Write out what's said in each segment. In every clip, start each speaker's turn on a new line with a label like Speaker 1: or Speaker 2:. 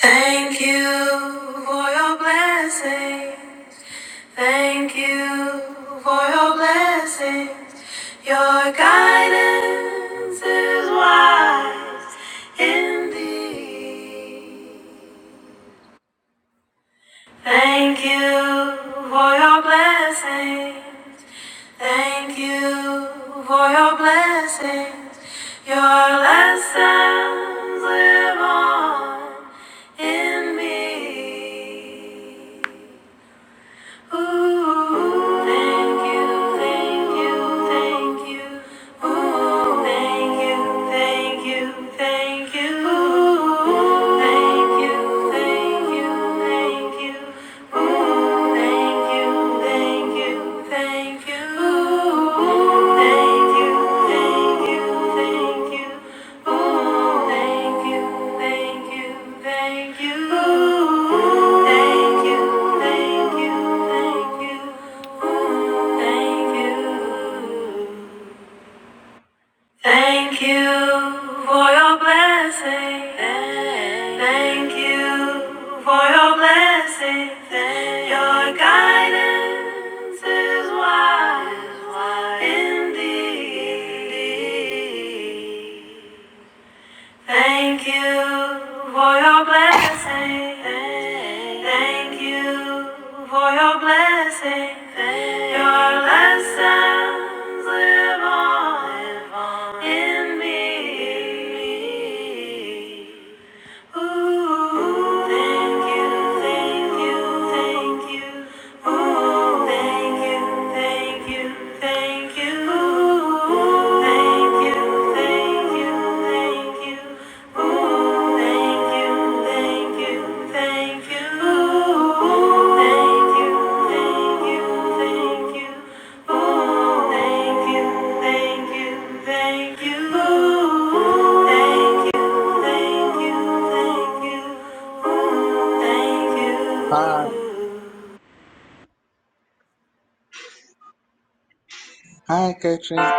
Speaker 1: Thank you for your blessings. Thank you for your blessings. Your guidance is wise indeed. Thank you for your blessings. Thank you for your blessings. Your lessons live on in me. Ooh, thank you, thank you, thank you. Ooh, thank you, thank you, thank you. Ooh, thank you, thank you, thank you. Thank you, thank you, thank you. Ooh, Thank you, thank you, thank you. Ooh, Thank you, thank you, thank you. Ooh, Thank you, thank you, thank you. Ooh, Thank you. Thank you for your blessing. Thank you for your blessing. Your guidance is wise indeed. Thank you for your blessing. Thank you for your blessing. Your lessons live on in me. Thank you. Oh,
Speaker 2: Hi, hi, Catherine.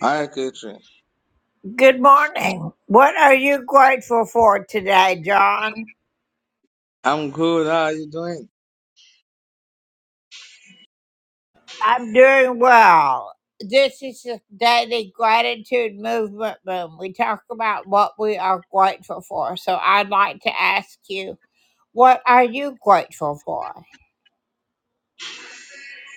Speaker 2: Hi, Catherine.
Speaker 1: Good morning. What are you grateful for today, John?
Speaker 2: I'm good. How are you doing?
Speaker 1: I'm doing well. This is the Daily Gratitude Movement Room. We talk about what we are grateful for. So I'd like to ask you, what are you grateful for?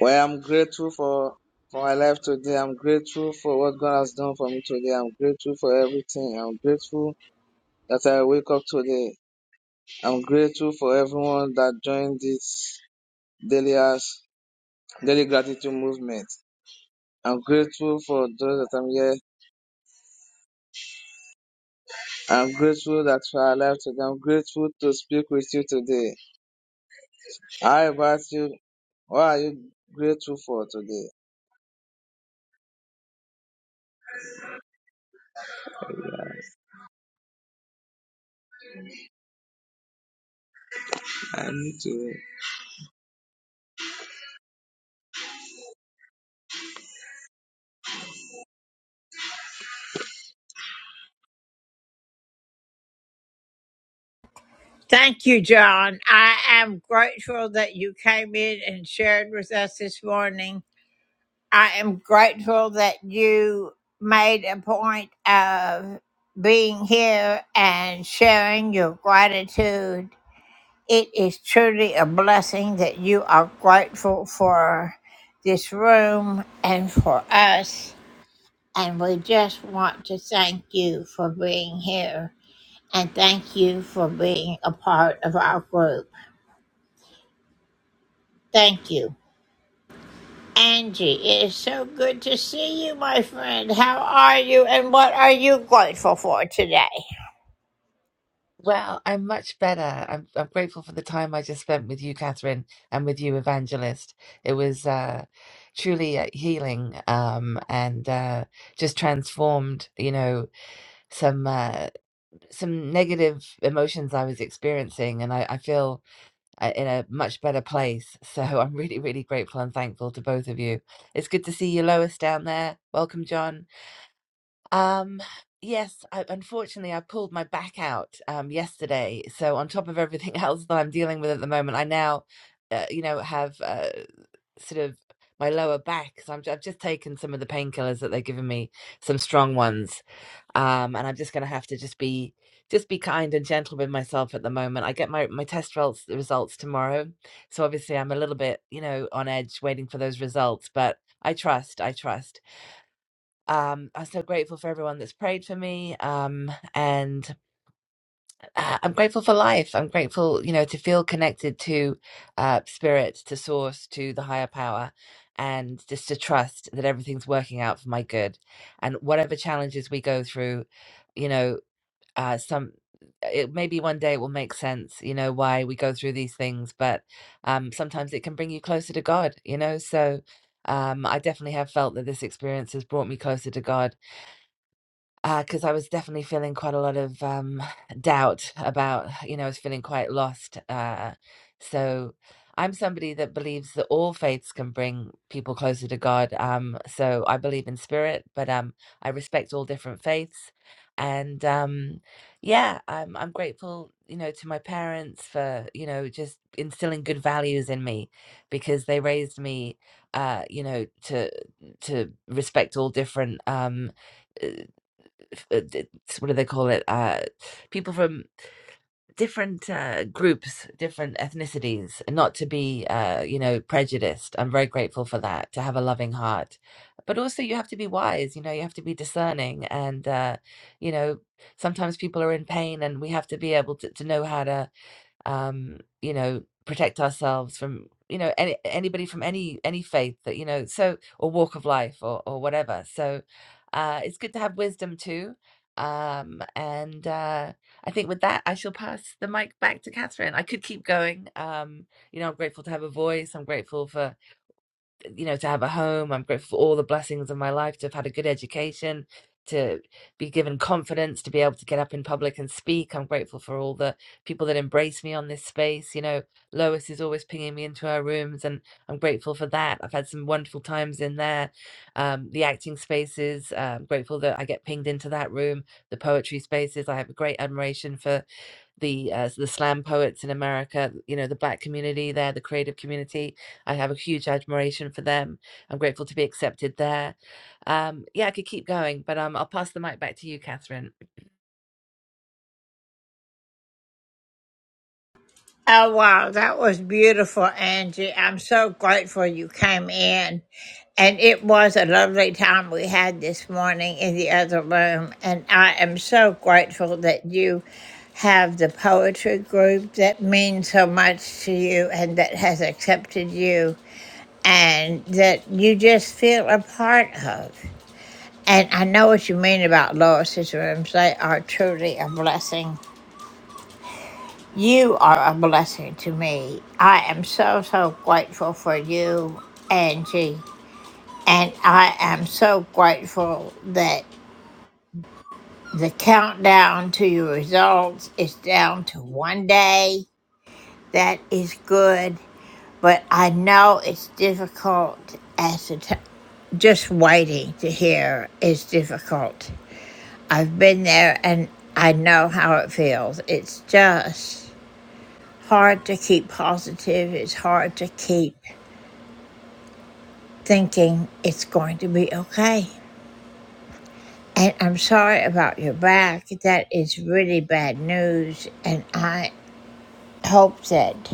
Speaker 2: Well, I'm grateful for for my life today. I'm grateful for what God has done for me today. I'm grateful for everything. I'm grateful that I wake up today. I'm grateful for everyone that joined this daily house, daily gratitude movement. I'm grateful for those that I'm here. I'm grateful that for our life today. I'm grateful to speak with you today. I ask you, what are you grateful for today? I need to.
Speaker 1: Thank you, John. I am grateful that you came in and shared with us this morning. I am grateful that you made a point of being here and sharing your gratitude. It is truly a blessing that you are grateful for this room and for us. And we just want to thank you for being here and thank you for being a part of our group. Thank you. Angie, it is so good to see you, my friend. How are you and what are you grateful for today?
Speaker 3: Well, I'm much better. I'm I'm grateful for the time I just spent with you, Catherine, and with you, Evangelist. It was uh, truly uh, healing, um, and uh, just transformed, you know, some uh, some negative emotions I was experiencing, and I, I feel uh, in a much better place. So I'm really, really grateful and thankful to both of you. It's good to see you, Lois, down there. Welcome, John. Um, yes, I, unfortunately, I pulled my back out um, yesterday. So on top of everything else that I'm dealing with at the moment, I now, uh, you know, have uh, sort of my lower back. So I'm, j- I've just taken some of the painkillers that they have given me, some strong ones, um, and I'm just going to have to just be just be kind and gentle with myself at the moment. I get my my test results results tomorrow, so obviously I'm a little bit, you know, on edge waiting for those results, but I trust, I trust. Um, I'm so grateful for everyone that's prayed for me. Um, and uh, I'm grateful for life. I'm grateful, you know, to feel connected to uh, spirit, to source, to the higher power, and just to trust that everything's working out for my good. And whatever challenges we go through, you know, uh, some it maybe one day it will make sense you know why we go through these things but um sometimes it can bring you closer to god you know so um i definitely have felt that this experience has brought me closer to god because I was definitely feeling quite a lot of, um, doubt about you know, I was feeling quite lost, uh, so I'm somebody that believes that all faiths can bring people closer to God, um, so I believe in spirit, but, um, I respect all different faiths, and, um, yeah, I'm I'm grateful, you know, to my parents for, you know, just instilling good values in me because they raised me, uh, you know, to to respect all different, um f- uh, d- what do they call it? Uh, people from different uh, groups, different ethnicities, and not to be, uh, you know, prejudiced. I'm very grateful for that, to have a loving heart. But also, you have to be wise, you know, you have to be discerning. And, uh, you know, sometimes people are in pain, and we have to be able to, to know how to um, you know, protect ourselves from, you know, any, anybody from any any faith that you know, so or walk of life or or whatever. So uh, it's good to have wisdom too. Um, and uh, I think with that, I shall pass the mic back to Catherine. I could keep going. Um, you know, I'm grateful to have a voice. I'm grateful for you know, to have a home. I'm grateful for all the blessings of my life, to have had a good education, to be given confidence, to be able to get up in public and speak. I'm grateful for all the people that embrace me on this space. You know, Lois is always pinging me into her rooms, and I'm grateful for that. I've had some wonderful times in there. Um, the acting spaces, uh, I'm grateful that I get pinged into that room. The poetry spaces, I have a great admiration for the uh, the slam poets in America, you know, the black community there, the creative community. I have a huge admiration for them. I'm grateful to be accepted there. Um, yeah, I could keep going, but um, I'll pass the mic back to you, Catherine.
Speaker 1: Oh, wow. That was beautiful, Angie. I'm so grateful you came in. And it was a lovely time we had this morning in the other room. And I am so grateful that you have the poetry group that means so much to you and that has accepted you and that you just feel a part of. And I know what you mean about Lois's rooms. They are truly a blessing. You are a blessing to me. I am so, so grateful for you, Angie. And I am so grateful that the countdown to your results is down to one day. That is good. But I know it's difficult as the t- just waiting to hear is difficult. I've been there and I know how it feels. It's just hard to keep positive. It's hard to keep thinking it's going to be okay. And I'm sorry about your back. That is really bad news. And I hope that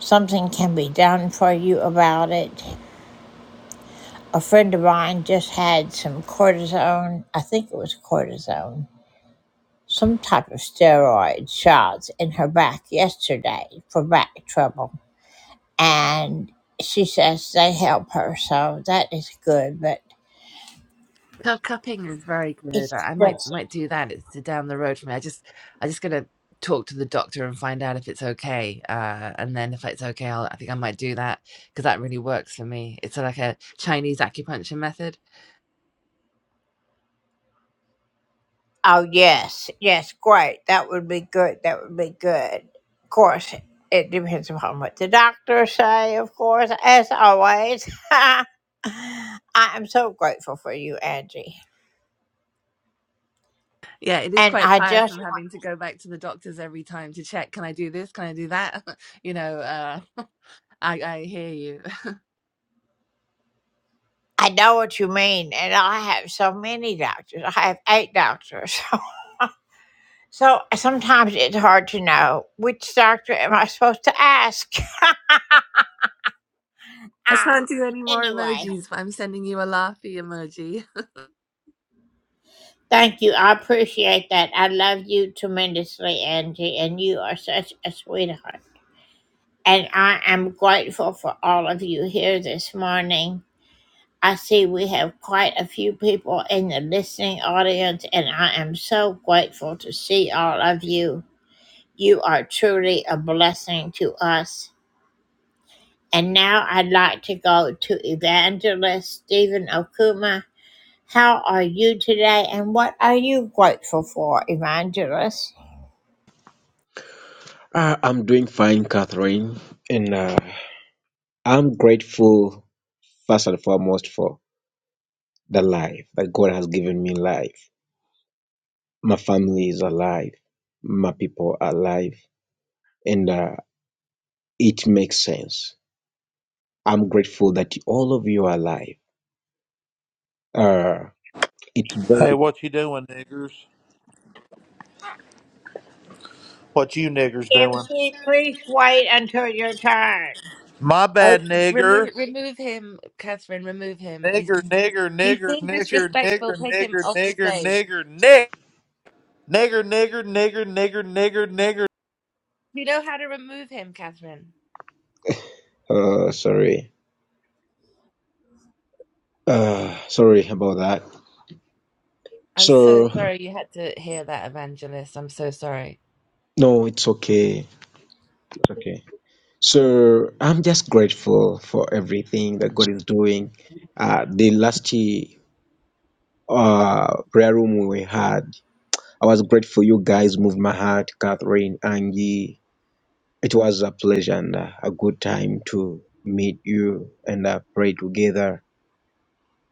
Speaker 1: something can be done for you about it. A friend of mine just had some cortisone, I think it was cortisone, some type of steroid shots in her back yesterday for back trouble. And she says they help her, so that is good. But
Speaker 3: Cu- Cupping is very
Speaker 1: It's
Speaker 3: good. I I might
Speaker 1: just
Speaker 3: might do that. It's down the road for me. I just I just gonna talk to the doctor and find out if it's okay. Uh, and then if it's okay, I'll, I think I might do that because that really works for me. It's like a Chinese acupuncture method
Speaker 1: oh yes, yes, great. That would be good. That would be good. Of course, it depends upon what the doctors say. Of course, as always, I am so grateful for you, Angie.
Speaker 3: Yeah, it is
Speaker 1: And
Speaker 3: quite
Speaker 1: I just
Speaker 3: tiresome having to go back to the doctors every time to check, can I do this? Can I do that? You know, uh, I, I hear you.
Speaker 1: I know what you mean. And I have so many doctors. I have eight doctors. So sometimes it's hard to know which doctor am I supposed to ask.
Speaker 3: I
Speaker 1: Ah,
Speaker 3: can't do any more
Speaker 1: anyway.
Speaker 3: emojis, but I'm sending you a laughy emoji.
Speaker 1: Thank you. I appreciate that. I love you tremendously, Angie, and you are such a sweetheart. And I am grateful for all of you here this morning. I see we have quite a few people in the listening audience, and I am so grateful to see all of you. You are truly a blessing to us. And now I'd like to go to Evangelist Stephen Okuma. How are you today, and what are you grateful for, Evangelist?
Speaker 4: Uh, I'm doing fine, Catherine, and uh, I'm grateful first and foremost for the life that God has given me. Life, my family is alive, my people are alive, and uh, it makes sense. I'm grateful that all of you are alive. Uh, it's
Speaker 5: Hey,
Speaker 4: very
Speaker 5: what you doing, niggers? What you niggers doing?
Speaker 1: Empty, please wait until your turn.
Speaker 5: My
Speaker 3: Oh,
Speaker 5: bad,
Speaker 3: remove
Speaker 5: nigger.
Speaker 3: remove him, Catherine. Remove him. He's
Speaker 5: Nigger,
Speaker 3: been
Speaker 5: nigger,
Speaker 3: he's
Speaker 5: nigger,
Speaker 3: being
Speaker 5: nigger,
Speaker 3: disrespectful.
Speaker 5: nigger,
Speaker 3: Take him
Speaker 5: nigger,
Speaker 3: off the
Speaker 5: nigger,
Speaker 3: stage.
Speaker 5: nigger, nigger, nigger, nigger, nigger, nigger, nigger, nigger.
Speaker 3: You know how to remove him, Catherine.
Speaker 4: uh, sorry, uh, sorry about that.
Speaker 3: I'm so
Speaker 4: So
Speaker 3: sorry you had to hear that, Evangelist. I'm so sorry.
Speaker 4: no, it's okay, it's okay. So I'm just grateful for everything that God is doing. Uh, the last year, uh, prayer room we had, I was grateful you guys moved my heart, Catherine, Angie. It was a pleasure and uh, a good time to meet you and uh, pray together.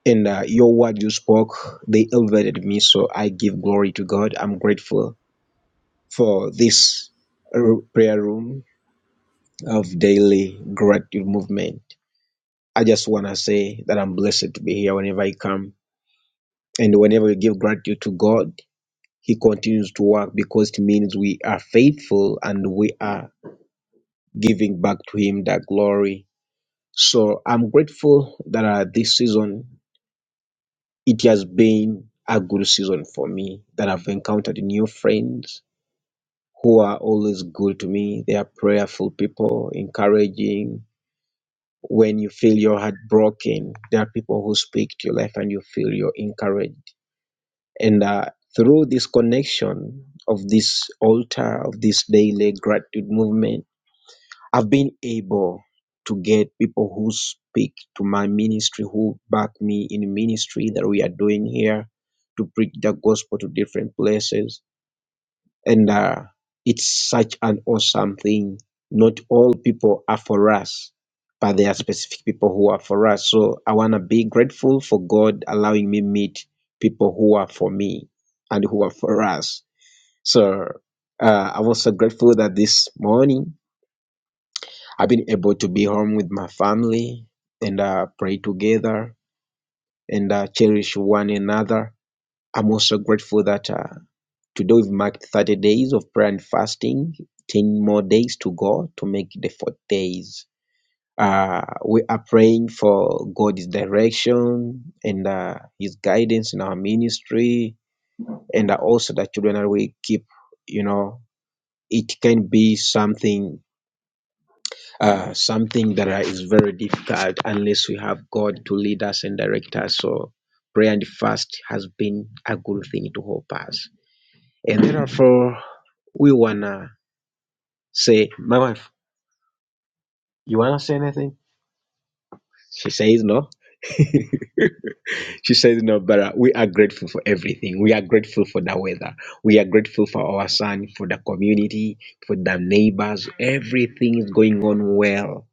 Speaker 4: And uh, your word you spoke, they elevated me. So I give glory to God. I'm grateful for this uh, prayer room of daily gratitude movement. I just want to say that I'm blessed to be here whenever I come. And whenever we give gratitude to God, He continues to work because it means we are faithful and we are giving back to Him that glory. So I'm grateful that uh, this season, it has been a good season for me, that I've encountered new friends who are always good to me. They are prayerful people, encouraging. When you feel your heart broken, there are people who speak to your life and you feel you're encouraged And uh, through this connection of this altar, of this daily gratitude movement, I've been able to get people who speak to my ministry, who back me in ministry that we are doing here to preach the gospel to different places and uh, it's such an awesome thing. Not all people are for us, but there are specific people who are for us. So I want to be grateful for God allowing me meet people who are for me and who are for us. So uh, I'm also grateful that this morning I've been able to be home with my family and uh, pray together and uh, cherish one another I'm also grateful that uh, today we've marked 30 days of prayer and fasting, 10 more days to go to make the fourth days. Uh, we are praying for God's direction and uh, His guidance in our ministry, and uh, also that children that we keep, you know, it can be something, uh, something that uh, is very difficult unless we have God to lead us and direct us. So prayer and fast has been a good thing to help us. And therefore, we wanna say, my wife, you wanna say anything? She says no. She says no, but uh, we are grateful for everything. We are grateful for the weather. We are grateful for our son, for the community, for the neighbors. Everything is going on well.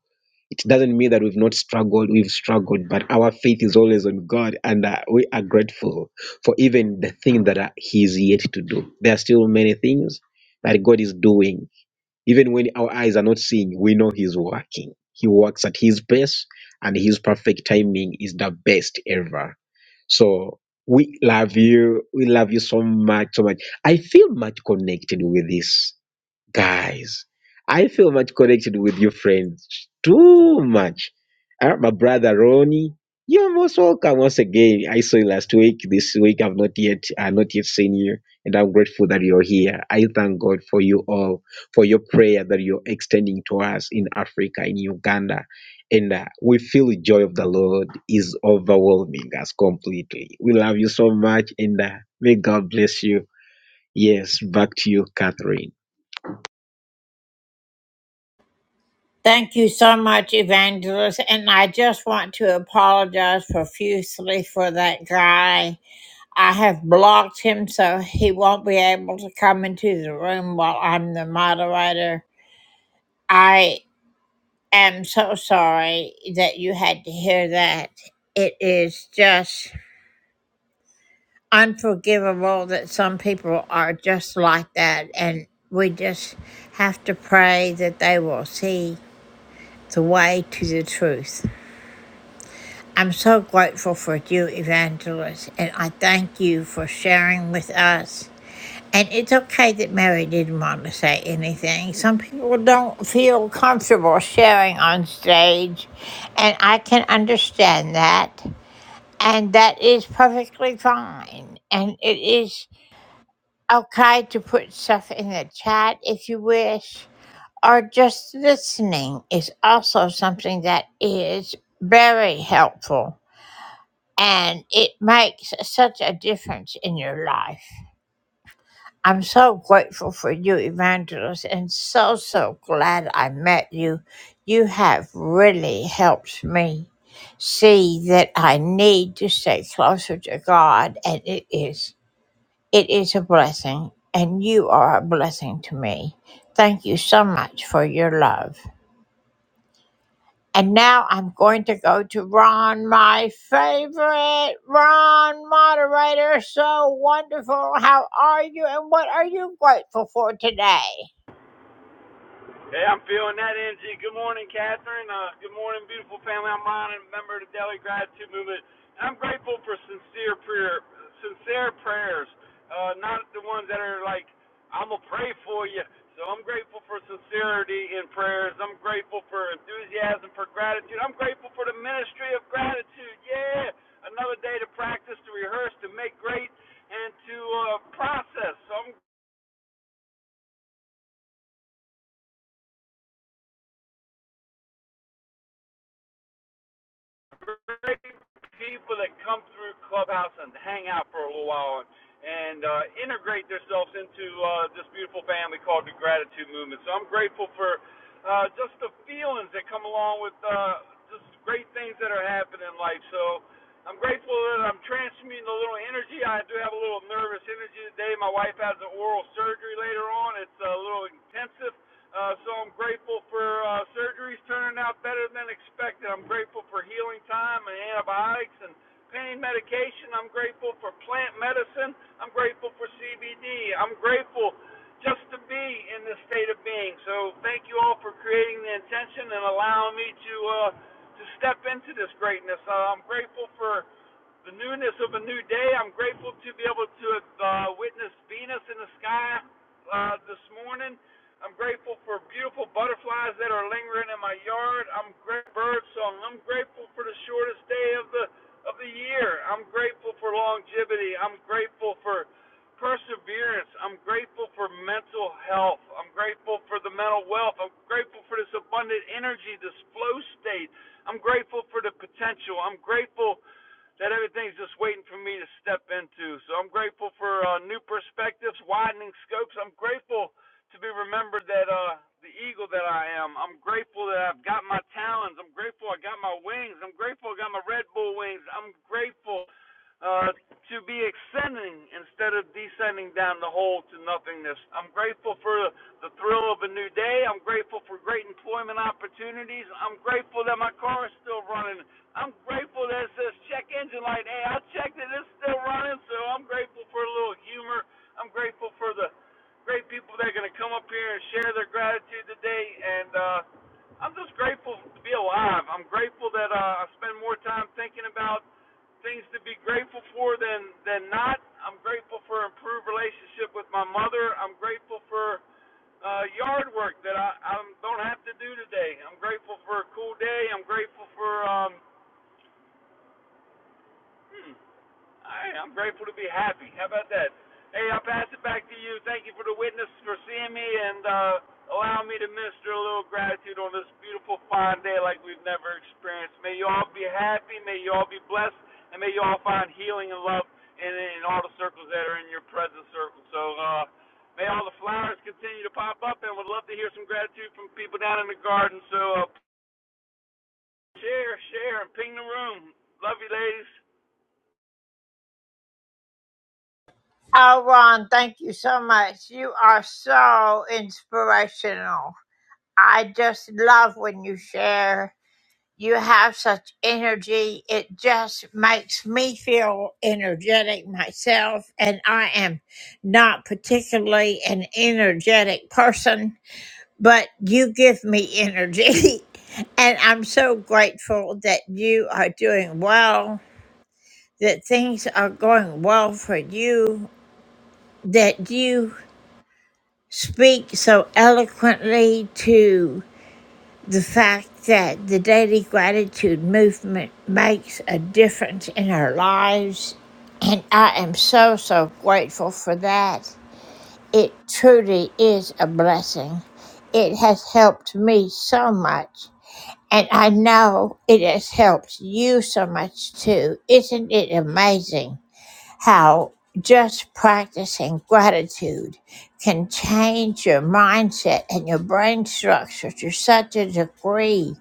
Speaker 4: It doesn't mean that we've not struggled. We've struggled, but our faith is always on God, and uh, we are grateful for even the thing that uh, He is yet to do. There are still many things that God is doing Even when our eyes are not seeing, we know He's working. He works at His best, and His perfect timing is the best ever. So we love you. We love you so much, so much. I feel much connected with this. Guys, I feel much connected with you friends. Too much. Uh, my brother Ronnie, you're most welcome once again. I saw you last week. This week I've not yet uh, not yet seen you, and I'm grateful that you're here. I thank God for you all, for your prayer that you're extending to us in Africa, in Uganda. And uh, we feel the joy of the Lord is overwhelming us completely. We love you so much, and uh, may God bless you. Yes, back to you, Catherine.
Speaker 1: Thank you so much, Evangelist. And I just want to apologize profusely for that guy. I have blocked him so he won't be able to come into the room while I'm the moderator. I am so sorry that you had to hear that. It is just unforgivable that some people are just like that. And we just have to pray that they will see the way to the truth. I'm so grateful for you, Evangelist, and I thank you for sharing with us. And it's okay that Mary didn't want to say anything. Some people don't feel comfortable sharing on stage, and I can understand that. And that is perfectly fine. And it is okay to put stuff in the chat if you wish. or just listening is also something that is very helpful and it makes such a difference in your life. I'm so grateful for you, Evangelist, and so, so glad I met you. You have really helped me see that I need to stay closer to God, and it is it is a blessing, and you are a blessing to me. Thank you so much for your love. And now I'm going to go to Ron, my favorite. Ron, moderator, so wonderful. How are you and what are you grateful for today?
Speaker 6: Hey, I'm feeling that energy. Good morning, Catherine. Uh, good morning, beautiful family. I'm Ron, a member of the Daily Gratitude Movement. I'm grateful for sincere prayer, sincere prayers, uh, not the ones that are like, I'm gonna pray for you. So I'm grateful for sincerity in prayers. I'm grateful for enthusiasm for gratitude. I'm grateful for the ministry of gratitude. Yeah, another day to practice, to rehearse, to make great, and to uh, process. So I'm great people that come through Clubhouse and hang out for a little while and, and uh, integrate themselves into uh, this beautiful family called the Gratitude Movement. So I'm grateful for uh, just the feelings that come along with uh, just great things that are happening in life. So I'm grateful that I'm transmuting a little energy. I do have a little nervous energy today. My wife has an oral surgery later on. It's a little intensive, uh, so I'm grateful for uh, surgeries turning out better than expected. I'm grateful for healing time and antibiotics and pain medication. I'm grateful for plant medicine. I'm grateful for CBD. I'm grateful just to be in this state of being. So thank you all for creating the intention and allowing me to uh, to step into this greatness. Uh, I'm grateful for the newness of a new day. I'm grateful to be able to have uh, witness Venus in the sky uh, this morning. I'm grateful for beautiful butterflies that are lingering in my yard. I'm grateful for bird song. I'm grateful for the shortest day of the of the year. I'm grateful for longevity. I'm grateful for perseverance. I'm grateful for mental health. I'm grateful for the mental wealth. I'm grateful for this abundant energy, this flow state. I'm grateful for the potential. I'm grateful that everything's just waiting for me to step into. So I'm grateful for uh, new perspectives, widening scopes. I'm grateful to be remembered that uh, the eagle that I am. I'm grateful that I've got my talons. I'm grateful I got my wings. I'm grateful I got my Red Bull wings. I'm grateful uh, to be ascending instead of descending down the hole to nothingness. I'm grateful for the thrill of a new day. I'm grateful for great employment opportunities. I'm grateful that my car is still running I'm grateful that it says check engine light. Hey, I checked it; it's still running. So I'm grateful for a little humor. I'm grateful for the great people that are going to come up here and share their gratitude today. And uh, I'm just grateful to be alive. I'm grateful that uh, I spend more time thinking about things to be grateful for than than not. I'm grateful for improved relationship with my mother. I'm grateful for uh, yard work that I, I don't have to do today. I'm grateful for a cool day. I'm grateful for um, hmm, I, I'm grateful to be happy. How about that? Hey, I'll pass it back to you. Thank you for the witness for seeing me and uh, allowing me to minister a little gratitude on this beautiful, fine day like we've never experienced. May you all be happy. May you all be blessed. And may you all find healing and love in, in all the circles that are in your present circle. So uh, may all the flowers continue to pop up. And would love to hear some gratitude from people down in the garden. So uh, share, share, and ping the room. Love you, ladies.
Speaker 1: Oh, Ron, thank you so much. You are so inspirational. I just love when you share. You have such energy. It just makes me feel energetic myself, and I am not particularly an energetic person but you give me energy. and I'm so grateful that you are doing well, that things are going well for you, that you speak so eloquently to the fact that the daily gratitude movement makes a difference in our lives. And I am so, so grateful for that. It truly is a blessing. It has helped me so much And I know it has helped you so much too. Isn't it amazing how just practicing gratitude can change your mindset and your brain structure to such a degree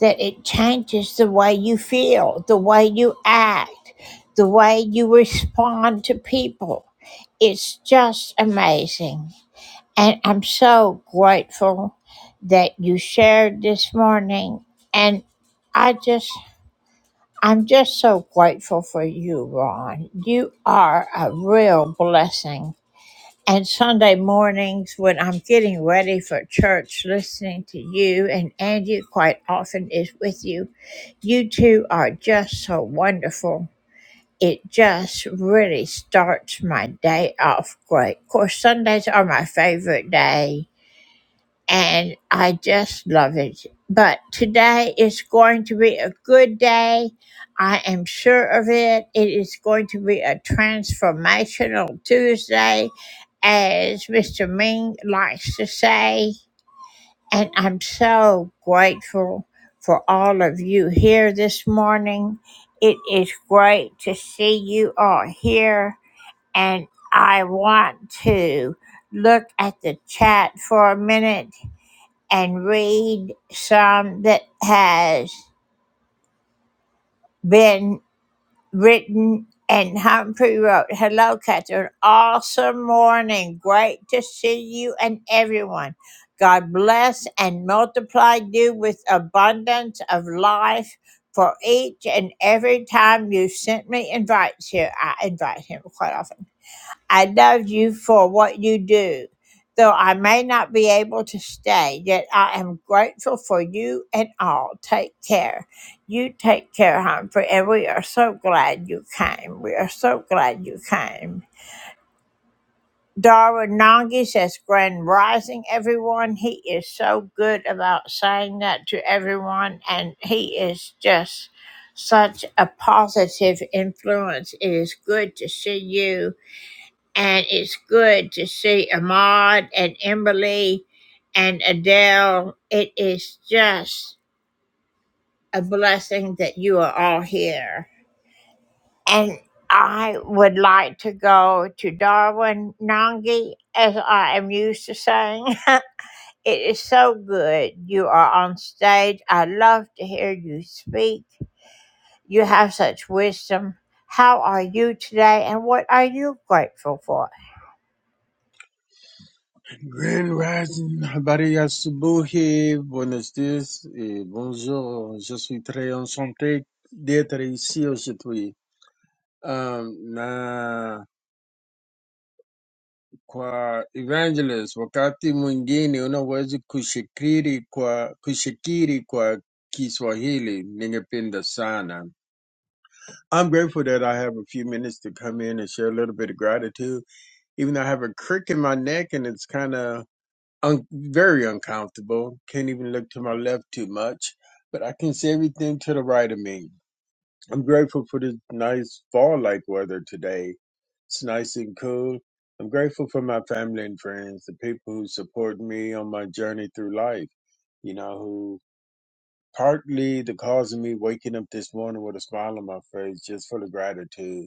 Speaker 1: that it changes the way you feel, the way you act, the way you respond to people? It's just amazing. And I'm so grateful that you shared this morning. And I just, I'm just so grateful for you, Ron. You are a real blessing. And Sunday mornings when I'm getting ready for church, listening to you and Angie quite often is with you, you two are just so wonderful. It just really starts my day off great. Of course, Sundays are my favorite day and I just love it. But today is going to be a good day. I am sure of it. It is going to be a transformational Tuesday, as Mr. Ming likes to say. And I'm so grateful for all of you here this morning. It is great to see you all here. And I want to look at the chat for a minute and read some that has been written. And Humphrey wrote, Hello, Catherine. Awesome morning. Great to see you and everyone. God bless and multiply you with abundance of life for each and every time you sent me invites here. I invite him quite often. I love you for what you do. Though I may not be able to stay, yet I am grateful for you and all. Take care. You take care, Humphrey, and we are so glad you came. We are so glad you came. Darwin Nongi says, Grand Rising, everyone. He is so good about saying that to everyone, and he is just such a positive influence. It is good to see you and it's good to see Ahmad and Emberly and Adele. It is just a blessing that you are all here. And I would like to go to Darwin Nangi, as I am used to saying. it is so good you are on stage. I love to hear you speak. You have such wisdom. How are you today, and what are you grateful for?
Speaker 7: Grand Rising, Habari Asubuhi, buenos dias et bonjour. Je suis très enchanté d'être ici aujourd'hui. Um, na kwa evangelist, wakati mwingine unaweza kushikiri kwa kushikiri kwa Kiswahili, ningependa sana. I'm grateful that I have a few minutes to come in and share a little bit of gratitude, even though I have a crick in my neck and it's kind of un- very uncomfortable. Can't even look to my left too much, but I can see everything to the right of me. I'm grateful for this nice fall-like weather today. It's nice and cool. I'm grateful for my family and friends, the people who support me on my journey through life. You know, who partly the cause of me waking up this morning with a smile on my face just for the gratitude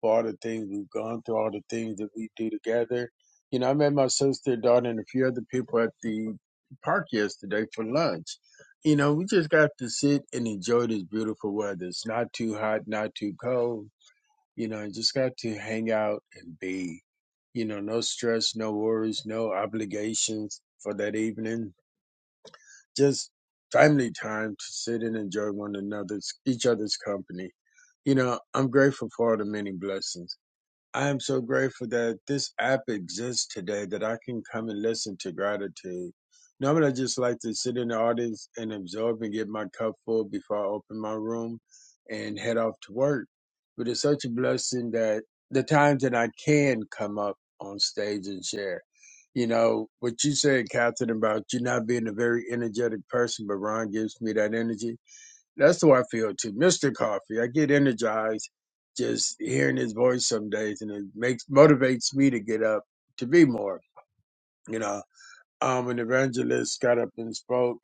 Speaker 7: for all the things we've gone through, all the things that we do together. You know, I met my sister, daughter, and a few other people at the park yesterday for lunch. You know, we just got to sit and enjoy this beautiful weather. It's not too hot, not too cold. You know, and just got to hang out and be. You know, no stress, no worries, no obligations for that evening. Just family time to sit and enjoy one another's each other's company. You know, I'm grateful for all the many blessings. I am so grateful that this app exists today that I can come and listen to gratitude. Normally, I just like to sit in the audience and absorb and get my cup full before I open my room and head off to work. But it's such a blessing that the times that I can come up on stage and share. You know, what you said, Catherine, about you not being a very energetic person, but Ron gives me that energy that's the way I feel too. Mr. Coffee, I get energized just hearing his voice some days and it makes motivates me to get up to be more, you know. Um an evangelist got up and spoke,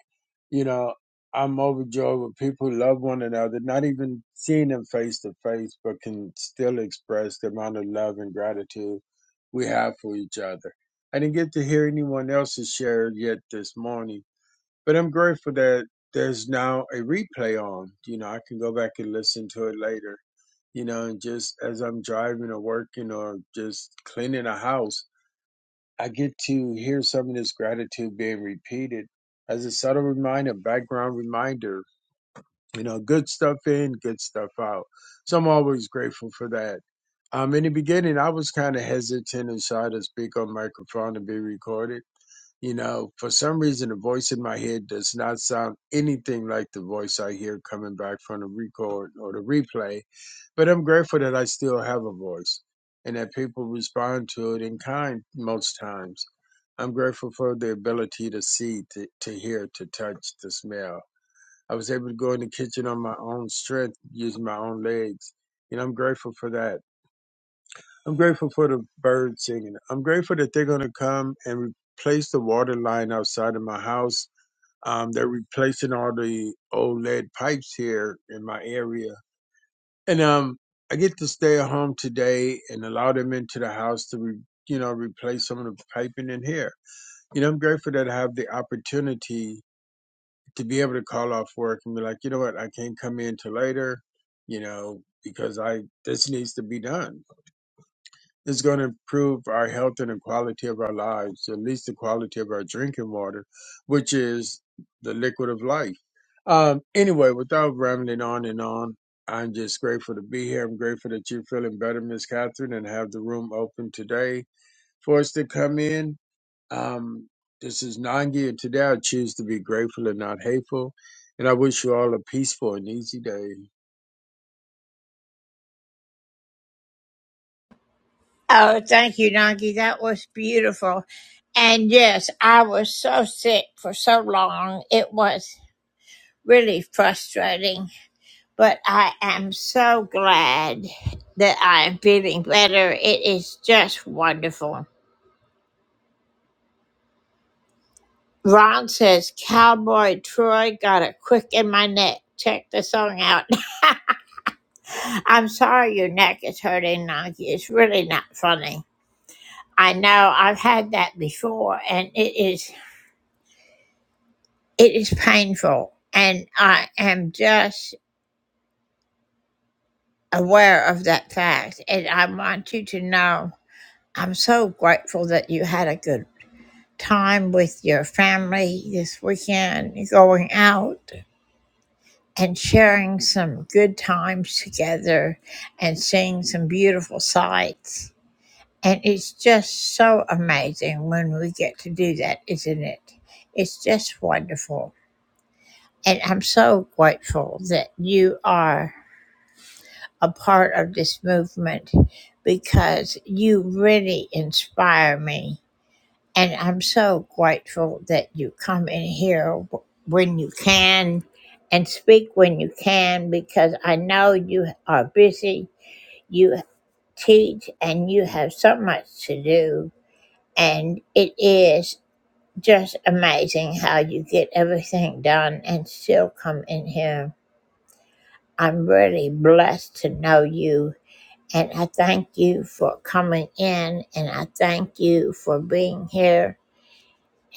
Speaker 7: you know, I'm overjoyed when people love one another, not even seeing them face to face, but can still express the amount of love and gratitude we have for each other. I didn't get to hear anyone else's share yet this morning but I'm grateful that there's now a replay on. You know, I can go back and listen to it later. You know, and just as I'm driving or working or just cleaning a house, I get to hear some of this gratitude being repeated as a subtle reminder, background reminder. You know, good stuff in, good stuff out. So I'm always grateful for that. Um, in the beginning, I was kind of hesitant and shy to speak on microphone and be recorded you know, for some reason, the voice in my head does not sound anything like the voice I hear coming back from the record or the replay. But I'm grateful that I still have a voice and that people respond to it in kind most times. I'm grateful for the ability to see, to, to hear, to touch, to smell. I was able to go in the kitchen on my own strength, using my own legs. And I'm grateful for that. I'm grateful for the birds singing. I'm grateful that they're going to come and replace the water line outside of my house. Um, they're replacing all the old lead pipes here in my area. And um, I get to stay at home today and allow them into the house to, re- you know, replace some of the piping in here. You know, I'm grateful that I have the opportunity to be able to call off work and be like, you know what, I can't come in till later, you know, because I this needs to be done It's going to improve our health and the quality of our lives, at least the quality of our drinking water, which is the liquid of life. Um, anyway, without rambling on and on, I'm just grateful to be here. I'm grateful that you're feeling better, Miss Catherine, and have the room open today for us to come in. Um, this is Nangi, and today I choose to be grateful and not hateful. And I wish you all a peaceful and easy day.
Speaker 1: Oh, thank you, Nagi. That was beautiful. And yes, I was so sick for so long. It was really frustrating. but I am so glad that I am feeling better. It is just wonderful. Ron says, Cowboy Troy got a quick in my neck. Check the song out. I'm sorry your neck is hurting, Nike. It's really not funny. I know I've had that before and it is it is painful. And I am just aware of that fact. And I want you to know I'm so grateful that you had a good time with your family this weekend, going out and sharing some good times together and seeing some beautiful sights. And it's just so amazing when we get to do that, isn't it? It's just wonderful. And I'm so grateful that you are a part of this movement because you really inspire me And I'm so grateful that you come in here w- when you can and speak when you can because I know you are busy. You teach and you have so much to do. And it is just amazing how you get everything done and still come in here. I'm really blessed to know you. And I thank you for coming in and I thank you for being here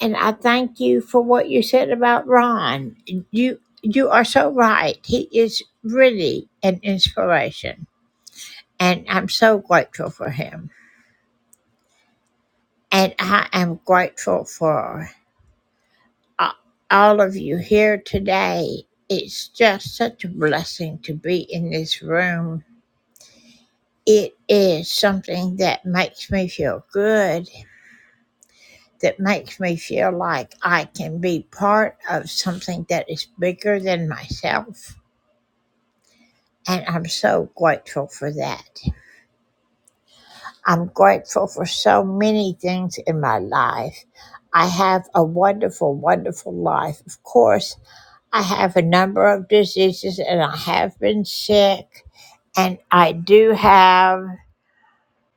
Speaker 1: And I thank you for what you said about Ron. You you are so right. He is really an inspiration. And I'm so grateful for him. And I am grateful for a- all of you here today. It's just such a blessing to be in this room. It is something that makes me feel good, that makes me feel like I can be part of something that is bigger than myself And I'm so grateful for that. I'm grateful for so many things in my life. I have a wonderful, wonderful life. Of course, I have a number of diseases and I have been sick. And I do have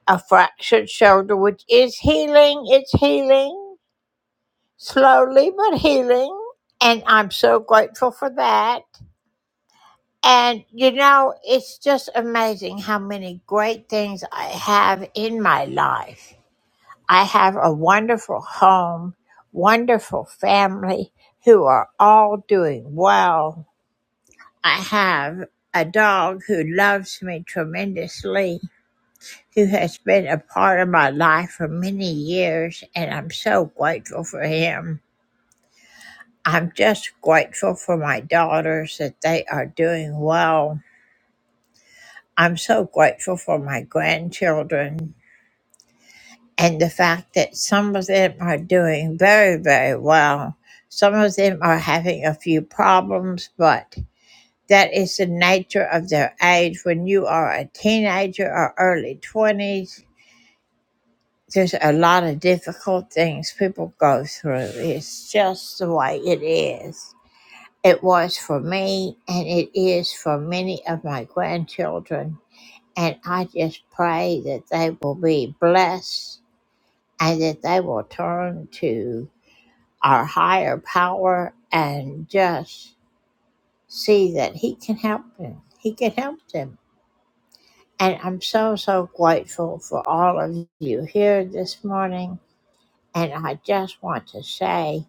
Speaker 1: a fractured shoulder, which is healing. It's healing slowly, but healing. And I'm so grateful for that. And you know, it's just amazing how many great things I have in my life. I have a wonderful home, wonderful family who are all doing well. I have a dog who loves me tremendously, who has been a part of my life for many years, and I'm so grateful for him. I'm just grateful for my daughters that they are doing well. I'm so grateful for my grandchildren and the fact that some of them are doing very, very well. Some of them are having a few problems, but that is the nature of their age. When you are a teenager or early 20s, there's a lot of difficult things people go through. It's just the way it is. It was for me, and it is for many of my grandchildren And I just pray that they will be blessed and that they will turn to our higher power and just see that He can help them. He can help them. And I'm so, so grateful for all of you here this morning. And I just want to say,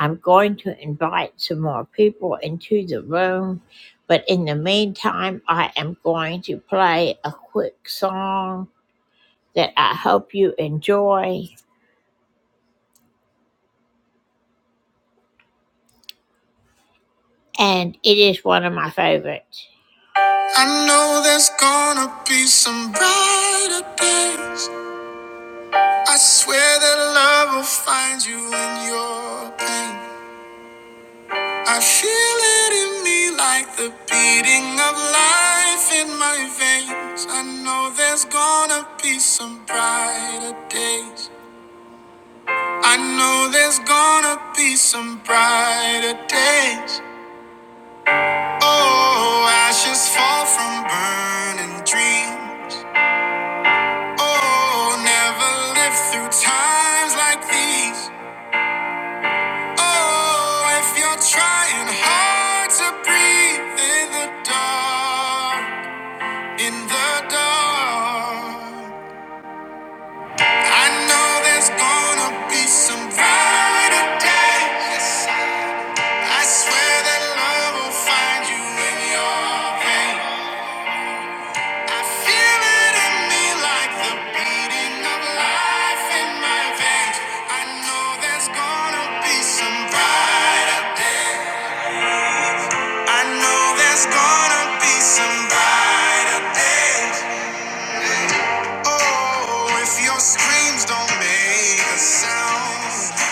Speaker 1: I'm going to invite some more people into the room. But in the meantime, I am going to play a quick song that I hope you enjoy, and it is one of my favorites. I know there's gonna be some brighter days. I swear that love will find you in your pain. I feel it in me like the beating of life in my veins. I know there's gonna be some brighter days. I know there's gonna be some brighter days. Oh, ashes fall from burning dreams. Oh, never live through times like these. Oh, if you're trying hard to breathe in the dark, in the dark, I know there's gonna be some brighter days. I swear that love will find you in your pain. I feel it in me like the beating of life in my veins. I know there's gonna be some brighter days. I know there's gonna be some brighter days. Oh, if your screams don't make a sound.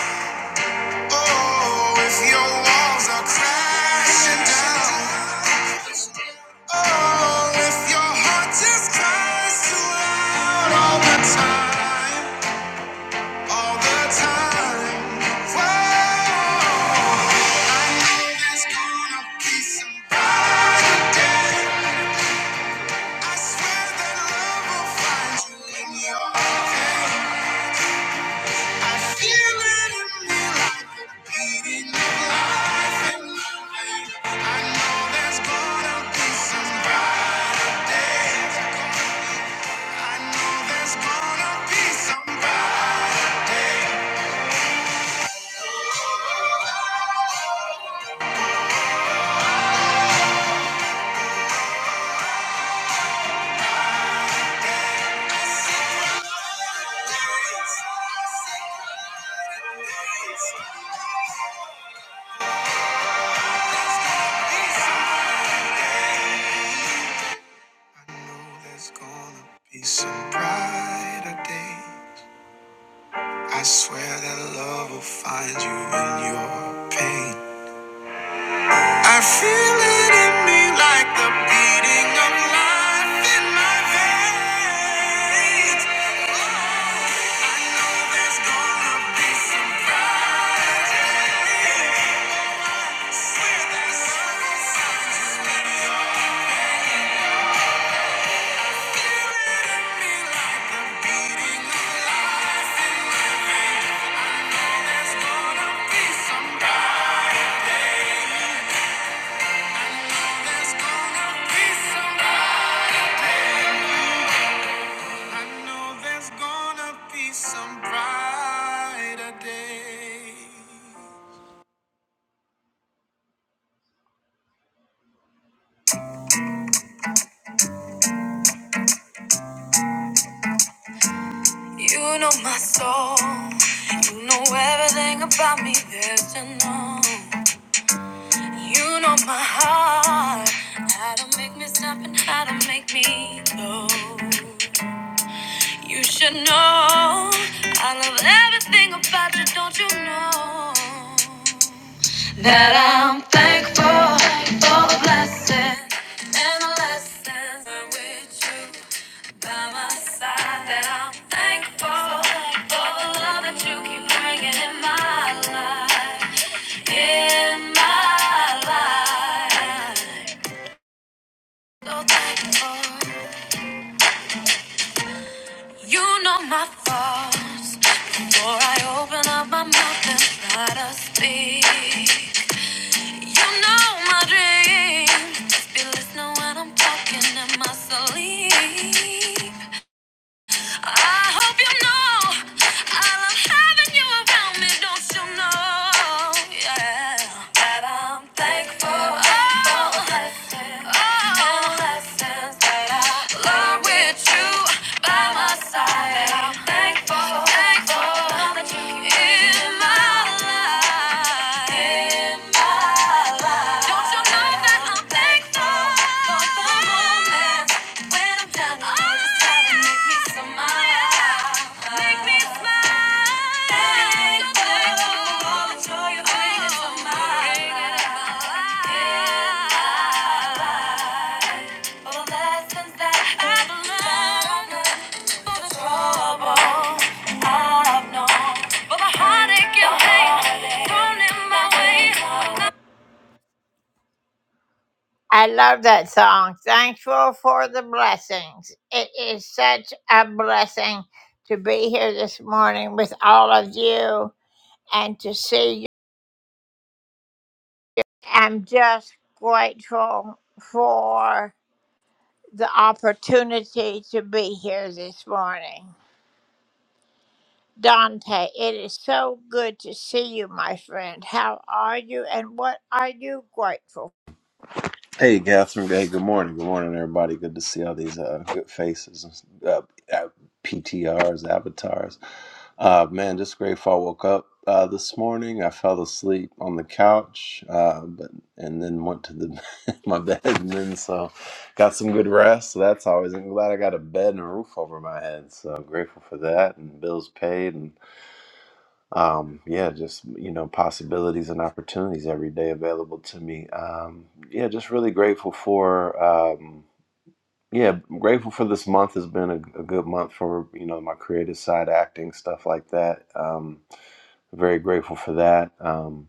Speaker 1: Oh, if your walls are crashing down. Oh, if your heart just cries too loud all the time. All the time. Whoa. I know there's gonna be some brighter day. I swear that love will find you in your pain. I feel it in me like the beating of life in my veins. I know there's gonna be some brighter days. I know there's gonna be some brighter days. Some brighter days. I swear that love will find you in your pain. I feel it in me like the beating of life in my veins. I know there's gonna be some brighter days. Some brighter day. You know my soul. You know everything about me that you know. You know my heart. How to make me stop and how to make me go. You should know I love everything about you, don't you know? That I'm thankful for the blessings and the lessons I'm with you by my side. That I'm thankful for the love that you keep bringing in my life, in my life. So thankful. You know my fault. Before I open up my mouth and try to speak. You know my dream. Just be listening when I'm talking in my sleep. I hope you know I love having you around me, don't you know? Yeah. That I'm thankful for the blessings and lessons that I learned with you by my side. I'm thankful, thankful that you in my life. Lessons that I've learned through the trouble. I love that song. Thankful for the blessings. It is such a blessing to be here this morning with all of you and to see you. I'm just grateful for the opportunity to be here this morning. Dante, it is so good to see you, my friend. How are you and what are you grateful
Speaker 8: Hey, Catherine. Hey, good morning. Good morning, everybody. Good to see all these uh, good faces, uh, uh, PTRs, avatars. Uh, man, just grateful. I woke up uh, this morning. I fell asleep on the couch, uh, but and then went to the my bed, and then so got some good rest. So that's always. I'm glad I got a bed and a roof over my head. So I'm grateful for that, and bills paid, um, yeah, just you know, possibilities and opportunities every day available to me. Um, yeah, just really grateful for. Um, yeah, grateful for this month has been a, a good month for you know my creative side, acting stuff like that. Um, very grateful for that. Um,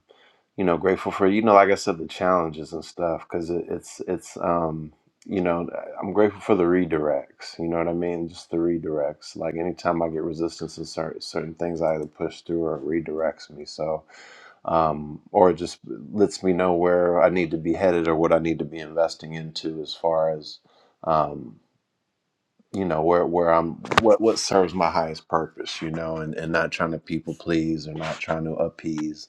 Speaker 8: you know grateful for you know like i said the challenges and stuff because it, it's it's um you know i'm grateful for the redirects you know what i mean just the redirects like anytime i get resistance to certain, certain things i either push through or it redirects me so um or it just lets me know where i need to be headed or what i need to be investing into as far as um, you know where where i'm what what serves my highest purpose you know and and not trying to people please or not trying to appease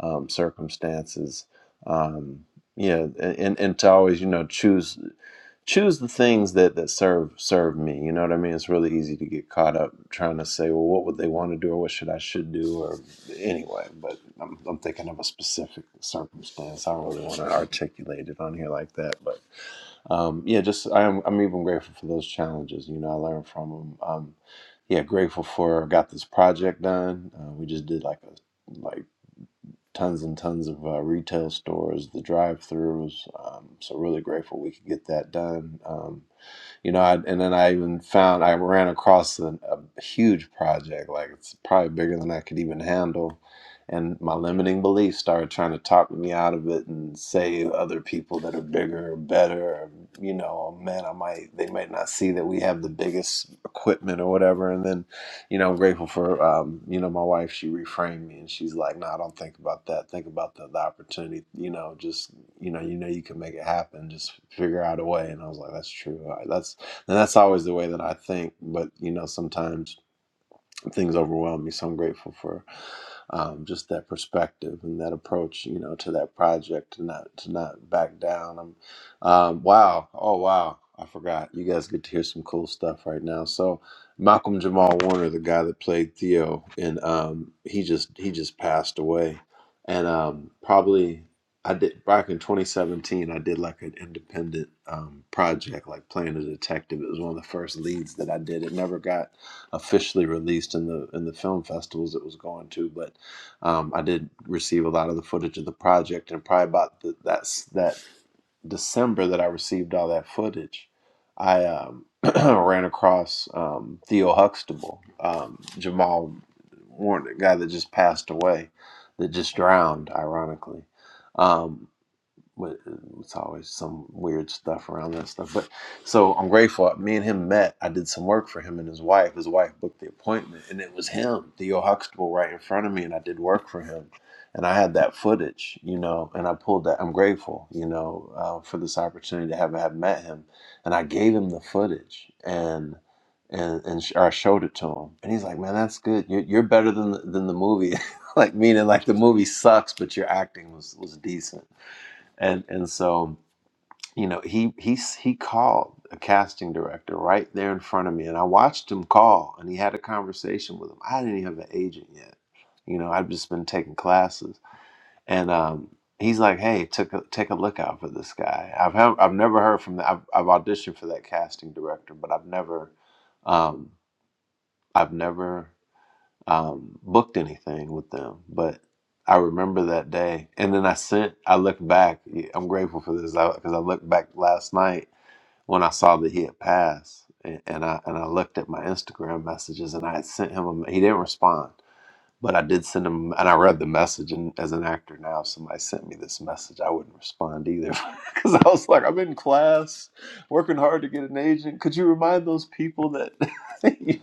Speaker 8: um circumstances um yeah and and to always you know choose choose the things that that serve serve me you know what i mean it's really easy to get caught up trying to say well what would they want to do or what should i should do or anyway but i'm, I'm thinking of a specific circumstance i don't really want to articulate it on here like that but um, yeah, just I'm I'm even grateful for those challenges. You know, I learned from them. Um, yeah, grateful for got this project done. Uh, we just did like a like tons and tons of uh, retail stores, the drive-throughs. Um, so really grateful we could get that done. Um, you know, I, and then I even found I ran across a, a huge project, like it's probably bigger than I could even handle. And my limiting beliefs started trying to talk me out of it and say other people that are bigger or better, or, you know, oh, man, I might they might not see that we have the biggest equipment or whatever. And then you know, I'm grateful for, um, you know, my wife. She reframed me, and she's like, "No, I don't think about that. Think about the, the opportunity. You know, just you know, you know, you can make it happen. Just figure out a way." And I was like, "That's true. I- That's and that's always the way that I think." But you know, sometimes things overwhelm me. So I'm grateful for um, just that perspective and that approach, you know, to that project, to not to not back down. Um, um, wow, oh wow, I forgot. You guys get to hear some cool stuff right now. So Malcolm Jamal Warner, the guy that played Theo, and um, he just he just passed away, and um, probably. I did back in 2017. I did like an independent um, project, like playing a detective. It was one of the first leads that I did. It never got officially released in the in the film festivals it was going to, but um, I did receive a lot of the footage of the project, and probably about the, that's that December that I received all that footage, I um, ran across um, Theo Huxtable, um, Jamal Warren, the guy that just passed away, that just drowned, ironically. Um, but it's always some weird stuff around that stuff. But so I'm grateful. Me and him met. I did some work for him and his wife. His wife booked the appointment, and it was him, Theo Huxtable, right in front of me, and I did work for him. And I had that footage, you know, and I pulled that. I'm grateful, you know, uh, for this opportunity to have have met him, and I gave him the footage, and and and sh- or I showed it to him, and he's like, "Man, that's good. You're, you're better than the- than the movie." like meaning, like the movie sucks, but your acting was was decent and and so you know he he he called a casting director right there in front of me and i watched him call and he had a conversation with him i didn't even have an agent yet you know i've just been taking classes and um he's like hey take a take a look out for this guy i've have, i've never heard from that I've, I've auditioned for that casting director but i've never um i've never um, booked anything with them. But I remember that day, and then I sent. I looked back. I'm grateful for this because I looked back last night when I saw that he had passed, and, and I and I looked at my Instagram messages, and I had sent him. A, he didn't respond, but I did send him, and I read the message. And as an actor now, if somebody sent me this message, I wouldn't respond either, because I was like, I'm in class, working hard to get an agent. Could you remind those people that you,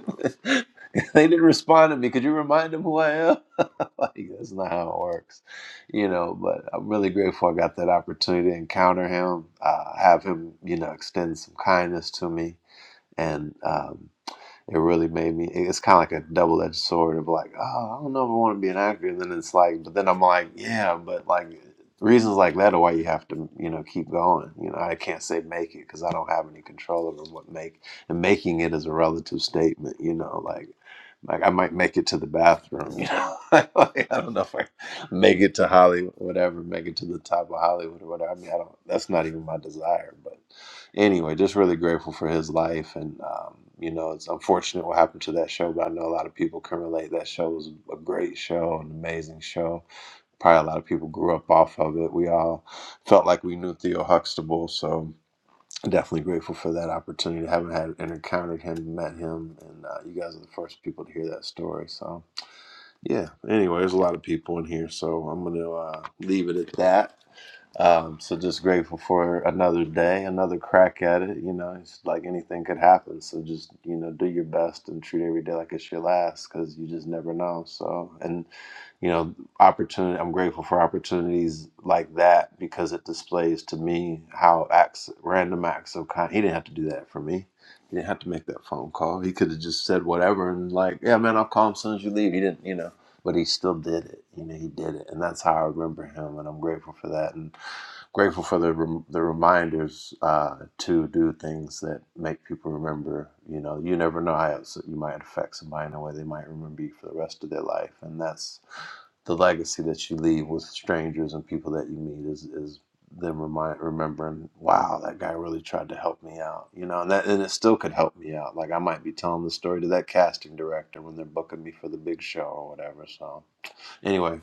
Speaker 8: they didn't respond to me? Could you remind them who I am? Like that's not how it works, you know. But I'm really grateful I got that opportunity to encounter him, uh, have him, you know, extend some kindness to me, and. Um, it really made me it's kind of like a double-edged sword of like oh i don't know if i want to be an actor and then it's like but then i'm like yeah but like reasons like that are why you have to you know keep going you know i can't say make it because i don't have any control over what make and making it is a relative statement you know like like i might make it to the bathroom you know like, i don't know if i make it to hollywood whatever make it to the top of hollywood or whatever i mean i don't that's not even my desire but anyway, just really grateful for his life. And, um, you know, it's unfortunate what happened to that show, but I know a lot of people can relate. That show was a great show, an amazing show. Probably a lot of people grew up off of it. We all felt like we knew Theo Huxtable. So definitely grateful for that opportunity. I haven't had and encountered him, met him, and uh, you guys are the first people to hear that story. So, yeah, anyway, there's a lot of people in here. So I'm going to uh, leave it at that. Um, so just grateful for another day, another crack at it. You know, it's like anything could happen. So just you know, do your best and treat every day like it's your last, because you just never know. So and you know, opportunity. I'm grateful for opportunities like that because it displays to me how acts, random acts of kind. He didn't have to do that for me. He didn't have to make that phone call. He could have just said whatever and like, yeah, man, I'll call him as soon as you leave. He didn't, you know, but he still did it. You know, he did it, and that's how I remember him, and I'm grateful for that. And Grateful for the rem- the reminders uh, to do things that make people remember. You know, you never know how else you might affect somebody in a way they might remember you for the rest of their life, and that's the legacy that you leave with strangers and people that you meet is is them remind remembering, wow, that guy really tried to help me out, you know, and that and it still could help me out. Like I might be telling the story to that casting director when they're booking me for the big show or whatever. So Anyway,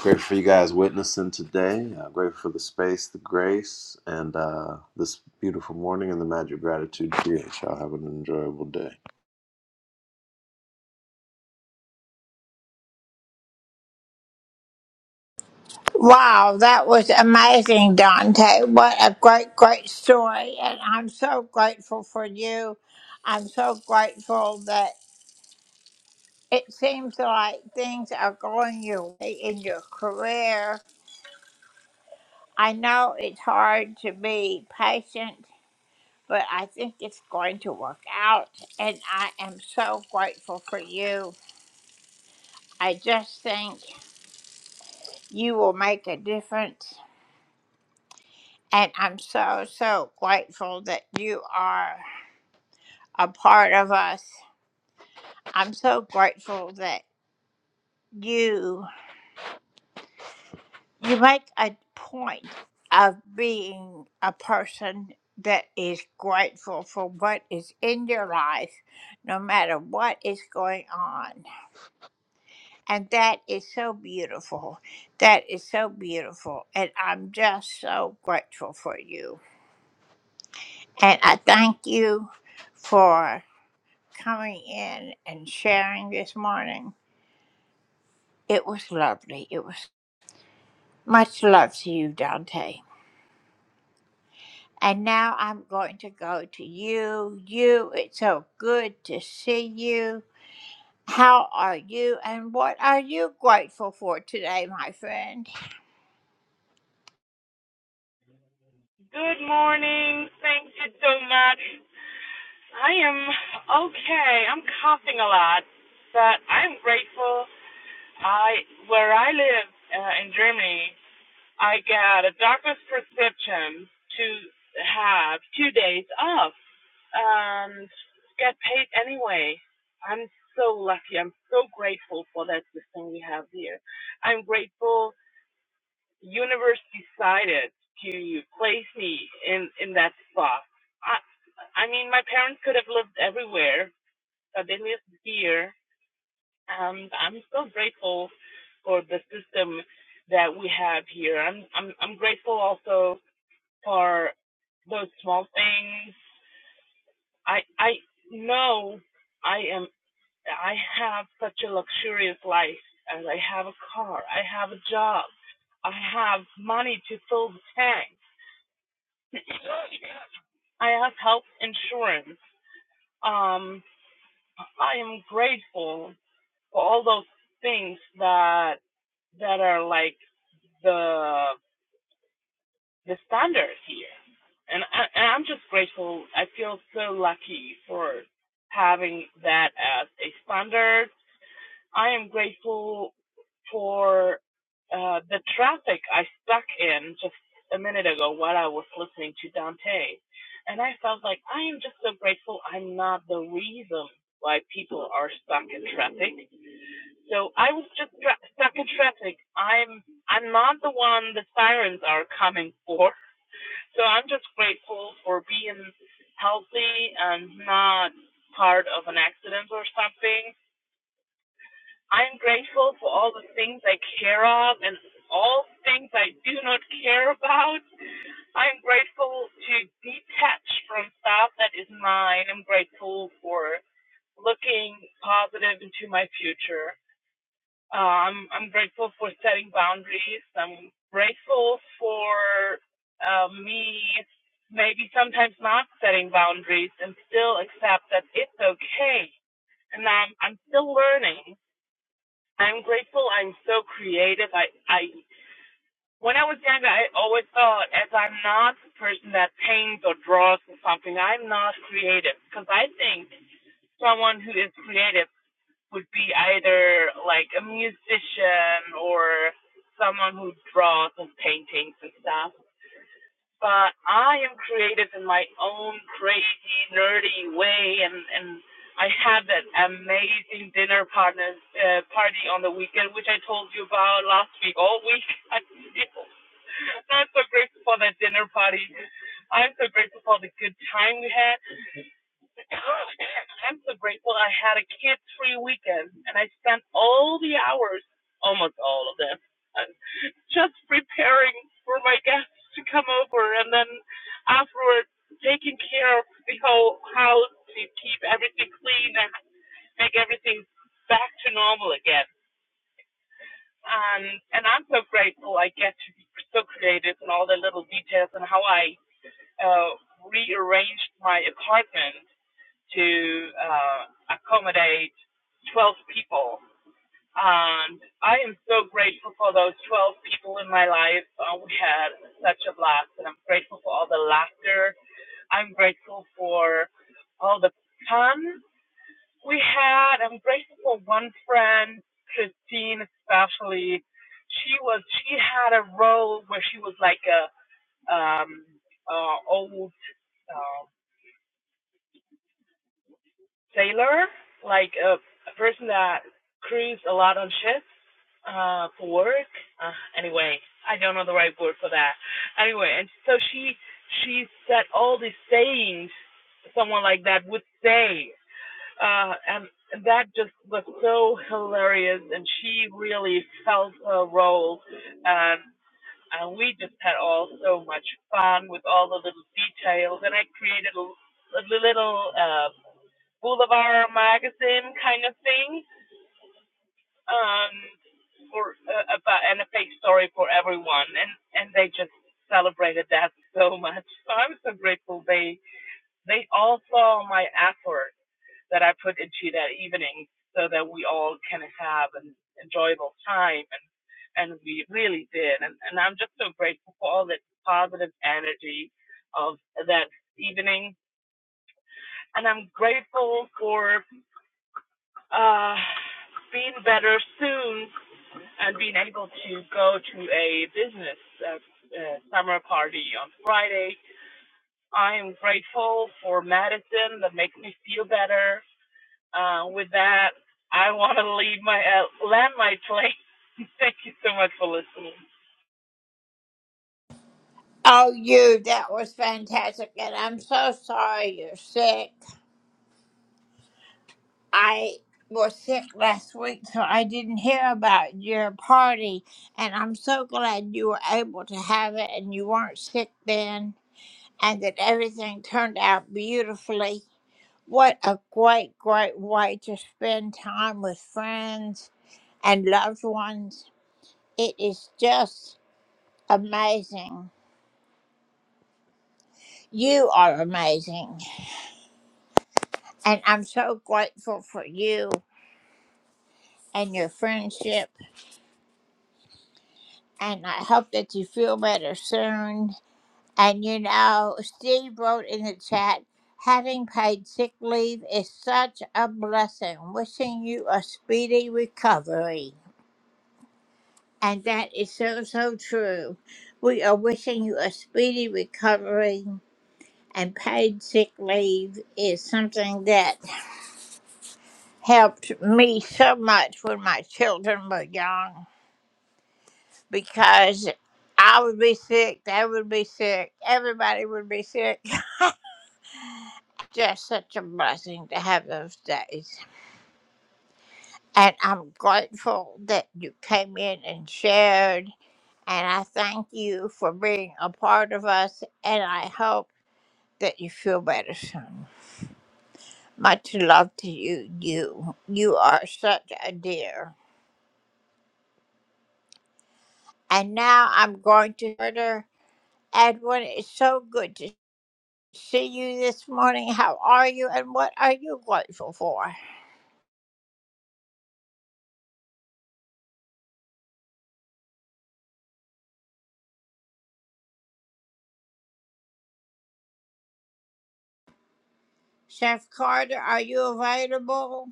Speaker 8: grateful for you guys witnessing today. Uh, grateful for the space, the grace, and uh, this beautiful morning and the magic gratitude creates. Y'all have an enjoyable day.
Speaker 1: Wow, that was amazing, Dante. What a great, great story. And I'm so grateful for you. I'm so grateful that it seems like things are going your way in your career. I know it's hard to be patient, but I think it's going to work out. And I am so grateful for you. I just think you will make a difference. And I'm so, so grateful that you are. a part of us. I'm so grateful that you you make a point of being a person that is grateful for what is in your life no matter what is going on. And that is so beautiful. That is so beautiful. And I'm just so grateful for you. And I thank you for coming in and sharing this morning. It was lovely. It was Much love to you, Dante. And now I'm going to go to you. You, it's so good to see you. How are you and what are you grateful for today, my friend?
Speaker 9: Good morning. Thank you so much. I am okay. I'm coughing a lot, but I'm grateful. I where I live uh, in Germany, I got a doctor's prescription to have two days off and get paid anyway. I'm so lucky. I'm so grateful for that system we have here. I'm grateful universe decided to place me in in that spot. I I mean, my parents could have lived everywhere, but they lived here, and I'm so grateful for the system that we have here. I'm I'm I'm grateful also for those small things. I I know I am I have such a luxurious life, and I have a car, I have a job, I have money to fill the tank I have health insurance. Um, I am grateful for all those things that that are like the the standard here, and I, and I'm just grateful. I feel so lucky for having that as a standard I am grateful for uh, the traffic I stuck in just a minute ago while I was listening to Dante. And I felt like I am just so grateful I'm not the reason why people are stuck in traffic. So I was just tra- stuck in traffic. I'm I'm not the one the sirens are coming for. So I'm just grateful for being healthy and not part of an accident or something. I'm grateful for all the things I care of and all things I do not care about. I'm grateful to detach from stuff that is mine. I'm grateful for looking positive into my future. Um, I'm grateful for setting boundaries. I'm grateful for uh, me maybe sometimes not setting boundaries and still accept that it's okay. And I'm, I'm still learning. I'm grateful. I'm so creative. I, I, when I was younger, I always thought, as I'm not the person that paints or draws or something, I'm not creative. Because I think someone who is creative would be either like a musician or someone who draws and paintings and stuff but I am creative in my own crazy, nerdy way, and and I had that amazing dinner partners uh, party on the weekend, which I told you about last week. All week, I feel I'm still not so grateful for that dinner party. I'm so grateful for the good time we had. I'm so grateful I had a kid free weekend and I spent all the hours, almost all of them, uh, just preparing for my guests to come over and then afterwards taking care of the whole house to keep everything clean and make everything back to normal again. And and I'm so grateful I get to be so creative in all the little details and how I uh, rearranged my apartment to uh, accommodate 12 people. And I am so grateful for those 12 people in my life. Uh, we had such a blast, and I'm grateful for all the laughter. I'm grateful for all the fun we had. I'm grateful for one friend, Christine, especially. She was she had a role where she was like a um, uh, old uh, sailor, like a, a person that cruised a lot on ships uh, for work. Uh, anyway, I don't know the right word for that. Anyway, and so she she said all these sayings someone like that would say, uh, and that just was so hilarious. And she really felt her role, and and we just had all so much fun with all the little details. And I created a, a little. uh, Boulevard magazine kind of thing um, for uh, about and a fake story for everyone, and and they just celebrated that so much. So I'm so grateful they they all saw my effort that I put into that evening, so that we all can have an enjoyable time, and and we really did, and and I'm just so grateful for all that positive energy of that evening, and I'm grateful for. Uh, being better soon and being able to go to a business uh, uh, summer party on Friday. I am grateful for medicine that makes me feel better. Uh, with that, I want to leave my uh, land my plane. Thank you so much for listening.
Speaker 1: Oh, you, that was fantastic. And I'm so sorry you're sick. I was sick last week, so I didn't hear about your party. And I'm so glad you were able to have it and you weren't sick then and that everything turned out beautifully. What a great, great way to spend time with friends and loved ones. It is just amazing. You are amazing. And I'm so grateful for you and your friendship. And I hope that you feel better soon. And you know, Steve wrote in the chat having paid sick leave is such a blessing. Wishing you a speedy recovery. And that is so, so true. We are wishing you a speedy recovery, and paid sick leave is something that helped me so much when my children were young because I would be sick, they would be sick, everybody would be sick. Just such a blessing to have those days. And I'm grateful that you came in and shared. And I thank you for being a part of us. And I hope. that you feel better soon. Much love to you. You you are such a dear. And now I'm going to order Edwin. It's so good to see you this morning. How are you and what are you grateful for? Chef Carter, are you available?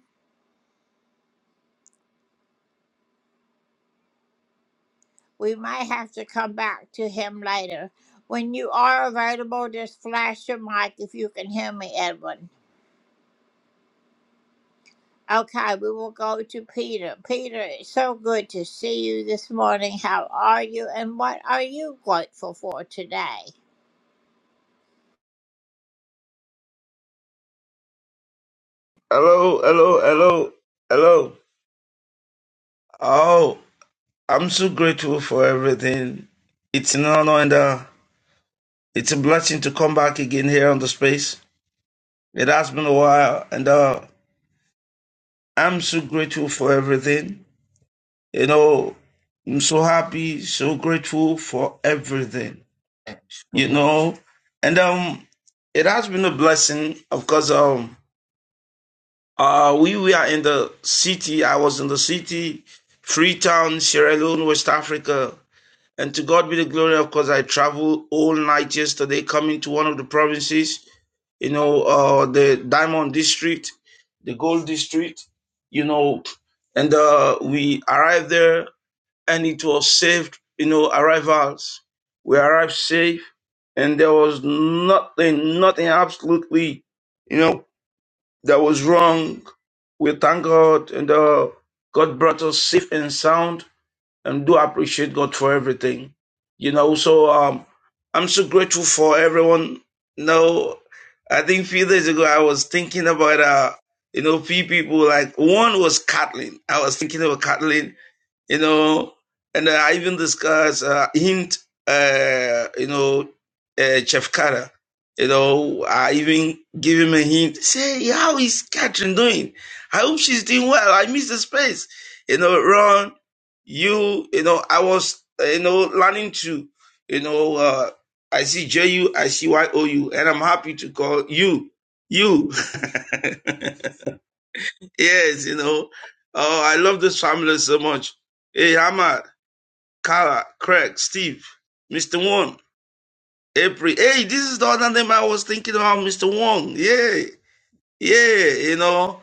Speaker 1: We might have to come back to him later. When you are available, just flash your mic if you can hear me, Edwin. Okay, we will go to Peter. Peter, it's so good to see you this morning. How are you and what are you grateful for today?
Speaker 10: Hello, hello, hello, hello. Oh, I'm so grateful for everything. It's an honor and uh, it's a blessing to come back again here on the space. It has been a while, and uh, I'm so grateful for everything. You know, I'm so happy, so grateful for everything. You know, and um, it has been a blessing. Of course, um, uh, we we are in the city. I was in the city, Freetown, Sierra Leone, West Africa And to God be the glory, of course, I traveled all night yesterday coming to one of the provinces, you know, uh, the Diamond District, the Gold District, you know, and uh, we arrived there and it was safe. you know, arrivals. We arrived safe and there was nothing, nothing absolutely, you know, that was wrong. We thank God and uh, God brought us safe and sound and do appreciate God for everything. You know, so um, I'm so grateful for everyone. You know, I think a few days ago I was thinking about uh, you know, few people like one was Kathleen. I was thinking about Kathleen you know, and I even discuss uh, hint, uh, you know, uh, Chef Kara. You know, I even give him a hint. Say, how is Catherine doing? I hope she's doing well. I miss the space. You know, Ron, you, you know, I was, uh, you know, learning to, you know, uh, I see J-U, I see Y-O-U, and I'm happy to call you, you. yes, you know, oh, I love this family so much. Hey, Hamad, Kara, Craig, Steve, Mr. Wong, April. Hey, this is the other name I was thinking about, Mr. Wong. Yeah, yeah, you know,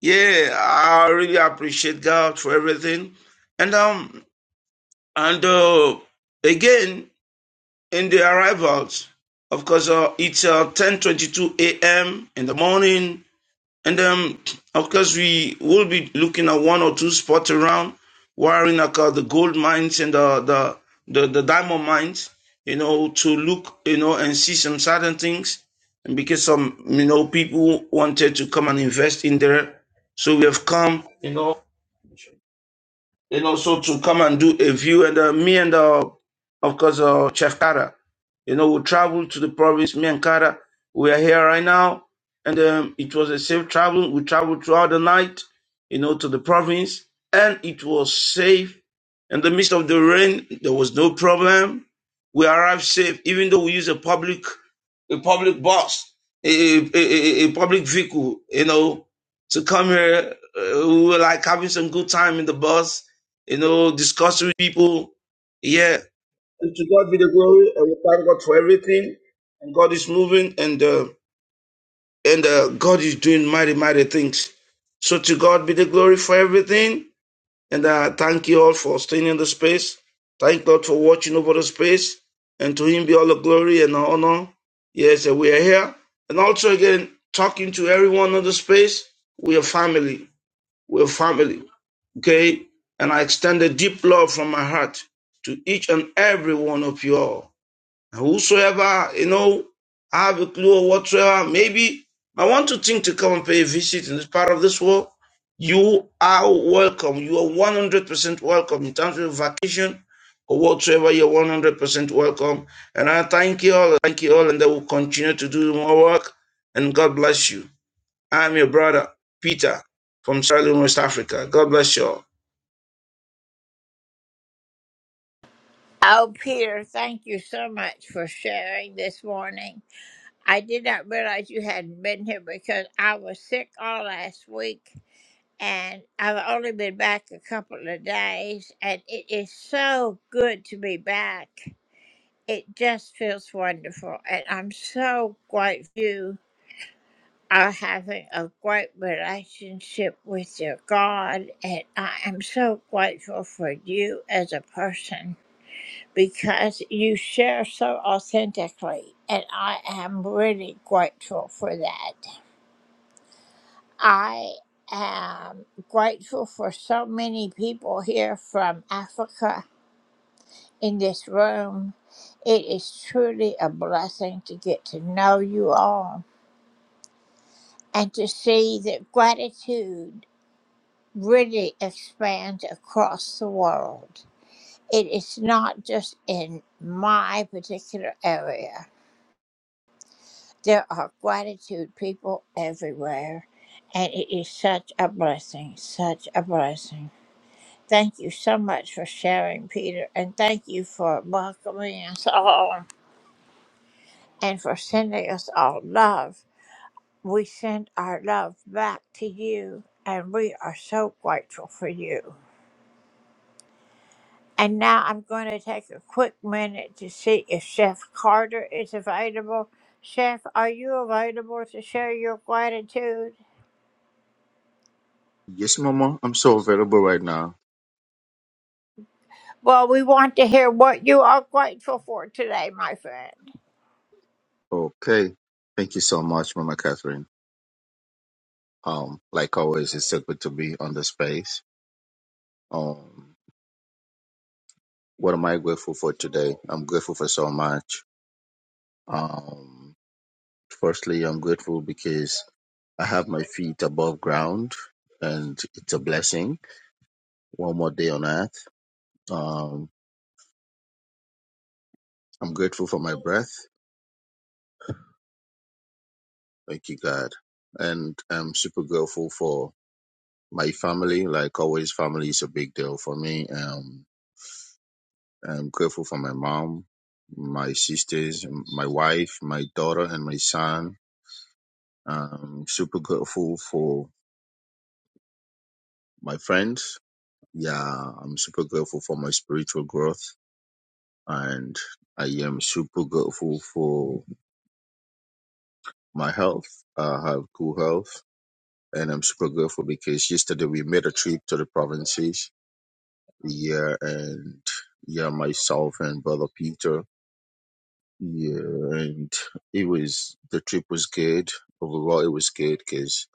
Speaker 10: yeah. I really appreciate God for everything. And um, and uh, again in the arrivals, of course, uh, it's uh, ten twenty two a.m. in the morning and um, of course, we will be looking at one or two spots around, wiring like uh, the gold mines and the, the the the diamond mines, you know, to look, you know, and see some certain things. And because some, you know, people wanted to come and invest in there, so we have come, you know. And also to come and do a view. And uh, me and, uh, of course, uh, Chef Kara, you know, we traveled to the province. Me and Kara, we are here right now. And um, it was a safe travel. We traveled throughout the night, you know, to the province. And it was safe. In the midst of the rain, there was no problem. We arrived safe, even though we used a public, a public bus, a, a, a, a a public vehicle, you know, to come here. Uh, we were like having some good time in the bus you know, discuss with people. Yeah, and to God be the glory, and we thank God for everything. And God is moving, and uh, and uh, God is doing mighty, mighty things. So to God be the glory for everything, and uh, thank you all for staying in the space. Thank God for watching over the space, and to Him be all the glory and the honor. Yes, and we are here, and also again talking to everyone on the space. We are family. We are family. Okay? And I extend a deep love from my heart to each and every one of you all. And whosoever, you know, I have a clue or whatsoever, maybe I want to think to come and pay a visit in this part of this world. You are welcome. You are 100% welcome in terms of vacation or whatsoever. You're 100% welcome. And I thank you all. Thank you all. And I will continue to do more work. And God bless you. I'm your brother, Peter, from Sierra Leone, West Africa. God bless you all.
Speaker 1: Oh, Peter, thank you so much for sharing this morning. I did not realize you hadn't been here because I was sick all last week and I've only been back a couple of days, and it is so good to be back. It just feels wonderful, and I'm so grateful. for you are having a great relationship with your God, and I am so grateful for you as a person because you share so authentically, and I am really grateful for that. I am grateful for so many people here from Africa in this room. It is truly a blessing to get to know you all and to see that gratitude. really expand across the world. It is not just in my particular area. There are gratitude people everywhere, and it is such a blessing, such a blessing. Thank you so much for sharing, Peter, and thank you for welcoming us all and for sending us all love. We send our love back to you, and we are so grateful for you. And now I'm going to take a quick minute to see if Chef Carter is available. Chef, are you available to share your gratitude?
Speaker 11: Yes, Mama. I'm so available right now.
Speaker 1: Well, we want to hear what you are grateful for today, my friend.
Speaker 11: Okay. Thank you so much, Mama Catherine. Um, like always, it's so good to be on the space. Um, what am I grateful for today? I'm grateful for so much. Um, firstly, I'm grateful because I have my feet above ground and it's a blessing. One more day on earth. Um, I'm grateful for my breath. Thank you, God. And I'm super grateful for My family, like always, family is a big deal for me. Um, I'm grateful for my mom, my sisters, my wife, my daughter, and my son. I'm super grateful for my friends. Yeah, I'm super grateful for my spiritual growth, and I am super grateful for my health. I have good health, and I'm super grateful because yesterday we made a trip to the provinces. Yeah, and yeah, myself and brother Peter Yeah, and it was the trip was good. Overall, it was good because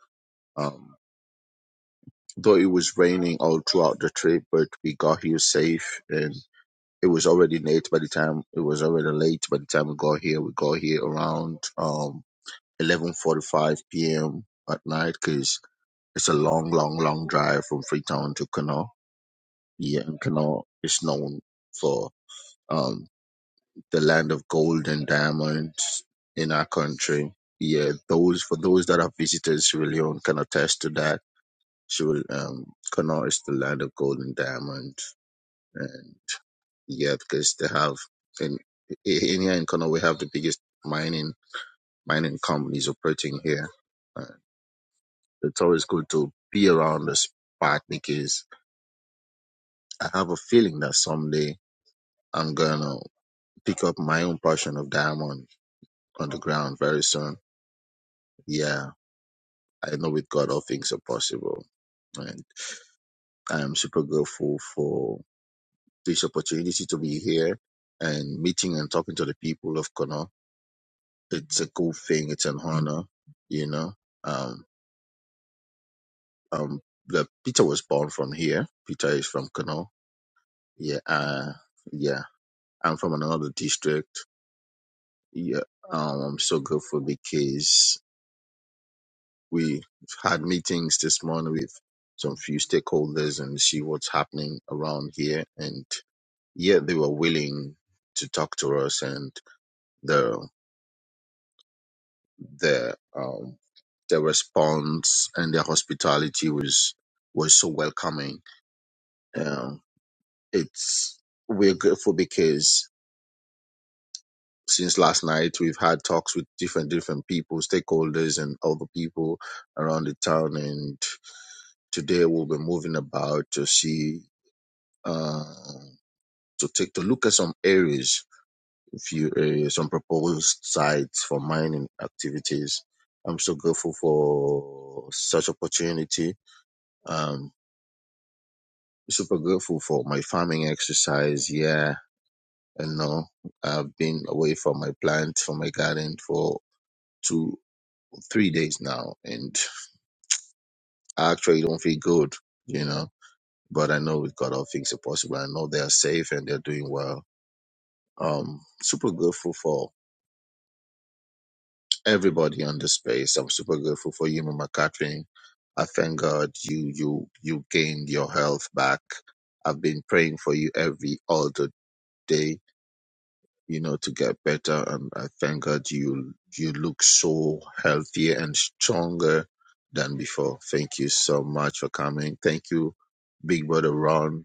Speaker 11: um, though it was raining all throughout the trip, but we got here safe, and it was already late by the time it was already late by the time we got here. We got here around um eleven forty five p.m. at night because it's a long, long, long drive from Freetown to Kano. Yeah, and Kano is known for. um. the land of gold and diamonds in our country. Yeah, those for those that have visited Sierra Leone can attest to that. Sierra um, Connaught is the land of gold and diamonds, and yeah, because they have in in here in Connaught we have the biggest mining mining companies operating here. Uh, it's always good to be around the spot because I have a feeling that someday I'm gonna pick up my own portion of diamond on the ground very soon. Yeah I know with God all things are possible. And I am super grateful for this opportunity to be here and meeting and talking to the people of Kano. It's a cool thing. It's an honor, you know. Um, um, the Peter was born from here. Peter is from Kano. Yeah, uh, yeah. I'm from another district. Yeah, um, I'm so grateful because we had meetings this morning with some few stakeholders and see what's happening around here. And Yet they were willing to talk to us, and the the um, their response and their hospitality was was so welcoming. Um, it's we're grateful because since last night we've had talks with different different people, stakeholders, and other people around the town, and today we'll be moving about to see uh, to take to look at some areas few uh, some proposed sites for mining activities. I'm so grateful for such opportunity. Um, super grateful for my farming exercise. Yeah, and no, I've been away from my plant, from my garden for two, three days now, and I actually don't feel good, you know. But I know with God all things are possible. I know they are safe and they're doing well. Um, super grateful for everybody on the space. I'm super grateful for you, Mama Catherine. I thank God you you you gained your health back. I've been praying for you every all the day, you know, to get better. And I thank God you you look so healthier and stronger than before. Thank you so much for coming. Thank you, Big Brother Ron.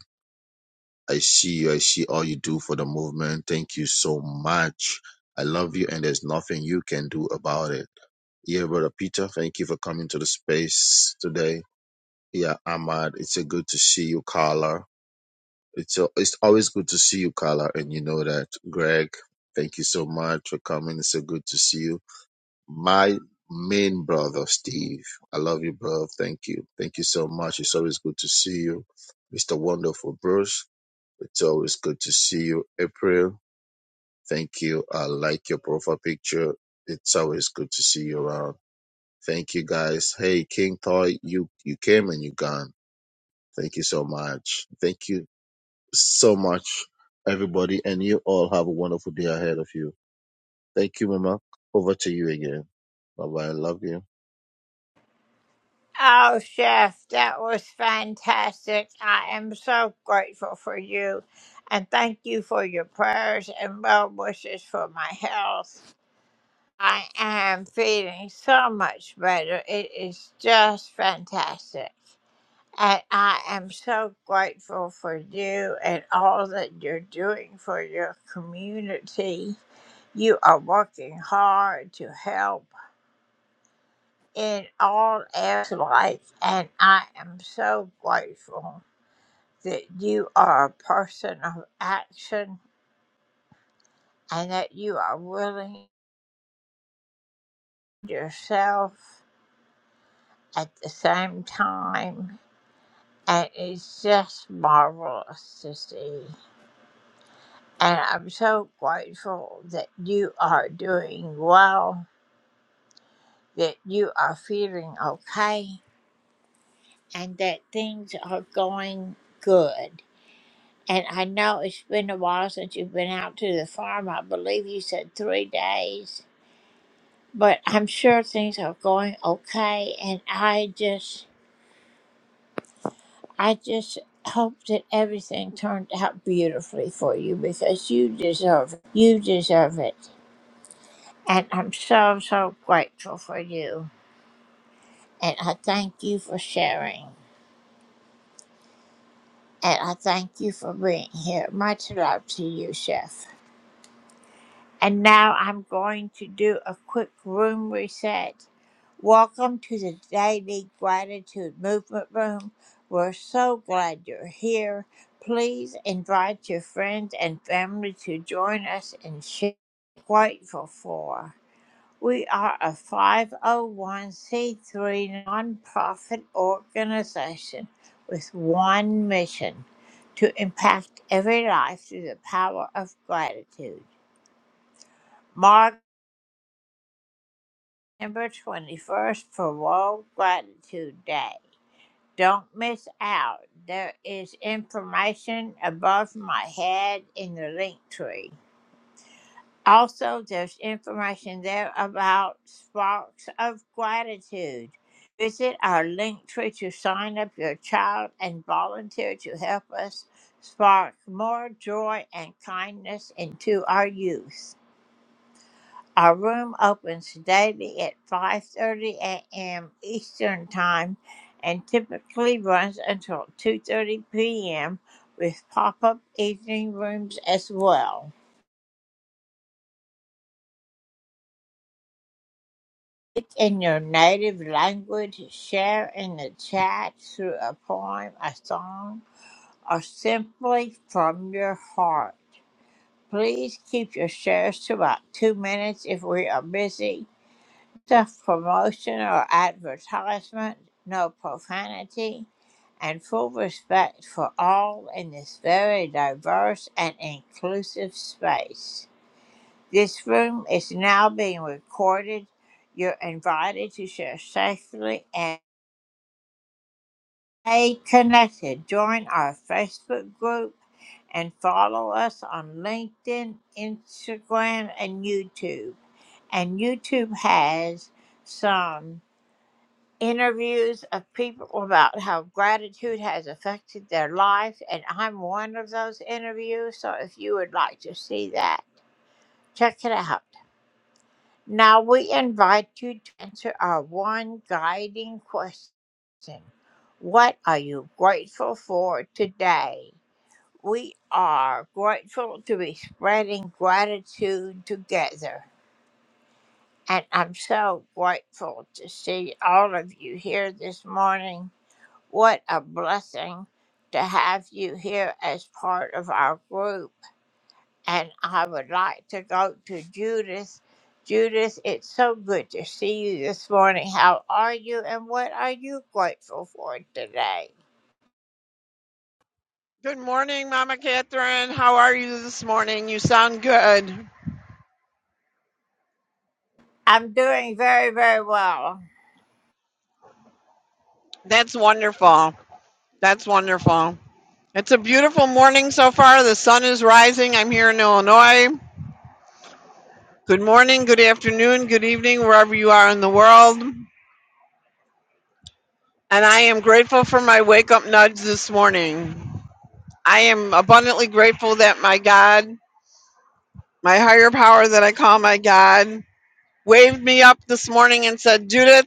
Speaker 11: I see you. I see all you do for the movement. Thank you so much. I love you, and there's nothing you can do about it. Yeah, Brother Peter, thank you for coming to the space today. Yeah, Ahmad, it's a good to see you, Carla. It's a, it's always good to see you, Carla, and you know that. Greg, thank you so much for coming. It's so good to see you. My main brother, Steve, I love you, bro. Thank you. Thank you so much. It's always good to see you. Mr. Wonderful Bruce, it's always good to see you. April, thank you. I like your profile picture. It's always good to see you around. Thank you guys. Hey, King Toy, you you came and you gone. Thank you so much. Thank you so much, everybody, and you all have a wonderful day ahead of you. Thank you, Mama. Over to you again. Bye bye. I Love you.
Speaker 1: Oh, Chef, that was fantastic. I am so grateful for you. And thank you for your prayers and well wishes for my health. I am feeling so much better. It is just fantastic. And I am so grateful for you and all that you're doing for your community. You are working hard to help in all areas of life, and I am so grateful that you are a person of action and that you are willing yourself at the same time. And it's just marvelous to see. And I'm so grateful that you are doing well, that you are feeling okay, and that things are going good. And I know it's been a while since you've been out to the farm. I believe you said three days, but I'm sure things are going okay. And I just, I just hope that everything turned out beautifully for you because you deserve it. You deserve it. And I'm so, so grateful for you. And I thank you for sharing. And I thank you for being here. Much love to you, Chef. And now I'm going to do a quick room reset. Welcome to the Daily Gratitude Movement Room. We're so glad you're here. Please invite your friends and family to join us and share what you're grateful for. We are a 501c3 nonprofit organization with one mission to impact every life through the power of gratitude. Mark November 21st for World Gratitude Day. Don't miss out. There is information above my head in the link tree. Also, there's information there about Sparks of Gratitude. Visit our link tree to sign up your child and volunteer to help us spark more joy and kindness into our youth. Our room opens daily at 5:30 a.m. Eastern Time and typically runs until 2:30 p.m. with pop-up evening rooms as well. Speak in your native language, share in the chat through a poem, a song, or simply from your heart. Please keep your shares to about two minutes if we are busy. Self promotion or advertisement, no profanity, and full respect for all in this very diverse and inclusive space. This room is now being recorded. You're invited to share safely and stay connected. Join our Facebook group and follow us on LinkedIn, Instagram, and YouTube. And YouTube has some interviews of people about how gratitude has affected their life. And I'm one of those interviews. So if you would like to see that, check it out. Now we invite you to answer our one guiding question. What are you grateful for today? We are grateful to be spreading gratitude together. And I'm so grateful to see all of you here this morning. What a blessing to have you here as part of our group and I would like to go to Judith. Judith, it's so good to see you this morning. How are you, and what are you grateful for today?
Speaker 12: Good morning, Mama Catherine. How are you this morning? You sound good.
Speaker 1: I'm doing very, very well.
Speaker 12: That's wonderful. That's wonderful. It's a beautiful morning so far. The sun is rising. I'm here in Illinois. Good morning, good afternoon, good evening, wherever you are in the world. And I am grateful for my wake up nudge this morning. I am abundantly grateful that my God, my higher power that I call my God, waved me up this morning and said, Judith,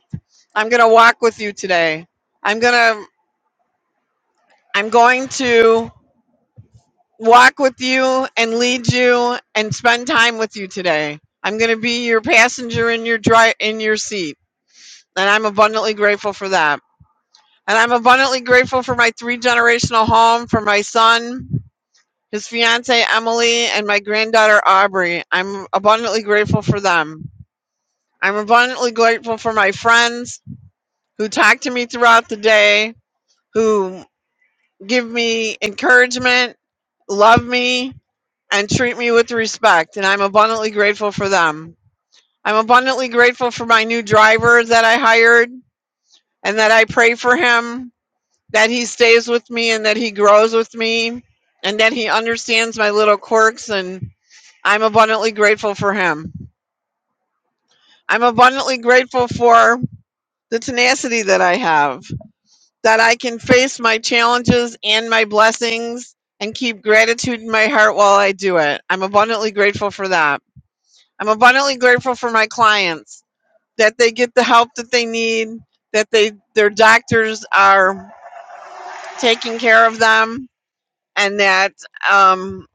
Speaker 12: I'm going to walk with you today. I'm going to I'm going to walk with you and lead you and spend time with you today. I'm going to be your passenger in your dri- in your seat, and I'm abundantly grateful for that. And I'm abundantly grateful for my three generational home, for my son, his fiance Emily, and my granddaughter Aubrey. I'm abundantly grateful for them. I'm abundantly grateful for my friends who talk to me throughout the day, who give me encouragement, love me, and treat me with respect, and I'm abundantly grateful for them. I'm abundantly grateful for my new driver that I hired and that I pray for him, that he stays with me and that he grows with me and that he understands my little quirks and I'm abundantly grateful for him. I'm abundantly grateful for the tenacity that I have, that I can face my challenges and my blessings and keep gratitude in my heart while I do it. I'm abundantly grateful for that. I'm abundantly grateful for my clients that they get the help that they need, that they their doctors are taking care of them, and that um,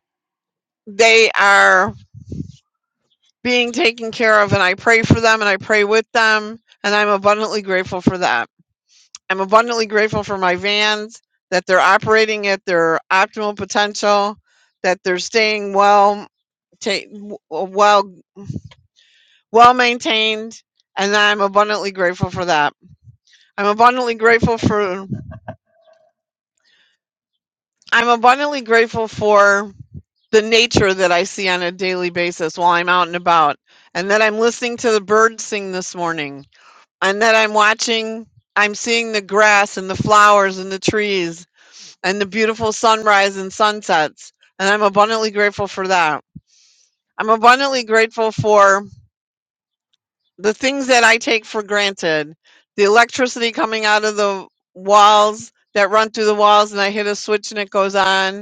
Speaker 12: they are being taken care of. And I pray for them, and I pray with them, and I'm abundantly grateful for that. I'm abundantly grateful for my vans that they're operating at their optimal potential, that they're staying well, ta- w- well, well maintained, and I'm abundantly grateful for that. I'm abundantly grateful for I'm abundantly grateful for the nature that I see on a daily basis while I'm out and about and that I'm listening to the birds sing this morning and that I'm watching I'm seeing the grass and the flowers and the trees and the beautiful sunrise and sunsets and I'm abundantly grateful for that. I'm abundantly grateful for the things that I take for granted. The electricity coming out of the walls that run through the walls and I hit a switch and it goes on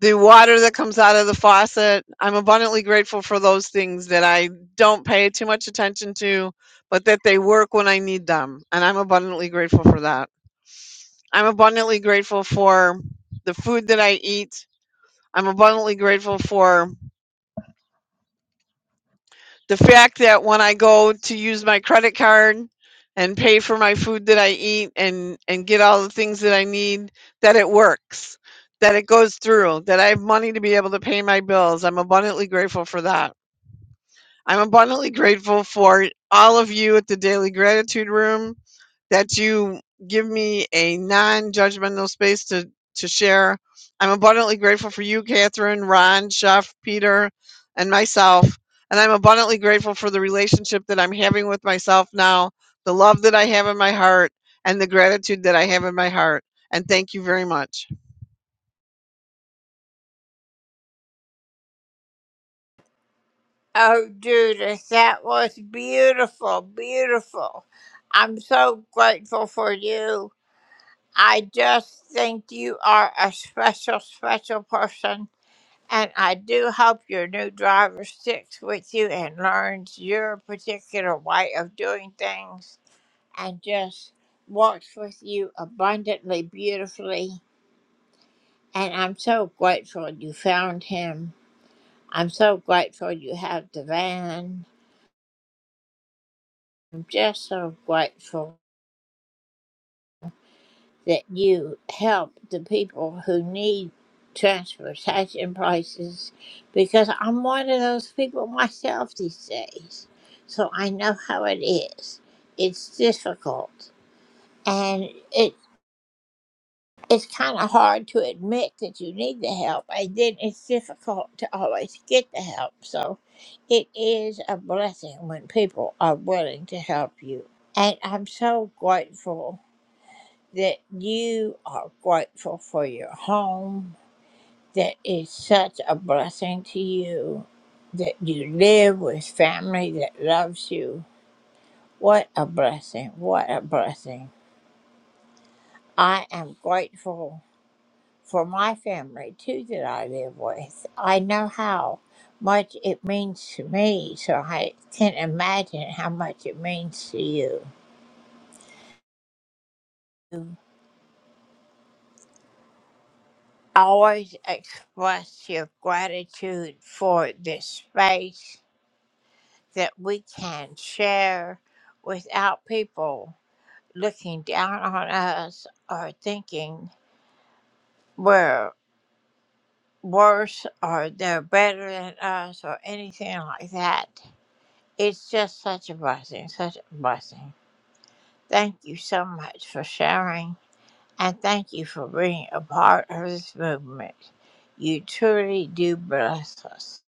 Speaker 12: the water that comes out of the faucet. I'm abundantly grateful for those things that I don't pay too much attention to, but that they work when I need them. And I'm abundantly grateful for that. I'm abundantly grateful for the food that I eat. I'm abundantly grateful for the fact that when I go to use my credit card and pay for my food that I eat and, and get all the things that I need, that it works, that it goes through, that I have money to be able to pay my bills. I'm abundantly grateful for that. I'm abundantly grateful for all of you at the Daily Gratitude Room that you give me a non judgmental space to, to share. I'm abundantly grateful for you, Catherine, Ron, Chef, Peter, and myself. And I'm abundantly grateful for the relationship that I'm having with myself now, the love that I have in my heart, and the gratitude that I have in my heart. And thank you very much.
Speaker 1: Oh, Judith, that was beautiful, beautiful. I'm so grateful for you. I just think you are a special, special person And I do hope your new driver sticks with you and learns your particular way of doing things and just walks with you abundantly, beautifully. And I'm so grateful you found him. I'm so grateful you have the van. I'm just so grateful. that you help the people who need transportation prices because I'm one of those people myself these days. So I know how it is. It's difficult and it it's kind of hard to admit that you need the help and then it's difficult to always get the help. So it is a blessing when people are willing to help you. And I'm so grateful that you are grateful for your home, that is such a blessing to you, that you live with family that loves you. What a blessing! What a blessing. I am grateful for my family too that I live with. I know how much it means to me, so I can imagine how much it means to you. Always express your gratitude for this space that we can share without people looking down on us or thinking we're worse or they're better than us or anything like that. It's just such a blessing, such a blessing. Thank you so much for sharing and thank you for being a part of this movement. You truly do bless us.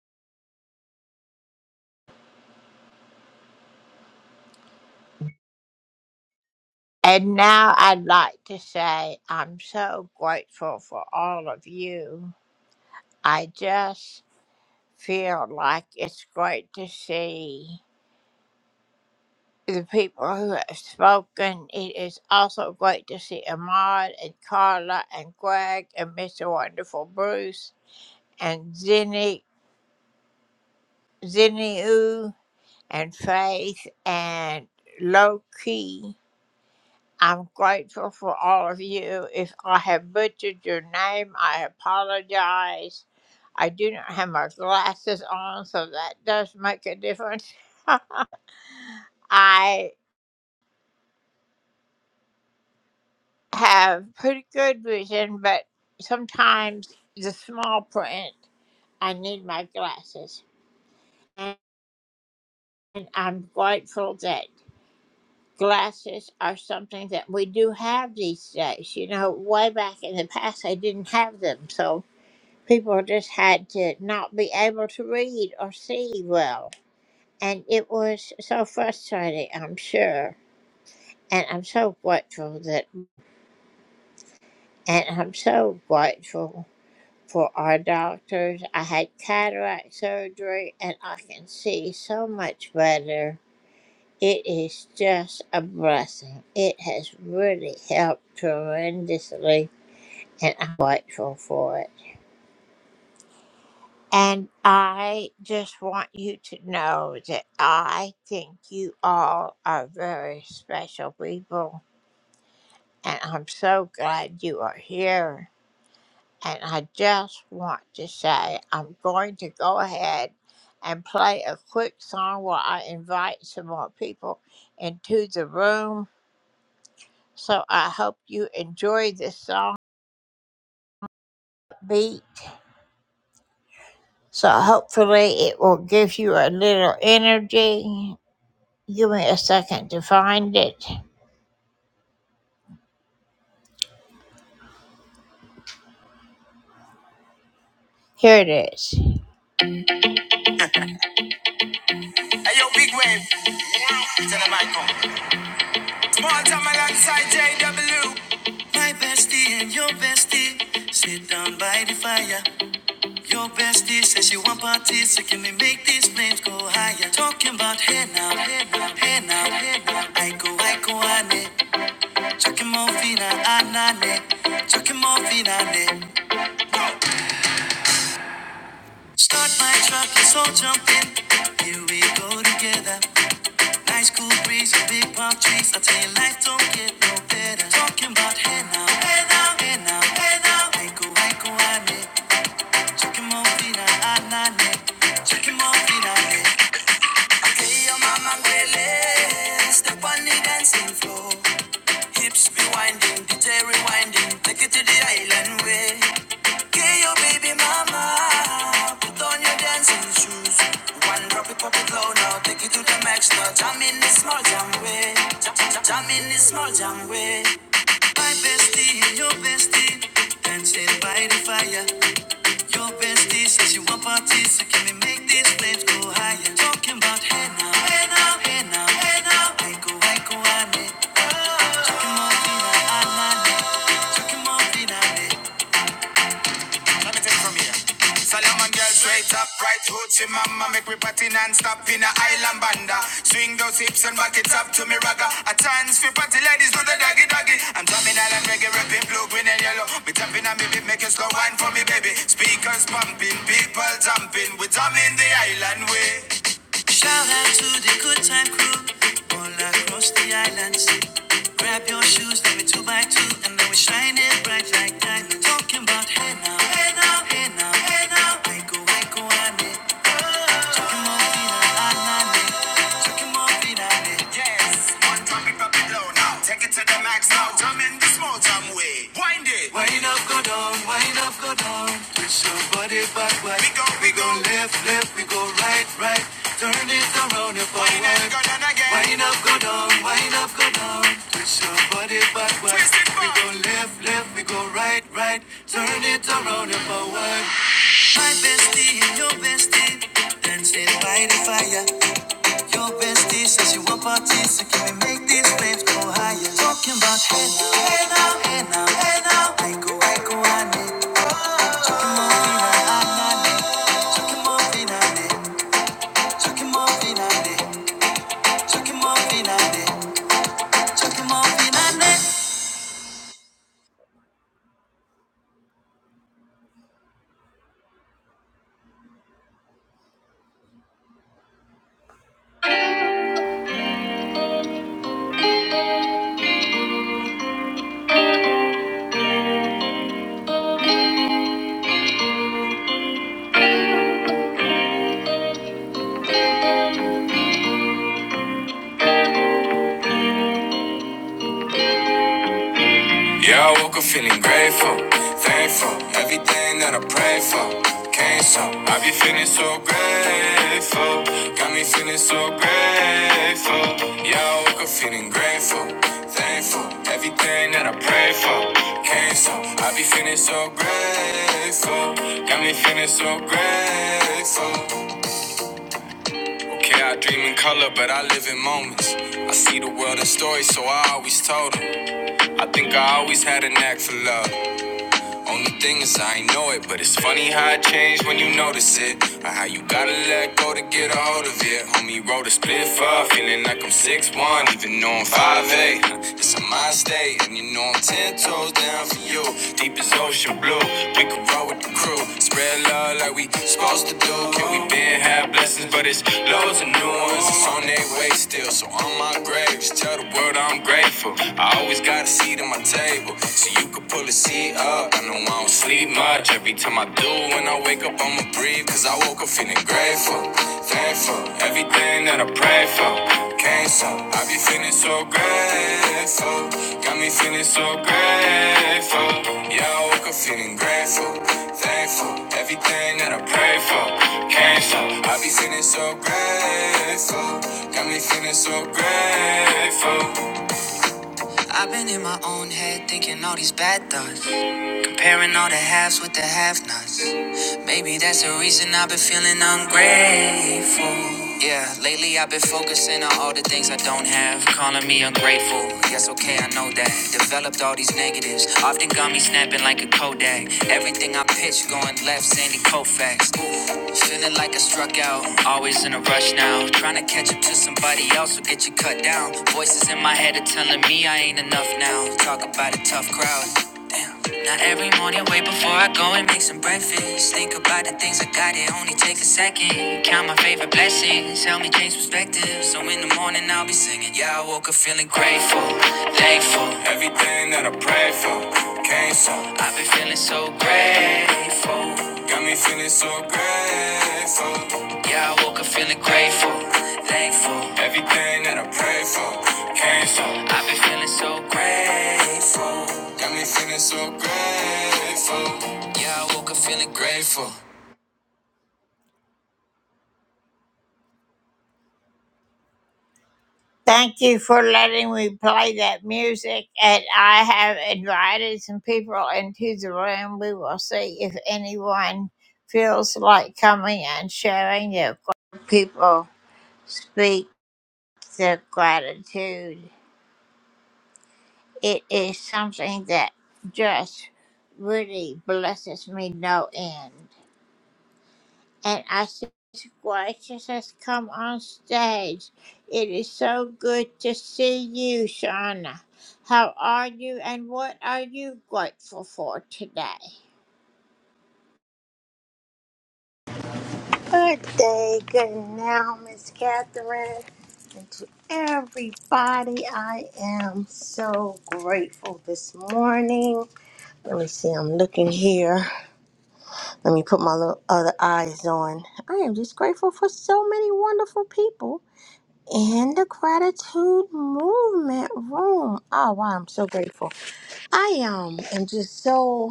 Speaker 1: And now I'd like to say I'm so grateful for all of you I just feel like it's great to see the people who have spoken. It is also great to see Ahmad and Carla and Greg and Mr. Wonderful Bruce and Zinni, Zinniu and Faith and Loki. I'm grateful for all of you. If I have butchered your name, I apologize. I do not have my glasses on, so that does make a difference. I have pretty good vision, but sometimes the small print, I need my glasses. And I'm grateful that glasses are something that we do have these days. You know, way back in the past, I didn't have them. So People just had to not be able to read or see well. And it was so frustrating, I'm sure. And I'm so grateful that, and I'm so grateful for our doctors. I had cataract surgery and I can see so much better. It is just a blessing. It has really helped tremendously, and I'm grateful for it. And I just want you to know that I think you all are very special people. And I'm so glad you are here. And I just want to say I'm going to go ahead and play a quick song while I invite some more people into the room. So I hope you enjoy this song beat. So hopefully it will give you a little energy. Give me a second to find it. Here it is. Hey, yo, big wave. Tell them I come. Small time alongside JW. My bestie and your bestie sit down by the fire. Your bestie says she want parties, so can we make these flames go higher? Talking about hey now, hey now, hey now, hey now. I go, I go, ane. Chucking morphina, anane. Chucking morphina, ane. Start my truck, let's all jump in. Here we go together. Nice cool breeze, big palm trees. I tell you, life don't get no better. Talking about hey now, hey now, hey now, hey now. I go, I go, I need. Chicken more feet, I need. Chicken more feet, I need. I tell you, mama, gwele. Step on the dancing floor. Hips be winding, DJ rewinding. Take it to the island way. Get your baby mama, put on your dancing shoes. One drop it, pop it low now, take it to the max now. Jam in this small jam way, jam, jam, jam in this small jam way. My bestie, and your bestie, dancing by the fire. Your bestie says you want parties, so can we make these flames go higher? Talking about hey now, hey now, hey now, hey now. I go, I go, I need. Talking about hey now, I need. Let me take from here. Salaman girl straight up, right hood to mama. Make me party non-stop in a island banda. Swing those hips and back it up to me ragga. A chance for party ladies do the doggy doggy. I'm drumming island reggae, rapping blue, green and yellow. Me jumping on me beat, making slow wine for me baby. Speakers pumping, people jumping. We drumming the island way. Shout out to the good time crew all across the islands. Grab your shoes, let me two by two, and then we shine it bright like diamonds. Talking about hey now, hey now, hey now, hey now. I go, I go, I need. Talking more fina, I need. Talking more fina, I need. Get one drop it, drop it low now. Take it to the max now. Jump in the small time way. Wind it. Wind it. We go left, left, we go right, right. Turn this around and forward. Wind up, go down Wind up, go down, wind up, go down. Twist your body backwards. Twist it We go left, left, we go right, right. Turn it around and forward. My bestie your bestie dancing by the fire. Your bestie says you want parties, so can we make these flames go higher? Talking about hey now, hey now, hey now, hey now. I go, I go, I need. Chucking more feet, I I need. Talking more feet, I need. Chucking more feet, I need. Chucking more feet, I need. Chucking more feet, I need. Yeah, I woke up feeling grateful, thankful. Everything that I pray for came so. I be feeling so grateful, got me feeling so grateful. Yeah, I woke up feeling grateful, thankful. Everything that I pray for came so. I be feeling so grateful, got me feeling so grateful. Okay, I dream in color, but I live in moments. I see the world in stories, so I always told them. I think I always had a knack for love. Only thing is I ain't know it, but it's funny how it changed when you notice it. Or how you gotta let go to get a hold of it. Homie wrote a split for, feeling like I'm six one, even though I'm five eight. It's a mind state, and you know I'm 10 toes down for you. Deep as ocean blue, we can roll with the crew. Spread love like we supposed to do. Can we been have blessings, but it's loads of new ones. It's on their way still, so on my grave, just tell the world I'm grateful. I always gotta see them, I tell table so you could pull a seat up. I know I don't sleep much. Every time I do, when I wake up, I'ma breathe. Cause I woke up feeling grateful, thankful. Everything that I pray for came so. I be feeling so grateful. Got me feeling so grateful. Yeah, I woke up feeling grateful, thankful. Everything that I pray for came so. I be feeling so grateful. Got me feeling so grateful. I've been in my own head thinking all these bad thoughts. Comparing all the halves with the have nots. Maybe that's the reason I've been feeling ungrateful. Yeah, lately I've been focusing on all the things I don't have. Calling me ungrateful. Yes, okay, I know that. Developed all these negatives. Often got me snapping like a Kodak. Everything I pitch going left, Sandy Koufax. Ooh, feeling like I struck out. Always in a rush now. Trying to catch up to somebody else will get you cut down. Voices in my head are telling me I ain't enough now. Talk about a tough crowd. Damn before I go and finish, think of everything that I prayed for. Came so, got me feeling so grateful. Everything that I prayed for came so grateful. Got me feeling so grateful. Yeah, I woke up feeling grateful. Thank you for letting me play that music. And I have invited some people into the room. We will see if anyone feels like coming and sharing their people speak the gratitude. It is something that just really blesses me no end. And I see Gracious has come on stage. It is so good to see you, Shauna. How are you and what are you grateful for today?
Speaker 13: Good day, good now, Miss Catherine, and to everybody. I am so grateful this morning. Let me see, I'm looking here. Let me put my little other eyes on. I am just grateful for so many wonderful people in the gratitude movement room. Oh, wow, I'm so grateful. I um, am just so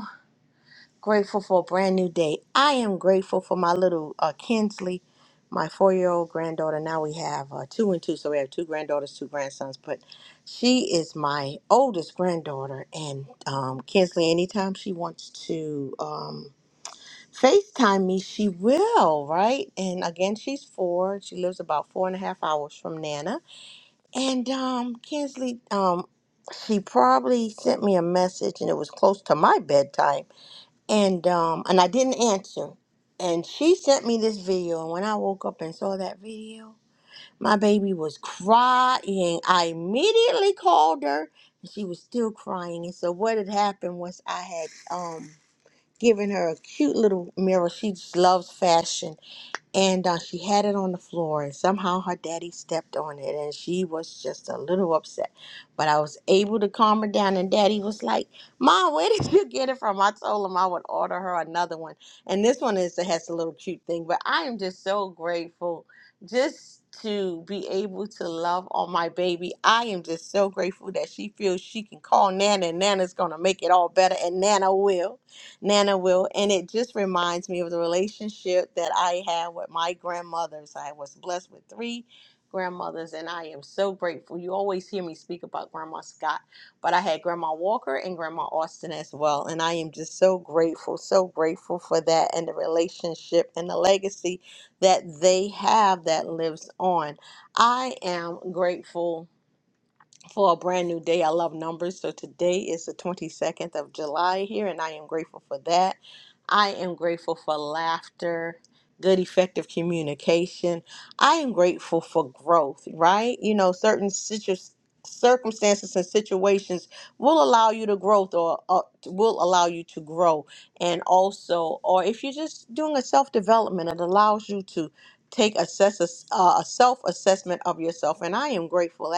Speaker 13: Grateful for a brand new day. I am grateful for my little uh, Kinsley, my four year old granddaughter. Now we have uh, two and two, so we have two granddaughters, two grandsons. But she is my oldest granddaughter, and um, Kinsley, anytime she wants to um, FaceTime me, she will, right? And again, she's four. She lives about four and a half hours from Nana. And um, Kinsley, um, she probably sent me a message, and it was close to my bedtime and um and I didn't answer. And she sent me this video, and when I woke up and saw that video, my baby was crying. I immediately called her, and she was still crying. And so what had happened was I had um given her a cute little mirror. She just loves fashion and uh, she had it on the floor and somehow her daddy stepped on it and she was just a little upset but i was able to calm her down and daddy was like mom where did you get it from i told him i would order her another one and this one is has a little cute thing but i am just so grateful just to be able to love on my baby i am just so grateful that she feels she can call nana and nana's gonna make it all better and nana will Nana will. And it just reminds me of the relationship that I had with my grandmothers. I was blessed with three grandmothers, and I am so grateful. You always hear me speak about Grandma Scott, but I had Grandma Walker and Grandma Austin as well. And I am just so grateful, so grateful for that and the relationship and the legacy that they have that lives on. I am grateful for a brand new day. I love numbers. So today is the 22nd of July here, and I am grateful for that. I am grateful for laughter, good, effective communication. I am grateful for growth, right? You know, certain situ- circumstances and situations will allow you to growth or, or will allow you to grow. And also, or if you're just doing a self development, it allows you to take assess a, uh, a self assessment of yourself. And I am grateful.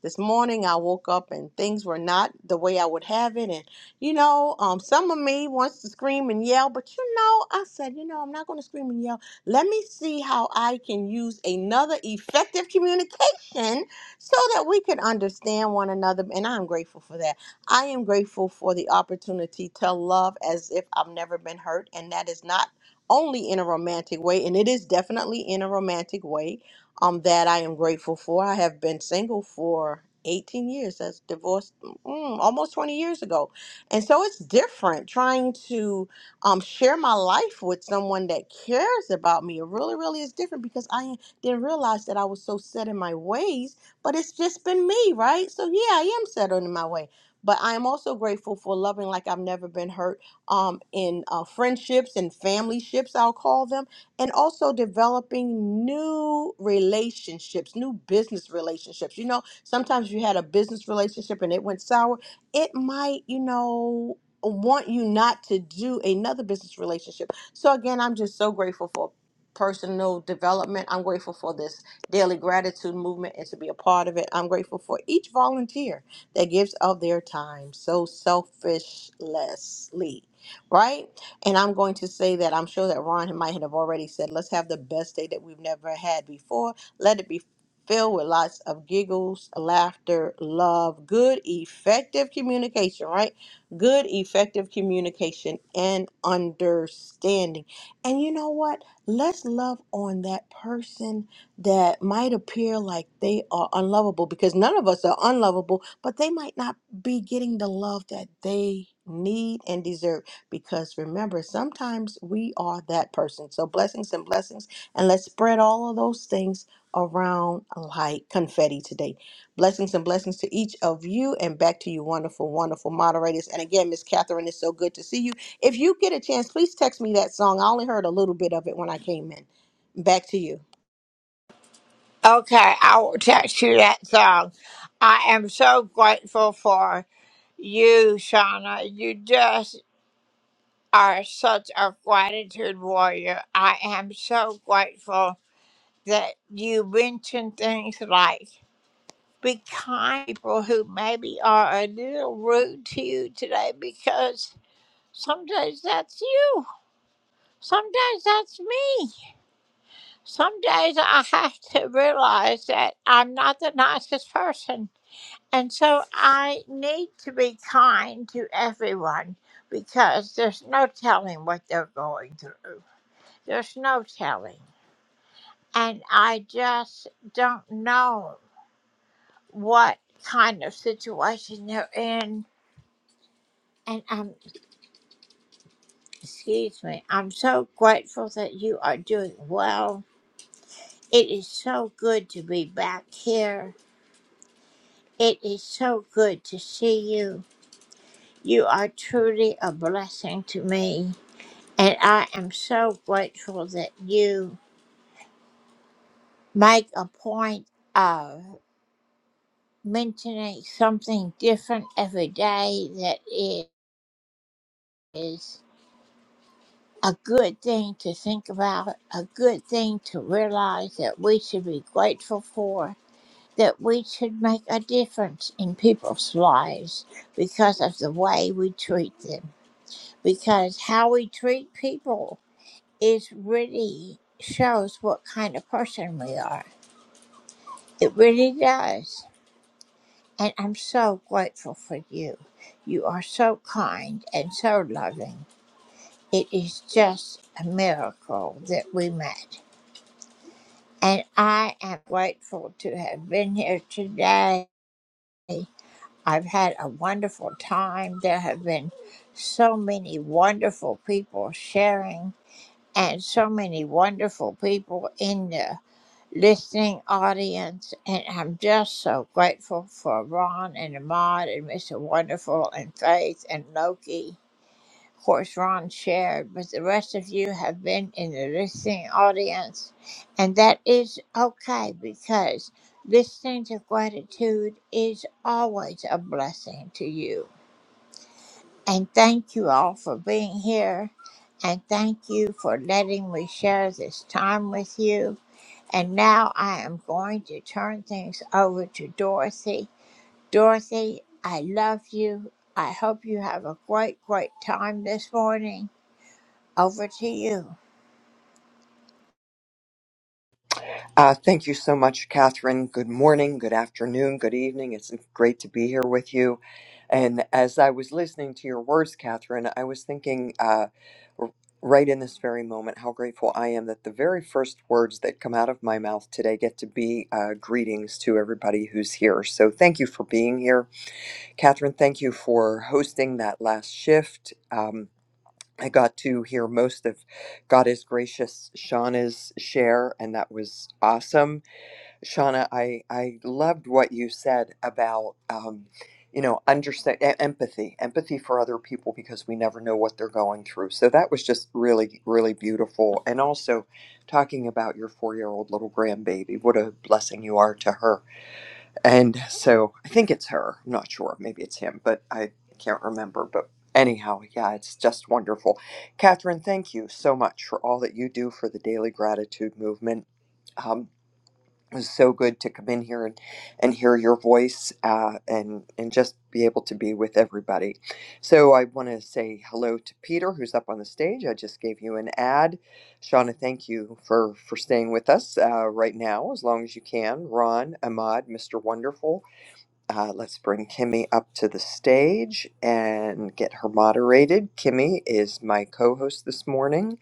Speaker 13: This morning I woke up and things were not the way I would have it. And, you know, um, some of me wants to scream and yell, but you know, I said, you know, I'm not going to scream and yell. Let me see how I can use another effective communication so that we can understand one another. And I'm grateful for that. I am grateful for the opportunity to love as if I've never been hurt. And that is not only in a romantic way, and it is definitely in a romantic way um, that I am grateful for. I have been single for 18 years. That's divorced mm, almost 20 years ago. And so it's different trying to um, share my life with someone that cares about me. It really, really is different because I didn't realize that I was so set in my ways, but it's just been me, right? So yeah, I am set in my way. But I am also grateful for loving like I've never been hurt um, in uh, friendships and family ships, I'll call them and also developing new relationships, new business relationships. You know, sometimes you had a business relationship and it went sour, it might, you know, want you not to do another business relationship. So again, I'm just so grateful for personal development. I'm grateful for this daily gratitude movement and to be a part of it. I'm grateful for each volunteer that gives of their time so selfishly, right? And I'm going to say that I'm sure that Ron might have already said, let's have the best day that we've never had before. Let it be filled with lots of giggles, laughter, love, good, effective communication, right? Good, effective communication and understanding. And you know what? Let's love on that person that might appear like they are unlovable because none of us are unlovable, but they might not be getting the love that they need and deserve because remember, sometimes we are that person. So, blessings and blessings. And let's spread all of those things around like confetti today. Blessings and blessings to each of you, and back to you, wonderful, wonderful moderators. And again, Miss Catherine, it's so good to see you. If you get a chance, please text me that song. I only heard a little bit of it when I came in. Back to you.
Speaker 1: Okay, I will text you that song. I am so grateful for you, Shauna. You just are such a gratitude warrior. I am so grateful that you mentioned things like be kind to people who maybe are a little rude to you today because sometimes that's you. Sometimes that's me. Some days I have to realize that I'm not the nicest person. And so I need to be kind to everyone because there's no telling what they're going through. There's no telling. And I just don't know what kind of situation they're in. And um, excuse me, I'm so grateful that you are doing well. It is so good to be back here. It is so good to see you. You are truly a blessing to me. And I am so grateful that you make a point of. mentioning something different every day that is a good thing to think about, a good thing to realize that we should be grateful for, that we should make a difference in people's lives because of the way we treat them. Because how we treat people is really shows what kind of person we are. It really does. And I'm so grateful for you. You are so kind and so loving. It is just a miracle that we met. And I am grateful to have been here today. I've had a wonderful time. There have been so many wonderful people sharing. and so many wonderful people in the listening audience. And I'm just so grateful for Ron and Ahmad and Mr. Wonderful and Faith and Loki. Of course, Ron shared, but the rest of you have been in the listening audience. And that is okay because listening to gratitude is always a blessing to you. And thank you all for being here. And thank you for letting me share this time with you. And now I am going to turn things over to Dorothy. Dorothy, I love you. I hope you have a great, great time this morning. Over to you.
Speaker 14: Uh, thank you so much, Catherine. Good morning, good afternoon, good evening. It's great to be here with you. And as I was listening to your words, Catherine, I was thinking uh, r- right in this very moment how grateful I am that the very first words that come out of my mouth today get to be uh, greetings to everybody who's here. So thank you for being here. Catherine, thank you for hosting that last shift. Um, I got to hear most of God is Gracious, Shauna's share, and that was awesome Shauna, I, I loved what you said about, um, you know, understand e- empathy, empathy for other people because we never know what they're going through. So that was just really, really beautiful. And also talking about your four year old little grandbaby, what a blessing you are to her. And so I think it's her. I'm not sure. Maybe it's him, but I can't remember. But anyhow, yeah, it's just wonderful. Catherine, thank you so much for all that you do for the Daily Gratitude Movement. Um, it was so good to come in here and, and hear your voice uh, and and just be able to be with everybody. So I want to say hello to Peter, who's up on the stage. I just gave you an ad. Shauna, thank you for for staying with us uh, right now as long as you can. Ron, Ahmad, Mr. Wonderful. Uh, let's bring Kimmy up to the stage and get her moderated. Kimmy is my co-host this morning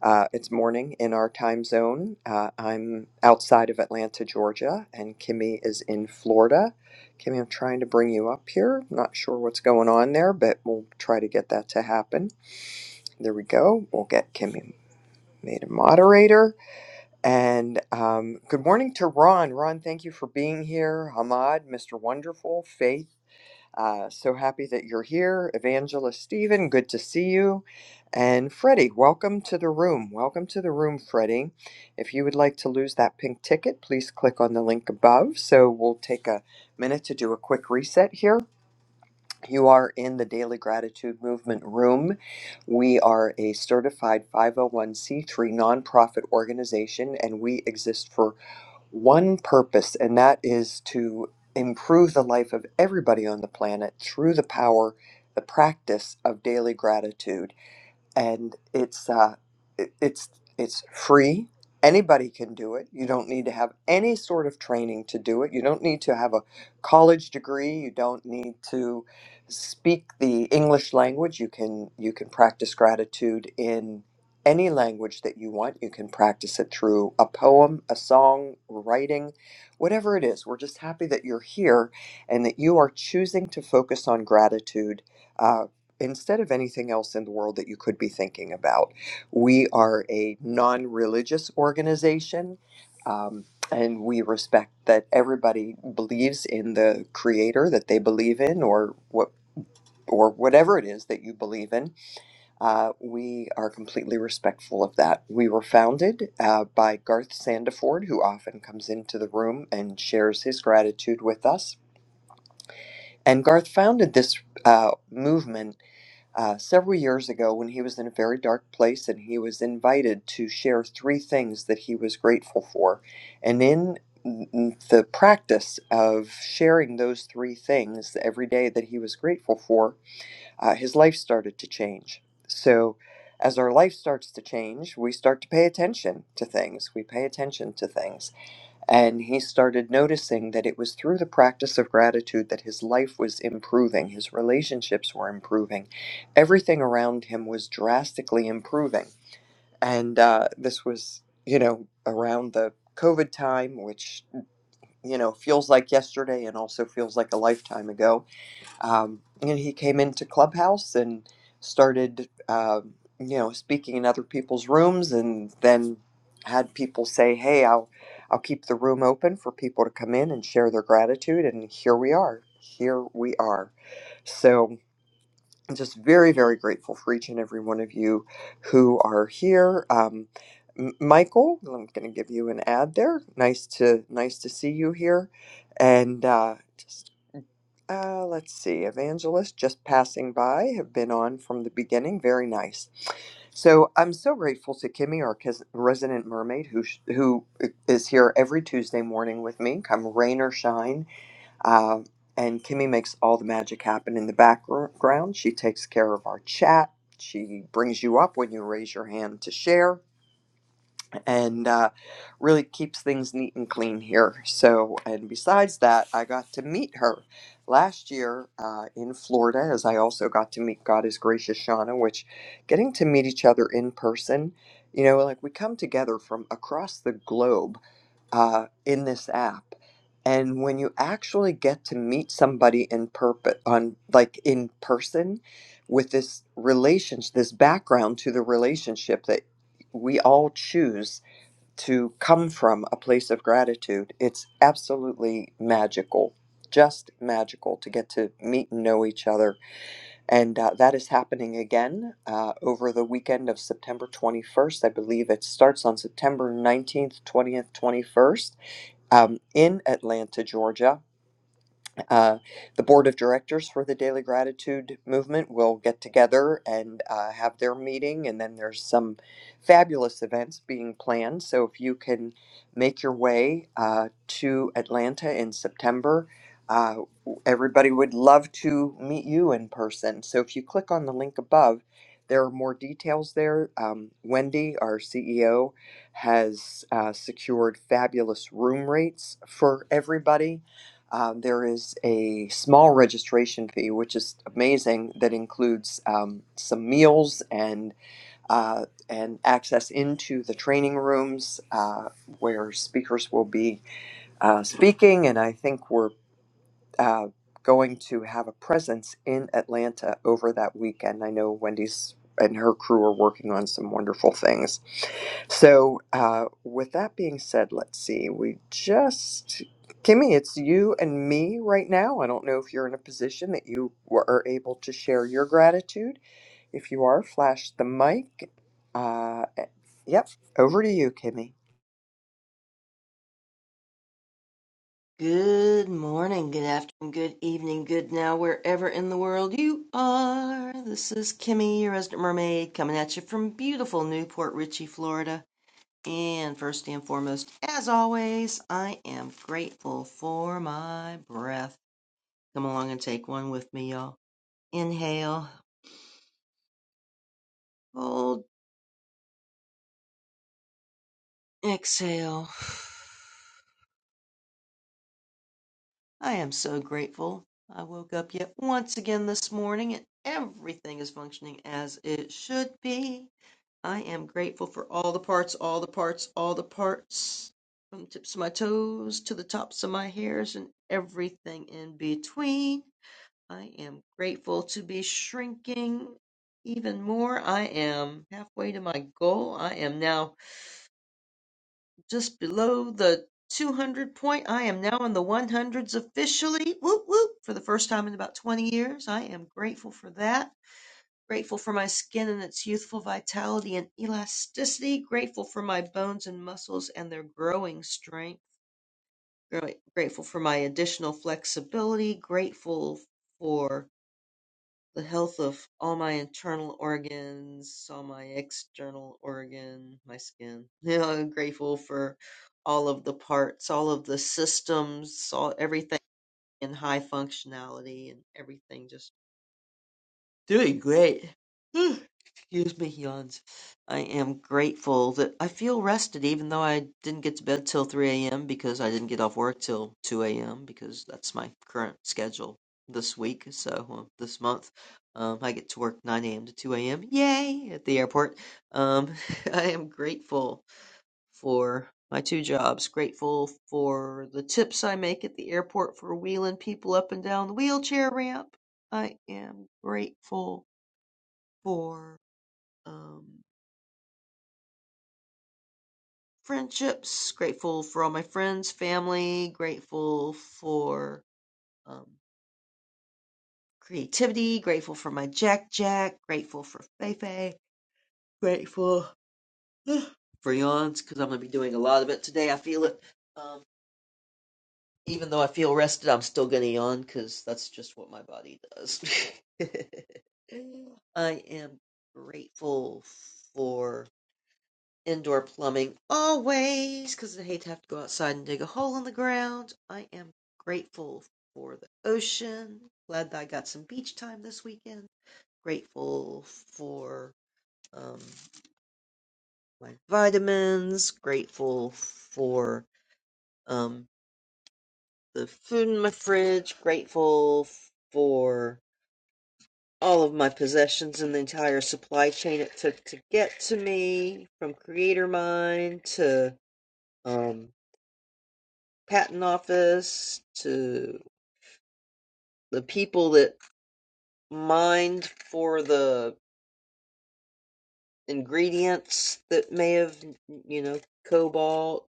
Speaker 14: uh, it's morning in our time zone. Uh, I'm outside of Atlanta, Georgia, and Kimmy is in Florida. Kimmy, I'm trying to bring you up here. Not sure what's going on there, but we'll try to get that to happen. There we go. We'll get Kimmy made a moderator. And um, good morning to Ron. Ron, thank you for being here. Hamad, Mr. Wonderful, Faith. Uh, so happy that you're here. Evangelist Stephen, good to see you. And Freddie, welcome to the room. Welcome to the room, Freddie. If you would like to lose that pink ticket, please click on the link above. So we'll take a minute to do a quick reset here. You are in the Daily Gratitude Movement room. We are a certified 501c3 nonprofit organization and we exist for one purpose, and that is to improve the life of everybody on the planet through the power, the practice of daily gratitude and it's uh, it, it's it's free. Anybody can do it. You don't need to have any sort of training to do it. You don't need to have a college degree. You don't need to speak the English language. You can you can practice gratitude in any language that you want. You can practice it through a poem, a song, writing, whatever it is. We're just happy that you're here and that you are choosing to focus on gratitude uh, instead of anything else in the world that you could be thinking about. We are a non religious organization, um, and we respect that everybody believes in the creator that they believe in or what. Or whatever it is that you believe in, uh, we are completely respectful of that. We were founded uh, by Garth Sandiford, who often comes into the room and shares his gratitude with us. And Garth founded this uh, movement uh, several years ago when he was in a very dark place and he was invited to share three things that he was grateful for. And in mm, mm, the practice of sharing those three things every day that he was grateful for, uh, his life started to change. So, as our life starts to change, we start to pay attention to things. We pay attention to things and he started noticing that it was through the practice of gratitude that his life was improving, his relationships were improving, everything around him was drastically improving. And uh, this was, you know, around the COVID time, which, you know, feels like yesterday and also feels like a lifetime ago um, and he came into clubhouse and started um, you know speaking in other people's rooms and then had people say hey i'll i'll keep the room open for people to come in and share their gratitude and here we are here we are so I'm just very very grateful for each and every one of you who are here um, M- michael i'm going to give you an ad there nice to nice to see you here and uh, uh, let's see. Evangelist, just passing by, have been on from the beginning. Very nice. So I'm so grateful to Kimmy, our kes- resident mermaid, who sh- who is here every Tuesday morning with me, come rain or shine. Uh, and Kimmy makes all the magic happen in the background. She takes care of our chat. She brings you up when you raise your hand to share and uh, really keeps things neat and clean here. So, and besides that, I got to meet her last year uh, in Florida, as I also got to meet God is Gracious Shauna, which getting to meet each other in person, you know, like we come together from across the globe uh, in this app. And when you actually get to meet somebody in purpose, on like in person, with this relationship, this background to the relationship that we all choose to come from a place of gratitude. It's absolutely magical, just magical to get to meet and know each other. And uh, that is happening again uh, over the weekend of September 21st. I believe it starts on September 19th, 20th, 21st um, in Atlanta, Georgia. Uh, the board of directors for the Daily Gratitude Movement will get together and uh, have their meeting, and then there's some fabulous events being planned. So if you can make your way uh, to Atlanta in September, uh, everybody would love to meet you in person. So if you click on the link above, there are more details there. Um, Wendy, our CEO, has uh, secured fabulous room rates for everybody um, there is a small registration fee, which is amazing, that includes um, some meals and uh, and access into the training rooms uh, where speakers will be uh, speaking. And I think we're uh, going to have a presence in Atlanta over that weekend. I know Wendy's and her crew are working on some wonderful things so, uh, with that being said, let's see. We just, Kimmy, it's you and me right now. I don't know if you're in a position that you were, are able to share your gratitude. If you are, flash the mic. Uh, eh, yep, over to you, Kimmy.
Speaker 15: Good morning, good afternoon, good evening, good now, wherever in the world you are. This is Kimmy, your resident mermaid, coming at you from beautiful Newport Richey, Florida. And first and foremost, as always, I am grateful for my breath. Come along and take one with me, y'all. Inhale, hold, exhale. I am so grateful. I woke up yet once again this morning and everything is functioning as it should be. I am grateful for all the parts, all the parts, all the parts, from the tips of my toes to the tops of my hairs and everything in between. I am grateful to be shrinking even more. I am halfway to my goal. I am now just below the 200 point. I am now in the 100s officially. Whoop, whoop. For the first time in about 20 years. I am grateful for that. Grateful for my skin and its youthful vitality and elasticity. Grateful for my bones and muscles and their growing strength. Gra- Grateful for my additional flexibility. Grateful for the health of all my internal organs, all my external organ, my skin. You know, grateful for all of the parts, all of the systems, all everything in high functionality and everything just Doing great. Excuse me, yawns. I am grateful that I feel rested even though I didn't get to bed till 3 a.m. because I didn't get off work till 2 a.m. because that's my current schedule this week. So, well, this month, um, I get to work 9 a.m. to 2 a.m. Yay! At the airport. Um, I am grateful for my two jobs. Grateful for the tips I make at the airport for wheeling people up and down the wheelchair ramp. I am grateful for um, friendships, grateful for all my friends, family, grateful for um, creativity, grateful for my Jack Jack, grateful for Feifei, grateful for yawns because I'm going to be doing a lot of it today. I feel it. Um, even though I feel rested, I'm still going to yawn because that's just what my body does. I am grateful for. indoor plumbing always because I hate to have to go outside and dig a hole in the ground. I am grateful for the ocean. Glad that I got some beach time this weekend. Grateful for um, my vitamins. Grateful for um, the food in my fridge. Grateful for all of my possessions and the entire supply chain it took to get to me from Creator Mine to. Um, patent office to the people that mined for the ingredients that may have you know cobalt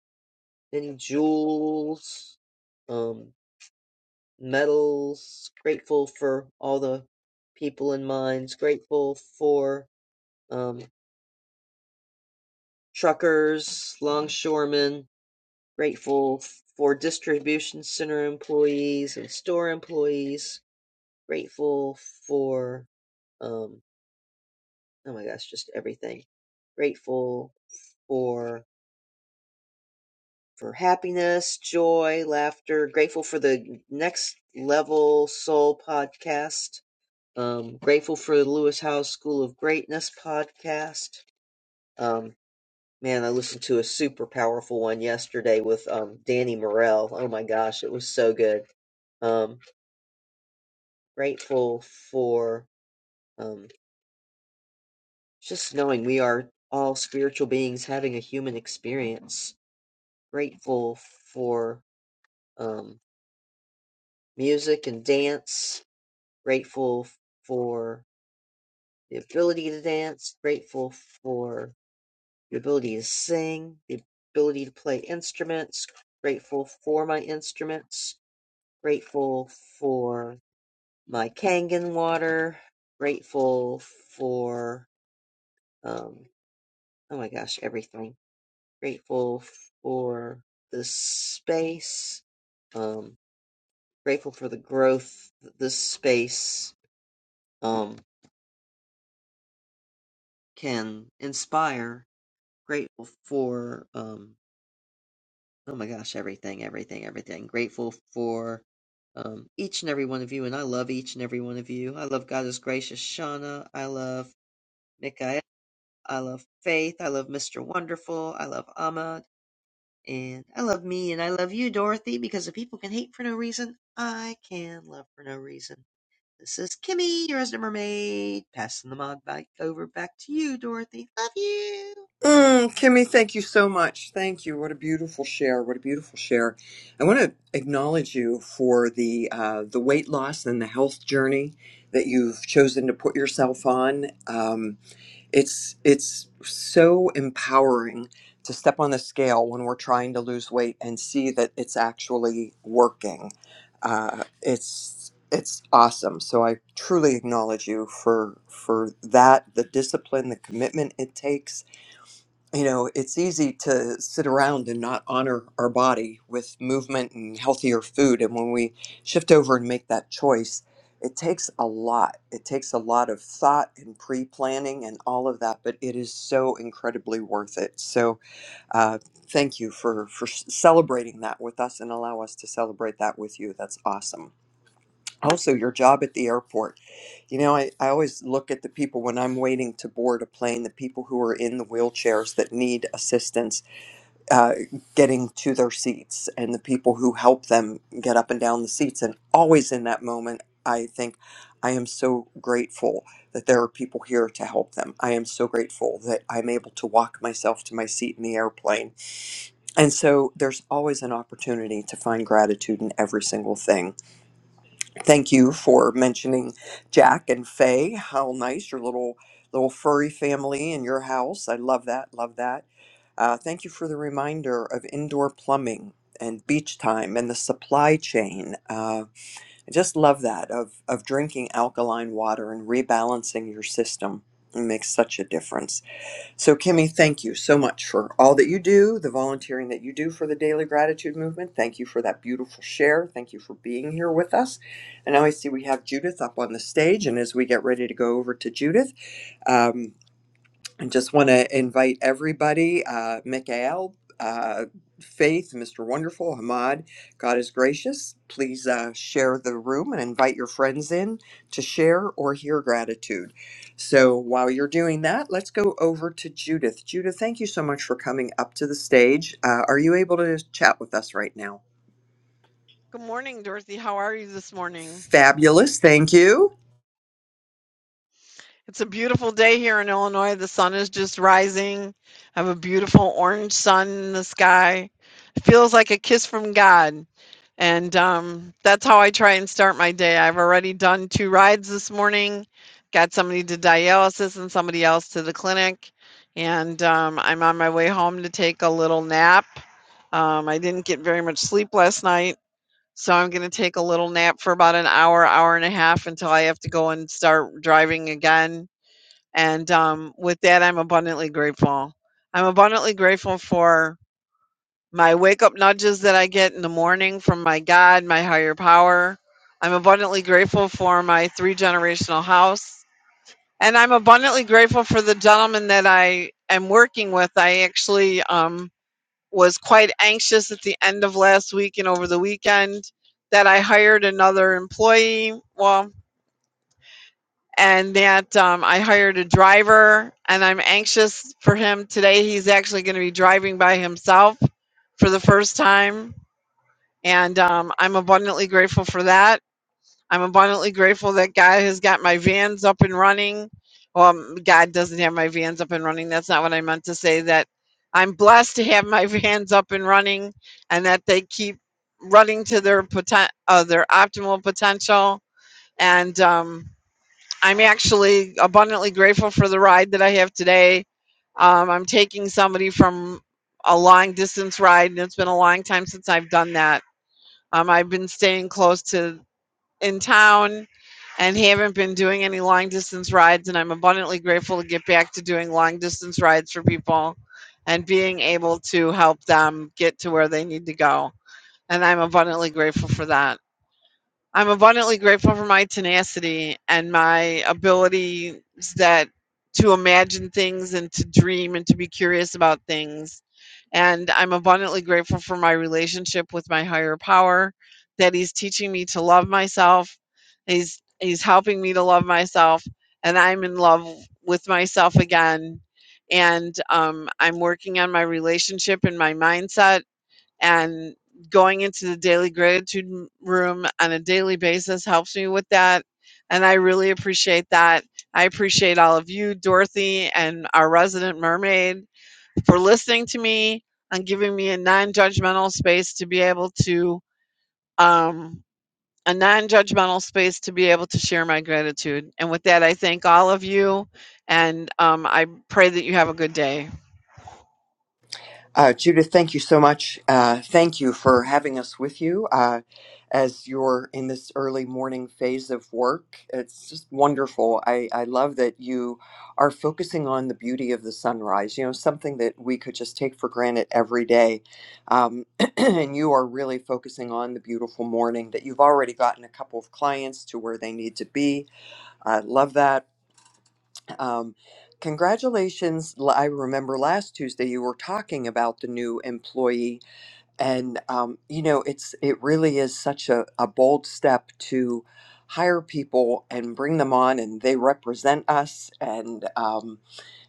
Speaker 15: any jewels um metals grateful for all the people in mines grateful for um truckers longshoremen grateful for distribution center employees and store employees grateful for um, oh my gosh, just everything. Grateful for for happiness, joy, laughter. Grateful for the next level soul podcast. Um, grateful for the Lewis Howes School of Greatness podcast. Um, man, I listened to a super powerful one yesterday with um, Danny Morell. Oh my gosh, it was so good. Um, grateful for um, just knowing we are all spiritual beings having a human experience grateful for um, music and dance, grateful for the ability to dance, grateful for the ability to sing, the ability to play instruments, grateful for my instruments, grateful for my Kangen water, grateful for, um, oh my gosh, everything. Grateful for the space. um, grateful for the growth that this space um can inspire grateful for um oh my gosh everything everything everything grateful for um each and every one of you and i love each and every one of you i love god is gracious shauna i love Mikael. i love faith i love mr wonderful i love ahmad and i love me and i love you dorothy because if people can hate for no reason i can love for no reason This is Kimmy, your resident mermaid, passing the mod back over back to you, Dorothy. Love you.
Speaker 14: Mm, Kimmy, thank you so much. Thank you. What a beautiful share. What a beautiful share. I want to acknowledge you for the uh, the weight loss and the health journey that you've chosen to put yourself on. Um, It's it's so empowering to step on the scale when we're trying to lose weight and see that it's actually working. Uh, it's it's awesome. So I truly acknowledge you for for that, the discipline, the commitment it takes, you know, it's easy to sit around and not honor our body with movement and healthier food. And when we shift over and make that choice, it takes a lot. It takes a lot of thought and pre planning and all of that, but it is so incredibly worth it. So, uh, thank you for, for s- celebrating that with us and allow us to celebrate that with you. That's awesome also your job at the airport you know I, I always look at the people when i'm waiting to board a plane the people who are in the wheelchairs that need assistance uh, getting to their seats and the people who help them get up and down the seats and always in that moment i think i am so grateful that there are people here to help them i am so grateful that i'm able to walk myself to my seat in the airplane and so there's always an opportunity to find gratitude in every single thing Thank you for mentioning Jack and Faye. How nice your little little furry family in your house. I love that. Love that. Uh, thank you for the reminder of indoor plumbing and beach time and the supply chain. Uh, I just love that of of drinking alkaline water and rebalancing your system. It makes such a difference. So, Kimmy, thank you so much for all that you do, the volunteering that you do for the Daily Gratitude Movement. Thank you for that beautiful share. Thank you for being here with us. And now I see we have Judith up on the stage. And as we get ready to go over to Judith, um, I just want to invite everybody, uh, Mikhail, uh, Faith, Mr. Wonderful, Hamad, God is gracious. Please uh, share the room and invite your friends in to share or hear gratitude. So while you're doing that, let's go over to Judith. Judith, thank you so much for coming up to the stage. Uh, are you able to chat with us right now?
Speaker 12: Good morning, Dorothy. How are you this morning?
Speaker 14: Fabulous. Thank you.
Speaker 12: It's a beautiful day here in Illinois. The sun is just rising. I have a beautiful orange sun in the sky. It feels like a kiss from God. And um, that's how I try and start my day. I've already done two rides this morning, got somebody to dialysis and somebody else to the clinic. And um, I'm on my way home to take a little nap. Um, I didn't get very much sleep last night. So I'm going to take a little nap for about an hour, hour and a half until I have to go and start driving again and um, with that, I'm abundantly grateful. I'm abundantly grateful for my wake up nudges that I get in the morning from my God, my higher power. I'm abundantly grateful for my three generational house. And I'm abundantly grateful for the gentleman that I am working with. I actually um, was quite anxious at the end of last week and over the weekend that I hired another employee. Well, and that um, I hired a driver and I'm anxious for him today. He's actually going to be driving by himself for the first time. And um, I'm abundantly grateful for that. I'm abundantly grateful that God has got my vans up and running. Well, God doesn't have my vans up and running. That's not what I meant to say. That I'm blessed to have my vans up and running and that they keep running to their, poten- uh, their optimal potential. And um, I'm actually abundantly grateful for the ride that I have today. Um, I'm taking somebody from a long distance ride, and it's been a long time since I've done that. Um, I've been staying close to in town and haven't been doing any long distance rides, and I'm abundantly grateful to get back to doing long distance rides for people and being able to help them get to where they need to go. And I'm abundantly grateful for that. I'm abundantly grateful for my tenacity and my abilities that to imagine things and to dream and to be curious about things. And I'm abundantly grateful for my relationship with my higher power that he's teaching me to love myself. He's he's helping me to love myself and I'm in love with myself again. And um, I'm working on my relationship and my mindset and going into the daily gratitude room on a daily basis helps me with that and i really appreciate that i appreciate all of you dorothy and our resident mermaid for listening to me and giving me a non-judgmental space to be able to um, a non judgmental space to be able to share my gratitude. And with that, I thank all of you and um, I pray that you have a good day.
Speaker 14: Uh, Judith, thank you so much. Uh, thank you for having us with you uh, as you're in this early morning phase of work. It's just wonderful. I, I love that you are focusing on the beauty of the sunrise, you know, something that we could just take for granted every day. Um, and you are really focusing on the beautiful morning that you've already gotten a couple of clients to where they need to be. I love that. Um, congratulations. L- I remember last Tuesday you were talking about the new employee, and um, you know, it's it really is such a, a bold step to hire people and bring them on, and they represent us. And um,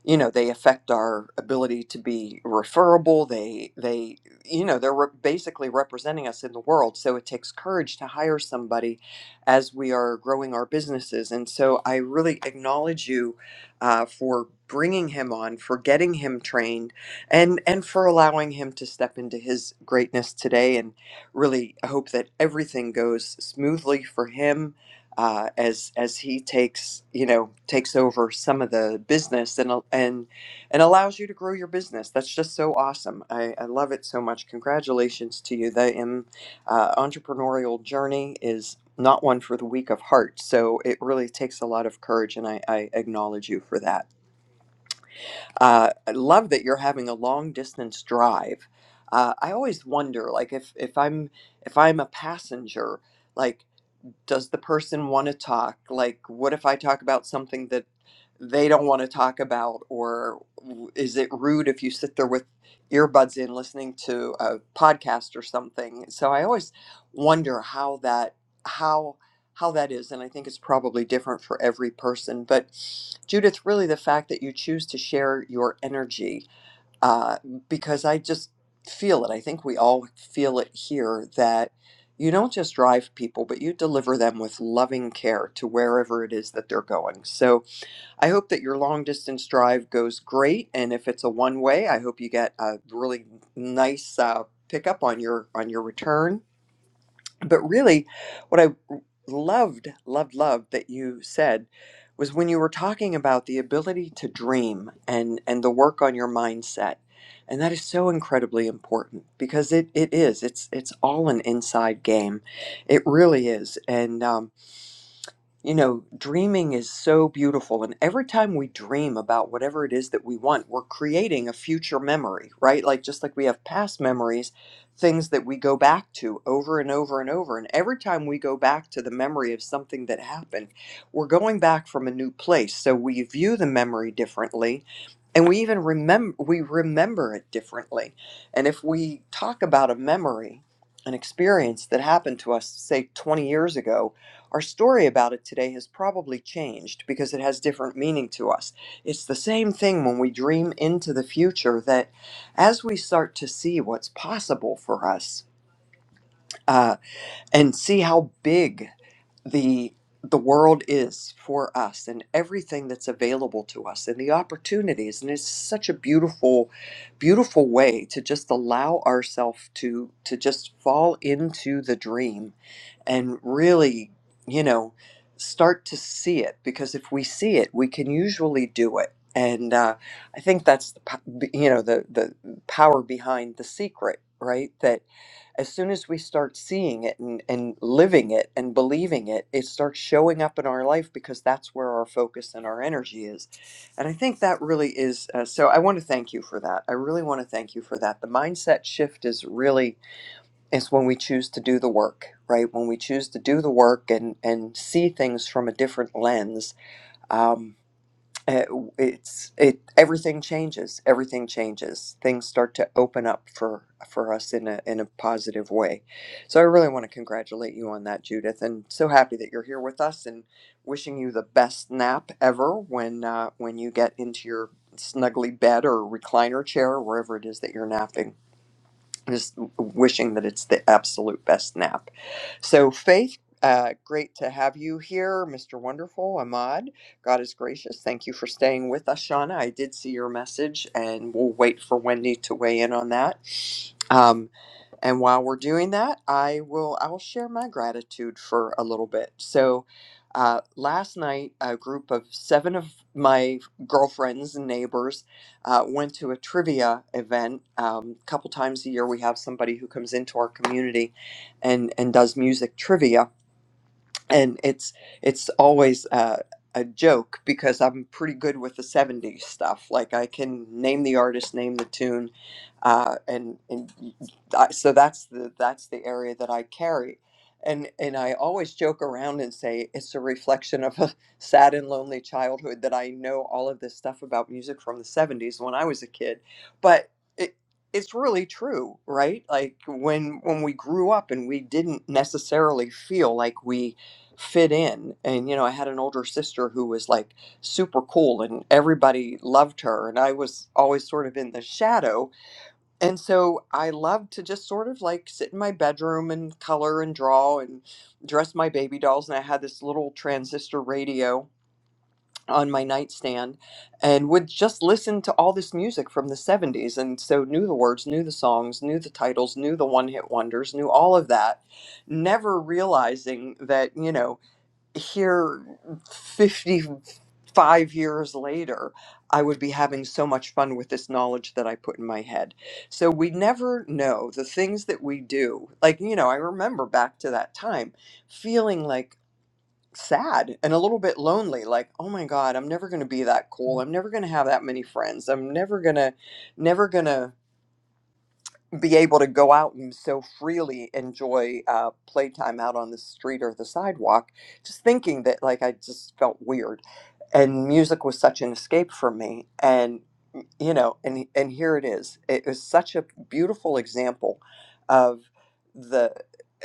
Speaker 14: you know they affect our ability to be referable they they you know they're re- basically representing us in the world so it takes courage to hire somebody as we are growing our businesses and so i really acknowledge you uh, for bringing him on for getting him trained and and for allowing him to step into his greatness today and really I hope that everything goes smoothly for him uh, as as he takes you know takes over some of the business and and and allows you to grow your business. That's just so awesome. I, I love it so much. Congratulations to you. The um, uh, entrepreneurial journey is not one for the weak of heart. So it really takes a lot of courage, and I, I acknowledge you for that. Uh, I love that you're having a long distance drive. Uh, I always wonder, like if if I'm if I'm a passenger. Like does the person want to talk like what if i talk about something that they don't want to talk about or w- is it rude if you sit there with earbuds in listening to a podcast or something so i always wonder how that how how that is and i think it's probably different for every person but judith really the fact that you choose to share your energy uh, because I just feel it. I think we all feel it here that you don't just drive people, but you deliver them with loving care to wherever it is that they're going. So I hope that your long distance drive goes great, and if it's a one way, I hope you get a really nice uh, pickup on your on your return but really, what I loved, loved, loved that you said was when you were talking about the ability to dream and and the work on your mindset. And that is so incredibly important because it, it is. It's it's all an inside game. It really is. And um you know, dreaming is so beautiful. And every time we dream about whatever it is that we want, we're creating a future memory, right? Like, just like we have past memories, things that we go back to over and over and over. And every time we go back to the memory of something that happened, we're going back from a new place. So we view the memory differently. And we even remember, we remember it differently. And if we talk about a memory, an experience that happened to us, say 20 years ago, our story about it today has probably changed because it has different meaning to us. It's the same thing when we dream into the future that as we start to see what's possible for us uh, and see how big the the world is for us and everything that's available to us and the opportunities and it's such a beautiful beautiful way to just allow ourselves to to just fall into the dream and really you know start to see it because if we see it we can usually do it and uh, i think that's the po- you know the the power behind the secret right as soon as we start seeing it and, and living it and believing it, it starts showing up in our life because that's where our focus and our energy is. And I think that really is. Uh, so I want to thank you for that. I really want to thank you for that. The mindset shift is really is when we choose to do the work, right? When we choose to do the work and and see things from a different lens. Um, uh, it's it everything changes. Everything changes. Things start to open up for for us in a in a positive way. So I really want to congratulate you on that, Judith, and so happy that you're here with us and wishing you the best nap ever when uh, when you get into your snuggly bed or recliner chair or wherever it is that you're napping just wishing that it's the absolute best nap. So, Faith, uh, great to have you here, Mr. Wonderful, Ahmad. God is gracious. Thank you for staying with us, Shauna. I did see your message, and we'll wait for Wendy to weigh in on that. Um, and while we're doing that, I will I will share my gratitude for a little bit. So, uh, last night, a group of seven of my girlfriends and neighbors uh, went to a trivia event. Um, a couple times a year, we have somebody who comes into our community and and does music trivia and it's it's always uh, a joke because I'm pretty good with the '70s stuff. Like I can name the artist, name the tune, uh, and and y- y- I- so that's the that's the area that I carry. And, and I always joke around and say it's a reflection of a sad and lonely childhood that I know all of this stuff about music from the 70s when I was a kid. But it, it's really true, right? Like when when we grew up and we didn't necessarily feel like we fit in and you know i had an older sister who was like super cool and everybody loved her and i was always sort of in the shadow and so i loved to just sort of like sit in my bedroom and color and draw and dress my baby dolls and i had this little transistor radio on my nightstand and would just listen to all this music from the 70s and so knew the words knew the songs knew the titles knew the one hit wonders knew all of that never realizing that you know here 55 years later, I would be having so much fun with this knowledge that I put in my head. So we never know the things that we do. Like, you know, I remember back to that time feeling like sad and a little bit lonely like oh my god i'm never going to be that cool i'm never going to have that many friends i'm never going to never going to be able to go out and so freely enjoy uh, playtime out on the street or the sidewalk, just thinking that like I just felt weird, and music was such an escape for me, and y- you know, and and here it is. It was such a beautiful example of the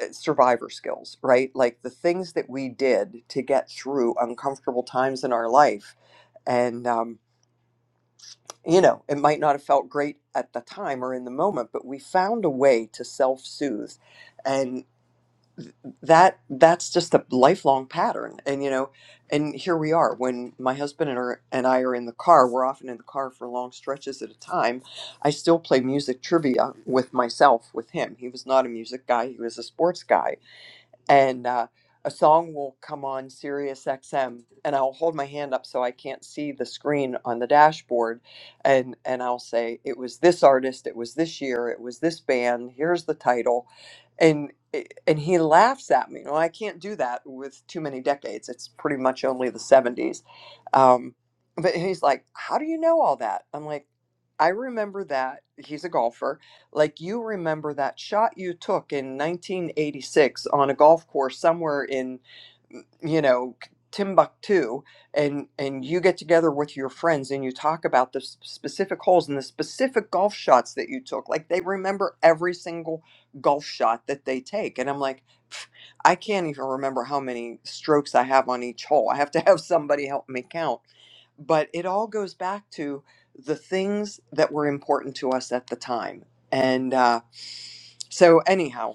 Speaker 14: uh, survivor skills, right? Like the things that we did to get through uncomfortable times in our life, and um, you know, it might not have felt great at the time or in the moment, but we found a way to self-soothe. And that that's just a lifelong pattern. And you know, and here we are when my husband and, her, and I are in the car, we're often in the car for long stretches at a time. I still play music trivia with myself with him. He was not a music guy, he was a sports guy and uh, a song will come on Sirius XM, and I'll hold my hand up so I can't see the screen on the dashboard, and and I'll say it was this artist, it was this year, it was this band. Here's the title, and eh, and he laughs at me. Well, I can't do that with too many decades. It's pretty much only the '70s, um, but he's like, "How do you know all that?" I'm like, "I remember that." He's a golfer like you remember that shot you took in 1986 on a golf course somewhere in you know Timbuktu and and you get together with your friends and you talk about the s- specific holes and the specific golf shots that you took like they remember every single golf shot that they take and I'm like I can't even remember how many strokes I have on each hole. I have to have somebody help me count. But it all goes back to the things that were important to us at the time. And uh, so, anyhow,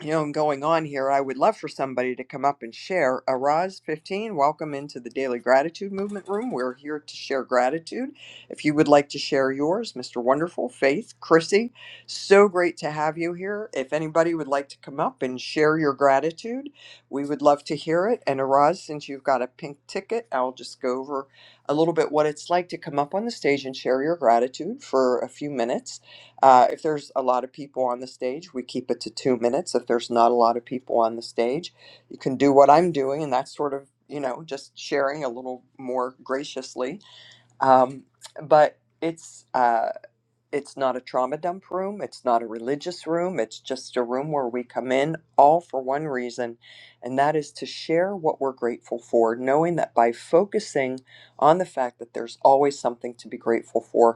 Speaker 14: you know, going on here, I would love for somebody to come up and share. Araz 15, welcome into the Daily Gratitude Movement Room. We're here to share gratitude. If you would like to share yours, Mr. Wonderful, Faith, Chrissy, so great to have you here. If anybody would like to come up and share your gratitude, we would love to hear it. And Araz, since you've got a pink ticket, I'll just go over a little bit what it's like to come up on the stage and share your gratitude for a few minutes uh, if there's a lot of people on the stage, we keep it to two minutes. If there's not a lot of people on the stage, you can do what I'm doing, and that's sort of, you know, just sharing a little more graciously. Um, but it's uh, it's not a trauma dump room. It's not a religious room. It's just a room where we come in all for one reason, and that is to share what we're grateful for, knowing that by focusing on the fact that there's always something to be grateful for,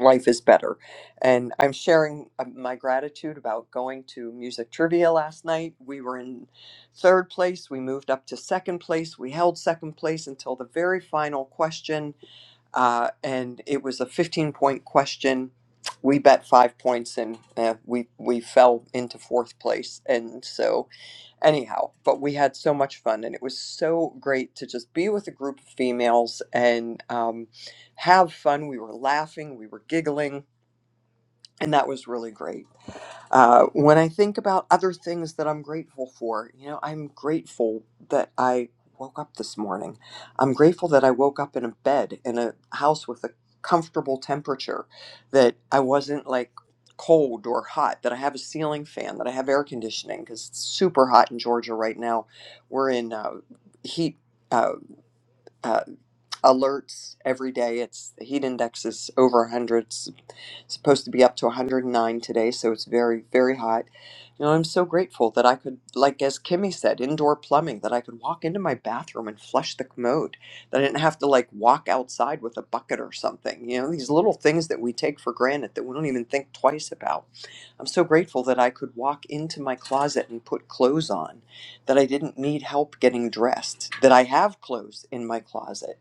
Speaker 14: life is better. And I'm sharing uh, my gratitude about going to music trivia last night. We were in third place. We moved up to second place. We held second place until the very final question uh, and it was a 15 point question. We bet five points and uh, we we fell into fourth place. And so, anyhow, but we had so much fun and it was so great to just be with a group of females and um, have fun. We were laughing, we were giggling, and that was really great. Uh, when I think about other things that I'm grateful for, you know, I'm grateful that I woke up this morning. I'm grateful that I woke up in a bed in a house with a comfortable temperature, that I wasn't like cold or hot, that I have a ceiling fan, that I have air conditioning because it's super hot in Georgia right now. We're in uh, heat. Uh, uh, alerts every day. It's the heat index is over 100. It's supposed to be up to 109 today, so it's very, very hot. You know, I'm so grateful that I could, like as Kimmy said, indoor plumbing, that I could walk into my bathroom and flush the commode, that I didn't have to like walk outside with a bucket or something. You know, these little things that we take for granted that we don't even think twice about. I'm so grateful that I could walk into my closet and put clothes on, that I didn't need help getting dressed, that I have clothes in my closet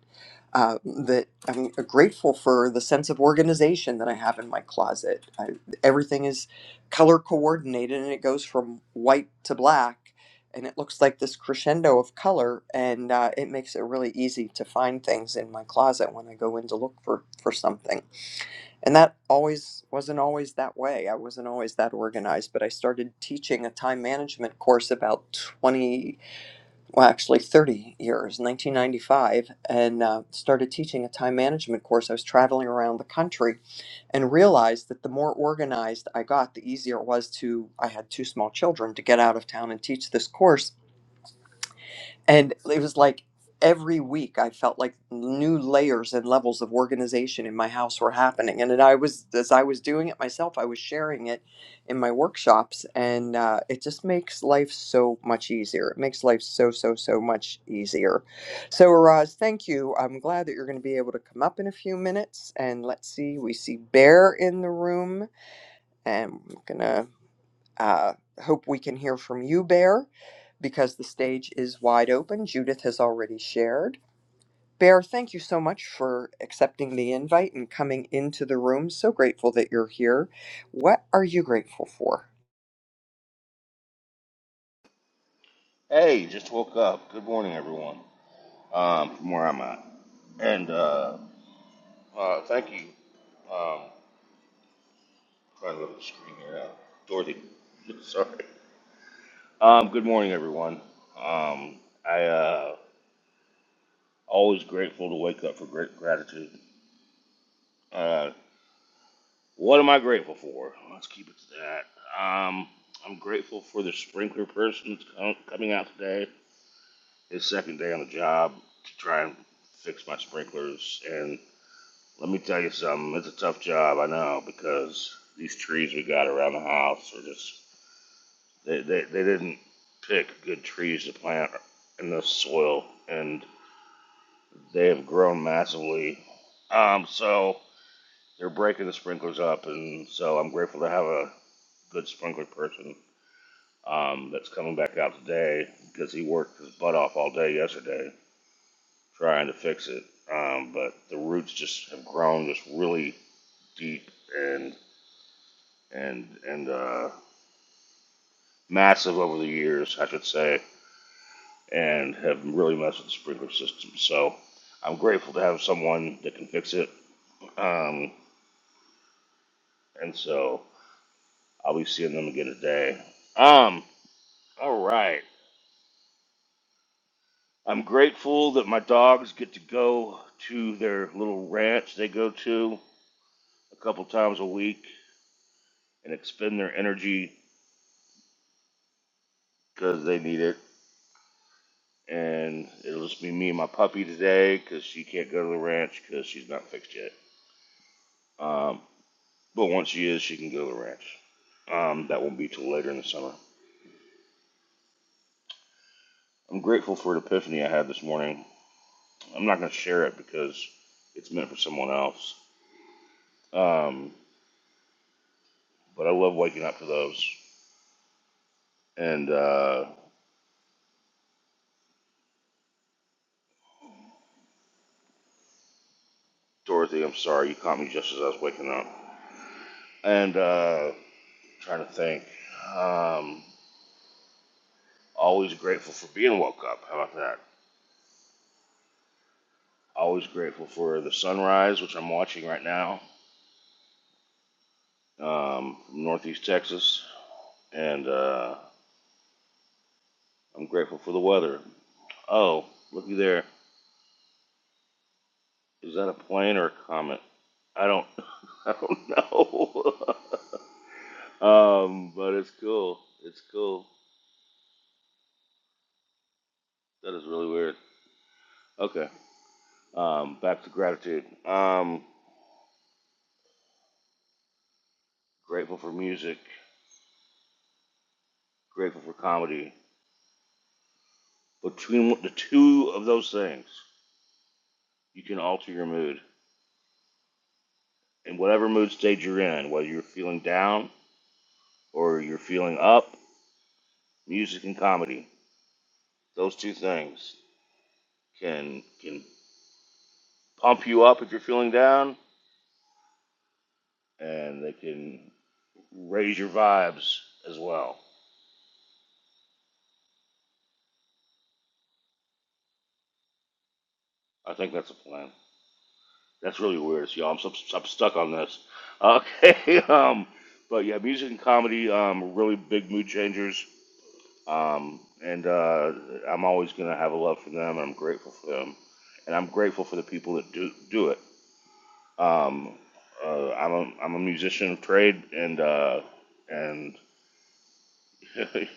Speaker 14: uh, that I'm grateful for the sense of organization that I have in my closet. I, everything is color coordinated and it goes from white to black and it looks like this crescendo of color and uh, it makes it really easy to find things in my closet when I go in to look for, for something. And that always wasn't always that way. I wasn't always that organized, but I started teaching a time management course about 20 well, actually 30 years, 1995, and uh, started teaching a time management course. I was traveling around the country and realized that the more organized I got, the easier it was to, I had two small children, to get out of town and teach this course and it was like every week i felt like new layers and levels of organization in my house were happening and then i was as i was doing it myself i was sharing it in my workshops and uh, it just makes life so much easier it makes life so so so much easier so Roz, thank you i'm glad that you're going to be able to come up in a few minutes and let's see we see bear in the room and i'm gonna uh, hope we can hear from you, Bear, because the stage is wide open. Judith has already shared. Bear, thank you so much for accepting the invite and coming into the room. So grateful that you're here. What are you grateful for?
Speaker 16: Hey, just woke up. Good morning, everyone. Um, from where I'm at, and uh, uh, thank you. Um, trying to go to the screen here, uh, Dorothy. Sorry. Um, good morning, everyone. Um, I uh, always grateful to wake up for great gratitude. Uh, what am I grateful for? Let's keep it to that. Um, I'm grateful for the sprinkler person that's com- coming out today. His second day on the job to try and fix my sprinklers and. Let me tell you something. It's a tough job, I know, because these trees we got around the house are just they they, they didn't pick good trees to plant in the soil, and they have grown massively. Um, so they're breaking the sprinklers up, and so I'm grateful to have a good sprinkler person um, that's coming back out today because he worked his butt off all day yesterday trying to fix it. Um, but the roots just have grown just really deep, and and and uh, massive over the years, I should say, and have really messed with the sprinkler system. So I'm grateful to have someone that can fix it. Um, and so I'll be seeing them again today. Um, all right. I'm grateful that my dogs get to go to their little ranch they go to a couple times a week and expend their energy because they need it. And it'll just be me and my puppy today because she can't go to the ranch because she's not fixed yet. Um, but once she is, she can go to the ranch. Um, that won't be till later in the summer. I'm grateful for an epiphany I had this morning. I'm not going to share it because it's meant for someone else. Um, but I love waking up to those. And uh, Dorothy, I'm sorry, you caught me just as I was waking up. And uh, trying to think. Um, always grateful for being woke up. How about that? Always grateful for the sunrise, which I'm watching right now um, from Northeast Texas. And uh, I'm grateful for the weather. Oh, looky there. Is that a plane or a comet? I don't I don't know. um, but it's cool. It's cool. That is really weird. Okay. Um, back to gratitude. Um, grateful for music, grateful for comedy. Between the two of those things, you can alter your mood. In whatever mood stage you're in, whether you're feeling down or you're feeling up, music and comedy, those two things can can pump you up if you're feeling down, and they can raise your vibes as well. I think that's the plan. That's really weird, y'all. I'm, so, I'm stuck on this. Okay, um, but yeah, music and comedy um, are really big mood changers, um, and uh, I'm always gonna have a love for them. And I'm grateful for them, and I'm grateful for the people that do do it. Um, uh, I'm a I'm a musician of trade, and uh, and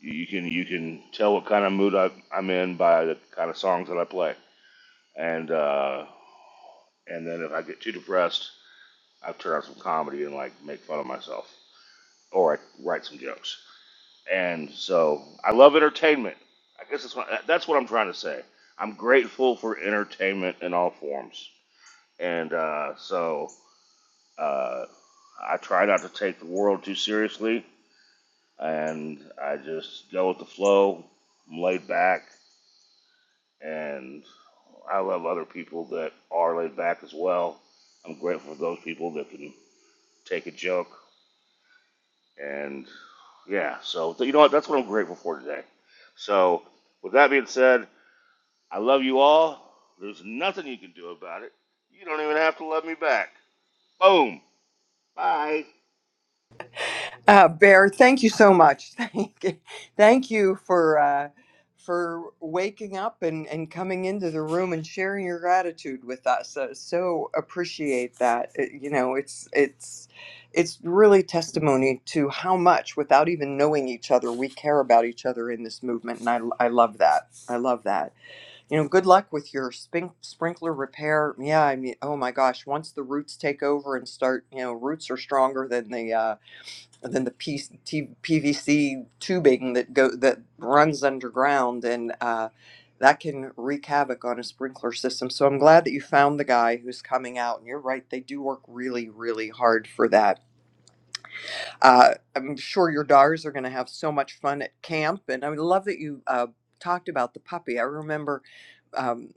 Speaker 16: you can you can tell what kind of mood I, I'm in by the kind of songs that I play. And uh, and then if I get too depressed, I turn on some comedy and like make fun of myself, or I write some jokes. And so I love entertainment. I guess that's what that's what I'm trying to say. I'm grateful for entertainment in all forms. And uh, so uh, I try not to take the world too seriously, and I just go with the flow. I'm laid back and I love other people that are laid back as well. I'm grateful for those people that can take a joke. And yeah, so you know what? That's what I'm grateful for today. So, with that being said, I love you all. There's nothing you can do about it. You don't even have to love me back. Boom. Bye.
Speaker 14: Uh, Bear, thank you so much. Thank you, thank you for uh, for waking up and, and coming into the room and sharing your gratitude with us. Uh, so appreciate that. It- you know, it's it's it's really testimony to how much, without even knowing each other, we care about each other in this movement, and I I love that. I love that. You know, good luck with your spink- sprinkler repair. Yeah, I mean, oh my gosh, once the roots take over and start, you know, roots are stronger than the uh, and then the P- T- PVC tubing that go that runs underground, and uh, that can wreak havoc on a sprinkler system. So I'm glad that you found the guy who's coming out. And you're right; they do work really, really hard for that. Uh, I'm sure your daughters are going to have so much fun at camp. And I love that you uh, talked about the puppy. I remember um,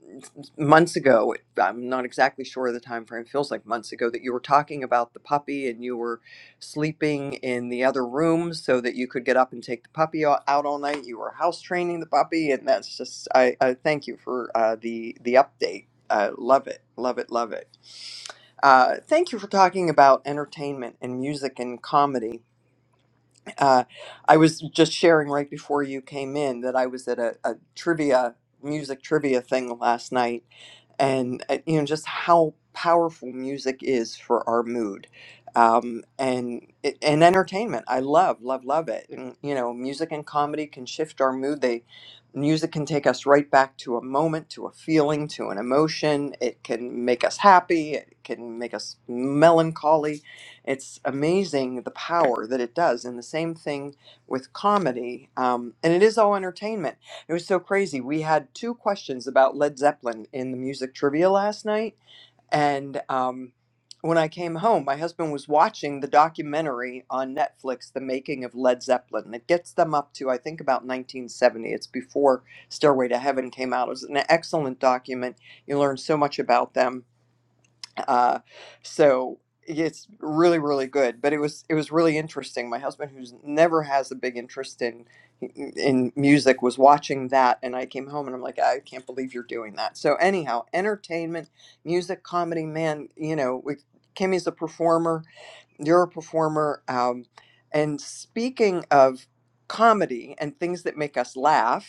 Speaker 14: months ago, I'm not exactly sure of the time frame, feels like months ago, that you were talking about the puppy and you were sleeping in the other room so that you could get up and take the puppy o- out all night. You were house training the puppy. And that's just, I, I thank you for uh, the, the update. Uh, love it, love it, love it. Uh, thank you for talking about entertainment and music and comedy. Uh, I was just sharing right before you came in that I was at a, a trivia, music trivia thing last night and uh, you know just how powerful music is for our mood um, and and entertainment. I love love love it. And you know, music and comedy can shift our mood. They music can take us right back to a moment, to a feeling, to an emotion. It can make us happy. It can make us melancholy. It's amazing the power that it does. And the same thing with comedy. Um, and it is all entertainment it was so crazy. We had two questions about Led Zeppelin in the music trivia last night. And um, when I came home, my husband was watching the documentary on Netflix, The Making of Led Zeppelin. It gets them up to, I think, about 1970. It's before Stairway to Heaven came out. It was an excellent document. You learn so much about them uh, so it's really really good. But it was it was really interesting. My husband, who's never has a big interest in in music, was watching that, and I came home and I'm like, I can't believe you're doing that. So anyhow, entertainment, music, comedy, man, you know, we, Kimmy's a performer. You're a performer. Um, and speaking of comedy and things that make us laugh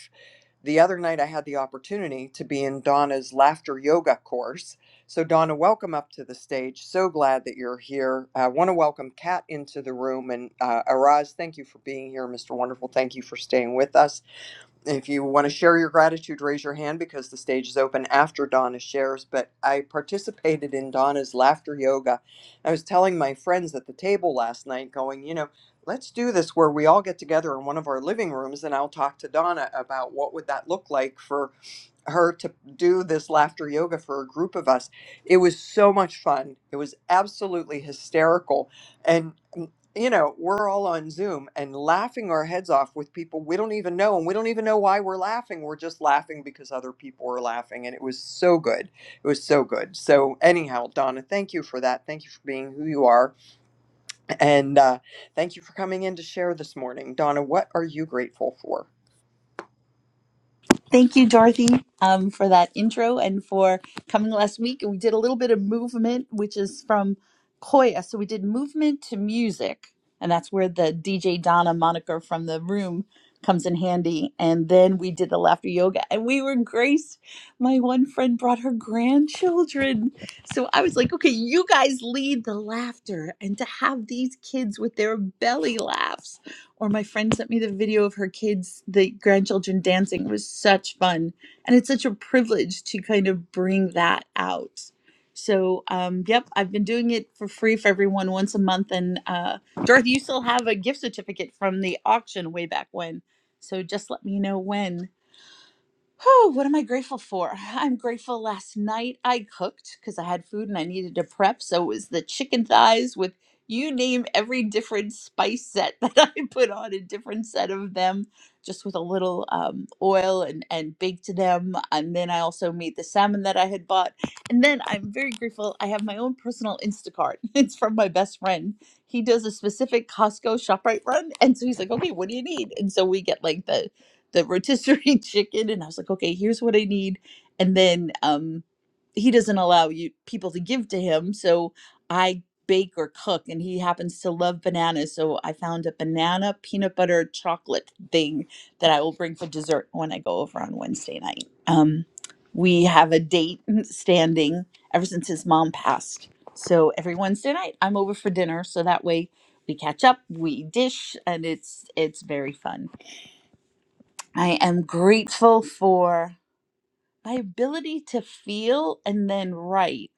Speaker 14: the other night, I had the opportunity to be in Donna's laughter yoga course. So, Donna, welcome up to the stage. So glad that you're here. I want to welcome Kat into the room. And uh, Araz, thank you for being here. Mr. Wonderful, thank you for staying with us. If you want to share your gratitude, raise your hand because the stage is open after Donna shares. But I participated in Donna's laughter yoga. I was telling my friends at the table last night, going, you know, let's do this where we all get together in one of our living rooms and I'll talk to Donna about what would that look like for her to do this laughter yoga for a group of us. It was so much fun. It was absolutely hysterical. And, mm, you know, we're all on Zoom and laughing our heads off with people we don't even know. And we don't even know why we're laughing. We're just laughing because other people are laughing. And it was so good. It was so good. So, anyhow, Donna, thank you for that. Thank you for being who you are and uh, thank you for coming in to share this morning. Donna, what are you grateful for?
Speaker 17: Thank you, Dorothy, um, for that intro and for coming last week. And we did a little bit of movement, which is from Koya. So we did movement to music, and that's where the DJ Donna moniker from the room comes in handy. And then we did the laughter yoga, and we were graced. My one friend brought her grandchildren. So I was like, okay, you guys lead the laughter, and to have these kids with their belly laughs or my friend sent me the video of her kids, the grandchildren dancing. It was such fun. And it's such a privilege to kind of bring that out. So, um, yep, I've been doing it for free for everyone once a month. And uh, Dorothy, you still have a gift certificate from the auction way back when. So just let me know when. Oh, what am I grateful for? I'm grateful last night I cooked because I had food and I needed to prep. So it was the chicken thighs with you name every different spice set that I put on a different set of them, just with a little um, oil and, and baked them. And then I also made the salmon that I had bought. And then I'm very grateful I have my own personal Instacart. It's from my best friend. He does a specific Costco ShopRite run. And so he's like, okay, what do you need? And so we get like the the rotisserie chicken and I was like, okay, here's what I need. And then um he doesn't allow you people to give to him, so I bake or cook and he happens to love bananas, so I found a banana peanut butter chocolate thing that I will bring for dessert when I go over on Wednesday night. Um we have a date standing ever since his mom passed. So every Wednesday night I'm over for dinner so that way we catch up, we dish and it's it's very fun. I am grateful for my ability to feel and then write.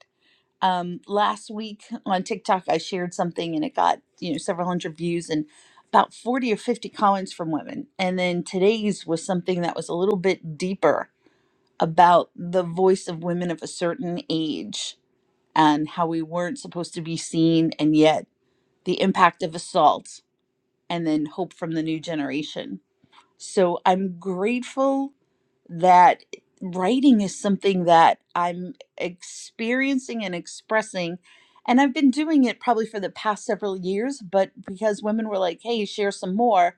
Speaker 17: Um, last week on TikTok, I shared something and it got you know several hundred views and about forty or fifty comments from women. And then today's was something that was a little bit deeper about the voice of women of a certain age and how we weren't supposed to be seen, and yet the impact of assault, and then hope from the new generation so I'm grateful that writing is something that I'm experiencing and expressing. And I've been doing it probably for the past several years, but because women were like, hey, share some more,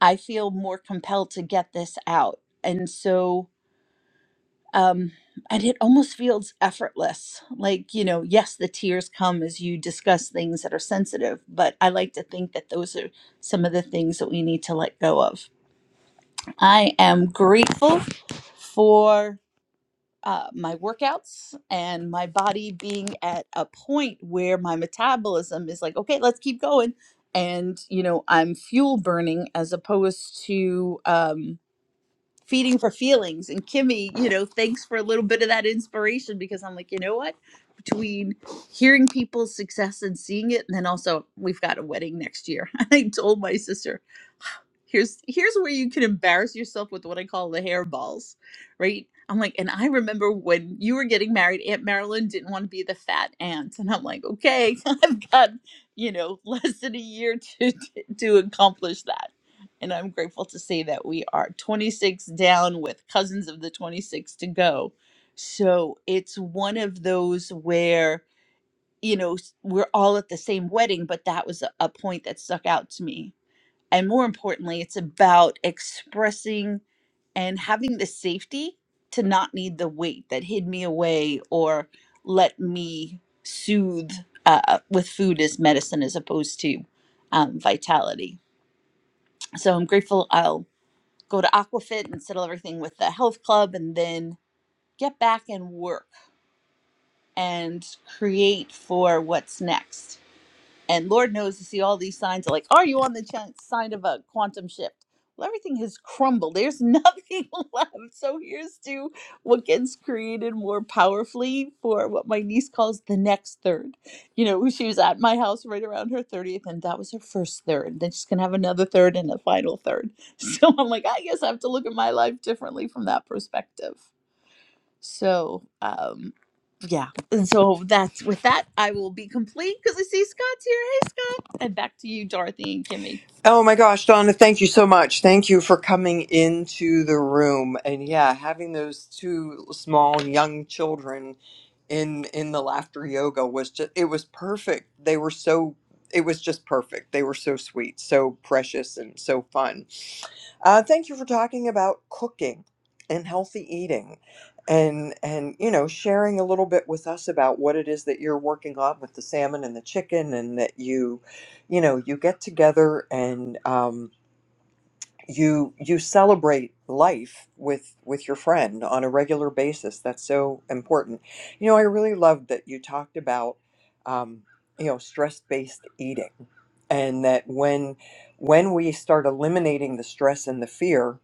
Speaker 17: I feel more compelled to get this out. And so, um, and it almost feels effortless. Like, you know, yes, the tears come as you discuss things that are sensitive, but I like to think that those are some of the things that we need to let go of I am grateful for uh, my workouts and my body being at a point where my metabolism is like, okay, let's keep going. And, you know, I'm fuel burning as opposed to um, feeding for feelings. And Kimmy, you know, thanks for a little bit of that inspiration because I'm like, you know what? Between hearing people's success and seeing it, and then also we've got a wedding next year. I told my sister here's here's where you can embarrass yourself with what I call the hairballs, right? I'm like, and I remember when you were getting married, Aunt Marilyn didn't want to be the fat aunt, and I'm like, okay, I've got you know less than a year to to to accomplish that, and I'm grateful to say that we are 26 down with cousins of the 26 to go, so it's one of those where you know s- we're all at the same wedding, but that was a, a point that stuck out to me and more importantly, it's about expressing and having the safety to not need the weight that hid me away or let me soothe uh, with food as medicine as opposed to um, vitality. So I'm grateful I'll go to Aquafit and settle everything with the health club and then get back and work and create for what's next and Lord knows you see all these signs like, are you on the ch- sign of a quantum shift? Well, everything has crumbled. There's nothing left. So here's to what gets created more powerfully for what my niece calls the next third. You know, she was at my house right around her 30th, and that was her first third. Then she's going to have another third and a final third. So I'm like, I guess I have to look at my life differently from that perspective. So, um, yeah. And so that's with that, I will be complete because I see Scott's here. Hey, Scott. And back to you, Dorothy and Kimmy.
Speaker 14: Oh my gosh, Donna, thank you so much. Thank you for coming into the room. And yeah, having those two small young children in in the laughter yoga was just it was perfect. They were so it was just perfect. They were so sweet, so precious and so fun. Uh, thank you for talking about cooking and healthy eating and and you know sharing a little bit with us about what it is that you're working on with the salmon and the chicken and that you you know you get together and um, you you celebrate life with with your friend on a regular basis that's so important you know i really loved that you talked about um, you know stress based eating and that when when we start eliminating the stress and the fear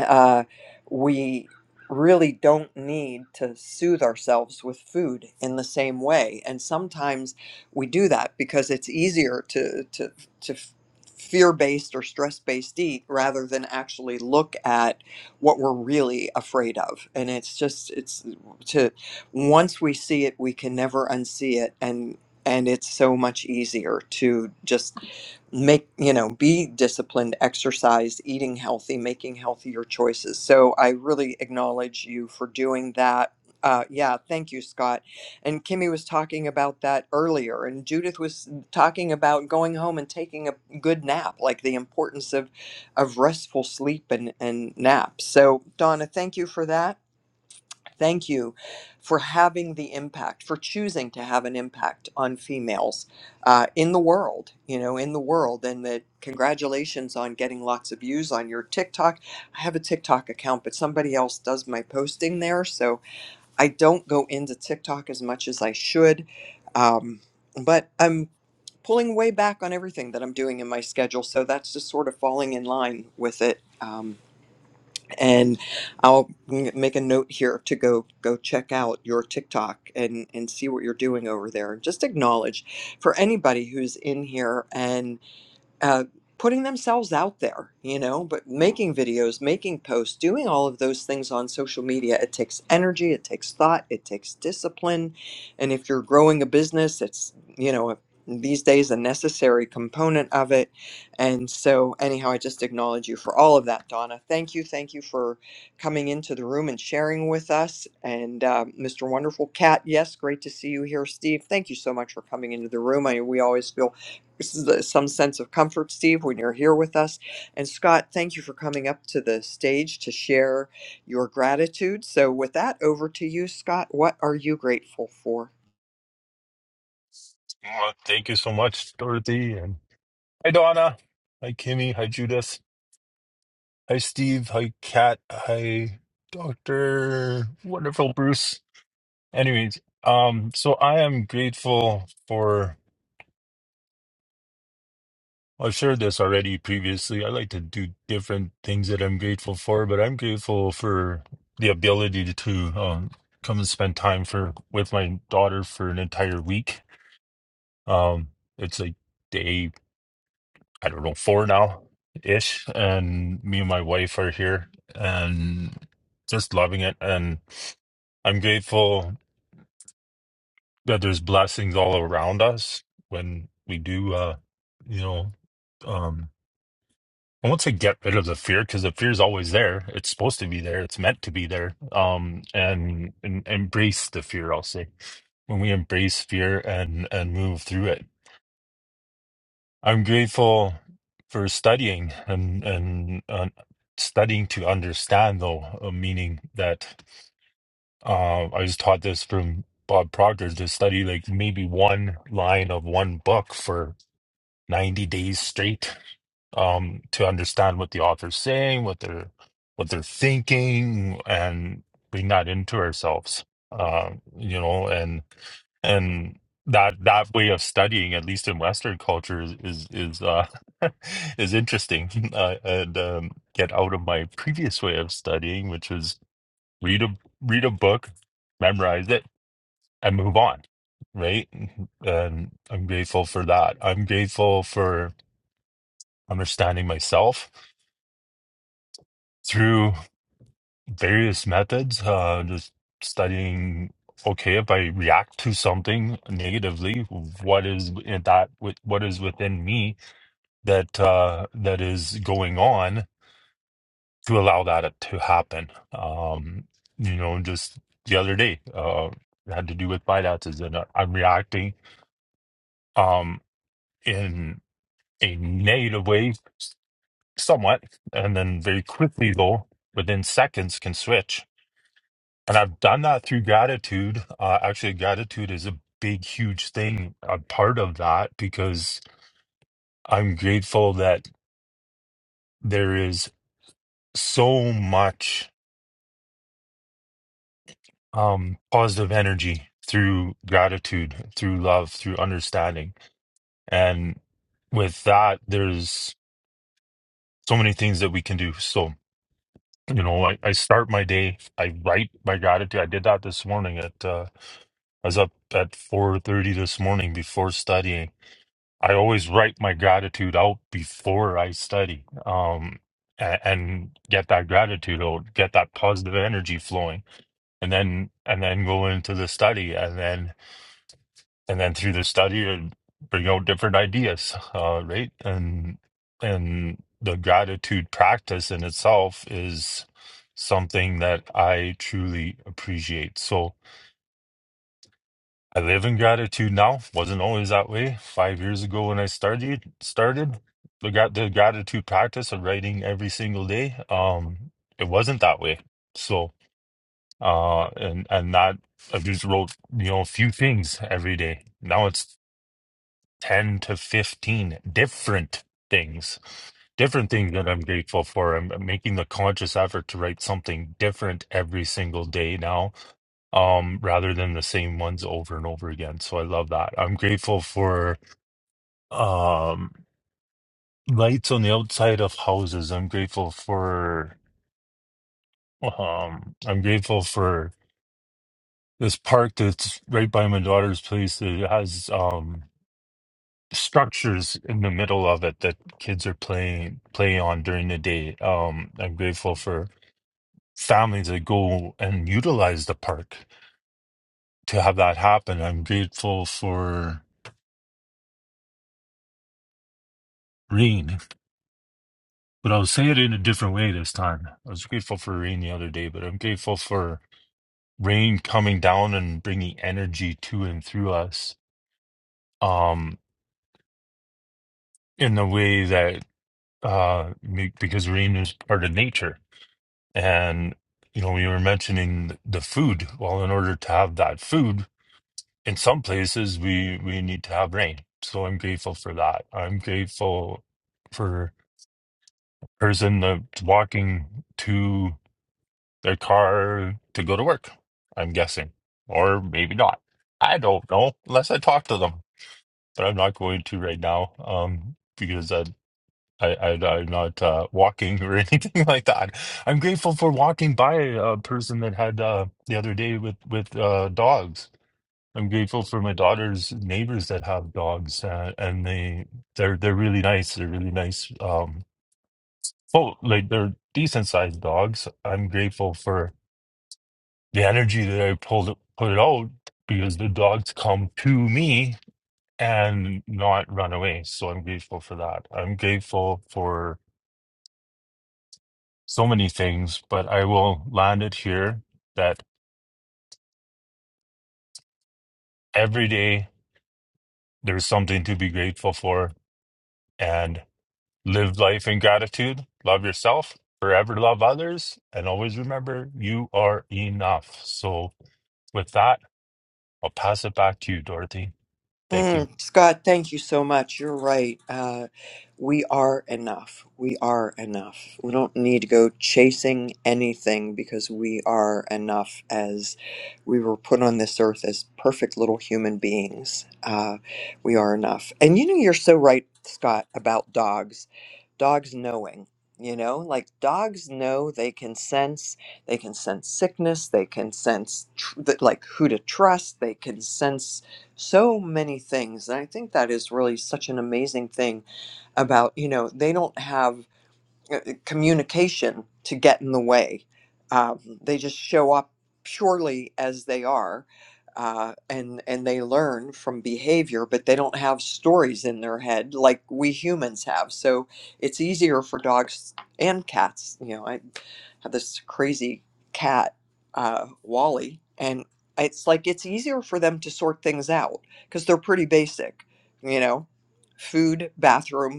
Speaker 14: uh, we really don't need to soothe ourselves with food in the same way and sometimes we do that because it's easier to to to f- fear-based or stress-based eat rather than actually look at what we're really afraid of and it's just it's to once we see it we can never unsee it and and it's so much easier to just make you know be disciplined exercise eating healthy making healthier choices so i really acknowledge you for doing that uh, yeah thank you scott and kimmy was talking about that earlier and judith was talking about going home and taking a good nap like the importance of of restful sleep and and naps so donna thank you for that Thank you for having the impact, for choosing to have an impact on females uh, in the world, you know, in the world. And that congratulations on getting lots of views on your TikTok. I have a TikTok account, but somebody else does my posting there. So I don't go into TikTok as much as I should. Um, but I'm pulling way back on everything that I'm doing in my schedule. So that's just sort of falling in line with it. Um, and I'll m- make a note here to go go check out your TikTok and and see what you're doing over there. just acknowledge for anybody who's in here uh, putting themselves out there, you know, but making videos, making posts, doing all of those things on social media. It takes energy, it takes thought, it takes discipline. And if you're growing a business, it's, you know, these days a necessary component of it. And so, anyhow, I just acknowledge you for all of that, Donna. Thank you. Thank you for coming into the room and sharing with us. And uh, Mr. Wonderful Cat, yes, great to see you here, Steve. Thank you so much for coming into the room. I, we always feel this is some sense of comfort, Steve, when you're here with us. And Scott, thank you for coming up to the stage to share your gratitude. So, with that, over to you, Scott. What are you grateful for?
Speaker 18: Well, thank you so much, Dorothy. And hi, Donna. Hi, Kimmy. Hi, Judith. Hi, Steve. Hi, Kat. Hi, Doctor. Wonderful, Bruce. Anyways, um, so I am grateful for. well, I've shared this already previously. I like to do different things that I'm grateful for, but I'm grateful for the ability to, um, come and spend time for with my daughter for an entire week. Um, it's like day I don't know, four now ish. And me and my wife are here and just loving it. And I'm grateful that there's blessings all around us when we do, uh, you know, um, I won't say get rid of the fear because the fear is always there. It's supposed to be there. It's meant to be there. Um, and, and embrace the fear. I'll say when we embrace fear and and move through it I'm grateful for studying and and uh, studying to understand, though, uh, meaning that uh, I was taught this from Bob Proctor to study like maybe one line of one book for 90 days straight um, to understand what the author's saying, what they're what they're thinking, and bring that into ourselves. Uh, you know, and and that that way of studying at least in western culture is is is, uh, is interesting uh, and um, get out of my previous way of studying which was read a read a book memorize it and move on right and i'm grateful for that i'm grateful for understanding myself through. various methods, uh, just studying, okay, if I react to something negatively, what is in that, with- what is within me that, uh, that is going on to allow that to happen? Um, you know, just the other day, uh, it had to do with finances and I- I'm reacting, um, in a negative way somewhat, and then very quickly though, within seconds can switch And I've done that through gratitude. Uh, actually, gratitude is a big, huge thing, a part of that, because I'm grateful that there is so much um, positive energy through gratitude, through love, through understanding. And with that, there's so many things that we can do. So, you know, I, I start my day, I write my gratitude. I did that this morning at, uh, I was up at 4.30 this morning before studying I always write my gratitude out before I study, um, and, and get that gratitude out, get that positive energy flowing, and then and then go into the study, and then and then through the study, uh, bring out different ideas, uh, right? And and the gratitude practice in itself is something that I truly appreciate. So I live in gratitude now. Wasn't always that way. Five years ago when I started started the got the gratitude practice of writing every single day. Um, it wasn't that way. So uh and and that I just wrote, you know, a few things every day. Now it's ten to fifteen different things. Different things that I'm grateful for. I'm I'm making the conscious effort to write something different every single day now um, rather than the same ones over and over again. So I love that. I'm grateful for um, lights on the outside of houses. I'm grateful for um, I'm grateful for this park that's right by my daughter's place that has um, structures in the middle of it that kids are playing play on during the day. Um, I'm grateful for families that go and utilize the park to have that happen. I'm grateful for rain. But I'll say it in a different way this time. I was grateful for rain the other day, but I'm grateful for rain coming down and bringing energy to and through us um, in the way that, uh, be- because rain is part of nature. And, you know, we were mentioning the food. Well, in order to have that food, in some places, we, we need to have rain. So I'm grateful for that. I'm grateful for person that's walking to. their car to go to work, I'm guessing, or maybe not. I don't know unless I talk to them, but I'm not going to right now um, because I, I, I, I'm not uh, walking or anything like that. I'm grateful for walking by a person that had uh, the other day with with uh, dogs. I'm grateful for my daughter's neighbors that have dogs, uh, and they they're they're really nice. They're really nice. Um, oh, like they're decent sized dogs. I'm grateful for the energy that I pulled put it out because the dogs come to me and not run away. So I'm grateful for that. I'm grateful for so many things, but I will land it here that every day there's something to be grateful for and live life in gratitude. Love yourself, forever love others, and always remember you are enough. So with that, I'll pass it back to you, Dorothy. Thank you.
Speaker 14: Mm, Scott, thank you so much. You're right. Uh, we are enough. We are enough. We don't need to go chasing anything because we are enough as we were put on this earth as perfect little human beings. Uh, we are enough. And you know, you're so right, Scott, about dogs. Dogs knowing. You know, like dogs know they can sense, they can sense sickness, they can sense tr- th- like who to trust, they can sense so many things and i think that is really such an amazing thing about you know they don't have uh, uh, communication to get in the way. Um, they just show up purely as they are, uh, and and they learn from behavior, but they don't have stories in their head like we humans have. So it's easier for dogs and cats. You know, I have this crazy cat, uh, Wally, and it's like it's easier for them to sort things out because they're pretty basic. You know, food, bathroom,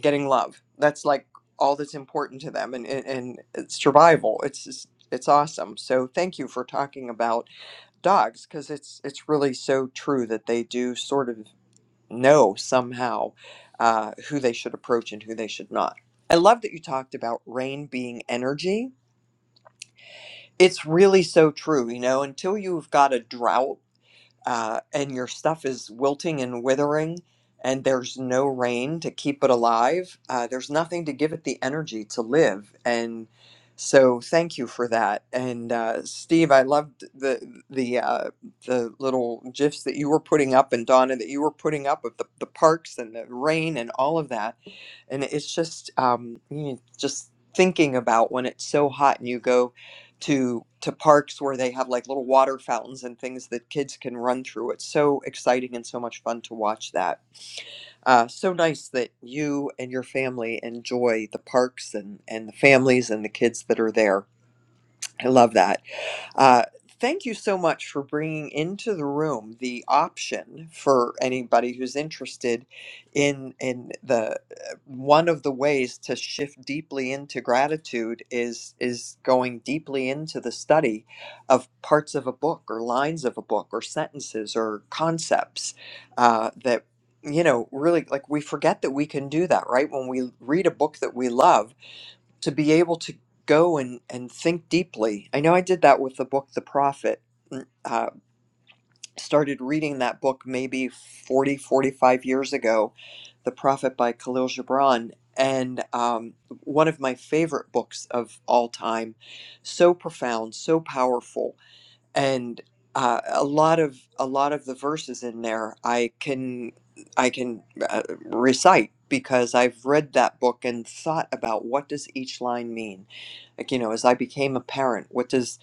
Speaker 14: getting love. That's like all that's important to them, and and, and it's survival. It's just, it's awesome. So thank you for talking about dogs because it's it's really so true that they do sort of know somehow uh, who they should approach and who they should not. I love that you talked about rain being energy. It's really so true. You know, until you've got a drought uh, and your stuff is wilting and withering, and there's no rain to keep it alive, uh, there's nothing to give it the energy to live. And so, thank you for that. And uh, Steve, I loved the the uh, the little gifs that you were putting up, and Donna that you were putting up of the, the parks and the rain and all of that. And it's just um, you know, just thinking about when it's so hot and you go to to parks where they have like little water fountains and things that kids can run through. It's so exciting and so much fun to watch that. Uh, so nice that you and your family enjoy the parks and and the families and the kids that are there. I love that. Uh, thank you so much for bringing into the room the option for anybody who's interested in in the uh, one of the ways to shift deeply into gratitude is is going deeply into the study of parts of a book or lines of a book or sentences or concepts uh, that you know really like we forget that we can do that right when we read a book that we love to be able to go and, and think deeply. I know I did that with the book The Prophet. mm, Uh, started reading that book maybe 40, 45 years ago, The Prophet by Khalil Gibran. And um, one of my favorite books of all time. So profound, so powerful and uh, a lot of a lot of the verses in there I can I can uh, recite because I've read that book and thought about what does each line mean. Like you know, as I became a parent, what does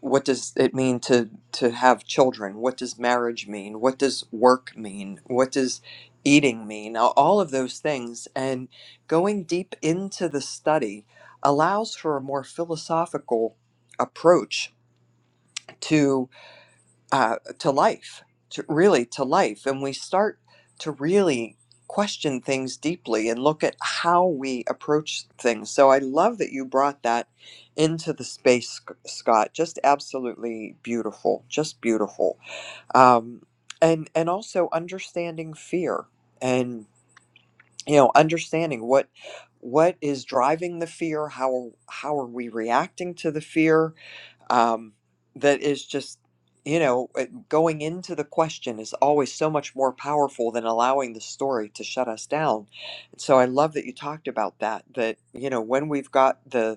Speaker 14: what does it mean to to have children? What does marriage mean? What does work mean? What does eating mean? All all of those things and going deep into the study allows for a more philosophical approach to uh, to life, to really to life. And we start to really question things deeply and look at how we approach things. So I love that you brought that into the space, Sc- Scott. Just absolutely beautiful, just beautiful. Um, and and also understanding fear and you know understanding what what is driving the fear how how are we reacting to the fear um, that is just, you know, it- going into the question is always so much more powerful than allowing the story to shut us down. so I love that you talked about that, that, you know, when we've got the,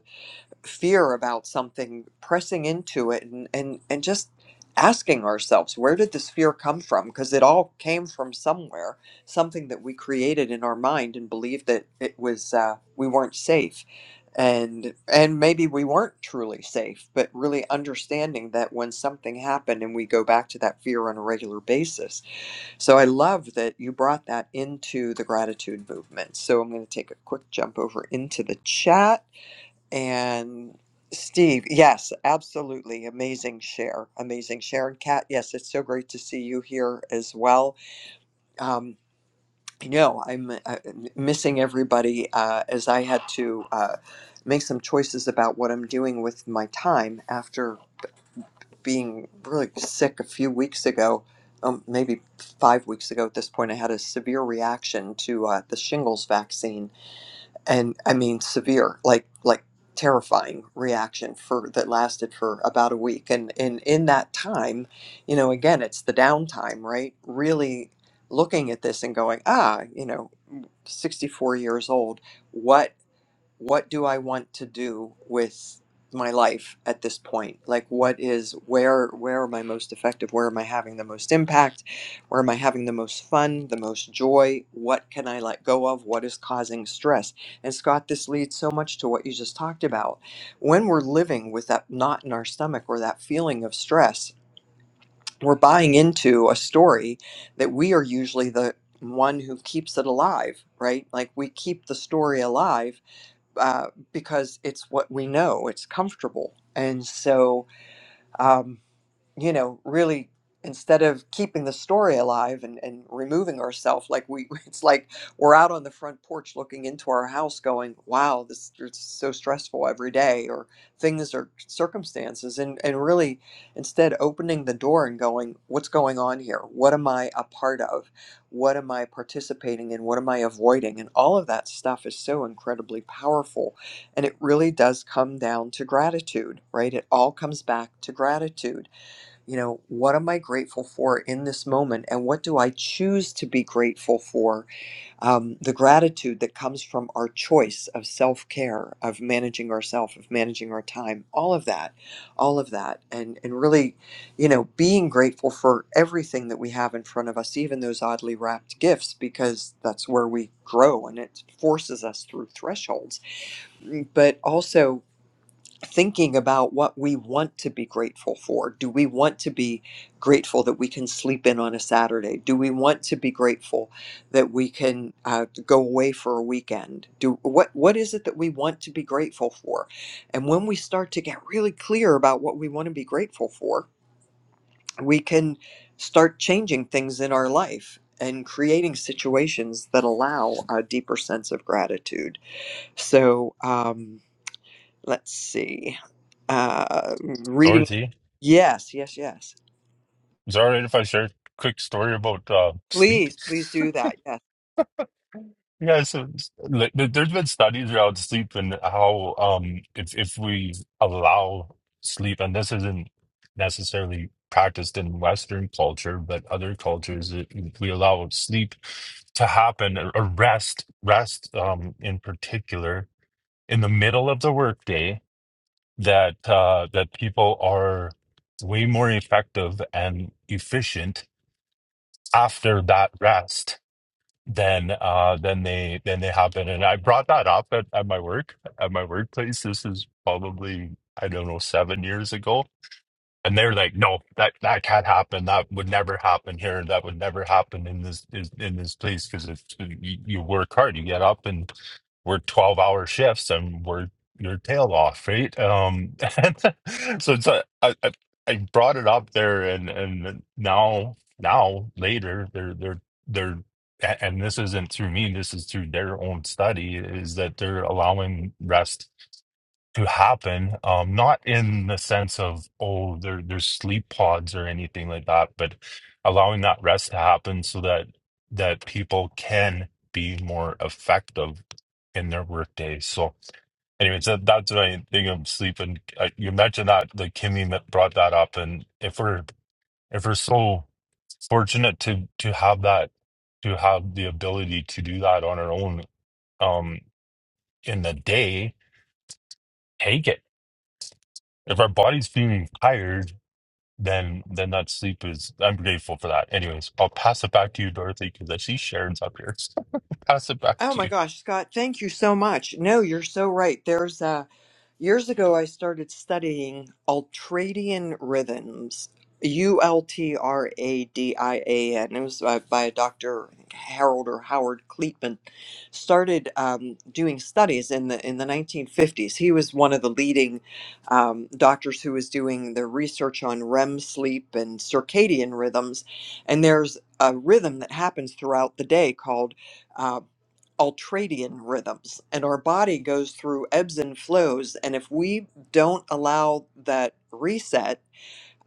Speaker 14: fear about something, pressing into it and, and, and just asking ourselves, where did this fear come from? Because it all came from somewhere, something that we created in our mind and believed that it was uh, we weren't safe. And and maybe we weren't truly safe, but really understanding that when something happened and we go back to that fear on a regular basis. So I love that you brought that into the gratitude movement. So I'm going to take a quick jump over into the chat and Steve, yes, absolutely. Amazing share. Amazing share. And Kat, yes, it's so great to see you here as well. Um, you know, I'm uh, missing everybody uh, as I had to uh, make some choices about what I'm doing with my time after being really sick a few weeks ago. Um, maybe five weeks ago at this point, I had a severe reaction to uh, the shingles vaccine and I mean severe, like like terrifying reaction for that lasted for about a week. And in in that time, you know, again, it's the downtime, right? Really looking at this and going, ah, you know, 64 years old. What what do I want to do with my life at this point? Like what is where where am I most effective? Where am I having the most impact? Where am I having the most fun, the most joy? What can I let go of? What is causing stress? And Scott, this leads so much to what you just talked about. When we're living with that knot in our stomach or that feeling of stress, we're buying into a story that we are usually the one who keeps it alive, right? Like we keep the story alive uh, because it's what we know, it's comfortable. And so, um, you know, really instead of keeping the story alive and, and removing ourselves, like we, it's like we're out on the front porch looking into our house going, wow, this it's so stressful every day or things or circumstances. And, and really instead opening the door and going, what's going on here? What am I a part of? What am I participating in? What am I avoiding? And all of that stuff is so incredibly powerful. And it really does come down to gratitude, right? It all comes back to gratitude you know, what am I grateful for in this moment? And what do I choose to be grateful for? Um, the gratitude that comes from our choice of self care, of managing ourself, of managing our time, all of that, all of that. And, and really, you know, being grateful for everything that we have in front of us, even those oddly wrapped gifts, because that's where we grow and it forces us through thresholds. Mm, But also, thinking about what we want to be grateful for. Do we want to be grateful that we can sleep in on a Saturday? Do we want to be grateful that we can uh, go away for a weekend? Do what what is it that we want to be grateful for? And when we start to get really clear about what we want to be grateful for, we can start changing things in our life and creating situations that allow a deeper sense of gratitude. So. Um, let's see uh reading
Speaker 18: Dorothy.
Speaker 14: yes yes yes
Speaker 18: Is it all right if I share a quick story about uh, sleep?
Speaker 14: please please do that yes
Speaker 18: Yeah, so like, there- there's been studies around sleep and how um, if if we allow sleep, and this isn't necessarily practiced in Western culture, but other cultures, it, we allow sleep to happen, a a rest, rest um, in particular, in the middle of the workday, that uh, that people are way more effective and efficient after that rest than uh than they than they happen. And I brought that up at, at my work at my workplace. This is probably I don't know seven years ago and they're like, no, that that can't happen. That would never happen here. That would never happen in this in, in this place because if you, you work hard, you get up and we're twelve hour shifts and we're your tail off, right? Um, so it's a, I, I I brought it up there, and and now now later they're they're they're a- and this isn't through me. This is through their own study. Is that they're allowing rest to happen. Um, not in the sense of, oh, there, there's sleep pods or anything like that, but allowing that rest to happen so that that people can be more effective in their work days. So anyways, that, that's what I think of sleep. And uh, you mentioned that, like Kimmy m- brought that up. And if we're, if we're so fortunate to, to have that, to have the ability to do that on our own, um, in the day, take it if our body's feeling tired then then that sleep is I'm grateful for that. Anyways, I'll pass it back to you, Dorothy, because I see Sharon's up here. pass it back
Speaker 14: oh
Speaker 18: to
Speaker 14: my
Speaker 18: you.
Speaker 14: gosh scott thank you so much no you're so right there's uh, Years ago, I started studying ultradian rhythms, U L T R A D I A N. It was by, by Dr. Harold or Howard Cleatman. Started um, doing studies in the in the 1950s. He was one of the leading um, doctors who was doing the research on REM sleep and circadian rhythms. And there's a rhythm that happens throughout the day called uh, ultradian rhythms and our body goes through ebbs and flows and if we don't allow that reset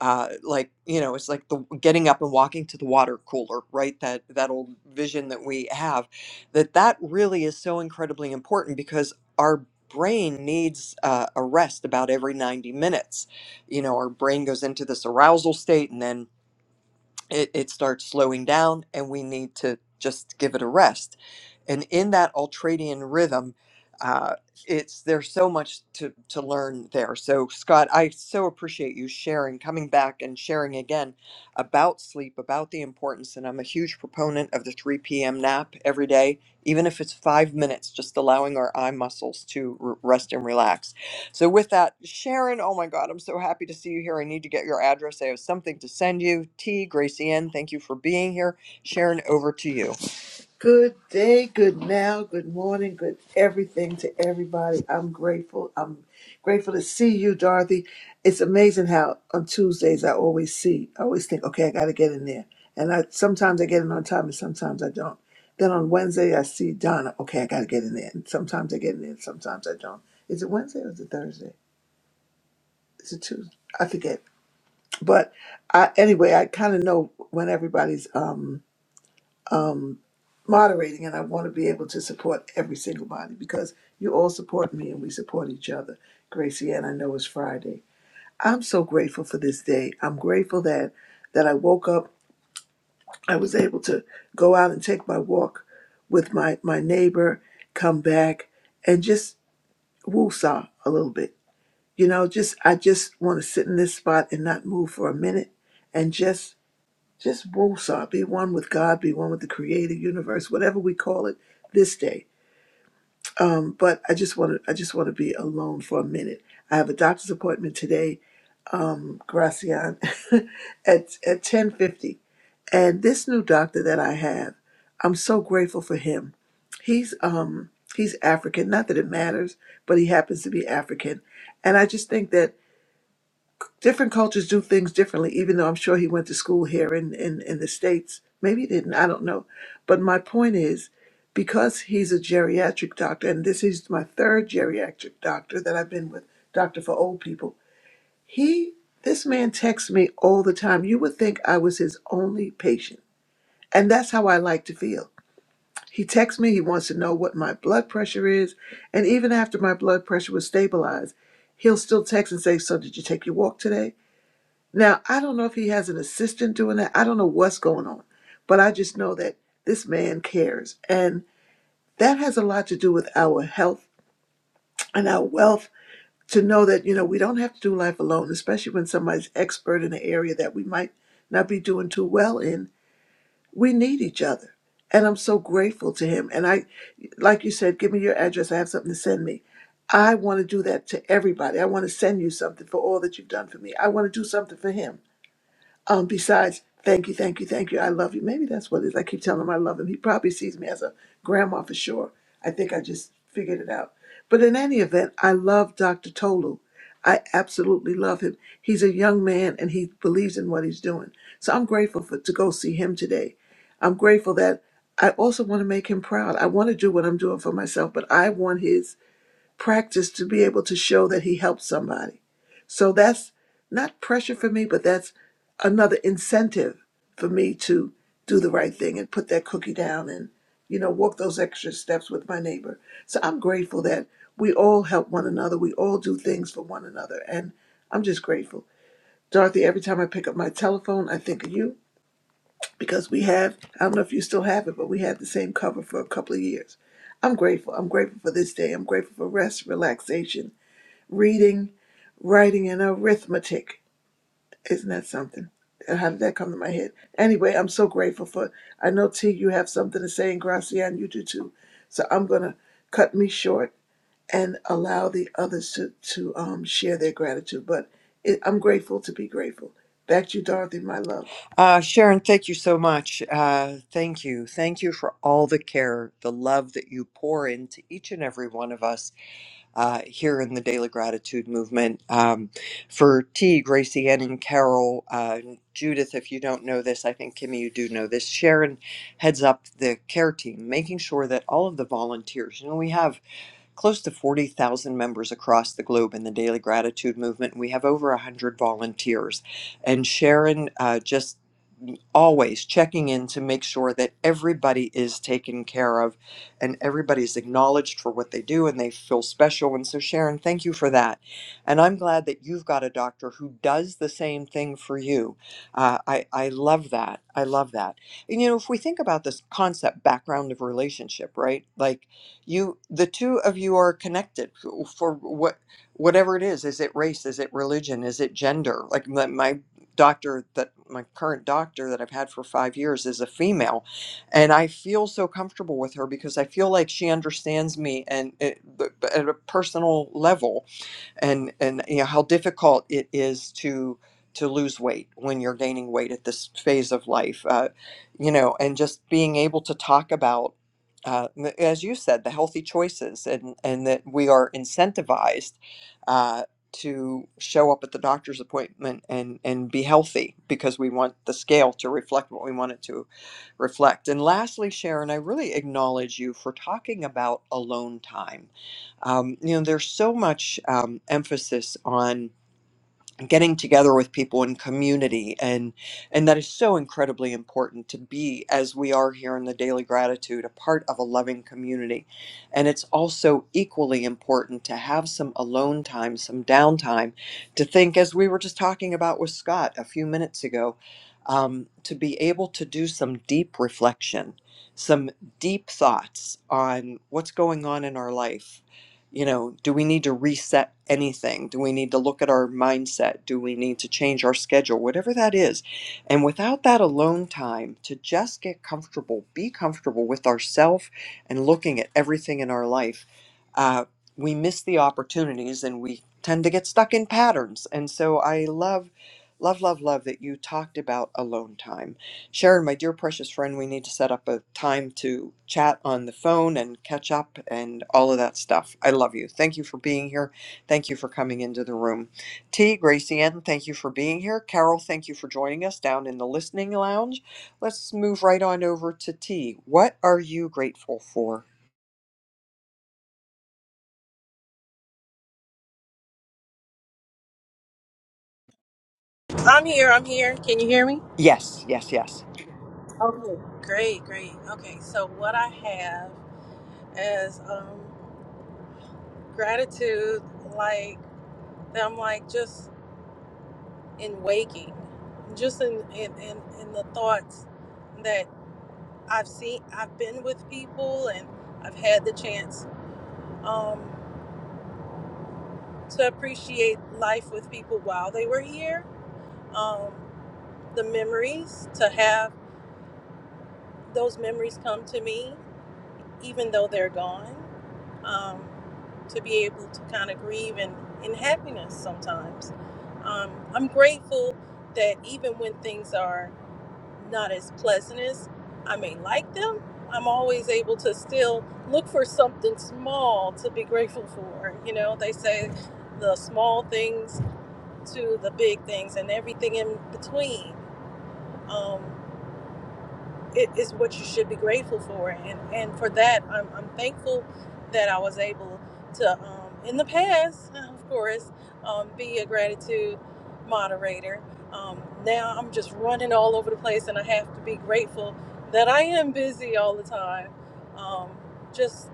Speaker 14: uh, like you know it's like the getting up and walking to the water cooler right that that old vision that we have that that really is so incredibly important because our brain needs uh, a rest about every 90 minutes you know our brain goes into this arousal state and then it, it starts slowing down and we need to just give it a rest and in that ultradian rhythm uh, it's there's so much to, to learn there so scott i so appreciate you sharing coming back and sharing again about sleep about the importance and i'm a huge proponent of the 3 p.m nap every day even if it's five minutes just allowing our eye muscles to r- rest and relax so with that, Sharon, oh my God, I'm so happy to see you here. I need to get your address. I have something to send you. T, Gracie N, thank you for being here. Sharon, over to you.
Speaker 19: Good day, good now, good morning, good everything to everybody. I'm grateful. I'm grateful to see you, Dorothy. It's amazing how on Tuesdays I always see, I always think, okay, I got to get in there. And I sometimes I get in on time and sometimes I don't. Then on Wednesday I see Donna, okay, I got to get in there. And sometimes I get in there and sometimes I don't. Is it Wednesday or is it Thursday? Is it Tuesday? I forget. But I, anyway, I kind of know when everybody's. um um, moderating, and I want to be able to support every single body because you all support me and we support each other. Gracie, and I know it's Friday. I'm so grateful for this day. I'm grateful that that I woke up. I was able to go out and take my walk with my my neighbor, come back, and just woosah a little bit. You know, just I just want to sit in this spot and not move for a minute, and just just woosah, be one with God, be one with the creator universe, whatever we call it this day. Um, but I just want to, I just want to be alone for a minute. I have a doctor's appointment today, um, Gracian, at at ten fifty. And this new doctor that I have, I'm so grateful for him. He's um he's African. Not that it matters, but he happens to be African, and I just think that different cultures do things differently, even though I'm sure he went to school here in, in, in the States. Maybe he didn't, I don't know. But my point is, because he's a geriatric doctor, and this is my third geriatric doctor that I've been with, doctor for old people, he, this man texts me all the time. You would think I was his only patient. And that's how I like to feel. He texts me, he wants to know what my blood pressure is. And even after my blood pressure was stabilized, he'll still text and say, So, did you take your walk today? Now, I don't know if he has an assistant doing that. I don't know what's going on, but I just know that this man cares. And that has a lot to do with our health and our wealth to know that, you know, we don't have to do life alone, especially when somebody's expert in an area that we might not be doing too well in. We need each other. And I'm so grateful to him. And I, like you said, give me your address. I have something to send me. I want to do that to everybody. I want to send you something for all that you've done for me. I want to do something for him. Um, besides, thank you, thank you, thank you. I love you. Maybe that's what it is. I keep telling him I love him. He probably sees me as a grandma for sure. I think I just figured it out. But in any event, I love Dr. Tolu. I absolutely love him. He's a young man and he believes in what he's doing. So I'm grateful for, to go see him today. I'm grateful that I also want to make him proud. I want to do what I'm doing for myself, but I want his practice to be able to show that he helped somebody. So that's not pressure for me, but that's another incentive for me to do the right thing and put that cookie down and, you know, walk those extra steps with my neighbor. So I'm grateful that we all help one another. We all do things for one another. And I'm just grateful. Dorothy, every time I pick up my telephone, I think of you because we have, I don't know if you still have it, but we had the same cover for a couple of years. I'm grateful. I'm grateful for this day. I'm grateful for rest, relaxation, reading, writing, and arithmetic. Isn't that something? How did that come to my head? Anyway, I'm so grateful for. I know T, you have something to say, and Gracian, you do too. So I'm gonna cut me short and allow the others to to um, share their gratitude. But it, I'm grateful to be grateful. Back to you, Dorothy, my love.
Speaker 14: Uh, Sharon, thank you so much. Uh, thank you. Thank you for all the care, the love that you pour into each and every one of us uh, here in the Daily Gratitude Movement. Um, for T, Gracie, Ann, and Carol, uh, Judith, if you don't know this, I think Kimmy, you do know this. Sharon heads up the care team, making sure that all of the volunteers, you know, we have close to 40,000 members across the globe in the Daily Gratitude Movement. We have over 100 volunteers. And Sharon uh, just always checking in to make sure that everybody is taken care of and everybody's acknowledged for what they do and they feel special. And so, Sharon, thank you for that. And I'm glad that you've got a doctor who does the same thing for you. Uh, I, I love that. I love that. And, you know, if we think about this concept background of relationship, right? Like you, the two of you are connected for what whatever it is is it race is it religion is it gender like my, my doctor that my current doctor that I've had for five years is a female, and I feel so comfortable with her because I feel like she understands me and it, b- b- at a personal level and and you know how difficult it is to to lose weight when you're gaining weight at this phase of life uh, you know and just being able to talk about uh, n- as you said the healthy choices and and that we are incentivized uh, to show up at the doctor's appointment and and be healthy because we want the scale to reflect what we want it to reflect and lastly sharon i really acknowledge you for talking about alone time um, you know there's so much um, emphasis on getting together with people in community and and that is so incredibly important to be as we are here in the daily gratitude a part of a loving community and it's also equally important to have some alone time some downtime to think as we were just talking about with scott a few minutes ago um, to be able to do some deep reflection some deep thoughts on what's going on in our life you know, do we need to reset anything? Do we need to look at our mindset? Do we need to change our schedule? Whatever that is. And without that alone time to just get comfortable, be comfortable with ourself and looking at everything in our life, uh, we miss the opportunities and we tend to get stuck in patterns. And so I love, love, love, love that you talked about alone time Sharon, my dear precious friend, we need to set up a time to chat on the phone and catch up and all of that stuff. I love you. Thank you for being here. Thank you for coming into the room. T, Gracie Ann, thank you for being here. Carol, thank you for joining us down in the listening lounge. Let's move right on over to T. What are you grateful for?
Speaker 20: I'm here. I'm here. Can you hear me?
Speaker 14: Yes, yes, yes.
Speaker 20: Okay. Great, great. Okay, so what I have is um, gratitude, like that I'm like just in waking, just in in, in in the thoughts that I've seen, I've been with people, and I've had the chance um, to appreciate life with people while they were here. Um, the memories to have those memories come to me even though they're gone, um, to be able to kind of grieve in, in happiness sometimes. Um, I'm grateful that even when things are not as pleasant as I may like them, I'm always able to still look for something small to be grateful for. You know, they say the small things to the big things and everything in between. Um, it is what you should be grateful for and and for that i'm, I'm thankful that i was able to um, in the past of course um, be a gratitude moderator um, now i'm just running all over the place and i have to be grateful that i am busy all the time um, just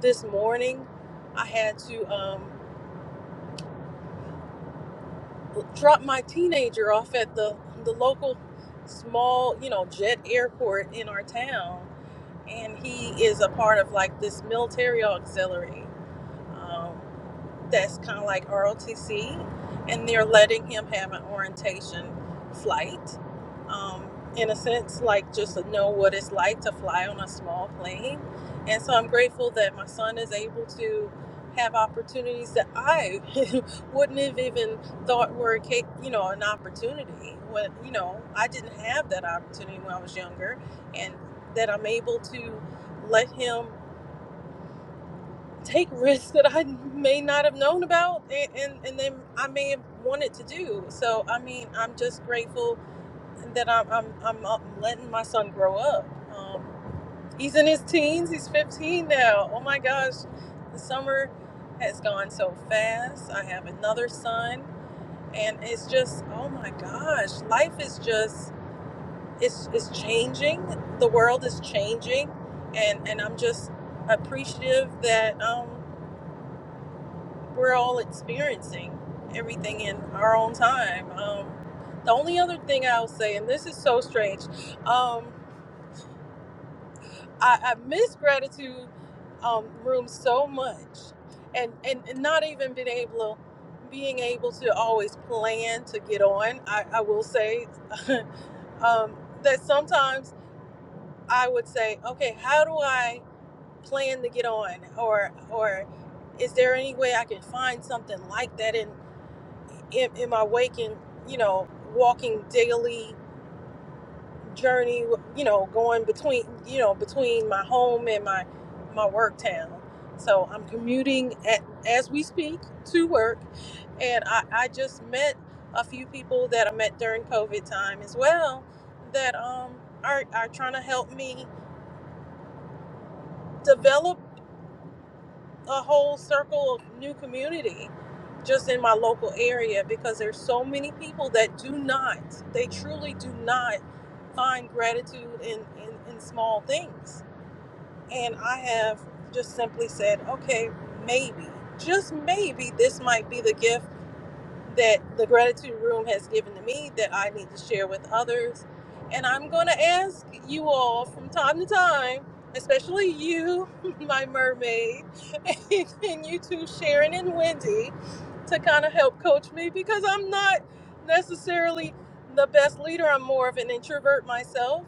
Speaker 20: this morning i had to um, drop my teenager off at the the local small you know jet airport in our town and he is a part of like this military auxiliary um, that's kind of like ROTC, and they're letting him have an orientation flight, um, in a sense, like just to know what it's like to fly on a small plane. And so I'm grateful that my son is able to have opportunities that I wouldn't have even thought were, ca- you know, an opportunity. When you know, I didn't have that opportunity when I was younger, and that I'm able to let him take risks that I may not have known about and, and, and then I may have wanted to do. So, I mean, I'm just grateful that I'm, I'm, I'm uh, letting my son grow up. Um, he's in his teens, he's 15 now. Oh my gosh, the summer has gone so fast. I have another son, and it's just, oh my gosh, life is just. It's, it's changing. The world is changing, and, and I'm just appreciative that um, we're all experiencing everything in our own time. Um, the only other thing I'll say, and this is so strange, um, I, I miss gratitude um, room so much, and, and and not even being able being able to always plan to get on. I, I will say um, that sometimes I would say, okay, how do I plan to get on, or or is there any way I can find something like that in? in, in my waking, you know, walking daily journey, you know, going between, you know, between my home and my my work town. So I'm commuting at, as we speak to work, and I, I just met a few people that I met during COVID time as well that um are are trying to help me develop. a whole circle of new community just in my local area because there's so many people that do not they truly do not find gratitude in in, in small things and i have just simply said okay maybe just maybe this might be the gift that the gratitude room has given to me that I need to share with others. And I'm going to ask you all from time to time, especially you, my mermaid, and you two, Sharon and Wendy, to kind of help coach me because I'm not necessarily the best leader. I'm more of an introvert myself.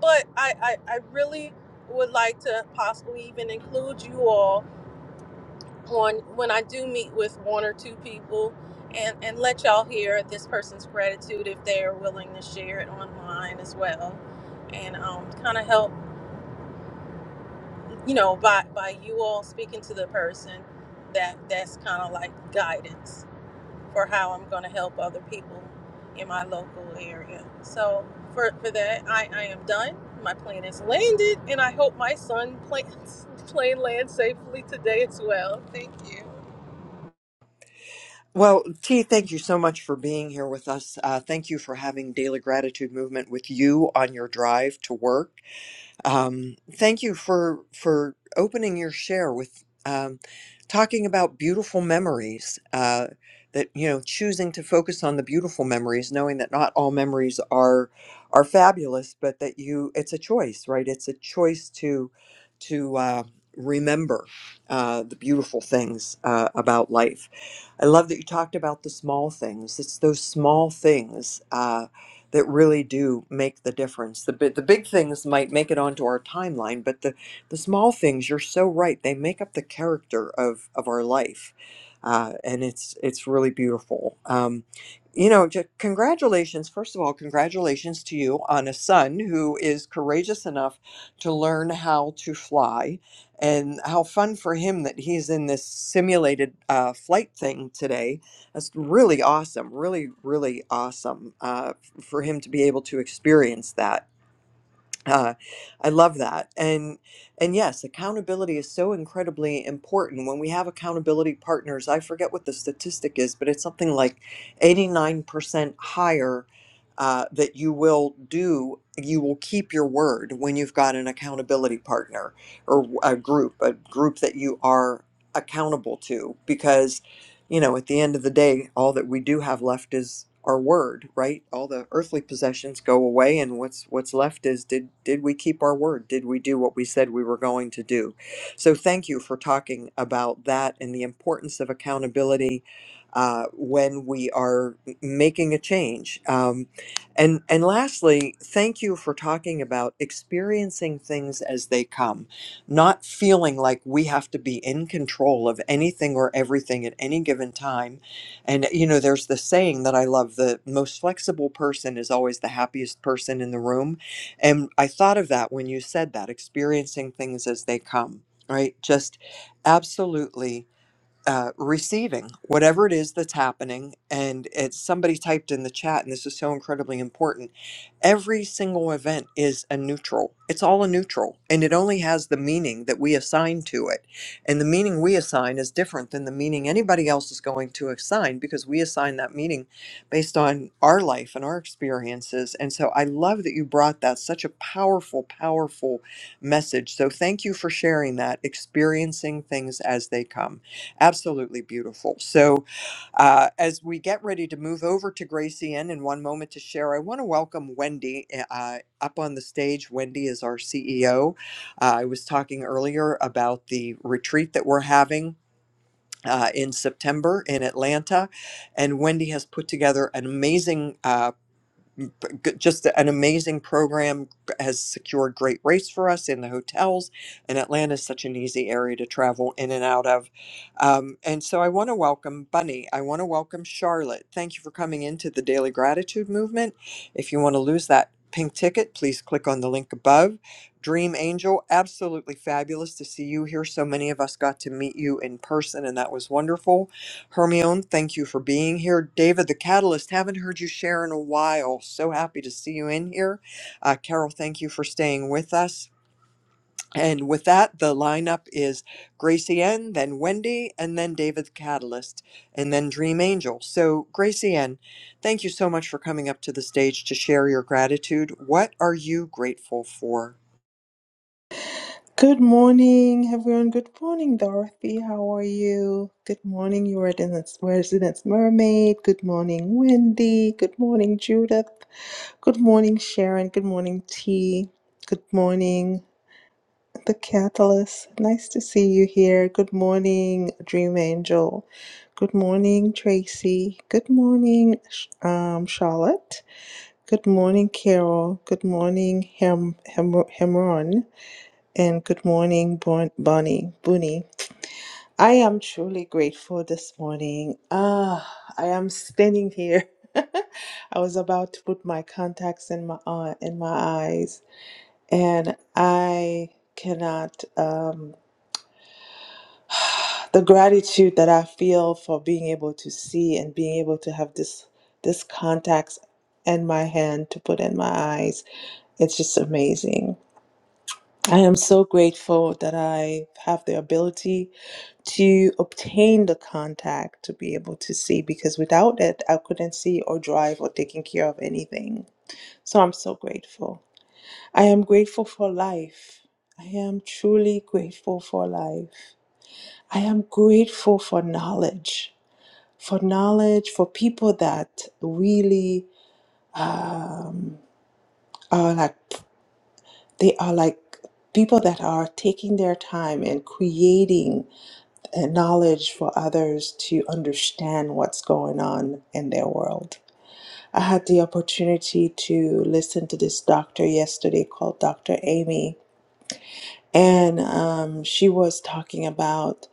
Speaker 20: But I, I, I really would like to possibly even include you all on when I do meet with one or two people and, and let y'all hear this person's gratitude if they're willing to share it online as well. And um, kind of help, you know, by, by you all speaking to the person, that that's kind of like guidance for how I'm going to help other people in my local area. So for, for that, I, I am done. My plane has landed, and I hope my son plane, plane lands safely today as well. Thank you.
Speaker 14: Well, T, thank you so much for being here with us. Uh, thank you for having Daily Gratitude Movement with you on your drive to work. Um, thank you for for opening your share with um, talking about beautiful memories. Uh, that you know, choosing to focus on the beautiful memories, knowing that not all memories are are fabulous, but that you it's a choice, right? It's a choice to to uh, remember uh, the beautiful things uh, about life. I love that you talked about the small things. It's those small things. Uh, that really do make the difference. The, bi- the big things might make it onto our timeline, but the, the small things, you're so right, they make up the character of, of our life. Uh, and it's it's really beautiful. Um, you know, ju- congratulations. First of all, congratulations to you on a son who is courageous enough to learn how to fly. And how fun for him that he's in this simulated uh, flight thing today. That's really awesome. Really, really awesome. Uh, for him to be able to experience that. Uh, I love that, and and yes, accountability is so incredibly important. When we have accountability partners, I forget what the statistic is, but it's something like eighty nine percent higher uh, that you will do. You will keep your word when you've got an accountability partner or a group, a group that you are accountable to, because you know, at the end of the day, all that we do have left is our word, right? All the earthly possessions go away and what's what's left is did did we keep our word? Did we do what we said we were going to do? So thank you for talking about that and the importance of accountability uh, when we are m- making a change. Um, and and lastly, thank you for talking about experiencing things as they come not feeling like we have to be in control of anything or everything at any given time. And, you know, there's the saying that I love the most flexible person is always the happiest person in the room. And I thought of that when you said that, experiencing things as they come, right? Just absolutely uh, receiving whatever it is that's happening. And it's somebody typed in the chat, and this is so incredibly important. Every single event is a neutral, it's all a neutral, and it only has the meaning that we assign to it. And the meaning we assign is different than the meaning anybody else is going to assign because we assign that meaning based on our life and our experiences. And so I love that you brought that, such a powerful, powerful message. So thank you for sharing that, experiencing things as they come. Absolutely beautiful. So, uh, as we get ready to move over to Gracie Inn in one moment to share, I want to welcome Wendy eh, uh, up on the stage. Wendy is our CEO. Uh, I was talking earlier about the retreat that we're having. Uh, in September in Atlanta. And Wendy has put together an amazing uh, m- p- g- just an amazing program g- has secured great rates for us in the hotels and atlanta is such an easy area to travel in and out of um, and so i want to welcome bunny i want to welcome charlotte thank you for coming into the daily gratitude movement if you want to lose that pink ticket please click on the link above dream angel absolutely fabulous to see you here so many of us got to meet you in person and that was wonderful Hermione, thank you for being here. David, the catalyst, haven't heard you share in a while. So happy to see you in here. Uh, Carol, thank you for staying with us. And with that, the lineup is Gracie N, then Wendy, and then David the Catalyst, and then Dream Angel. So, Gracie N, thank you so much for coming up to the stage to share your gratitude. What are you grateful for?
Speaker 21: Good morning, everyone. Good morning, Dorothy. How are you? Good morning, your residence, residence mermaid. Good morning, Wendy. Good morning, Judith. Good morning, Sharon. Good morning, T. Good morning, The Catalyst. Nice to see you here. Good morning, Dream Angel. Good morning, Tracy. Good morning, Sh- um, Charlotte. Good morning, Carol. Good morning, Hem- Hem- Hemron. And good morning, Bon- Bonnie. Booney. I am truly grateful this morning. Ah, I am standing here. I was about to put my contacts in my uh, in my eyes, and I cannot. Um, the gratitude that I feel for being able to see and being able to have this this contacts in my hand to put in my eyes it's just amazing. I am so grateful that I have the ability. to obtain the contact to be able to see because without it, I couldn't see or drive or taking care of anything. So I'm so grateful. I am grateful for life. I am truly grateful for life. I am grateful for knowledge, for knowledge, for people that really um, are like, they are like people that are taking their time and creating and knowledge for others to understand what's going on in their world. I had the opportunity to listen to this doctor yesterday called Dr. Amy, and um, she was talking about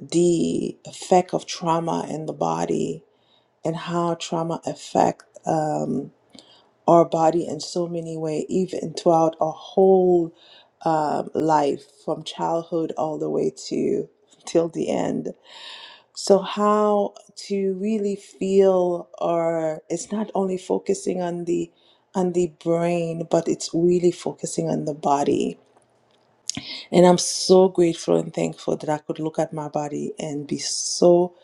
Speaker 21: the effect of trauma in the body and how trauma affect um, our body in so many ways, even throughout our whole um life, from childhood all the way to till the end So, how to really feel, or it's not only focusing on the on the brain, but it's really focusing on the body. And I'm so grateful and thankful that I could look at my body and be so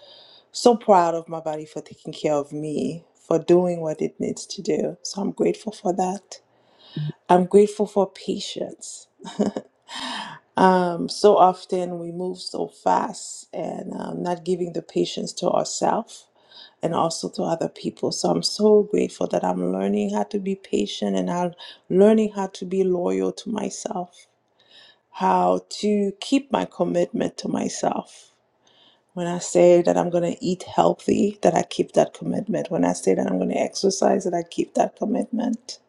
Speaker 21: so proud of my body for taking care of me, for doing what it needs to do. So I'm grateful for that. I'm grateful for patience. Um, so often we move so fast and um, not giving the patience to ourselves and also to other people. So I'm so grateful that I'm learning how to be patient and I'm learning how to be loyal to myself, how to keep my commitment to myself. When I say that I'm going to eat healthy, that I keep that commitment. When I say that I'm going to exercise, that I keep that commitment.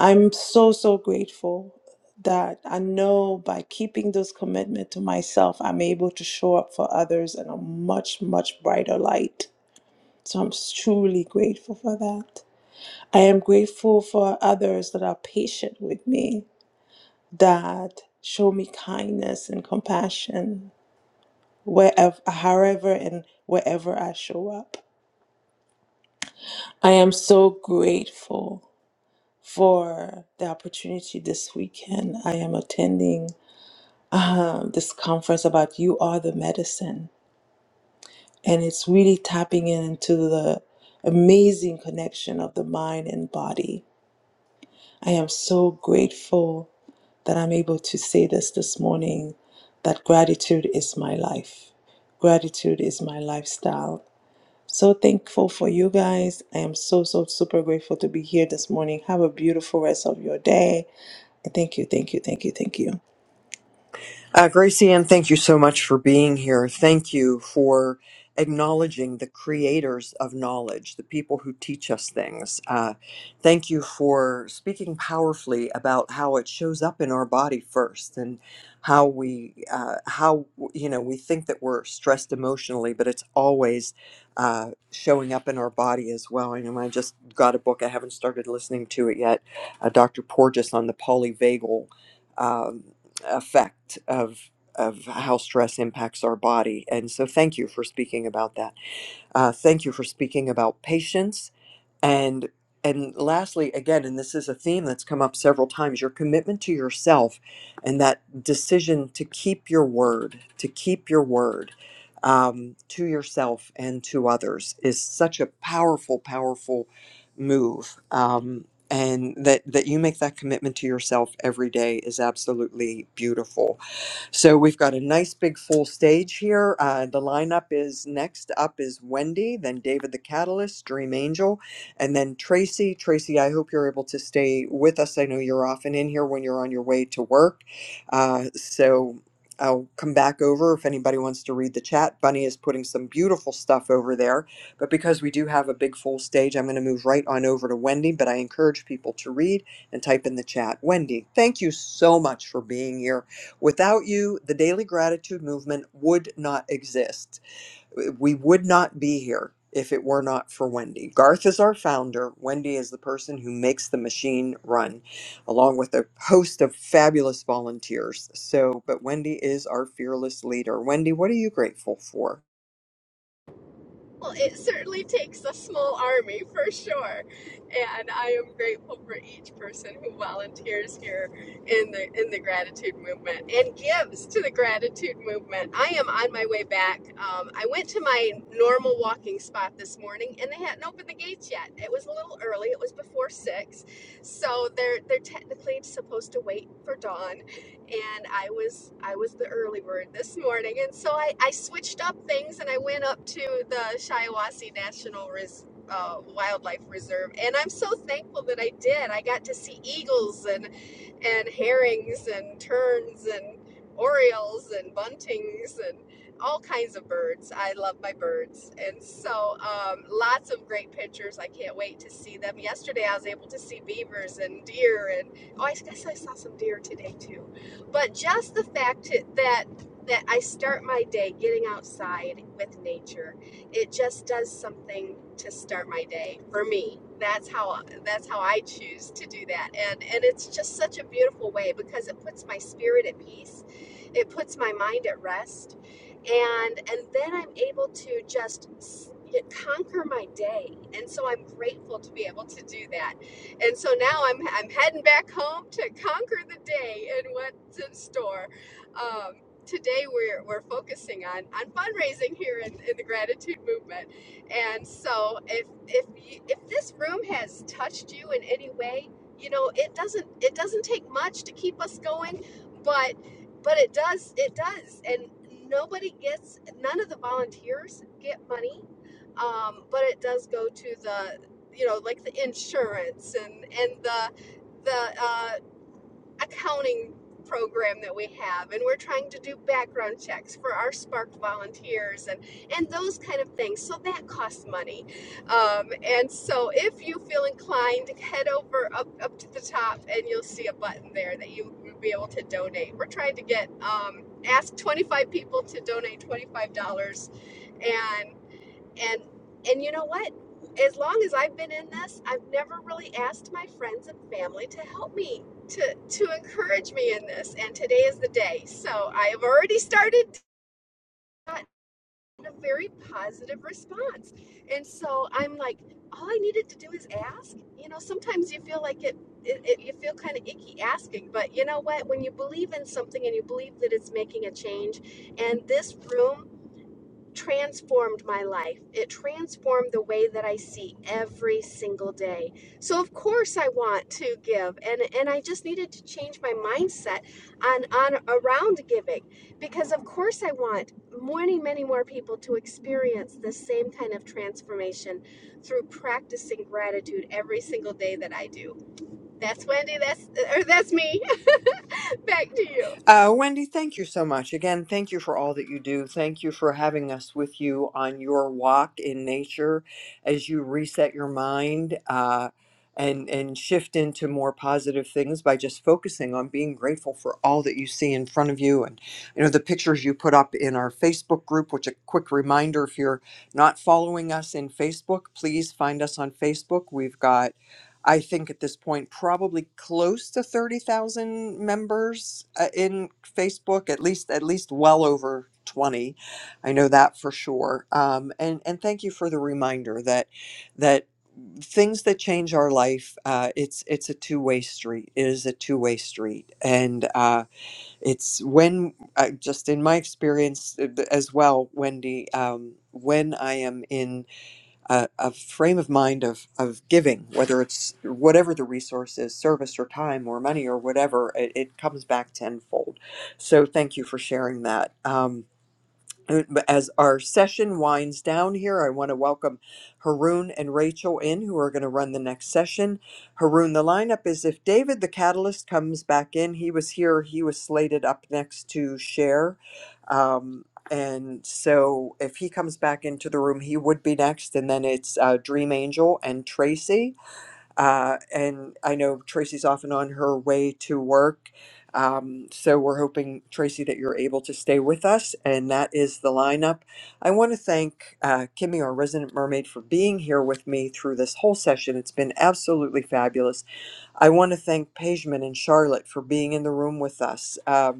Speaker 21: I'm so, so grateful that I know by keeping those commitment to myself, I'm able to show up for others in a much, much brighter light So I'm truly grateful for that. I am grateful for others that are patient with me, that show me kindness and compassion wherever, however, and wherever I show up. I am so grateful for the opportunity this weekend. I am attending um, this conference about You Are the Medicine, and it's really tapping into the amazing connection of the mind and body I am so grateful that I'm able to say this this morning that gratitude is my life. Gratitude is my lifestyle. So thankful for you guys. I am so, so super grateful to be here this morning. Have a beautiful rest of your day. And Thank you, thank you, thank you, thank you.
Speaker 14: Uh, Gracie Ann, thank you so much for being here. Thank you for acknowledging the creators of knowledge, the people who teach us things. Uh, thank you for speaking powerfully about how it shows up in our body first and how we, uh, how, you know, we think that we're stressed emotionally, but it's always uh, showing up in our body as well. I know I just got a book, I haven't started listening to it yet, uh, Dr. Porges on the polyvagal. um, effect of of how stress impacts our body. And so, thank you for speaking about that. Uh, thank you for speaking about patience and and lastly again and this is a theme that's come up several times your commitment to yourself and that decision to keep your word to keep your word um, to yourself and to others is such a powerful powerful move um, and that that you make that commitment to yourself every day is absolutely beautiful so we've got a nice big full stage here. Uh, the lineup is next up is Wendy, then David the Catalyst, Dream Angel, and then Tracy. Tracy, I hope you're able to stay with us. I know you're often in here when you're on your way to work. Uh, so I'll come back over if anybody wants to read the chat. Bunny is putting some beautiful stuff over there. But because we do have a big full stage, I'm going to move right on over to Wendy. But I encourage people to read and type in the chat. Wendy, thank you so much for being here Without you, the daily gratitude movement would not exist. We would not be here if it were not for Wendy. Garth is our founder. Wendy is the person who makes the machine run, along with a host of fabulous volunteers. So, but Wendy is our fearless leader. Wendy, what are you grateful for?
Speaker 22: Well, it certainly takes a small army for sure, and I am grateful for each person who volunteers here in the in the gratitude movement and gives to the gratitude movement. I am on my way back. Um, I went to my normal walking spot this morning, and they hadn't opened the gates yet. It was a little early. It was before six, so they're they're technically supposed to wait for dawn and I was I was the early bird this morning, and so I, I switched up things and I went up to the Shiawassee National Res, uh, Wildlife Reserve, and I'm so thankful that I did. I got to see eagles and and herrings and terns and orioles and buntings and all kinds of birds. I love my birds, and so um, lots of great pictures. I can't wait to see them. Yesterday I was able to see beavers and deer, and oh, I guess I saw some deer today too but just the fact that that I start my day getting outside with nature, it just does something to start my day for me. That's how that's how I choose to do that, and and it's just such a beautiful way because it puts my spirit at peace, it puts my mind at rest, and and then I'm able to just s- conquer my day, and so I'm grateful to be able to do that and so now I'm I'm heading back home to conquer the day and what's in store. Um, today we're we're focusing on on fundraising here in, in the gratitude movement. And so if if you, if this room has touched you in any way, you know it doesn't it doesn't take much to keep us going, but but it does it does and nobody gets none of the volunteers get money um, but it does go to the you know like the insurance and and the the uh, accounting program that we have and we're trying to do background checks for our spark volunteers and and those kind of things so that costs money um, and so if you feel inclined head over up, up to the top and you'll see a button there that you will be able to donate we're trying to get um, ask 25 people to donate $25 and and and you know what? As long as I've been in this, I've never really asked my friends and family to help me to to encourage me in this. And today is the day. So I have already started gotten a very positive response. And so I'm like, all I needed to do is ask. You know, sometimes you feel like it, it, it you feel kind of icky asking, but you know what? When you believe in something and you believe that it's making a change, and this room transformed my life. It transformed the way that I see every single day. So of course I want to give and and I just needed to change my mindset on on around giving because of course I want many many more people to experience the same kind of transformation through practicing gratitude every single day that I do. That's Wendy, that's or that's me. Back to you.
Speaker 14: Uh, Wendy, thank you so much. Again, thank you for all that you do. Thank you for having us with you on your walk in nature as you reset your mind uh, and, and shift into more positive things by just focusing on being grateful for all that you see in front of you. And, you know, the pictures you put up in our Facebook group, which a quick reminder if you're not following us in Facebook, please find us on Facebook. We've got I think at this point, probably close to 30,000 members uh, in Facebook, at least, at least well over 20. I know that for sure. Um, and, and thank you for the reminder that, that things that change our life, uh, it's, it's a two-way street. It is a two-way street. And, uh, it's when, uh, just in my experience uh, as well, Wendy, um, when I am in a, a frame of mind of, of giving, whether it's whatever the resource is, service or time or money or whatever, it, it comes back tenfold. So thank you for sharing that. Um, uh, but as our session winds down here, I want to welcome Haroon and Rachel in, who are going to run the next session. Haroon, the lineup is if David the Catalyst comes back in, he was here, he was slated up next to Cher. Um, and so if he comes back into the room, he would be next. And then it's uh, Dream Angel and Tracy. Uh, and I know Tracy's often on her way to work. Um, so we're hoping, Tracy, that you're able to stay with us. And that is the lineup. I want to thank uh, Kimmy, our resident mermaid, for being here with me through this whole session. It's been absolutely fabulous. I want to thank Pageman and Charlotte for being in the room with us. Um,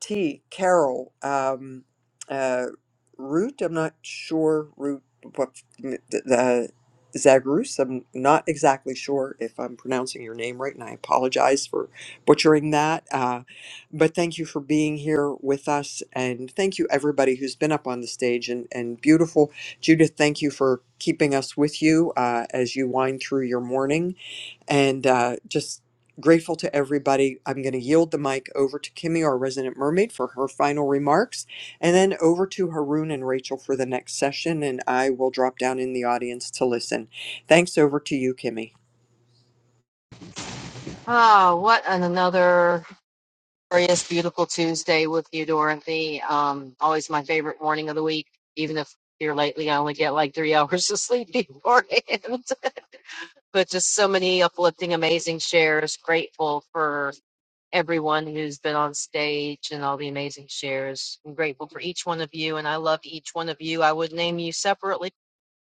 Speaker 14: T. Carol um, uh, Root. I'm not sure Root. What the Zagrus? I'm not exactly sure if I'm pronouncing your name right, and I apologize for butchering that. Uh, but thank you for being here with us, and thank you everybody who's been up on the stage and and beautiful Judith. Thank you for keeping us with you uh, as you wind through your morning and uh, just grateful to everybody. I'm going to yield the mic over to Kimmy, our resident mermaid, for her final remarks, and then over to Haroon and Rachel for the next session. And I will drop down in the audience to listen. Thanks over to you, Kimmy.
Speaker 15: Ah, what an another glorious, beautiful Tuesday with you, Dorothy. Um, always my favorite morning of the week, even if here lately I only get like three hours of sleep beforehand. but just so many uplifting, amazing shares. Grateful for everyone who's been on stage and all the amazing shares. I'm grateful for each one of you, and I love each one of you. I would name you separately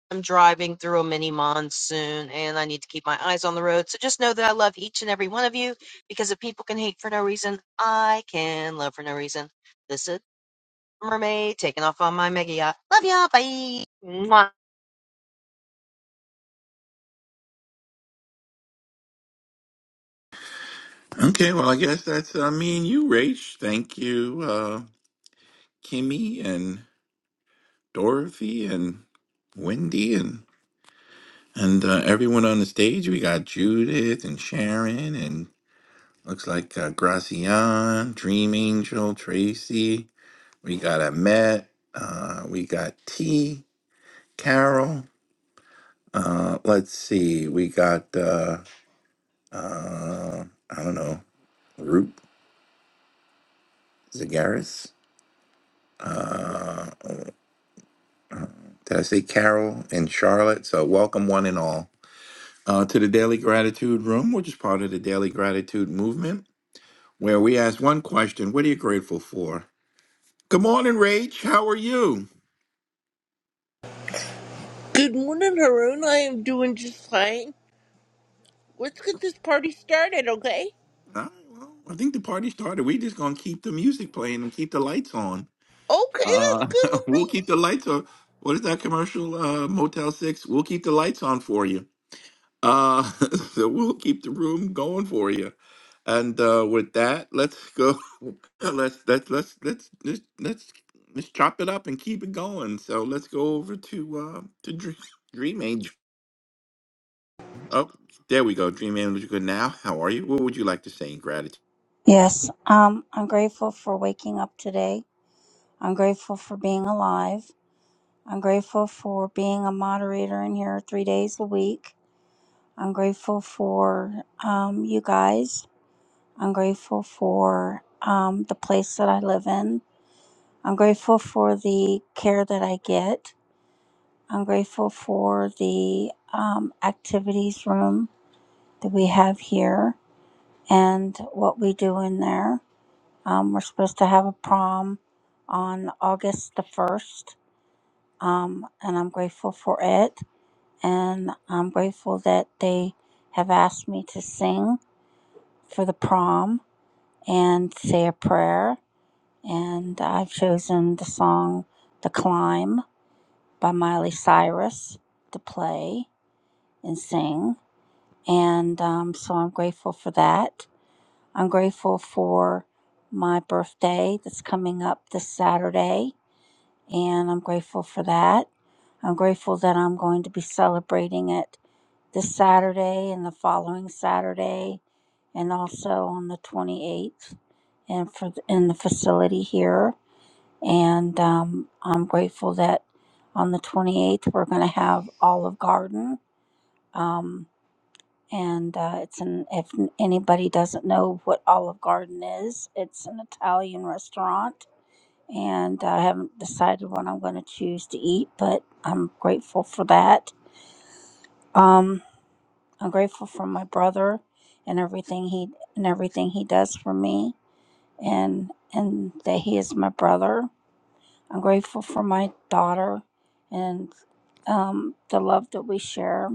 Speaker 15: I'm driving through a mini monsoon and I need to keep my eyes on the road. So just know that I love each and every one of you because if people can hate for no reason, I can love for no reason. This is Mermaid taking off on my mega yacht. Love y'all. Bye. Mwah.
Speaker 23: Okay, well, I guess that's uh, me and you, Rach. Thank you, uh, Kimmy and Dorothy and Wendy and and uh, everyone on the stage. We got Judith and Sharon and looks like uh, Gracian, Dream Angel, Tracy. We got Ahmet. Uh, we got T, Carol. Uh, let's see. We got uh, uh, I don't know, Root Zagaris. Uh, Did I say Carol and Charlotte? So, welcome one and all uh, to the Daily Gratitude Room, which is part of the Daily Gratitude Movement, where we ask one question What are you grateful for? Good morning, Rach. How are you?
Speaker 24: Good morning, Haroon. I am doing just fine. Let's get this party started, okay?
Speaker 23: All right, well, I think the party started. We're just going to keep the music playing and keep the lights on.
Speaker 24: Okay, that's
Speaker 23: Uh,
Speaker 24: good with
Speaker 23: we'll
Speaker 24: me.
Speaker 23: keep the lights on. What is that commercial, uh, Motel 6? We'll keep the lights on for you. Uh, so we'll keep the room going for you. And uh, with that, let's go. Let's let's let's let's let's let's let's chop it up and keep it going. So let's go over to uh, to Dream, Dream Angel. Oh, there we go. Dream Angel, you're good now. How are you? What would you like to say in gratitude?
Speaker 25: Yes, um, I'm grateful for waking up today. I'm grateful for being alive. I'm grateful for being a moderator in here three days a week. I'm grateful for um, you guys. I'm grateful for um, the place that I live in. I'm grateful for the care that I get. I'm grateful for the um, activities room that we have here and what we do in there. Um, we're supposed to have a prom on August the 1st, um, and I'm grateful for it. And I'm grateful that they have asked me to sing for the prom and say a prayer. And I've chosen the song The Climb by Miley Cyrus to play and sing. And um, so I'm grateful for that. I'm grateful for my birthday that's coming up this Saturday and I'm grateful for that. I'm grateful that I'm going to be celebrating it this Saturday and the following Saturday, and also on the 28th, and for the, in the facility here. And um, I'm grateful that on the 28th we're going to have Olive Garden. Um, and uh, it's an if anybody doesn't know what Olive Garden is, it's an Italian restaurant and I haven't decided what I'm going to choose to eat, but I'm grateful for that. Um, I'm grateful for my brother and everything he and everything he does for me, and and that he is my brother. I'm grateful for my daughter and um, the love that we share.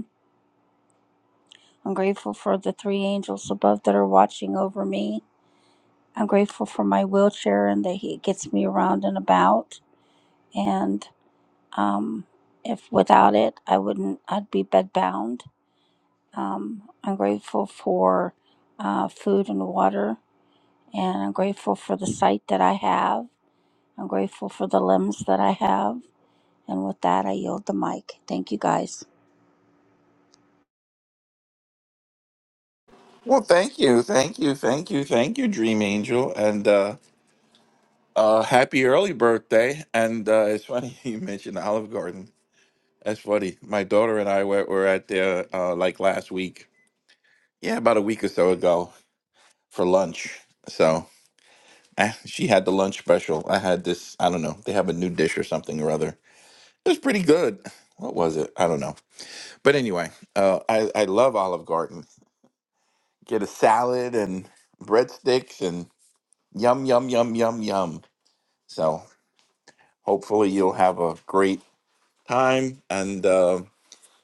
Speaker 25: I'm grateful for the three angels above that are watching over me. I'm grateful for my wheelchair and that he gets me around and about. and. Um, if without it, I wouldn't, I'd be bedbound. Um, I'm grateful for uh, food and water, and I'm grateful for the sight that I have. I'm grateful for the limbs that I have. And with that, I yield the mic. Thank you guys.
Speaker 23: Well, thank you, thank you, thank you, thank you, Dream Angel, and uh, uh, happy early birthday. And uh, it's funny you mentioned Olive Garden. That's funny. My daughter and I were, were at there uh, like last week Yeah, about a week or so ago for lunch. So eh, she had the lunch special. I had this, I don't know, they have a new dish or something or other. It was pretty good. What was it? I don't know. But anyway, uh, I, I love Olive Garden. Get a salad and breadsticks and yum, yum, yum, yum, yum. So hopefully you'll have a great time. And uh,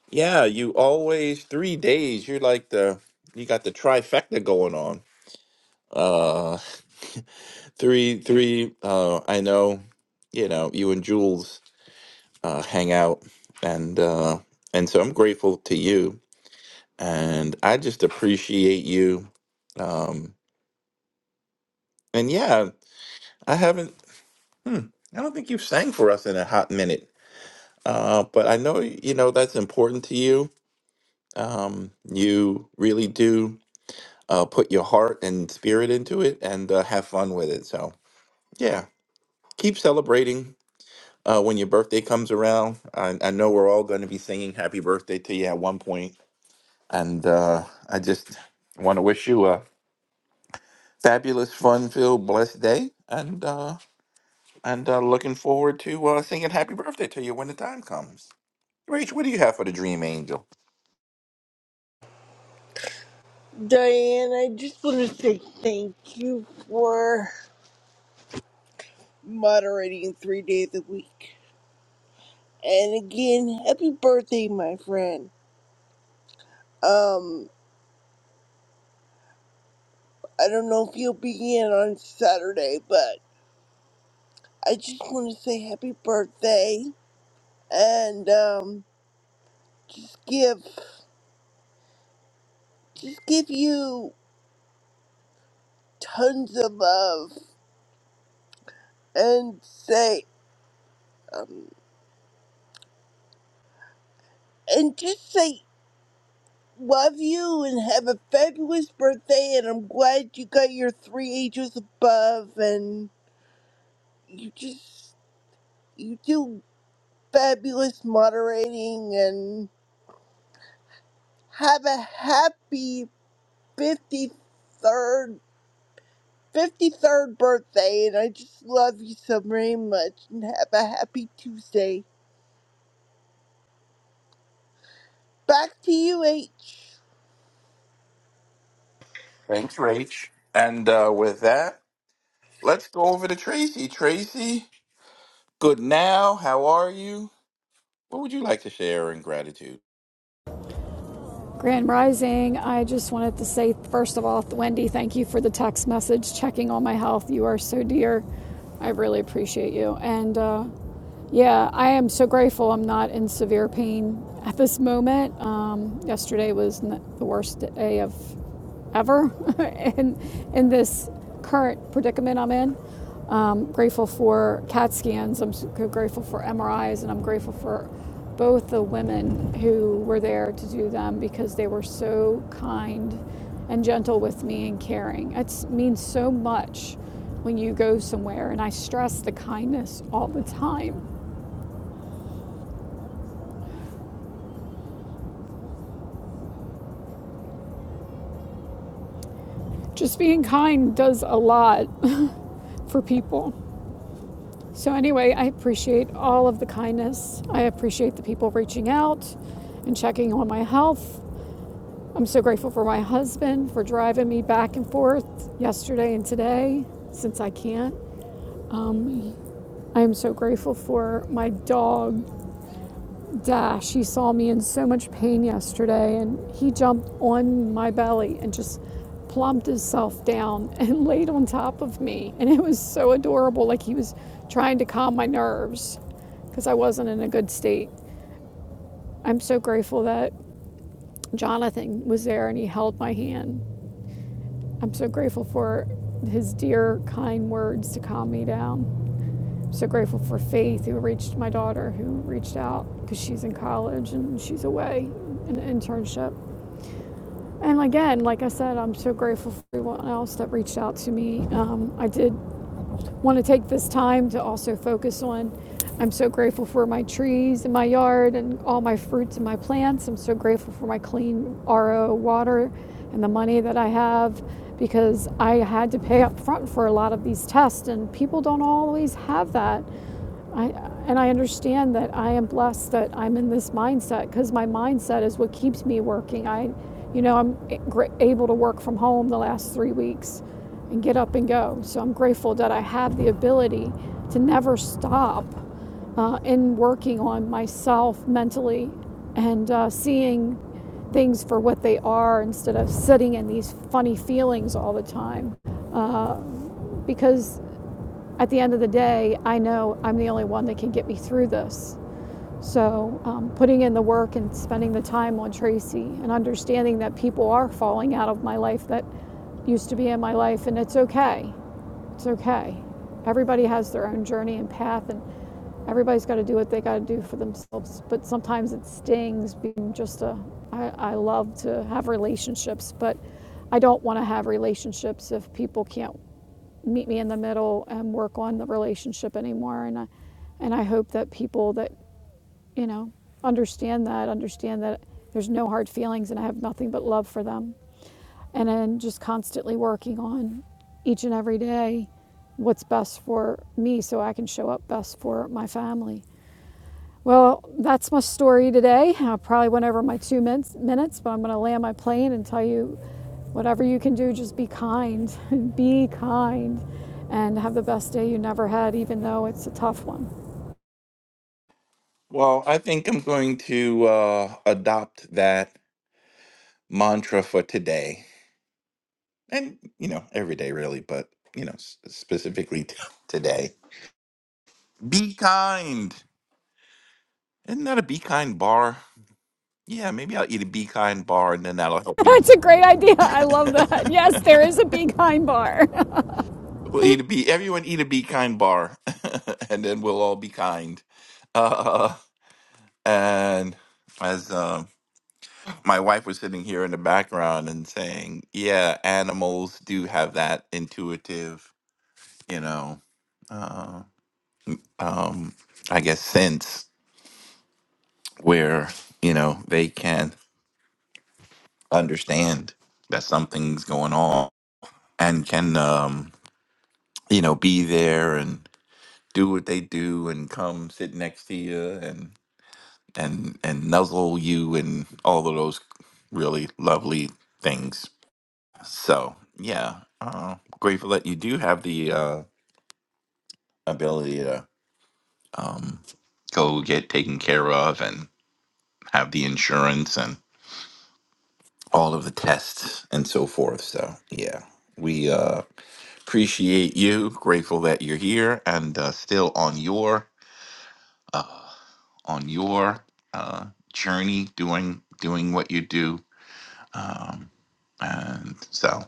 Speaker 23: yeah, you always, three days, you're like the, you got the trifecta going on. Uh, Three, three. Uh, I know, you know, you and Jules uh, hang out, and uh, and so I'm grateful to you, and I just appreciate you. Um, and yeah, I haven't. I don't think you've sang for us in a hot minute, uh, but I know you know that's important to you. Um, you really do uh, put your heart and spirit into it, and uh, have fun with it. So yeah, keep celebrating uh, when your birthday comes around. I, I know we're all going to be singing happy birthday to you at one point. And uh, I just want to wish you a fabulous, fun filled, blessed day. And uh, and uh, looking forward to uh, singing happy birthday to you when the time comes. Rach, what do you have for the dream angel?
Speaker 24: Diane, I just want to say thank you for moderating three days a week. And again, happy birthday, my friend. Um, I don't know if you'll be in on Saturday, but I just want to say happy birthday and um, just give, just give you tons of love and say um, and just say love you and have a fabulous birthday and i'm glad you got your three ages above and you just you do fabulous moderating and have a happy 53rd 53rd birthday and i just love you so very much and have a happy tuesday back to you h
Speaker 23: Thanks, Rach. And uh, with that, let's go over to Tracy. Tracy, good now. How are you? What would you like to share in gratitude?
Speaker 26: Grand Rising, I just wanted to say, first of all, Wendy, thank you for the text message checking on my health. You are so dear. I really appreciate you. And uh, yeah, I am so grateful I'm not in severe pain at this moment. Um, yesterday was n- the worst day of ever in, in this current predicament I'm in. Um, grateful for CAT scans, I'm grateful for MRIs, and I'm grateful for both the women who were there to do them because they were so kind and gentle with me and caring. It means so much when you go somewhere, and I stress the kindness all the time. Just being kind does a lot for people. So, anyway, I appreciate all of the kindness. I appreciate the people reaching out and checking on my health. I'm so grateful for my husband for driving me back and forth yesterday and today since I can't. I am so grateful for my dog Dash, he saw me in so much pain yesterday and he jumped on my belly and just plumped himself down and laid on top of me. And it was so adorable, like he was trying to calm my nerves because I wasn't in a good state. I'm so grateful that Jonathan was there and he held my hand. I'm so grateful for his dear, kind words to calm me down. I'm so grateful for Faith, who reached my daughter, who reached out because she's in college and she's away in an internship. And again, like I said, I'm so grateful for everyone else that reached out to me. Um, I did want to take this time to also focus on. I'm so grateful for my trees in my yard and all my fruits and my plants. I'm so grateful for my clean RO water and the money that I have because I had to pay up front for a lot of these tests, and people don't always have that. I, and I understand that I am blessed that I'm in this mindset because my mindset is what keeps me working. I, you know, I'm able to work from home the last three weeks and get up and go. So I'm grateful that I have the ability to never stop uh, in working on myself mentally and uh, seeing things for what they are instead of sitting in these funny feelings all the time. Uh, because at the end of the day, I know I'm the only one that can get me through this. So, um, putting in the work and spending the time on Tracy and understanding that people are falling out of my life that used to be in my life, and it's okay. It's okay. Everybody has their own journey and path, and everybody's got to do what they got to do for themselves. But sometimes it stings being just a. I, I love to have relationships, but I don't want to have relationships if people can't meet me in the middle and work on the relationship anymore. And I, and I hope that people that, you know, understand that, understand that there's no hard feelings and I have nothing but love for them. And then just constantly working on each and every day what's best for me so I can show up best for my family. Well, that's my story today. I probably went over my two minutes, but I'm going to land my plane and tell you whatever you can do, just be kind. be kind and have the best day you never had, even though it's a tough one.
Speaker 23: Well, I think I'm going to uh, adopt that mantra for today and you know every day really but you know s- specifically t- today be kind isn't that a be kind bar yeah maybe i'll eat a be kind bar and then that'll help me
Speaker 26: That's a great idea. I love that. Yes, there is a be kind bar.
Speaker 23: we'll eat a be everyone eat a be kind bar and then we'll all be kind uh, and as um, my wife was sitting here in the background and saying yeah animals do have that intuitive you know uh, um, I guess, sense where, you know, they can understand that something's going on and can, um, you know, be there and do what they do and come sit next to you and, and, and nuzzle you and all of those really lovely things. So, yeah, uh, grateful that you do have the uh, ability to um, go get taken care of and have the insurance all of the tests and so forth. So yeah, we uh, appreciate you. Grateful that you're here and uh, still on your on your uh, journey, doing doing what you do. Um, and so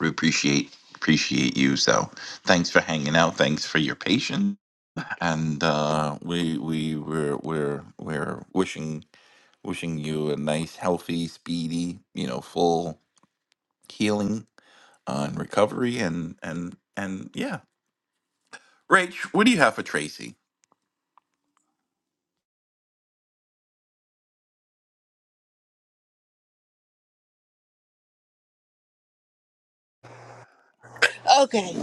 Speaker 23: we appreciate appreciate you. So thanks for hanging out. Thanks for your patience. And uh, we we we're we're we're wishing wishing you a nice, healthy, speedy, you know, full healing on recovery and and and yeah. Rach, what do you have for Tracy?
Speaker 24: okay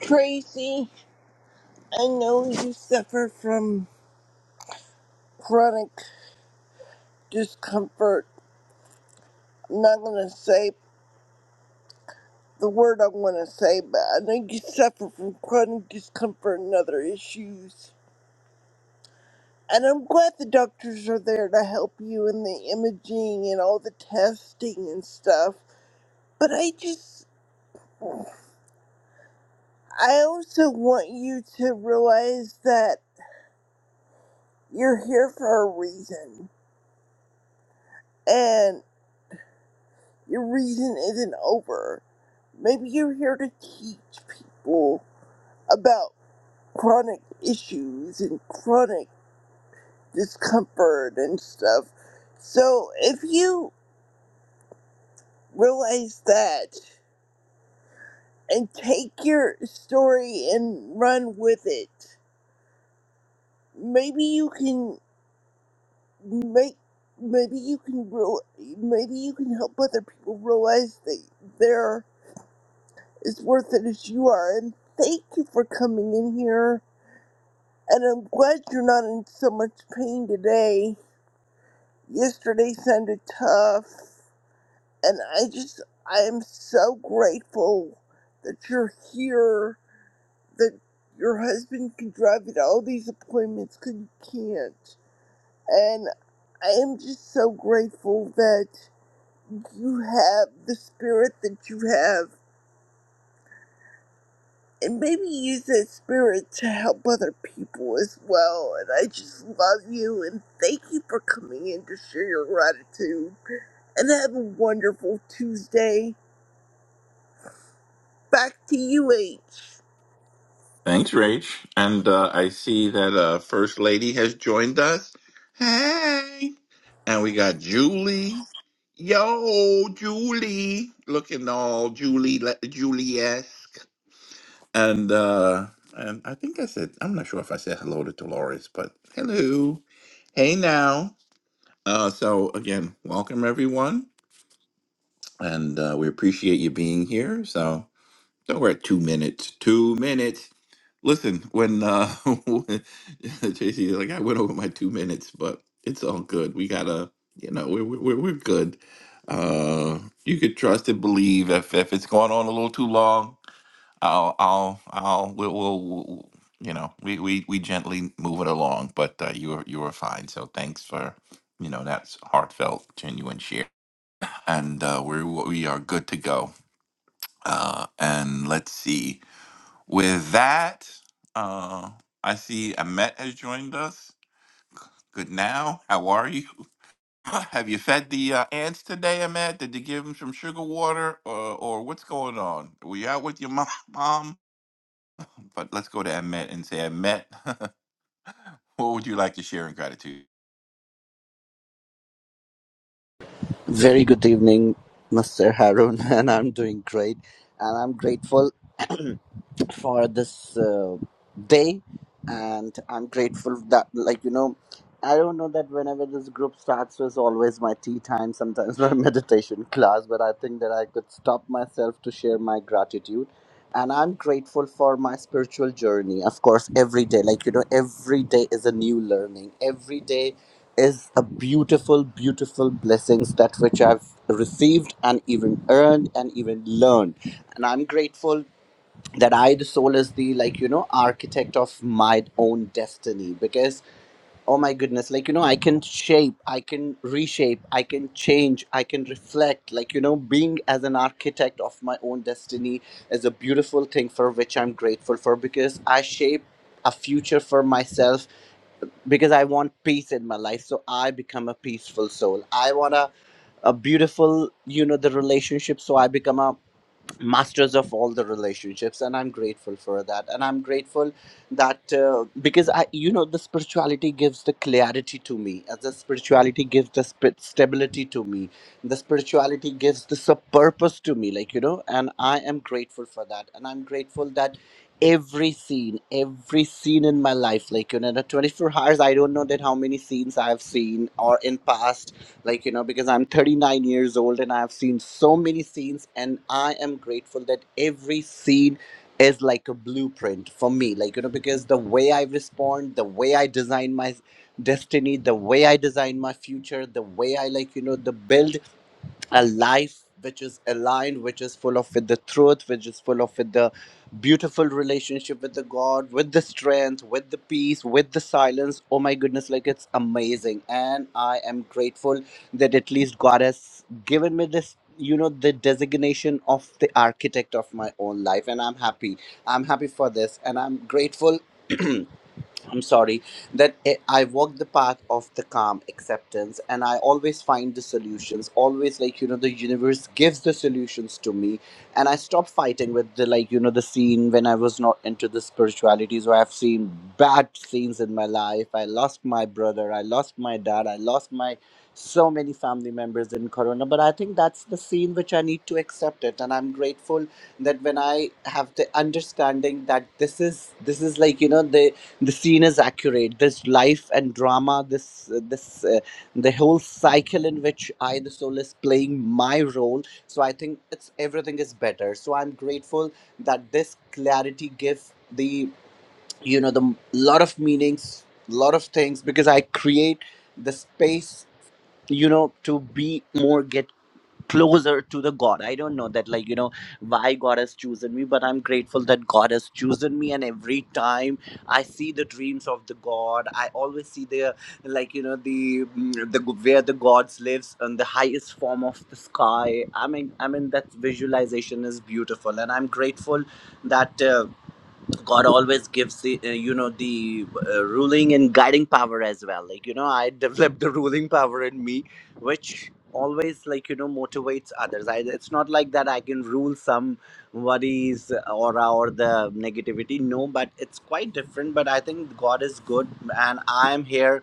Speaker 24: tracy i know you suffer from chronic discomfort. I'm not going to say the word I want to say, but I think you suffer from chronic discomfort and other issues. And I'm glad the doctors are there to help you in the imaging and all the testing and stuff. But I just, I also want you to realize that you're here for a reason. And your reason isn't over. Maybe you're here to teach people about chronic issues and chronic discomfort and stuff. So if you realize that and take your story and run with it, maybe you can make maybe you can real maybe you can help other people realize that they're as worth it as you are. And thank you for coming in here. And I'm glad you're not in so much pain today. Yesterday sounded tough. And I just, I am so grateful that you're here, that your husband can drive you to all these appointments because you can't. And I am just so grateful that you have the spirit that you have. And maybe use that spirit to help other people as well. And I just love you and thank you for coming in to share your gratitude. And have a wonderful Tuesday. Back to you, H.
Speaker 23: Thanks, Rach. And uh, I see that uh, First Lady has joined us. Hey. And we got Julie. Yo, Julie. Looking all Julie Julie-esque. And uh and I think I said I'm not sure if I said hello to Dolores, but hello. Hey now. Uh so again, welcome everyone. And uh, we appreciate you being here. So So we're at two minutes. Two minutes. Listen, when uh when- JC is like, I went over my two minutes, but it's all good. We gotta, you know, we're we're, we're good. Uh, you could trust and believe if if it's going on a little too long, I'll I'll I'll we'll, we'll, we'll you know we, we we gently move it along. But uh, you were you were fine. So thanks for you know that's heartfelt, genuine share, and uh, we we are good to go. Uh, and let's see. With that, uh, I see Amet has joined us. Good now. How are you? Have you fed the uh, ants today, Amet? Did you give them some sugar water, or, or what's going on? Were you out with your mom? mom? But let's go to Amet and say, Amet, what would you like to share in gratitude?
Speaker 27: Very good evening, Mr. Harun, and I'm doing great, and I'm grateful. blessed for this uh, day and i'm grateful that like you know i don't know that whenever this group starts was always my tea time sometimes my meditation class but i think that i could stop myself to share my gratitude and i'm grateful for my spiritual journey of course every day like you know every day is a new learning every day is a beautiful beautiful blessings that which i've received and even earned and even learned and i'm grateful that I, the soul, is the like you know architect of my own destiny. Because oh my goodness, like you know, I can shape, I can reshape, I can change, I can reflect. Like you know, being as an architect of my own destiny is a beautiful thing for which I'm grateful for. Because I shape a future for myself because I want peace in my life. So I become a peaceful soul. I want a a beautiful you know the relationship so i become a masters of all the relationships and i'm grateful for that and i'm grateful that uh, because i you know the spirituality gives the clarity to me as the spirituality gives the sp- stability to me the spirituality gives the sub- purpose to me like you know and i am grateful for that and i'm grateful that every scene every scene in my life like you know the 24 hours i don't know that how many scenes i've seen or in past like you know because i'm 39 years old and i've seen so many scenes and i am grateful that every scene is like a blueprint for me like you know because the way i respond the way i design my destiny the way i design my future the way i like you know the build a life which is aligned which is full of with the truth which is full of with the beautiful relationship with the god with the strength with the peace with the silence oh my goodness like it's amazing and i am grateful that at least god has given me this you know the designation of the architect of my own life and i'm happy i'm happy for this and i'm grateful I'm sorry, that I I walk the path of the calm acceptance and I always find the solutions. Always, like, you know, the universe gives the solutions to me. And I stop fighting with the, like, you know, the scene when I was not into the spirituality. So I've seen bad scenes in my life. I lost my brother, I lost my dad, I lost my so many family members in corona but i think that's the scene which i need to accept it and i'm grateful that when i have the understanding that this is this is like you know the the scene is accurate this life and drama this uh, this uh, the whole cycle in which i the soul is playing my role so i think it's everything is better so i'm grateful that this clarity gives the you know the lot of meanings lot of things because i create the space you know to be more get closer to the god i don't know that like you know why god has chosen me but i'm grateful that god has chosen me and every time i see the dreams of the god i always see the like you know the mm, the where the gods lives on the highest form of the sky i mean i mean that visualization is beautiful and i'm grateful that Uh, God always gives the uh, you know the uh, ruling and guiding power as well. Like you know, I developed the ruling power in me, which always like you know motivates others. I, it's not like that I can rule some worries or or the negativity. No, but it's quite different. But I think God is good, and I am here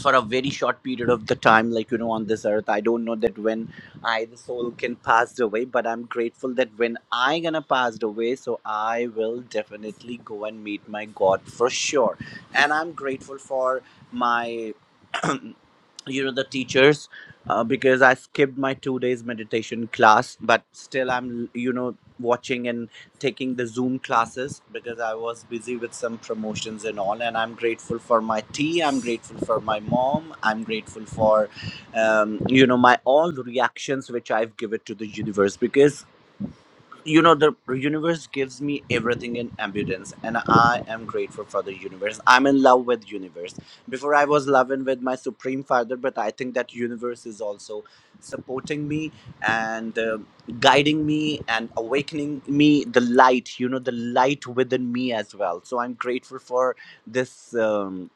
Speaker 27: for a very short period of the time like you know on this earth i don't know that when i the soul can pass away but i'm grateful that when i gonna pass away so i will definitely go and meet my god for sure and i'm grateful for my you know the teachers uh, because i skipped my two days meditation class but still i'm you know watching and taking the zoom classes because i was busy with some promotions and all and i'm grateful for my tea i'm grateful for my mom i'm grateful for um, you know my all reactions which i've given to the universe because you know the universe gives me everything in abundance and i am grateful for the universe i'm in love with universe before i was loving with my supreme father but i think that universe is also supporting me and uh, guiding me and awakening me the light you know the light within me as well so i'm grateful for this um,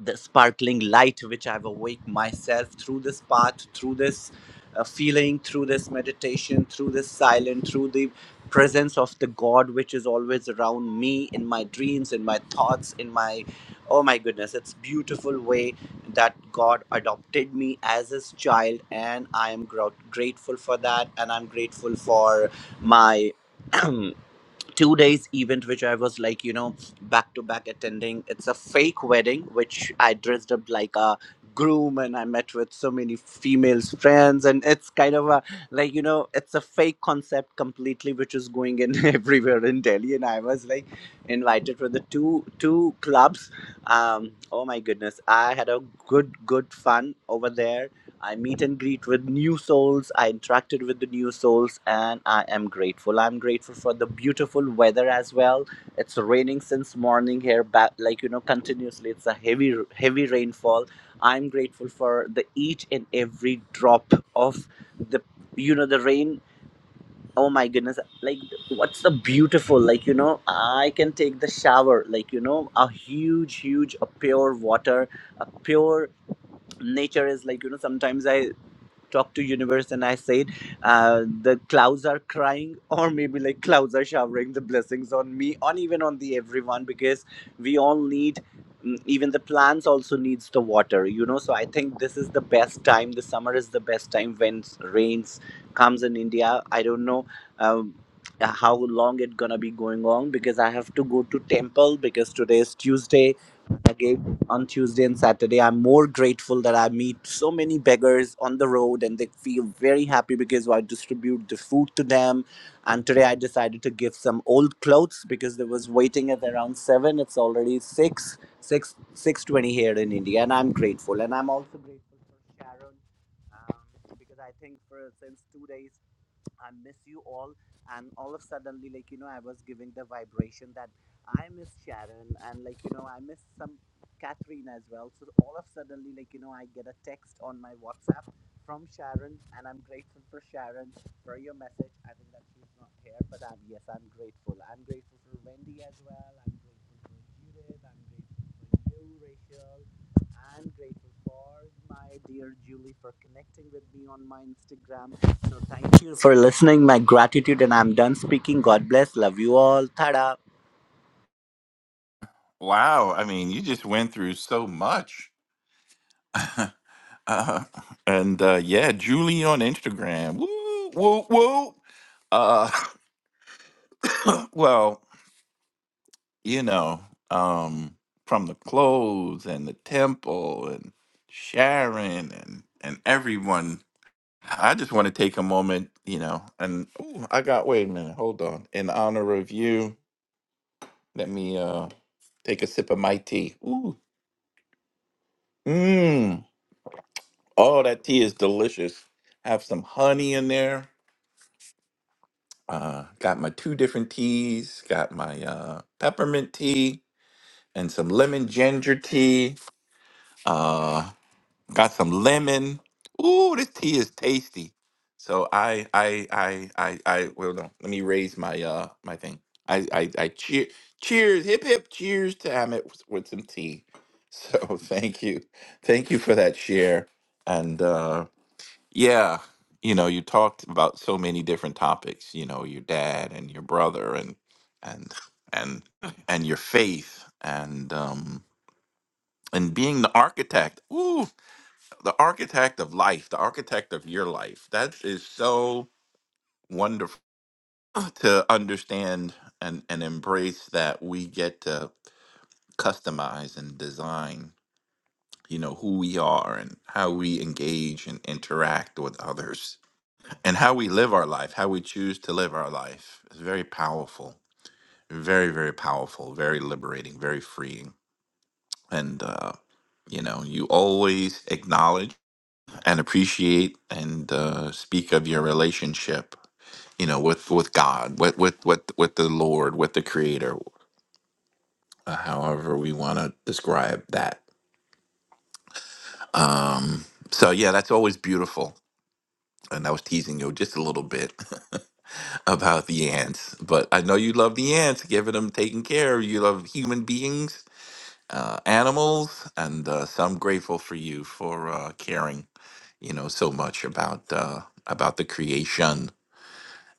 Speaker 27: the sparkling light which I've awake myself through this path, through this uh, feeling, through this meditation, through this silence, through the presence of the God which is always around me in my dreams, in my thoughts, in my oh my goodness, it's beautiful way that God adopted me as his child, and I am gro- grateful for that, and I'm grateful for my. two days event which i was like you know back to back attending it's a fake wedding which i dressed up like a groom and i met with so many females friends and it's kind of a like you know it's a fake concept completely which is going in everywhere in delhi and i was like invited for the two two clubs um oh my goodness i had a good good fun over there I meet and greet with new souls. I interacted with the new souls, and I am grateful. I'm grateful for the beautiful weather as well. It's raining since morning here, back like you know, continuously. It's a heavy, heavy rainfall. I'm grateful for the each and every drop of the you know the rain. Oh my goodness! Like what's the beautiful? Like you know, I can take the shower. Like you know, a huge, huge, a pure water, a pure nature is like you know sometimes i talked to universe and i said uh, the clouds are crying or maybe like clouds are showering the blessings on me on even on the everyone because we all need mm, even the plants also needs the water you know so i think this is the best time the summer is the best time when s- rains comes in india i don't know um, how long it gonna be going on because i have to go to temple because today is tuesday on Tuesday and Saturday. I'm more grateful that I meet so many beggars on the road and they feel very happy because I distribute the food to them. And today I decided to give some old clothes because there was waiting at around seven. It's already six, six, six twenty here in India, and I'm grateful. And I'm also grateful for Sharon um, because I think for since two days I miss you all. And all of suddenly, like, you know, I was giving the vibration that I miss Sharon and like, you know, I miss some Catherine as well. So all of suddenly, like, you know, I get a text on my WhatsApp from Sharon and I'm grateful for Sharon for your message. I think that she's not here, but I'm, yes, I'm grateful. I'm grateful for Wendy as well. I'm grateful for Judith. I'm grateful for you, Rachel. I'm grateful for my dear Julie for connecting with me on my Instagram. So thank you for listening. My gratitude, and I'm done speaking. God bless. Love you all. Tada.
Speaker 23: Wow, I mean, you just went through so much. Uh, and uh, yeah, Julie on Instagram. Woo, woo, woo. Uh, well. you know, um, from the clothes and the temple and Sharon and and everyone. I just want to take a moment, you know, and ooh, I got wait a minute, hold on. In honor of you, let me uh take a sip of my tea. Ooh. Mmm. Oh, that tea is delicious. Have some honey in there. Uh got my two different teas, got my uh peppermint tea and some lemon ginger tea. uh, Got some lemon. Ooh, this tea is tasty. So I I I I I well no, let me raise my uh my thing. I I, I cheer cheers hip hip cheers to Amit with, with some tea. So thank you. Thank you for that share. And uh yeah, you know, you talked about so many different topics, you know, your dad and your brother and and and and your faith and um and being the architect. Ooh, the architect of life, the architect of your life. That is so wonderful to understand and, and embrace that we get to customize and design, you know, who we are and how we engage and interact with others and how we live our life, how we choose to live our life. It's very powerful, very, very powerful, very liberating, very freeing. And, uh, you know, you always acknowledge and appreciate and uh, speak of your relationship, you know, with with God, with with with, with the Lord, with the Creator, uh, however we want to describe that. Um, so yeah, that's always beautiful. And I was teasing you just a little bit about the ants, but I know you love the ants, giving them taking care. of. You love human beings, uh, animals, and uh, so I'm grateful for you for uh, caring, you know, so much about uh, about the creation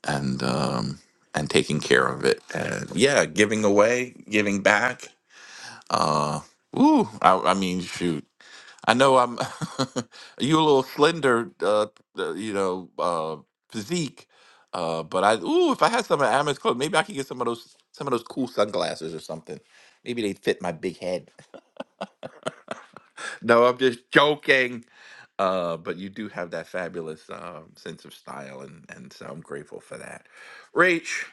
Speaker 23: and um, and taking care of it. And yeah, giving away, giving back. Uh, ooh, I, I mean, shoot. I know I'm you a little slender, uh, uh, you know, uh, physique. Uh, but I ooh, if I had some of Amet's clothes, maybe I could get some of those some of those cool sunglasses or something. Maybe they fit my big head. No, I'm just joking. Uh, but you do have that fabulous um, sense of style, and and so I'm grateful for that. Rach,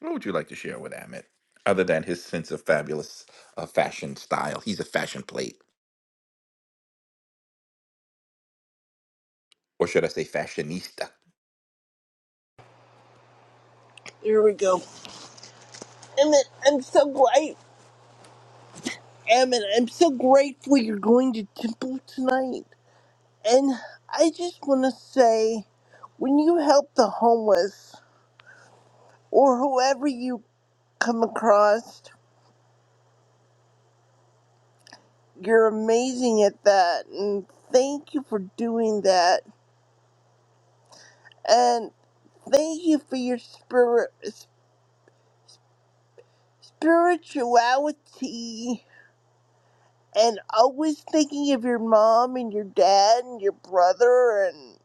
Speaker 23: What would you like to share with Amit, other than his sense of fabulous uh, fashion style? He's a fashion plate, or should I say, fashionista.
Speaker 24: Here we go. Emmett, I'm so glad, Emmett, I'm so grateful you're going to temple tonight. And I just want to say, when you help the homeless or whoever you come across, you're amazing at that. And thank you for doing that. And thank you for your spirit, spirituality and always thinking of your mom and your dad and your brother and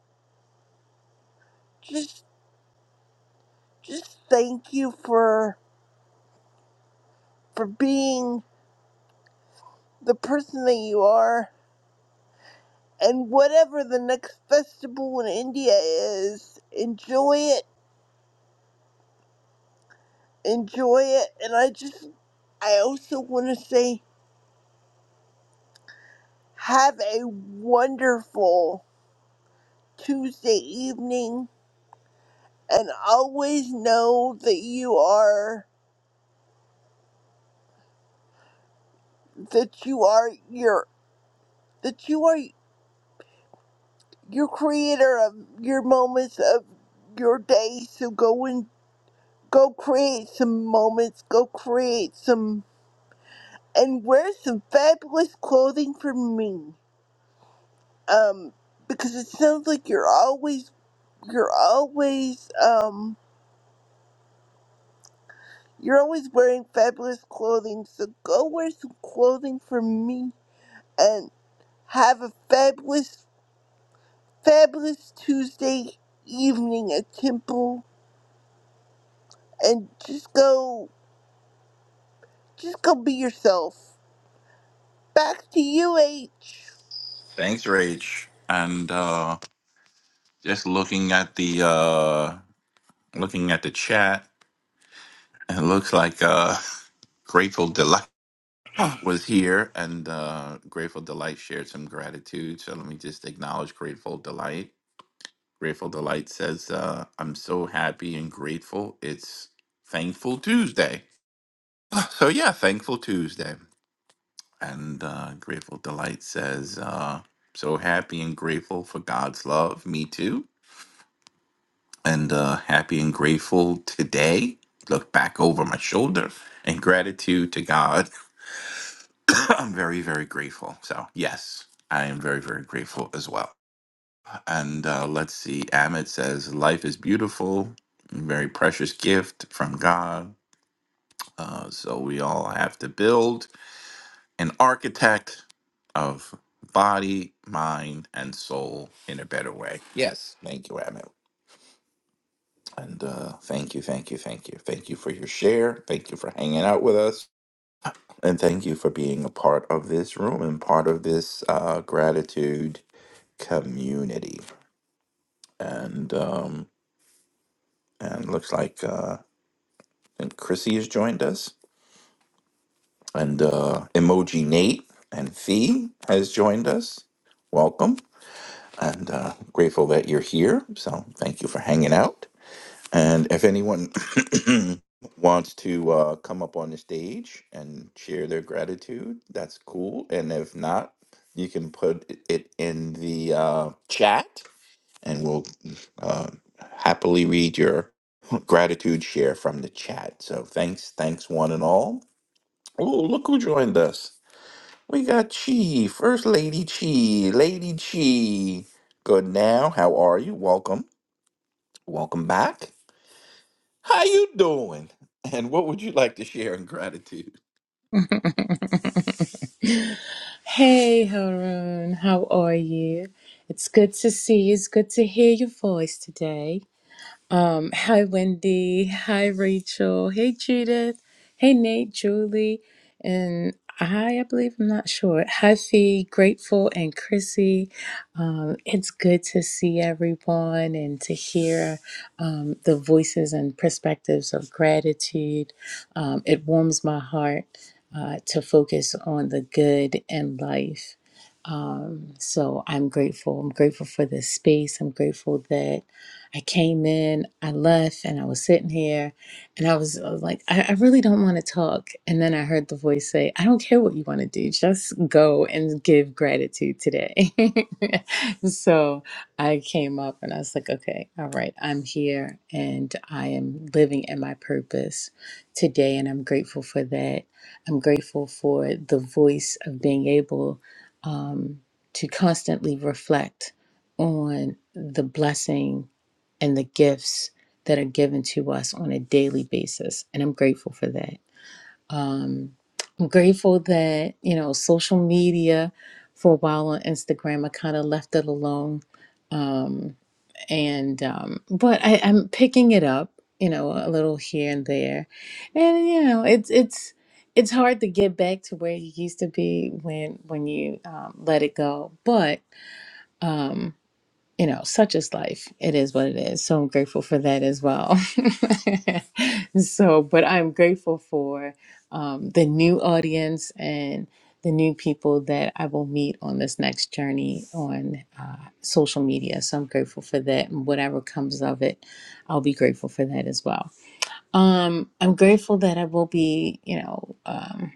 Speaker 24: just just thank you for for being the person that you are and whatever the next festival in India is enjoy it enjoy it and I just I also want to say have a wonderful Tuesday evening and always know that you are that you are your that you are your creator of your moments of your day so go and. Go create some moments. Go create some and wear some fabulous clothing for me. Um, because it sounds like you're always you're always um you're always wearing fabulous clothing. So go wear some clothing for me and have a fabulous fabulous Tuesday evening at Temple and just go just go be yourself. Back to you, H.
Speaker 23: Thanks, Rach. And uh, just looking at the uh, looking at the chat, it looks like uh, Grateful Delight was here, and uh, Grateful Delight shared some gratitude. So let me just acknowledge Grateful Delight. Grateful Delight says, uh, "I'm so happy and grateful. It's Thankful Tuesday." So yeah, Thankful Tuesday. And uh, Grateful Delight says, uh, so happy and grateful for God's love. Me too. And uh, happy and grateful today. Look back over my shoulder and gratitude to God. I'm very, very grateful. So, yes, I am very, very grateful as well. And uh, let's see. Amit says, life is beautiful, very precious gift from God. Uh, so, we all have to build. an architect of body, mind, and soul in a better way. Yes, thank you, Amit. And uh, thank you, thank you, thank you. Thank you for your share. Thank you for hanging out with us. And thank you for being a part of this room and part of this uh, gratitude community. And um, and looks like uh, and Chrissy has joined us, and uh, Emoji Nate and Fee has joined us. Welcome. and uh, grateful that you're here. So thank you for hanging out. And if anyone wants to uh, come up on the stage and share their gratitude, that's cool. And if not, you can put it in the uh, chat, and we'll uh, happily read your gratitude share from the chat. So thanks, thanks one and all. Oh, look who joined us. We got Chi, First Lady Chi, Lady Chi. Good now. How are you? Welcome. Welcome back. How you doing? And what would you like to share in gratitude?
Speaker 28: Hey, Haroon, how are you? It's good to see you. It's good to hear your voice today. Um, hi, Wendy. Hi, Rachel. Hey, Judith. Hey, Nate, Julie. And hi, I believe I'm not sure. Hi, Fee, Grateful, and Chrissy. Um, it's good to see everyone and to hear um, the voices and perspectives of gratitude. Um, it warms my heart uh, to focus on the good in life. Um, so I'm grateful. I'm grateful for this space. I'm grateful that I came in, I left, and I was sitting here, and I was, I was like, I, I really don't want to talk. And then I heard the voice say, I don't care what you want to do, just go and give gratitude today. so I came up and I was like, okay, all right, I'm here and I am living in my purpose today, and I'm grateful for that. I'm grateful for the voice of being able um, to constantly reflect on the blessing and the gifts that are given to us on a daily basis. And I'm grateful for that. Um, I'm grateful that, you know, social media for a while on Instagram, I kind of left it alone. Um, and, um, but I, I'm picking it up, you know, a little here and there. And, you know, it's, it's, it's hard to get back to where you used to be when when you um, let it go, but um, you know, such is life. It is what it is. So I'm grateful for that as well. so, but I'm grateful for um, the new audience and the new people that I will meet on this next journey on uh, social media. So I'm grateful for that. And whatever comes of it, I'll be grateful for that as well. Um, I'm grateful that I will be, you know, um,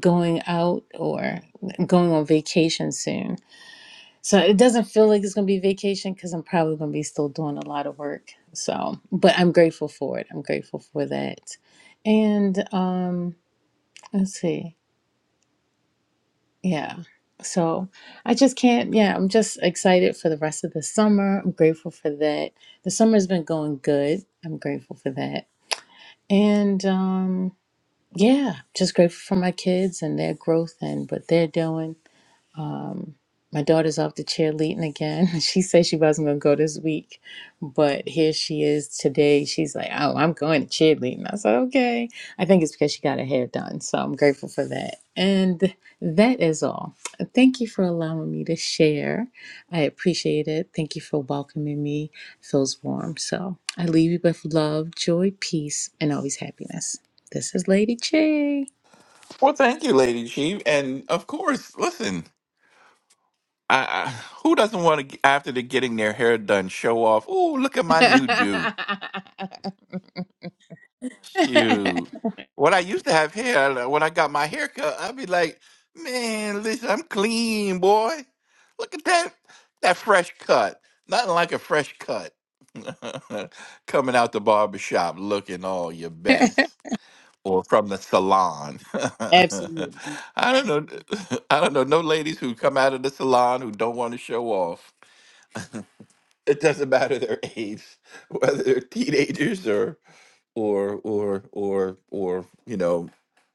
Speaker 28: going out or going on vacation soon so it doesn't feel like it's going to be vacation because I'm probably going to be still doing a lot of work. So, but I'm grateful for it. I'm grateful for that. And um, let's see. Yeah. So I just can't. Yeah, I'm just excited for the rest of the summer. I'm grateful for that. The summer's been going good. I'm grateful for that. And um, yeah, just grateful for my kids and their growth and what they're doing Um, my daughter's off the cheerleading again. She said she wasn't going to go this week, but here she is today. She's like, "Oh, I'm going to cheerleading." I said, "Okay." I think it's because she got her hair done, so I'm grateful for that. And that is all. Thank you for allowing me to share. I appreciate it. Thank you for welcoming me. It feels warm. So I leave you with love, joy, peace, and always happiness. This is Lady Chi.
Speaker 23: Well, thank you, Lady Chi. And of course, listen, I, I who doesn't want to after they're getting their hair done show off? Oh, look at my new do. Shoot. What I used to have hair, like, when I got my hair cut, I'd be like, man, listen, I'm clean, boy. Look at that, that fresh cut. Nothing like a fresh cut. Coming out the barber shop looking all your best. Or from the salon. I
Speaker 28: Absolutely.
Speaker 23: don't know. I don't know. No ladies who come out of the salon who don't want to show off. It doesn't matter their age, whether they're teenagers or." or or or or you know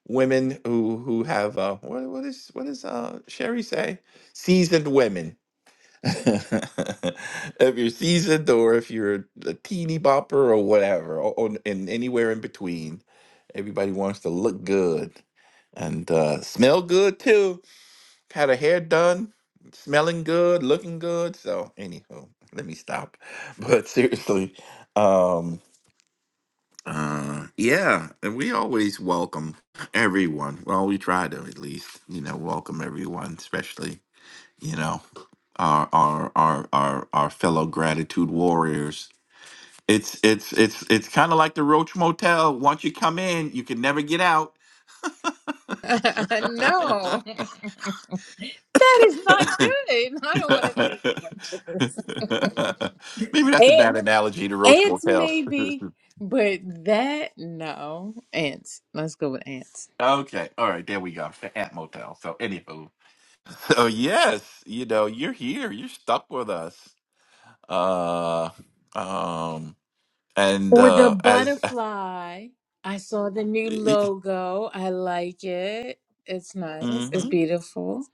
Speaker 23: women who who have uh what what is what is uh Sherry say seasoned women if you're seasoned or if you're a teeny bopper or whatever or, or and anywhere in between everybody wants to look good and uh smell good too had a hair done smelling good looking good so anywho let me stop but seriously um, uh, yeah, and we always welcome everyone. Well, we try to at least, you know, welcome everyone, especially you know our our our our, our fellow gratitude warriors. It's it's it's it's kind of like the Roach Motel. Once you come in, you can never get out.
Speaker 28: no,
Speaker 23: Maybe
Speaker 28: that is not good. I don't want to think about this.
Speaker 23: that's a
Speaker 28: Ant,
Speaker 23: bad analogy to Roach
Speaker 28: ants,
Speaker 23: Motel.
Speaker 28: maybe, but that, no. Ants. Let's go with ants.
Speaker 23: okay, all right, there we go. The Ant Motel. So, anywho. Oh yes, you know you're here. You're stuck with us. Uh, um, and
Speaker 28: Or the
Speaker 23: uh, as
Speaker 28: butterfly. I saw the new logo. I like it. It's
Speaker 23: hmm
Speaker 28: nice. It's
Speaker 23: hmm
Speaker 28: beautiful.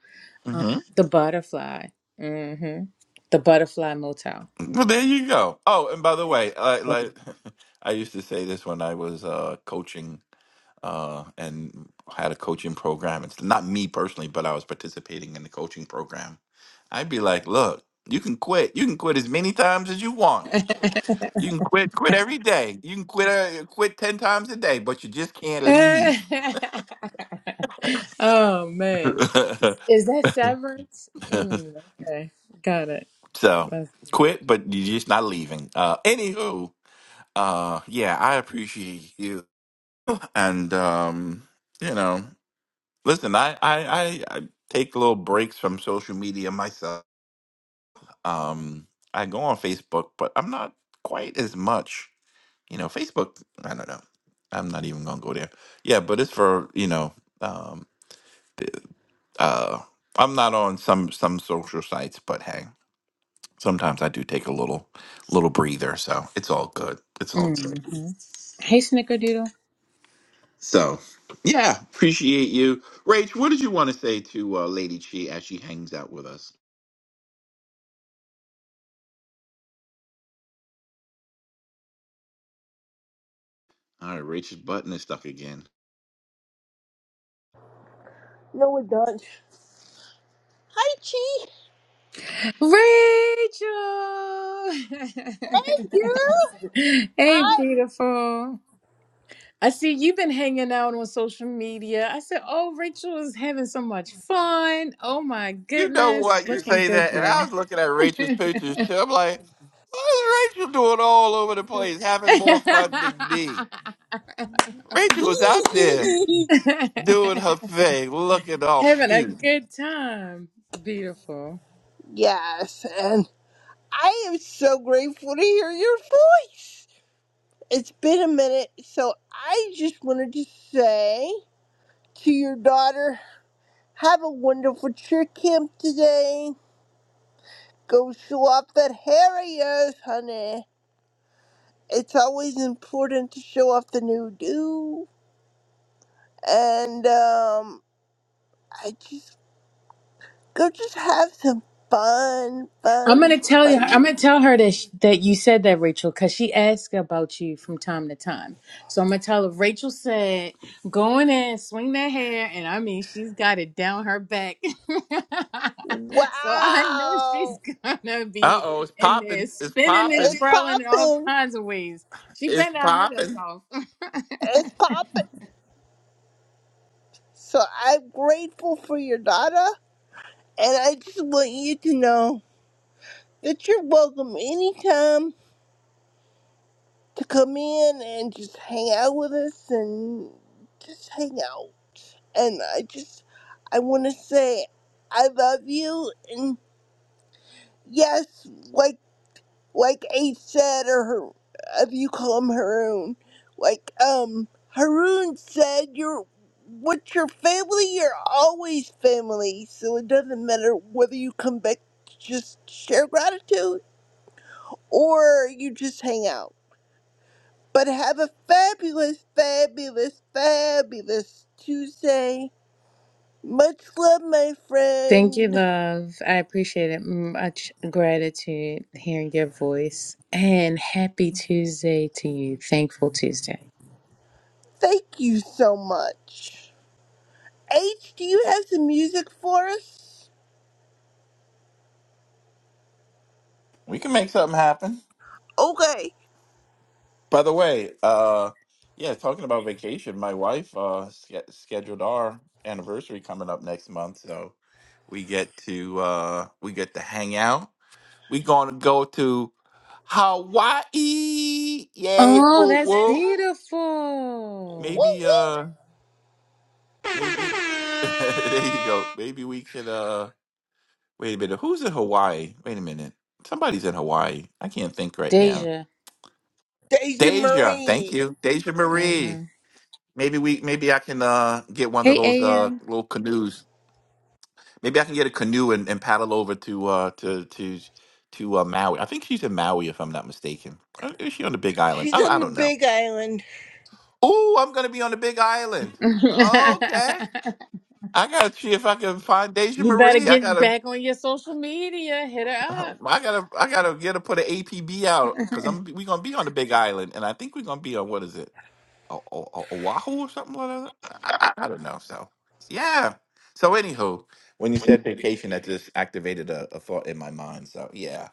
Speaker 28: Um,
Speaker 23: well,
Speaker 28: the butterfly. Mm-hmm. The butterfly motel.
Speaker 23: there you go. Oh, and by the way, I,
Speaker 28: Thank
Speaker 23: like I used to say this when I was uh, coaching uh, and had a coaching program. It's not me personally, but I was participating in the coaching program. I'd be like, "Look, you can quit. You can quit as many times as you want." You can quit, quit every day. You can quit, uh, quit ten times a day, but you just can't
Speaker 28: you.
Speaker 23: leave.
Speaker 28: oh man. Is that severance? Mm, okay, got it.
Speaker 23: so
Speaker 28: That's-
Speaker 23: quit, but you're just not leaving. Uh, anywho, uh, yeah, I appreciate you, and um, you know, listen, I, I, I, I take little breaks from social media myself. Um, I go on Facebook, but I'm not quite as much. You know, Facebook, I don't know. I'm not even gonna go there. Yeah, but it's for you know. um, uh I'm not on some some social sites, but hey, sometimes I do take a little little breather, so it's all good. It's all good.
Speaker 28: mhm. Hey, Snickerdoodle.
Speaker 23: So, yeah, appreciate you, Rach. What did you want to say to uh, Lady Chi as she hangs out with us? All right, Rach's button is stuck again.
Speaker 24: No, we don't. Hi, Chi. Thank you.
Speaker 28: Rachel! hey,
Speaker 24: I
Speaker 28: beautiful. I see you've been hanging out on social media. I said, oh, Rachel is having so much fun. Oh, my
Speaker 23: You know
Speaker 28: goodness.
Speaker 23: what? You
Speaker 28: Looking
Speaker 23: say
Speaker 28: good,
Speaker 23: that, and I
Speaker 28: girl.
Speaker 23: was looking at Rachel's pictures too. I'm like, what is Rachel doing all over the place, having more fun than me? Rachel was out there doing her thing, looking all
Speaker 28: having a
Speaker 23: cute.
Speaker 28: good time. Beautiful.
Speaker 24: yes, and I am so grateful to hear your voice. It's been a minute, so I just wanted to say to your daughter, have a wonderful cheer camp today. Go show off that hair of yours, honey. It's always important to show off the new do. And um, I just go, just have some fun,
Speaker 28: I'm
Speaker 24: fun,
Speaker 28: gonna tell you. I'm gonna
Speaker 24: fun.
Speaker 28: tell her that sh- that you said that, Rachel, because she asks about you from time to time. So I'm gonna tell her. Rachel said, "Go in there, and swing that hair," and I mean, she's got it down her back. so I know she's
Speaker 24: Wow!
Speaker 28: gonna
Speaker 23: Uh
Speaker 28: be
Speaker 23: oh, it's
Speaker 28: in there
Speaker 23: popping. It's
Speaker 28: spinning and
Speaker 23: popping.
Speaker 24: It's
Speaker 28: twirling in all
Speaker 24: popping!
Speaker 28: kinds of ways. She
Speaker 23: It's
Speaker 28: better not hurt
Speaker 23: popping.
Speaker 28: herself.
Speaker 24: It's popping! So I'm grateful for your daughter, and I just want you to know that you're welcome anytime to come in and just hang out with us and just hang out. And I just, I want to say I love you, and yes, like. like Ace said, or her, if you call him Haroon, like um, Haroon said, you're with your family, you're always family. So it doesn't matter whether you come back, to just share gratitude, or you just hang out. But have a fabulous, fabulous, fabulous Tuesday. Much love, my
Speaker 28: Thank you,
Speaker 24: friend.
Speaker 28: love. I appreciate it. Much gratitude hearing your voice, and happy Tuesday to you. Thankful Tuesday.
Speaker 24: Thank you so much. H, do you have some music for us?
Speaker 23: We can make something happen.
Speaker 24: Okay.
Speaker 23: By the way, uh yeah, talking about vacation, my wife uh sch- scheduled our anniversary coming up next month, so we get to uh we get to hang out. We going to go to Hawaii. Yay.
Speaker 28: Oh,
Speaker 23: Woo
Speaker 28: that's
Speaker 23: woo.
Speaker 28: beautiful.
Speaker 24: Woo
Speaker 23: Maybe
Speaker 24: woo!
Speaker 23: uh maybe there you go. Maybe we could uh Wait a minute. Who's in Hawaii? Wait a minute. Somebody's in Hawaii. I can't think right now.
Speaker 28: Deja.
Speaker 24: Deja
Speaker 23: Deja, thank
Speaker 24: Marie.
Speaker 23: you. Deja Marie.
Speaker 28: hmm
Speaker 23: Maybe we maybe I can uh get one of
Speaker 28: Hey,
Speaker 23: those uh
Speaker 28: AM.
Speaker 23: little canoes. Maybe I can get a canoe and, and paddle over to uh to to to uh, Maui. I think she's in Maui if I'm not mistaken. Uh, Is she on the Big Island?
Speaker 24: She's
Speaker 23: I, I
Speaker 24: on the
Speaker 23: don't know.
Speaker 24: big island.
Speaker 23: Oh, I'm gonna be on the Big Island. Okay. I gotta see if I can find Deja
Speaker 28: you better
Speaker 23: Marie. I
Speaker 28: get
Speaker 23: gotta
Speaker 28: back on your social media. Hit her up.
Speaker 23: I gotta, I gotta get to put an APB out because I'm we gonna be on the Big Island, and I think we're gonna be on what is it, o- O- O- Oahu or something like that. I, I, I don't know. So yeah. So anywho, when you said vacation, that just activated a, a thought in my mind. So yeah.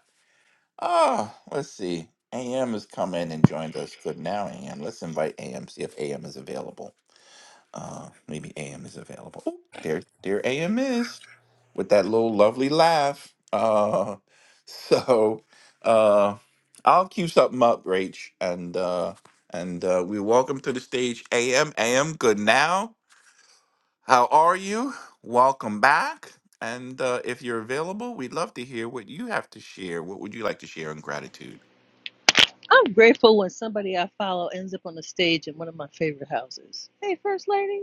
Speaker 23: Oh, let's see. AM has come in and joined us. Good now, AM. Let's invite AM. See if AM is available. Uh, maybe AM is available. Oh, there, there AM is with that little lovely laugh. Uh, so uh, I'll cue something up, Rach, and uh, and uh, we welcome to the stage AM. AM, good now. How are you? Welcome back. And uh, if you're available, we'd love to hear what you have to share. What would you like to share in gratitude?
Speaker 29: I'm grateful when somebody I follow ends up on the stage in one of my favorite houses. Hey, First Lady.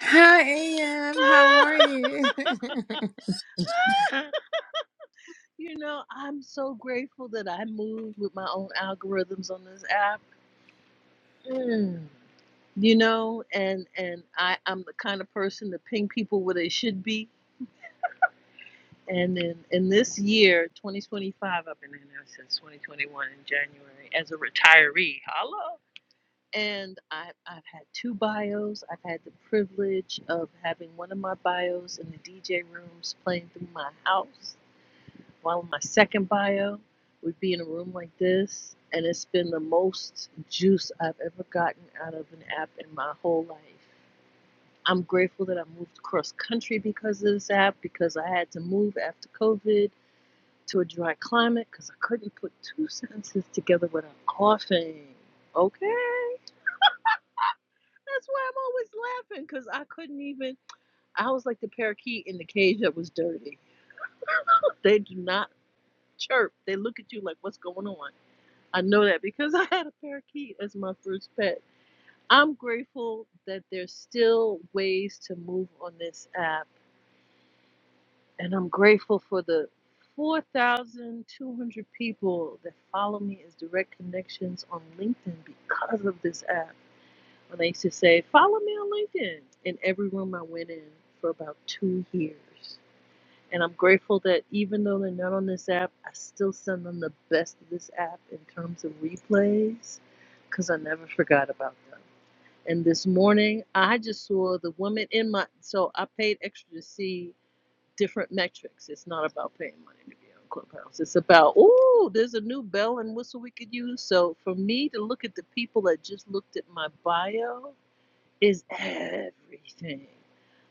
Speaker 28: Hi, AM. How are you?
Speaker 29: you know, I'm so grateful that I move with my own algorithms on this app. Mm. You know, and and I, I'm the kind of person to ping people where they should be. And in, in this year, 2025, I've been in there since 2021 in January as a retiree. Hello. And I, I've had two bios. I've had the privilege of having one of my bios in the DJ rooms playing through my house, while my second bio would be in a room like this. And it's been the most juice I've ever gotten out of an app in my whole life. I'm grateful that I moved across country because of this app, because I had to move after COVID to a dry climate because I couldn't put two sentences together without coughing. Okay That's why I'm always laughing because I couldn't even. I was like the parakeet in the cage that was dirty. They do not chirp. They look at you like, what's going on? I know that because I had a parakeet as my first pet. I'm grateful that there's still ways to move on this app. And I'm grateful for the 4,200 people that follow me as direct connections on LinkedIn because of this app. And I used to say, follow me on LinkedIn in every room I went in for about two years. And I'm grateful that even though they're not on this app, I still send them the best of this app in terms of replays because I never forgot about them. And this morning, I just saw the woman in my. So I paid extra to see different metrics. It's not about paying money to be on Clubhouse. It's about, ooh, there's a new bell and whistle we could use. So for me to look at the people that just looked at my bio, is everything.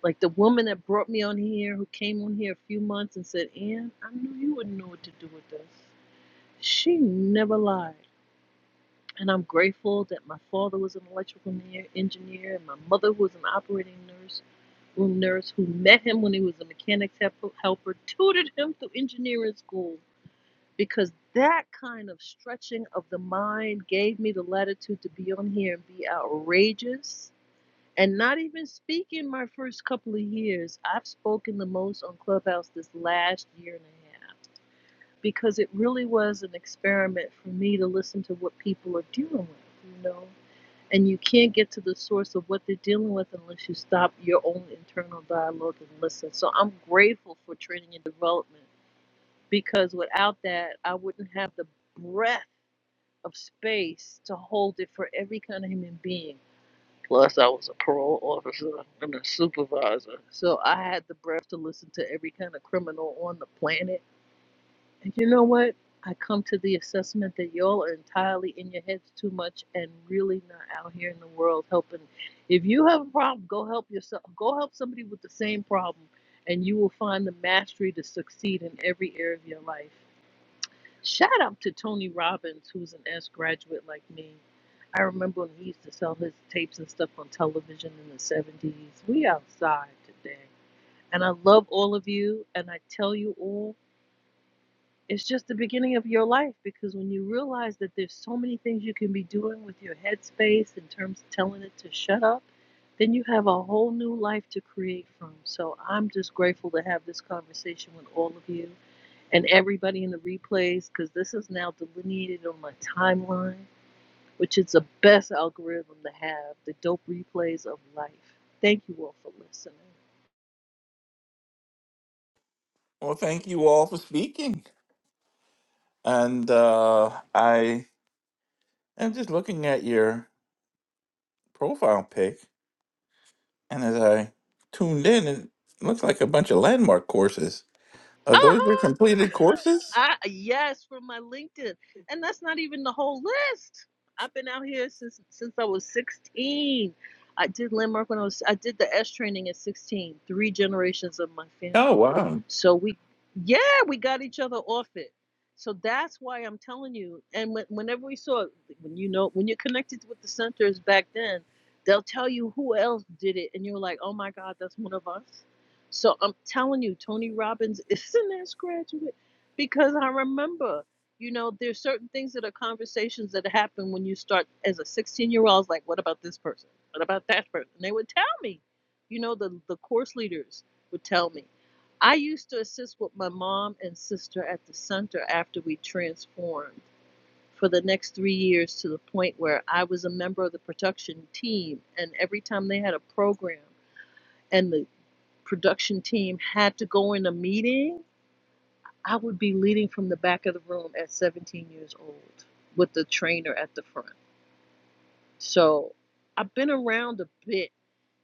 Speaker 29: Like the woman that brought me on here, who came on here a few months and said, Ann, I knew you wouldn't know what to do with this. She never lied. And I'm grateful that my father was an electrical engineer and my mother was an operating nurse, room nurse who met him when he was a mechanics help- helper, tutored him through engineering school because that kind of stretching of the mind gave me the latitude to be on here and be outrageous and not even speaking my first couple of years, I've spoken the most on Clubhouse this last year and a half because it really was an experiment for me to listen to what people are dealing with, you know. And you can't get to the source of what they're dealing with unless you stop your own internal dialogue and listen. So I'm grateful for training and development because without that, I wouldn't have the breadth of space to hold it for every kind of human being Plus, I was a parole officer and a supervisor. So I had the breath to listen to every kind of criminal on the planet. And you know what? I come to the assessment that y'all are entirely in your heads too much and really not out here in the world helping. If you have a problem, go help yourself. Go help somebody with the same problem, and you will find the mastery to succeed in every area of your life. Shout out to Tony Robbins, who's an S graduate like me. I remember when he used to sell his tapes and stuff on television in the 70s. We outside today. And I love all of you. And I tell you all, it's just the beginning of your life because when you realize that there's so many things you can be doing with your headspace in terms of telling it to shut up, then you have a whole new life to create from. So I'm just grateful to have this conversation with all of you and everybody in the replays because this is now delineated on my timeline, which is the best algorithm to have the dope replays of life. Thank you all for listening.
Speaker 23: Well, thank you all for speaking. And uh, I am just looking at your profile pic, And as I tuned in, it looks like a bunch of landmark courses. Are those your
Speaker 29: Uh-huh.
Speaker 23: completed courses?
Speaker 29: I yes, from my LinkedIn. And that's not even the whole list. I've been out here since since I was 16. I did landmark when I was I did the S training at 16, three generations of my
Speaker 23: Oh,
Speaker 29: family.
Speaker 23: wow.
Speaker 29: So we yeah, we got each other off it. So that's why I'm telling you. And when, whenever we saw when you know when you're connected with the centers back then, they'll tell you who else did it and you're like, "Oh my god, that's one of us." So I'm telling you, Tony Robbins is an S graduate because I remember, you know, there's certain things that are conversations that happen when you start as a 16 year old. I was like, what about this person? What about that person? And they would tell me, you know, the, the course leaders would tell me. I used to assist with my mom and sister at the center after we transformed for the next three years to the point where I was a member of the production team. And every time they had a program and the production team had to go in a meeting, I would be leading from the back of the room at 17 years old with the trainer at the front. So I've been around a bit.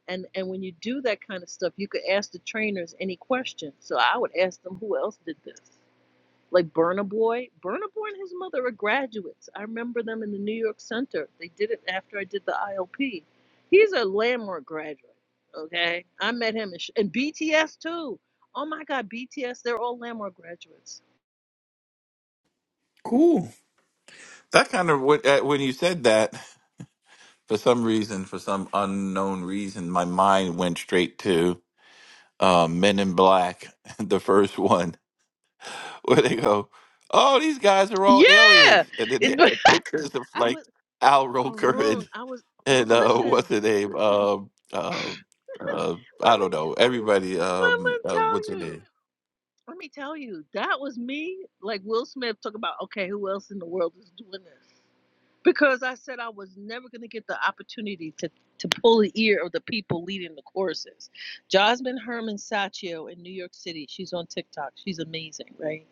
Speaker 29: And, and when you do that kind of stuff, you could ask the trainers any question. So I would ask them who else did this. Like Burna Boy. Burna Boy and his mother are graduates. I remember them in the New York Center. They did it after I did the ILP. He's a landmark graduate. Okay. I met him. in sh- And BTS too. Oh my God, BTS, they're all landmark graduates.
Speaker 23: Cool. That kind of, what- uh, when you said that, for some reason, for some unknown reason, my mind went straight to uh, Men in Black, the first one, where they go, Oh, these guys are all aliens.
Speaker 29: Yeah.
Speaker 23: And then they
Speaker 29: It- but
Speaker 23: have pictures of
Speaker 29: I
Speaker 23: like
Speaker 29: was
Speaker 23: Al Roker
Speaker 29: Haroon.
Speaker 23: and.
Speaker 29: I was
Speaker 23: and uh, what's
Speaker 29: listen,
Speaker 23: her name? Um, uh, uh,
Speaker 29: let
Speaker 23: I
Speaker 29: me
Speaker 23: don't know. Everybody,
Speaker 29: let
Speaker 23: um,
Speaker 29: me
Speaker 23: uh,
Speaker 29: tell
Speaker 23: what's her name?
Speaker 29: you. Let me tell you, that was me. Like Will Smith talk about, okay, who else in the world is doing this? Because I said I was never gonna get the opportunity to to pull the ear of the people leading the choruses. Jasmine Herman Saccio in New York City. She's on TikTok. She's amazing, right?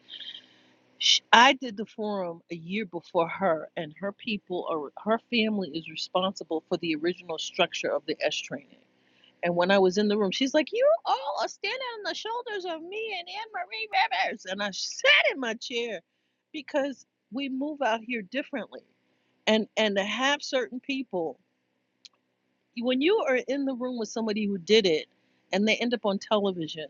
Speaker 29: Sh I did the forum a year before her, and her people are her family is responsible for the original structure of the S training. And when I was in the room, she's like, "You all are standing on the shoulders of me and Anne Marie Rivers," and I sat in my chair because we move out here differently, and and to have certain people, when you are in the room with somebody who did it, and they end up on television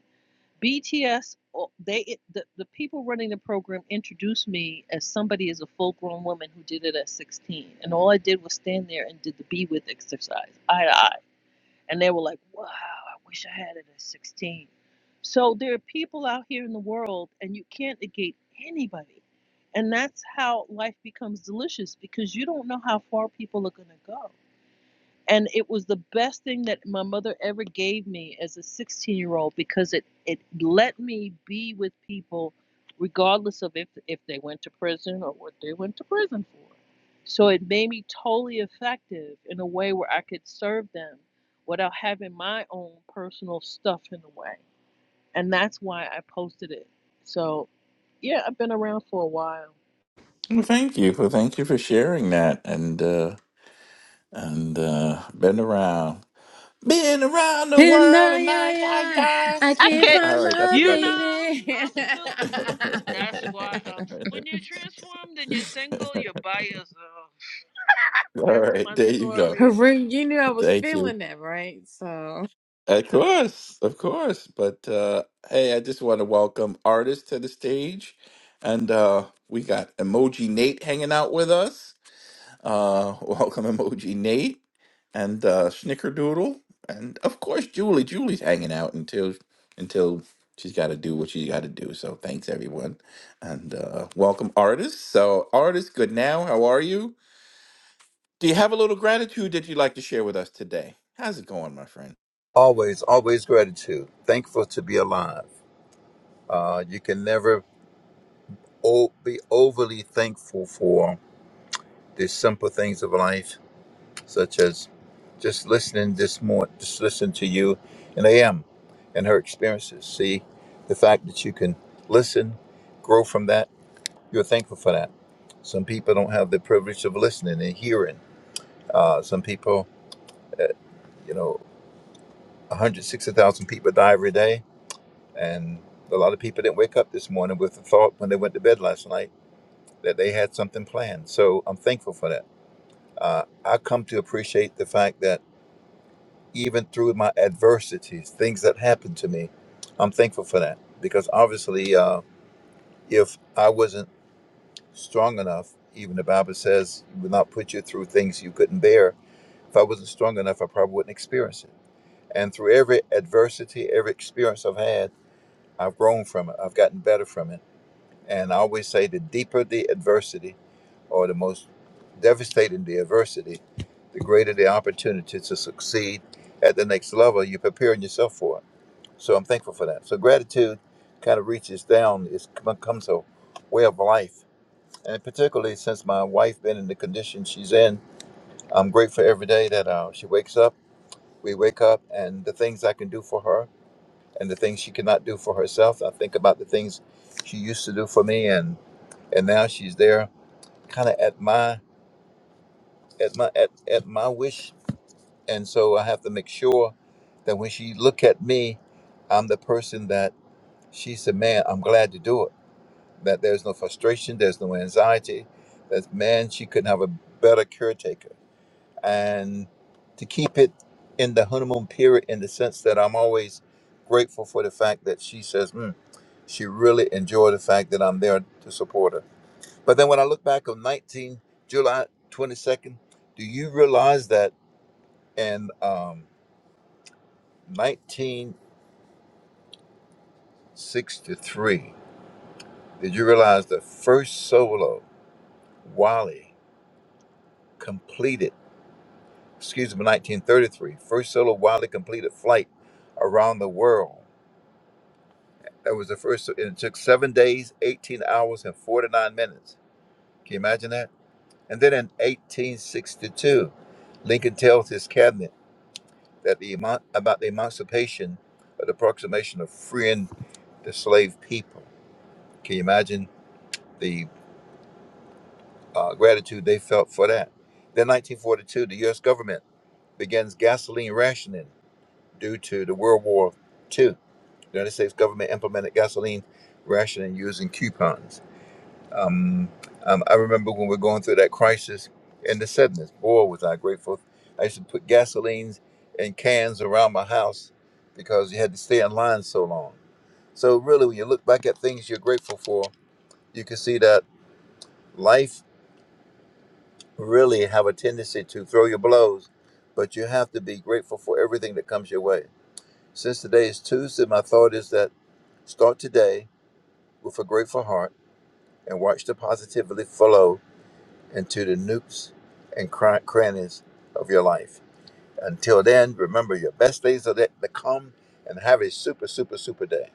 Speaker 29: BTS, oh, they the, the people running the program introduced me as somebody as a full grown woman who did it at 16. And all I did was stand there and did the Be With exercise, eye to eye. And they were like, wow, I wish I had it at 16. So there are people out here in the world, and you can't negate anybody. And that's how life becomes delicious because you don't know how far people are going to go and it was the best thing that my mother ever gave me as a 16 year old because it it let me be with people regardless of if if they went to prison or what they went to prison for so it made me totally effective in a way where i could serve them without having my own personal stuff in the way and that's why i posted it so yeah i've been around for a while
Speaker 23: Well, thank you for thank you for sharing that and uh and uh been around been around the
Speaker 28: And I,
Speaker 23: world and I
Speaker 28: I, I,
Speaker 23: I die.
Speaker 28: I
Speaker 29: i
Speaker 28: can't
Speaker 29: can't
Speaker 23: All
Speaker 28: find
Speaker 23: right, that's
Speaker 28: my
Speaker 29: you
Speaker 23: enough. of
Speaker 29: know
Speaker 28: baby.
Speaker 29: i'm still That's why um,
Speaker 23: it.
Speaker 29: when you transform then you're single, you're by yourself.
Speaker 23: All
Speaker 29: That's
Speaker 23: right,
Speaker 29: my
Speaker 23: there you go.
Speaker 29: story.
Speaker 28: Haroon, you knew I was
Speaker 23: Thank you.
Speaker 28: feeling that, right? So.
Speaker 23: Of course, of course. But uh, hey, I just want to welcome artists to the stage, and uh, we got Emoji Nate hanging out with us. Uh, welcome, Emoji Nate, and uh, Snickerdoodle, and of course Julie. Julie's hanging out until until she's got to do what she's got to do. So thanks everyone, and uh, welcome artists. So artists, good now. How are you? Do you have a little gratitude that you'd like to share with us today? How's it going, my friend?
Speaker 30: Always, always gratitude. Thankful to be alive. Uh, you can never o- be overly thankful for the simple things of life, such as just listening this morning, just listen to you and AM and her experiences. See the fact that you can listen, grow from that. You're thankful for that. Some people don't have the privilege of listening and hearing. Uh, some people, you know, 160,000 people die every day. And a lot of people didn't wake up this morning with the thought when they went to bed last night that they had something planned. So I'm thankful for that. Uh, I come to appreciate the fact that even through my adversities, things that happened to me, I'm thankful for that because obviously, uh, if I wasn't strong enough, even the Bible says, "He "Will not put you through things you couldn't bear." If I wasn't strong enough, I probably wouldn't experience it. And through every adversity, every experience I've had, I've grown from it. I've gotten better from it And I always say the deeper the adversity or the most devastating the adversity, the greater the opportunity to succeed at the next level. You're preparing yourself for it. So I'm thankful for that. So gratitude kind of reaches down, it becomes a way of life. And particularly since my wife been in the condition she's in, I'm grateful every day that uh, she wakes up, we wake up, and the things I can do for her and the things she cannot do for herself. I think about the things she used to do for me, and, and now she's there kind of at my at my at, at my wish and so i have to make sure that when she look at me i'm the person that she said man i'm glad to do it that there's no frustration there's no anxiety that man she couldn't have a better caretaker and to keep it in the honeymoon period in the sense that i'm always grateful for the fact that she says mm, she really enjoyed the fact that i'm there to support her But then when I look back on 19 July 22nd, do you realize that in um, 1963, did you realize the first solo Wally completed, excuse me, 1933, first solo Wally completed flight around the world? That was the first, and it took seven days, 18 hours, and 49 minutes. Can you imagine that? And then in 1862, Lincoln tells his cabinet, that the emo- about the emancipation or the approximation of freeing the slave people. Can you imagine the uh, gratitude they felt for that? Then 1942, the U.S. government begins gasoline rationing due to the World War II. The United States government implemented gasoline rationing using coupons. Um, um, I remember when we were going through that crisis and the sadness. Boy, was I grateful. I used to put gasolines in cans around my house because you had to stay in line so long. So really, when you look back at things you're grateful for, you can see that life really have a tendency to throw your blows, but you have to be grateful for everything that comes your way. Since today is Tuesday, my thought is that start today with a grateful heart and watch the positivity flow into the nooks and cr- crannies of your life. Until then, remember your best days are yet to come and have a super, super, super day.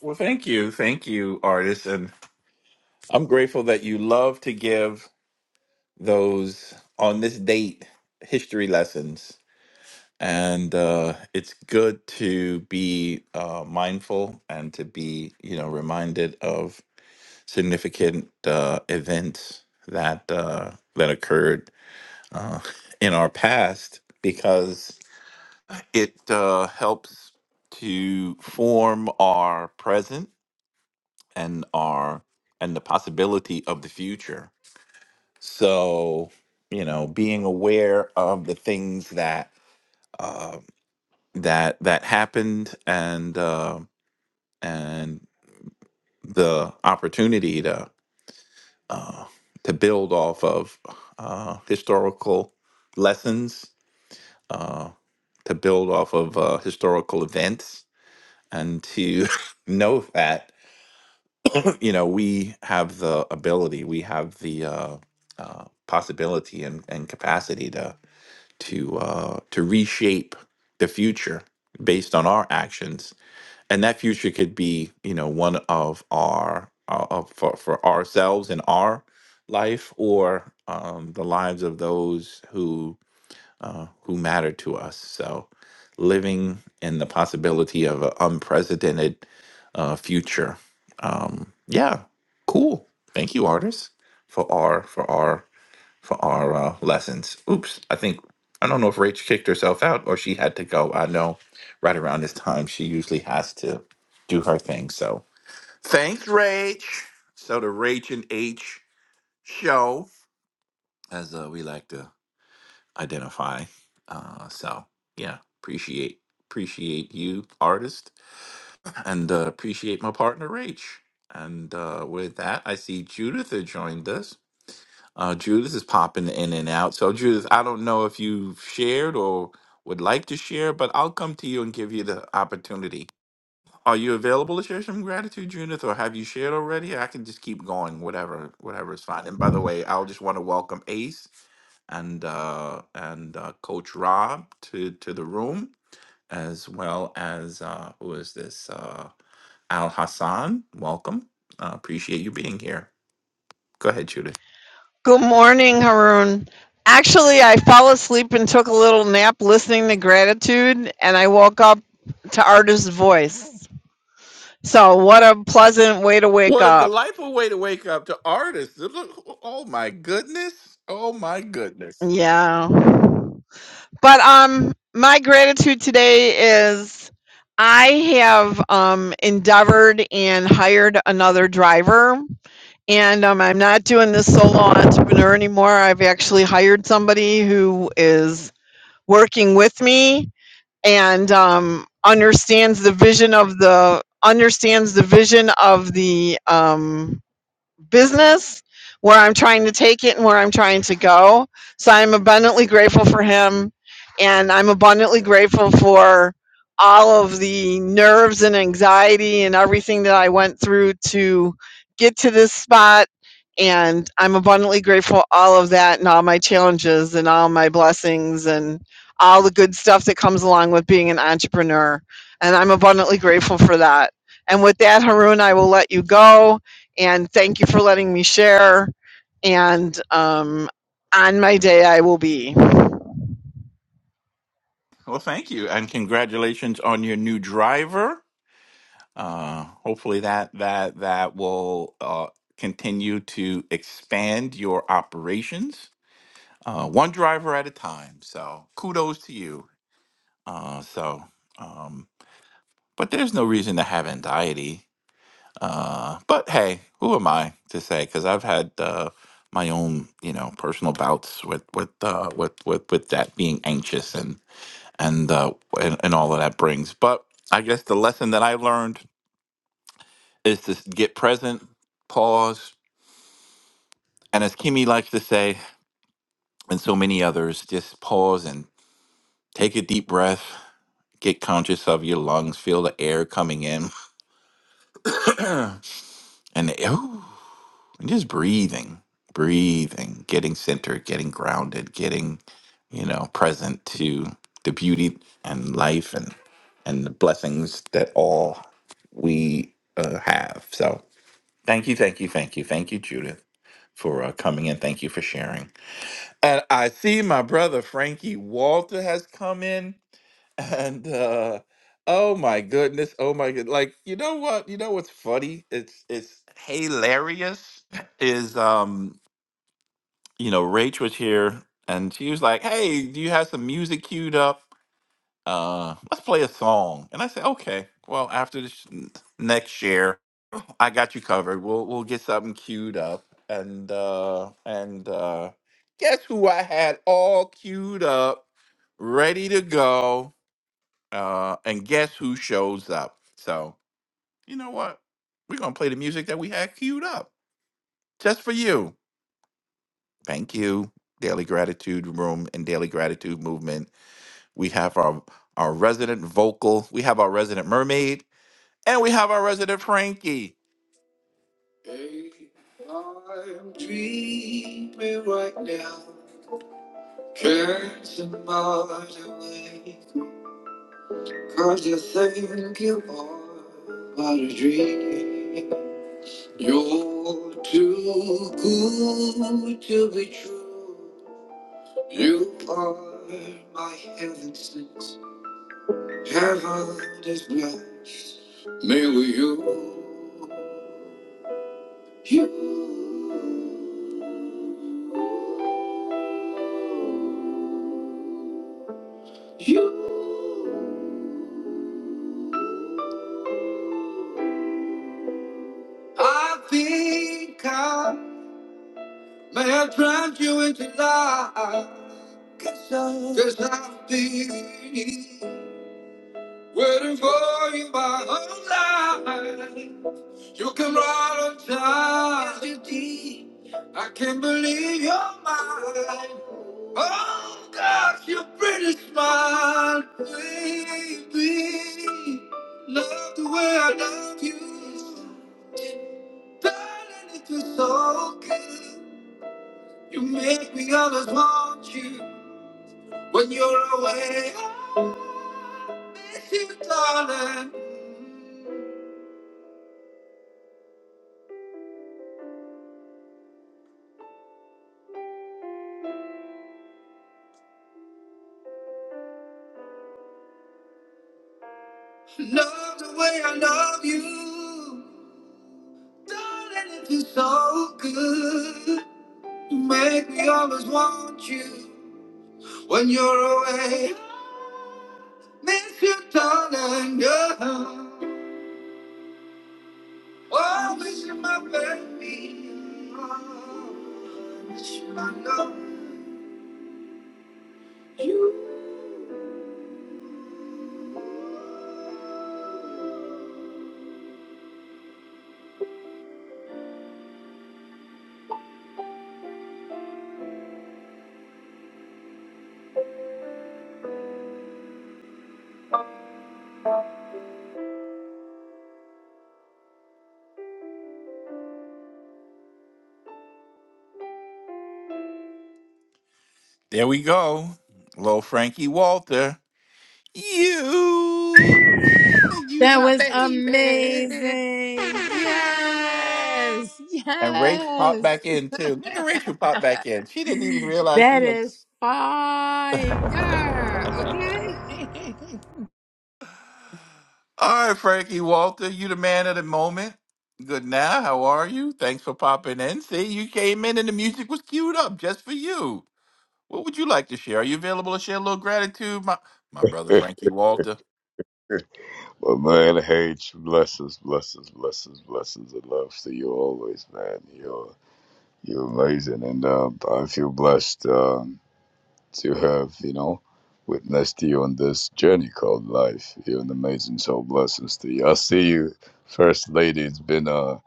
Speaker 23: Well, thank you. Thank you, artist. And I'm grateful that you love to give those on this date history lessons. And uh, it's good to be uh, mindful and to be, you know, reminded of significant uh, events that uh, that occurred uh, in our past because it uh, helps to form our present and our and the possibility of the future. So, you know, being aware of the things that uh, that that happened and uh, and the opportunity to uh, to build off of uh, historical lessons, uh, to build off of uh, historical events, and to know that you know we have the ability we have the uh, uh, possibility and, and capacity to to uh, to reshape the future based on our actions and that future could be you know one of our uh, of- for, for ourselves in our life or um, the lives of those who matter to us. So, living in the possibility of an unprecedented uh, future. Um, yeah, cool. Thank you, artists, for our for our for our uh, lessons. Oops, I think I don't know if Rach kicked herself out or she had to go. I know right around this time she usually has to do her thing. So, thanks, Rach. So the Rach and H show, as uh, we like to identify. Uh, so yeah, appreciate appreciate you, artist, and uh, appreciate my partner Rach. And uh, with that, I see Judith had joined us. Uh, Judith is popping in and out. So Judith, I don't know if you've shared or would like to share, but I'll come to you and give you the opportunity are you available to share some gratitude, Judith, or have you shared already? I can just keep going, whatever, whatever is fine. And by the way, I'll just want to welcome Ace and uh, and uh, Coach Rob to to the room, as well as uh, who is this? Uh, Al Hassan, welcome. Uh, appreciate you being here. Go ahead, Judith.
Speaker 12: Good morning, Haroon. Actually, I fell asleep and took a little nap listening to gratitude, and I woke up to Artist's voice. So, what a pleasant way to wake
Speaker 23: What a
Speaker 12: up.
Speaker 23: delightful way to wake up to artists. Look- Oh my goodness! Oh my goodness!
Speaker 12: Yeah. But um my gratitude today is I have um endeavored and hired another driver. And um, I'm not doing this solo entrepreneur anymore. I've actually hired somebody who is working with me and um, understands the vision of the understands the vision of the um, business, where I'm trying to take it and where I'm trying to go. So I'm abundantly grateful for him. And I'm abundantly grateful for all of the nerves and anxiety and everything that I went through to get to this spot. And I'm abundantly grateful for all of that and all my challenges and all my blessings and all the good stuff that comes along with being an entrepreneur. And I'm abundantly grateful for that. And with that, Haroon, I will let you go and thank you for letting me share. And um, on my day, I will be.
Speaker 23: Well, thank you, and congratulations on your new driver. Uh, hopefully that that that will uh, continue to expand your operations, uh, one driver at a time. So kudos to you. Uh, so, um, but there's no reason to have anxiety. Uh, but hey, who am I to say? Because I've had uh, my own, you know, personal bouts with with uh, with with with that being anxious and and uh, and, and all of that brings. But I guess the lesson that I learned is to get present, pause, and as Kimi likes to say, and so many others, just pause and take a deep breath, get conscious of your lungs, feel the air coming in, and, the- ooh, and just breathing, breathing, getting centered, getting grounded, getting, you know, present to the beauty and life and and the blessings that all we uh, have. So thank you, thank you, thank you, thank you, Judith, for uh, coming in. Thank you for sharing. And I see my brother Frankie Walter has come in, and uh, oh my goodness, oh my good, like you know what, you know what's funny? It's it's hilarious. Is um, you know, Rach was here, and she was like, "Hey, do you have some music queued up?" uh, let's play a song. And I said, okay, well, after this next year, I got you covered. We'll we'll get something queued up. And uh and uh guess who I had all queued up, ready to go. Uh and guess who shows up? So you know what? We're gonna play the music that we had queued up just for you. Thank you, Daily Gratitude Room and Daily Gratitude Movement. We have our our resident vocal, we have our resident mermaid. And we have our resident Frankie. Hey, I'm dreaming right now. Can't smile away. Cause you think you are but a dream. You're too good to be true. You are my heaven since heaven is blessed. Me with you. You. You. I think I may have drowned you into life. Cause I- I've been waiting for you my whole life. You come right on time. Yes, you did. I can't believe you're mine. Oh, gosh, your pretty smile, baby. Love the way I love you. Darling, it was so good. You make me always want you when you're away. I miss you, darling. Love the way I love you, darling. It feels so good. You make me always want you when you're away. Miss you, darling. Yeah. Oh, miss you, my baby. Oh, miss you, my love you. There we go. Little Frankie Walter. You, you
Speaker 28: That
Speaker 23: my
Speaker 28: was
Speaker 23: baby.
Speaker 28: amazing. Yes.
Speaker 23: And Rachel popped
Speaker 28: Yes.
Speaker 23: back in too. Look at Rachel pop back in. She didn't even realize she
Speaker 28: That
Speaker 23: had.
Speaker 28: is fire. Okay.
Speaker 23: All right, Frankie Walter, you the man of the moment. Good now. How are you? Thanks for popping in. See, you came in and the music was queued up just for you. What would you like to share? Are you available to share a little gratitude, my my brother Frankie Walter?
Speaker 31: But man, H, blessings, blessings, blessings, blessings, and love to you always, man. You're you're amazing, and uh, I feel blessed um, to have you know witnessed you on this journey called life. You're an amazing soul. Blessings to you. I see you, First Lady. It's been uh,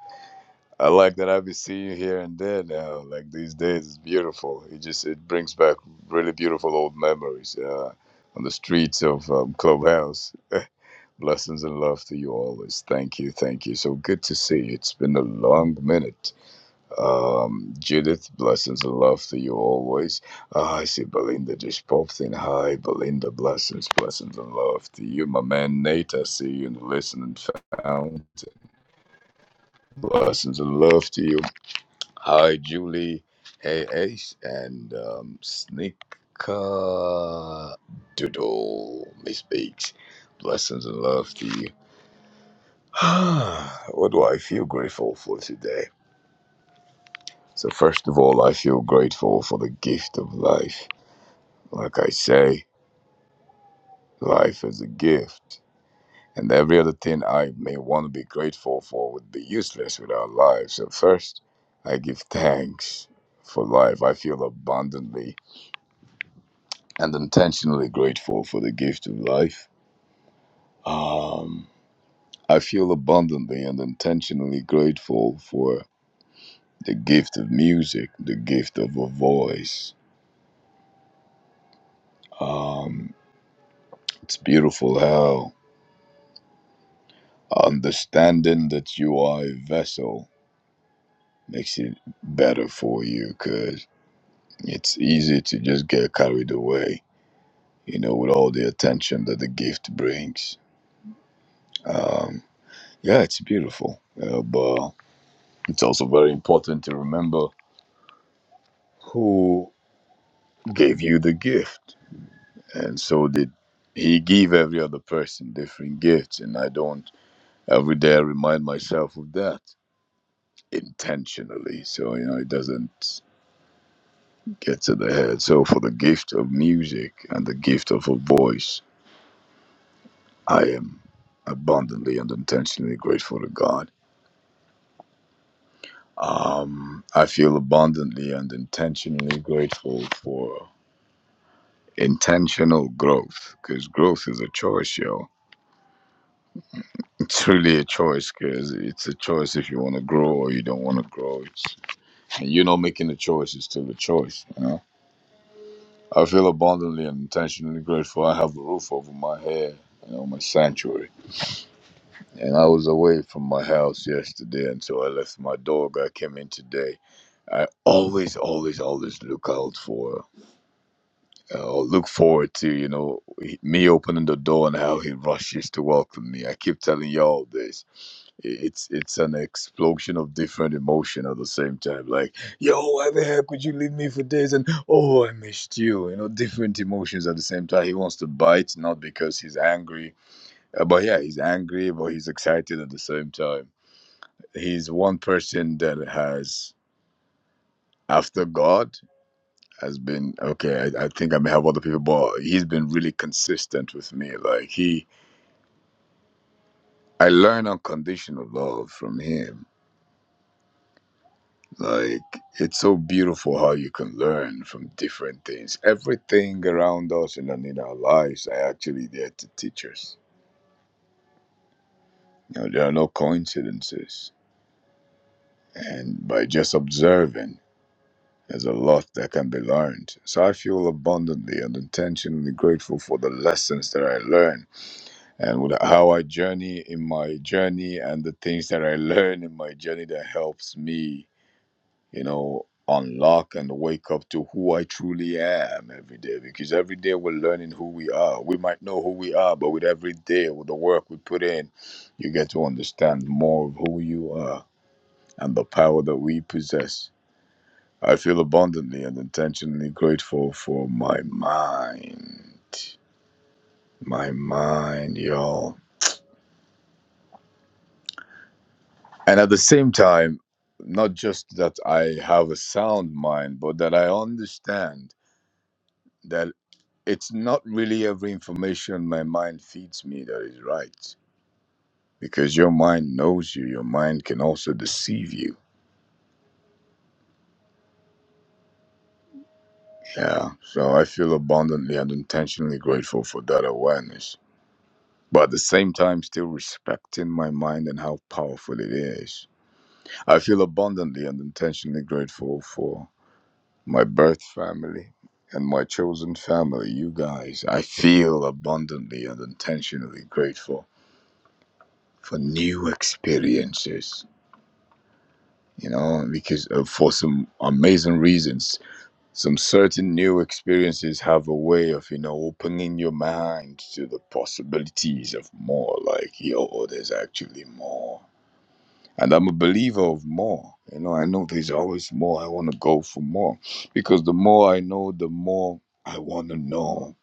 Speaker 31: I like that I've been seeing you here and there now. Like these days, it's beautiful. It just it brings back really beautiful old memories uh, on the streets of um, Clubhouse. Blessings and love to you always. Thank you, thank you. So good to see you. It's been a long minute. Um, Judith, blessings and love to you always. Ah, I see Belinda just popped in. Hi, Belinda. Blessings, blessings and love to you. My man Nate, I see you in the listening found. Blessings and love to you. Hi, Julie. Hey, Ace. And um, Sneaker Doodle. Miss Beaks. Blessings and love to you. what do I feel grateful for today? So, first of all, I feel grateful for the gift of life. Like I say, life is a gift. And every other thing I may want to be grateful for would be useless without life. So, first, I give thanks for life. I feel abundantly and intentionally grateful for the gift of life. Um, I feel abundantly and intentionally grateful for the gift of music, the gift of a voice Um, it's beautiful how understanding that you are a vessel makes it better for you because it's easy to just get carried away, you know, with all the attention that the gift brings. Um, yeah, it's beautiful, uh, but it's also very important to remember who gave you the gift. And so did he give every other person different gifts. And I don't every day I remind myself of that intentionally so you know it doesn't get to the head so for the gift of music and the gift of a voice i am abundantly and intentionally grateful to god um i feel abundantly and intentionally grateful for intentional growth because growth is a choice yo it's really a choice because it's a choice if you want to grow or you don't want to grow it's and you know, making a choice is still a choice you know? I feel abundantly and intentionally grateful I have a roof over my head and on my sanctuary. And I was away from my house yesterday until I left my dog. I came in today. I always, always, always look out for uh, or look forward to, you know, me opening the door and how he rushes to welcome me. I keep telling y'all this it's it's an explosion of different emotion at the same time like yo why the heck could you leave me for days and oh i missed you you know different emotions at the same time he wants to bite not because he's angry Uh, but yeah he's angry but he's excited at the same time he's one person that has after god has been okay i, I think i may have other people but he's been really consistent with me like he i learn unconditional love from him Like, it's so beautiful how you can learn from different things. Everything around us and in our lives are actually there to teach us. You know, there are no coincidences. And by just observing, there's a lot that can be learned. So I feel abundantly and intentionally grateful for the lessons that I learn and with how I journey in my journey and the things that I learn in my journey that helps me you know, unlock and wake up to who I truly am every day. Because every day we're learning who we are. We might know who we are, but with every day, with the work we put in, you get to understand more of who you are and the power that we possess. I feel abundantly and intentionally grateful for my mind. My mind, y'all. And at the same time, not just that I have a sound mind, but that I understand that. it's not really every information my mind feeds me that is right because your mind knows you your mind can also deceive you yeah so i feel abundantly and intentionally grateful for that awareness but at the same time still respecting my mind and how powerful it is i feel abundantly and intentionally grateful for my birth family and my chosen family you guys i feel abundantly and intentionally grateful for new experiences you know, because uh, for some amazing reasons, some certain new experiences have a way of, you know, opening your mind to the possibilities of more. Like, yo, there's actually more. And I'm a believer of more. You know, I know there's always more. I want to go for more because the more I know, the more I want to know.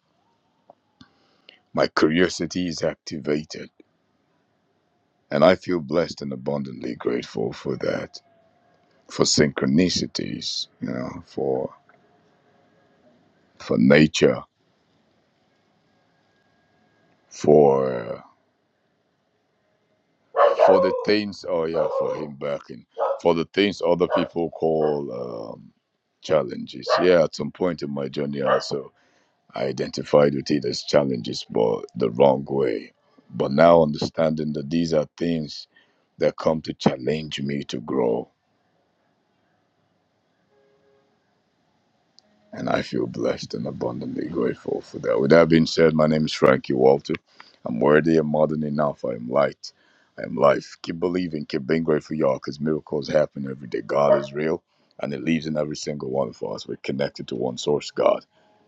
Speaker 31: My curiosity is activated. And I feel blessed and abundantly grateful for that, for synchronicities, you know, for for nature for for the things oh yeah for him backing for the things other people call um, challenges yeah at some point in my journey also i identified with it as challenges but the wrong way but now understanding that these are things that come to challenge me to grow and I feel blessed and abundantly grateful for that. With that being said, my name is Frankie Walter. I'm worthy and more than enough. I am light. I am life. Keep believing. Keep being grateful, y'all, because miracles happen every day. God is real, and it lives in every single one of us. We're connected to one source, God,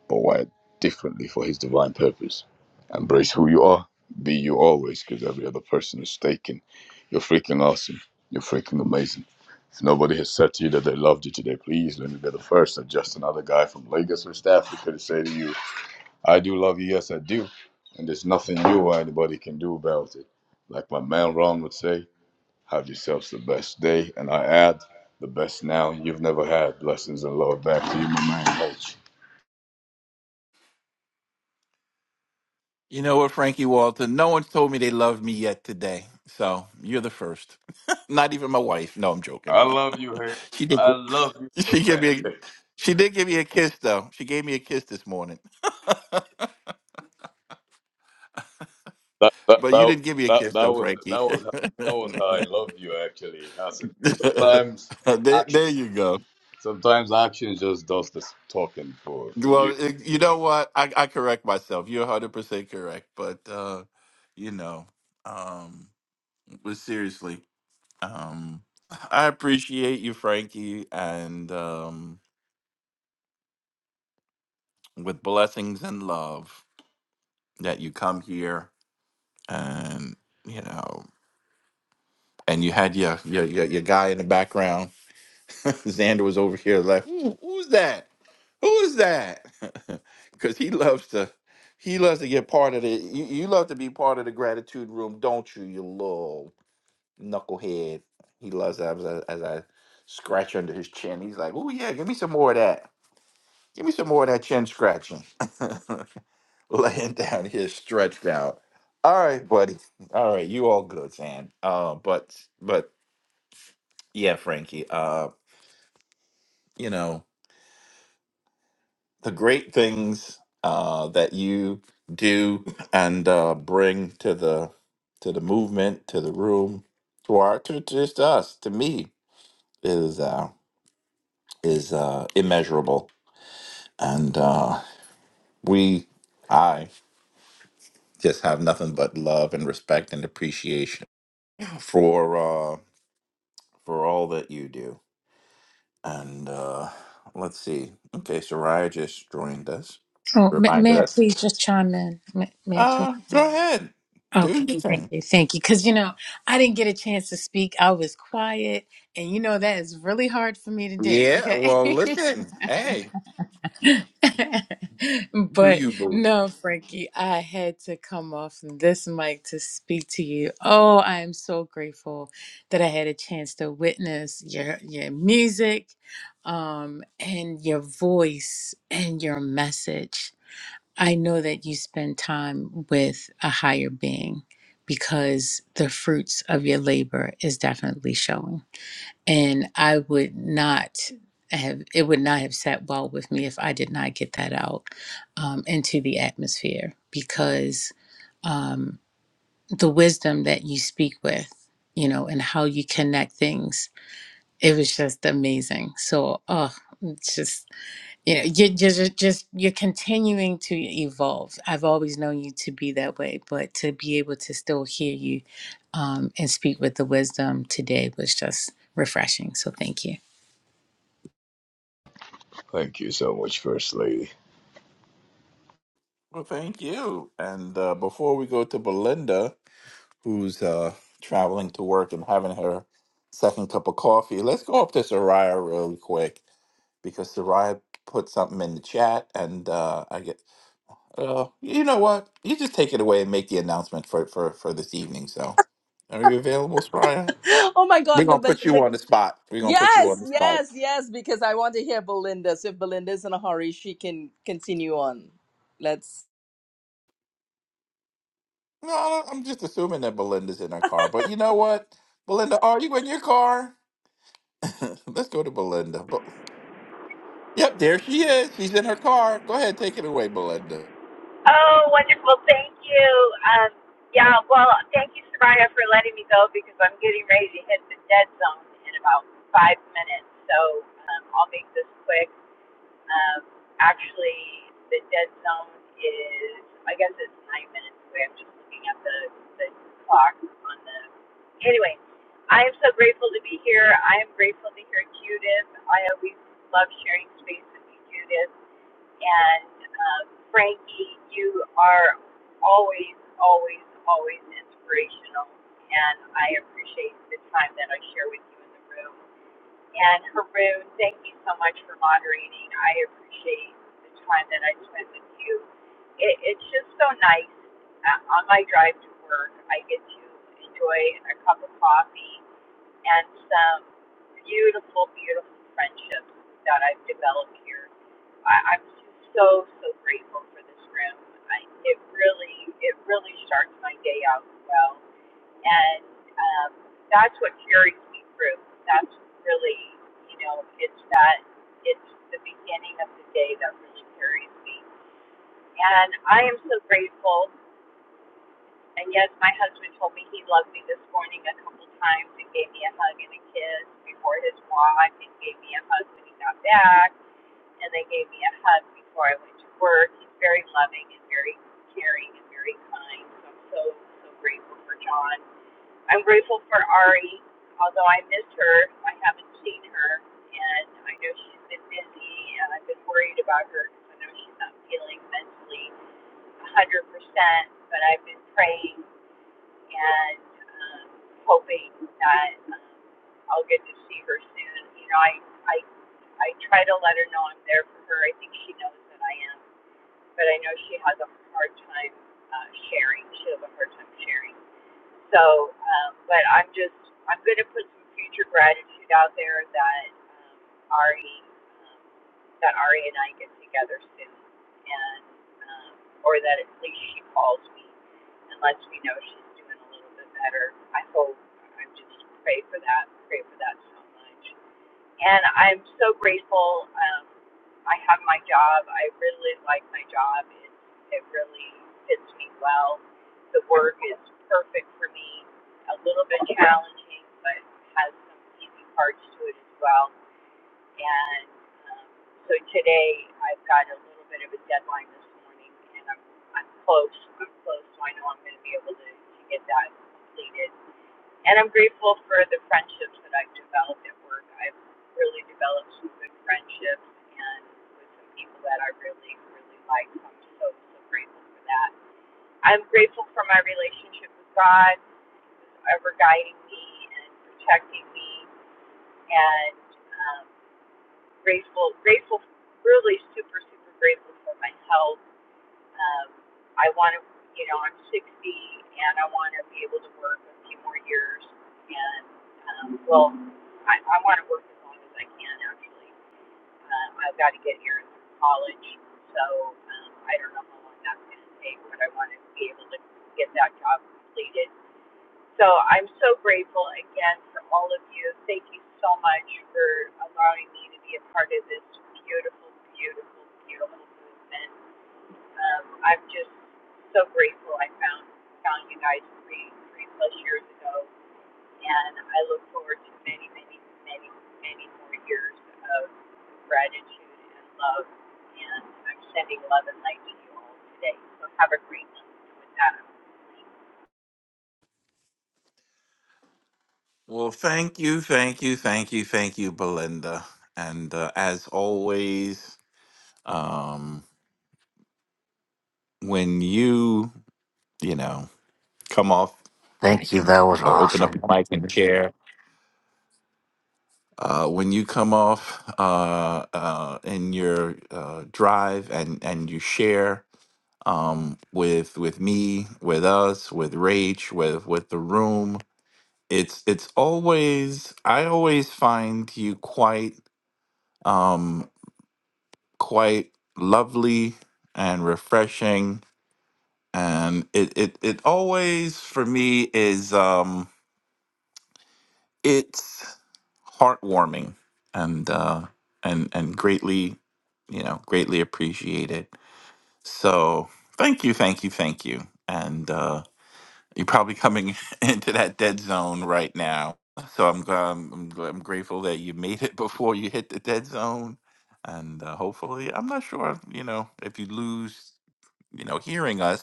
Speaker 31: but wired differently for His divine purpose. Embrace who you are. Be you always, because every other person is taken. You're freaking awesome. You're freaking amazing. If nobody has said to you that they loved you today, please let me be the first. I'm just another guy from Lagos, West Africa, to say to you, I do love you, yes, I do. And there's nothing you or anybody can do about it. Like my man Ron would say, have yourselves the best day. And I add, the best now you've never had. Blessings and love back to you, my man H.
Speaker 23: You know what, Frankie Walter? No one's told me they love me yet today. So you're the first. Not even my wife. No, I'm joking.
Speaker 31: I love you, H.
Speaker 23: She did.
Speaker 31: I
Speaker 23: gi-
Speaker 31: love you,
Speaker 23: She
Speaker 31: my
Speaker 23: gave me. A,
Speaker 31: man.
Speaker 23: she did give me a kiss though. She gave me a kiss this morning.
Speaker 31: That, that,
Speaker 23: But you
Speaker 31: that,
Speaker 23: didn't give me a
Speaker 31: that,
Speaker 23: kiss
Speaker 31: that
Speaker 23: though,
Speaker 31: was
Speaker 23: Frankie.
Speaker 31: that was how, that was how I love you actually. Hasan.
Speaker 23: there,
Speaker 31: action.
Speaker 23: there you go.
Speaker 31: Sometimes action is just does the talking for, for
Speaker 23: Well,
Speaker 31: you.
Speaker 23: it, you know what? I, I correct myself. You're 100 percent correct. But uh, you know, um, but seriously, um, I appreciate you, Frankie, and. Um, with blessings and love that you come here and you know and you had your your your, your guy in the background xander was over here like Who, who's that who's that because he loves to he loves to get part of the you, you love to be part of the gratitude room don't you you little knucklehead he loves that as I, as I scratch under his chin he's like oh yeah give me some more of that give me some more of that chin scratching laying down here stretched out. All right, buddy. All right, you all good, Sam. Uh, but but yeah, Frankie. Uh, you know the great things uh that you do and uh bring to the to the movement, to the room, to our to to just us, to me is uh is uh immeasurable, and uh we I just have nothing but love and respect and appreciation for uh for all that you do And uh, let's see. Okay, Soraya just joined us.
Speaker 28: Oh, may,
Speaker 23: Reminded
Speaker 28: may I
Speaker 23: us.
Speaker 28: please just chime in? May, may I please?
Speaker 23: Uh, go ahead. Do
Speaker 28: Okay,
Speaker 23: your
Speaker 28: thank
Speaker 23: thing.
Speaker 28: you, thank you. Because you know, I didn't get a chance to speak. I was quiet, and you know that is really hard for me to do.
Speaker 23: Yeah,
Speaker 28: Okay,
Speaker 23: well, listen, hey, do
Speaker 28: But
Speaker 23: you, boo?
Speaker 28: no, Frankie, I had to come off this mic to speak to you. Oh, I am so grateful that I had a chance to witness your your music, um, and your voice and your message. I know that you spend time with a higher being because the fruits of your labor is definitely showing and I would not have it would not have sat well with me if I did not get that out um, into the atmosphere because um, the wisdom that you speak with, you know, and how you connect things, it was just amazing. So, oh, it's just you know, you're just just you're continuing to evolve. I've always known you to be that way, but to be able to still hear you um, and speak with the wisdom today was just refreshing. So, thank you.
Speaker 31: Thank you so much, First Lady.
Speaker 23: Well, thank you. And uh, before we go to Belinda, who's uh, traveling to work and having her second cup of coffee, let's go up to Soraya really quick because Soraya put something in the chat, and uh, I get. Uh, you know what? You just take it away and make the announcement for for for this evening. So, are you available, Soraya?
Speaker 32: oh my
Speaker 23: We're
Speaker 32: God, no,
Speaker 23: gonna put you
Speaker 32: Belinda.
Speaker 23: on the spot. We're gonna put you on
Speaker 32: Yes,
Speaker 23: the spot.
Speaker 32: yes, yes, because I want to hear Belinda. So if Belinda's in a hurry, she can continue on. Let's.
Speaker 23: No, I don't- I'm just assuming that Belinda's in her car. But you know what, Belinda, are you in your car? Let's go to Belinda. But yep, there she is. She's in her car. Go ahead, take it away, Belinda.
Speaker 33: Oh, wonderful. Thank you. Um, yeah, well, thank you, Soraya, for letting me go because I'm getting ready to hit the dead zone in about five minutes. So um, I'll make this quick. Um, actually, the dead zone is, I guess it's nine minutes away. I'm just looking at the, the clock on the. Anyway, I am so grateful to be here. I am grateful to hear Judith. I always love sharing space with you, Judith. And um, Frankie, you are always, always, always inspirational. And I appreciate the time that I share with you in the room. And Haroon, thank you so much for moderating. I appreciate the time that I spent with you. It, it's just so nice. Uh, on my drive to work, I get to enjoy a cup of coffee and some beautiful, beautiful friendships that I've developed here. I, I'm so, so grateful for this room. I, it really, it really starts my day out well, and um, that's what carries me through. That's really, you know, it's that, it's the beginning of the day that really carries me, and I am so grateful and yes, my husband told me he loved me this morning a couple times and gave me a hug and a kiss before his walk and gave me a hug when he got back and they gave me a hug before I went to work. He's very loving and very caring and very kind. So I'm so, so grateful for John. I'm grateful for Ari. Although I miss her, I haven't seen her and I know she's been busy and I've been worried about her because I know she's not feeling mentally 100%, but I've been praying and um, hoping that um, I'll get to see her soon. You know, I I I try to let her know I'm there for her. I think she knows that I am, but I know she has a hard time uh, sharing. She has a hard time sharing. So, um, but I'm just, I'm going to put some future gratitude out there that um, Ari, um, that Ari and I get together soon, and um, or that at least she calls me and lets me know she's doing a little bit better. I hope. I just pray for that. Pray for that so much and I'm so grateful. Um, I have my job. I really like my job. It, it really fits me well. The work is perfect for me. A little bit challenging, but has some easy parts to it as well. And um, so today I've got a little bit of a deadline this morning, and I'm I'm close. I'm close, so I know I'm going to be able to, to get that completed and I'm grateful for the friendships that I've developed at work. I've really developed some good friendships and with some people that I really, really like. So I'm so, so grateful for that. I'm grateful for my relationship with God, who's ever guiding me and protecting me, and um, grateful, grateful, really super, super grateful for my health um, I want to, you know, I'm 60 and I want to be able to work a few more years. And, um, well, I, I want to work as long as I can, actually. Um, I've got to get here in college. So um, I don't know how long that's going to take, but I want to be able to get that job completed. So I'm so grateful again for all of you. Thank you so much for allowing me to be a part of this beautiful, beautiful, beautiful movement um, I'm just so grateful I found found you guys three three plus years ago, and I look forward to many many many many more years of gratitude and love. And I'm sending love and light to you all today. So have a great day. With that, I'm
Speaker 23: Well, thank you, thank you, thank you, thank you, Belinda. And uh, as always, um, when you you know come off.
Speaker 34: Thank you. That was
Speaker 23: or open up
Speaker 34: awesome.
Speaker 23: your mic there. Uh, when you come off uh, uh, in your uh, drive and and you share um, with with me, with us, with Rach, with with the room, it's it's always I always find you quite um, quite lovely and refreshing, and it it it always for me is. Um, it's heartwarming and uh and and greatly you know greatly appreciated so thank you thank you thank you and uh you're probably coming into that dead zone right now so i'm gra- i'm, I'm gra- I'm grateful that you made it before you hit the dead zone and uh, hopefully i'm not sure you know if you lose you know hearing us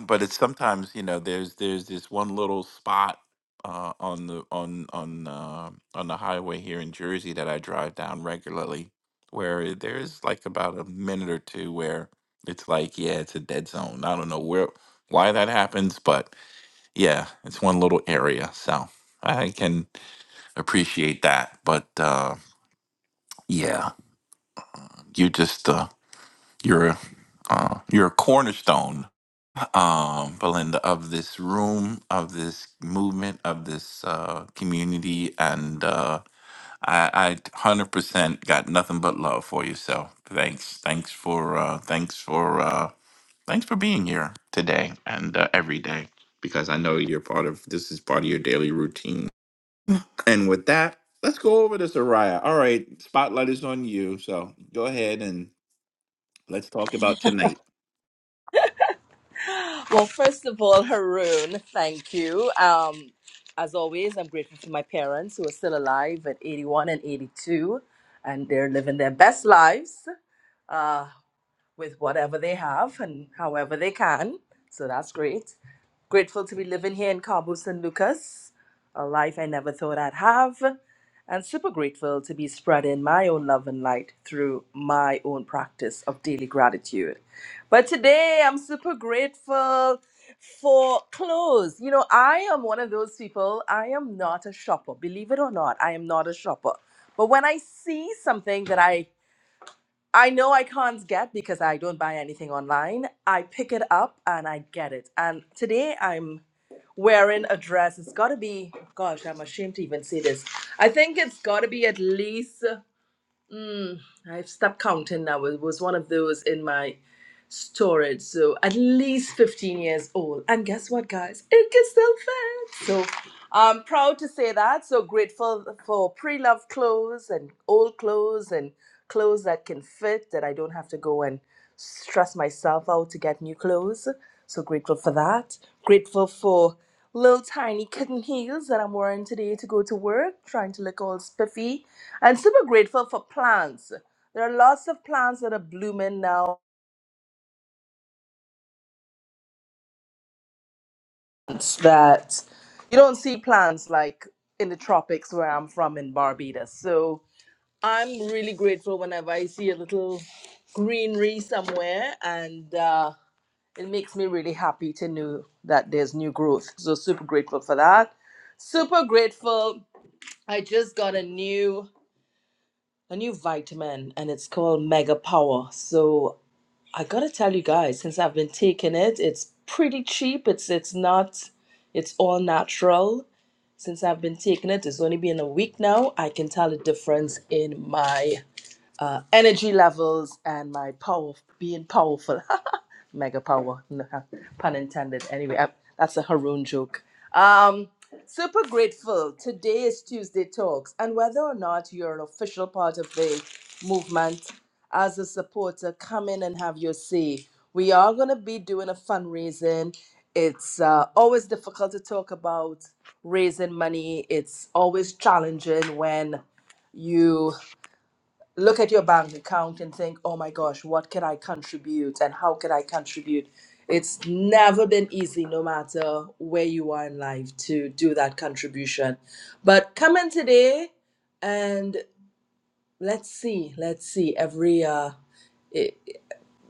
Speaker 23: but it's sometimes you know there's there's this one little spot uh, on the on on uh, on the highway here in Jersey that I drive down regularly, where there's like about a minute or two where it's like yeah, it's a dead zone. I don't know where why that happens, but yeah, it's one little area, so I can appreciate that. But uh, yeah, you just uh, you're a uh, you're a cornerstone um, Belinda, of this room, of this movement, of this uh, community, and uh, I, I 100% got nothing but love for you. So thanks, thanks for, uh, thanks for, uh, thanks for being here today and uh, every day because I know you're part of this is part of your daily routine. And with that, let's go over to Soraya. All right, spotlight is on you. So go ahead and let's talk about tonight.
Speaker 32: Well, first of all, Haroon, thank you. Um, as always, I'm grateful for my parents who are still alive at 81 and 82, and they're living their best lives uh, with whatever they have and however they can. So that's great. Grateful to be living here in Cabo San Lucas, a life I never thought I'd have, and super grateful to be spreading my own love and light through my own practice of daily gratitude. But today I'm super grateful for clothes. You know, I am one of those people, I am not a shopper. Believe it or not, I am not a shopper. But when I see something that I I know I can't get because I don't buy anything online. I pick it up and I get it. And today I'm wearing a dress. It's got to be, gosh, I'm ashamed to even say this. I think it's got to be at least, I've stopped counting now. It was one of those in my storage. So at least 15 years old. And guess what, guys? It can still fit. So I'm proud to say that. So grateful for pre loved clothes and old clothes and clothes that can fit that I don't have to go and stress myself out to get new clothes. So grateful for that. Grateful for little tiny kitten heels that I'm wearing today to go to work, trying to look all spiffy. And super grateful for plants. There are lots of plants that are blooming now that you don't see plants like in the tropics where I'm from in Barbados. So I'm really grateful whenever I see a little greenery somewhere, and uh, it makes me really happy to know that there's new growth. So super grateful for that. Super grateful. I just got a new a new vitamin, and it's called Mega Power. So I gotta tell you guys, since I've been taking it, it's pretty cheap. It's it's not. It's all natural since I've been taking it, it's only been a week now. I can tell a difference in my uh, energy levels and my power, being powerful. mega power. No, pun intended. Anyway, I, that's a Haroon joke. Um, super grateful. Today is Tuesday Talks, and whether or not you're an official part of the movement, as a supporter, come in and have your say. We are going to be doing a fundraising. It's uh, always difficult to talk about raising money. It's always challenging when you look at your bank account and think, oh my gosh, what can I contribute and how can I contribute? It's never been easy, no matter where you are in life, to do that contribution. But come in today and let's see, let's see. Every uh,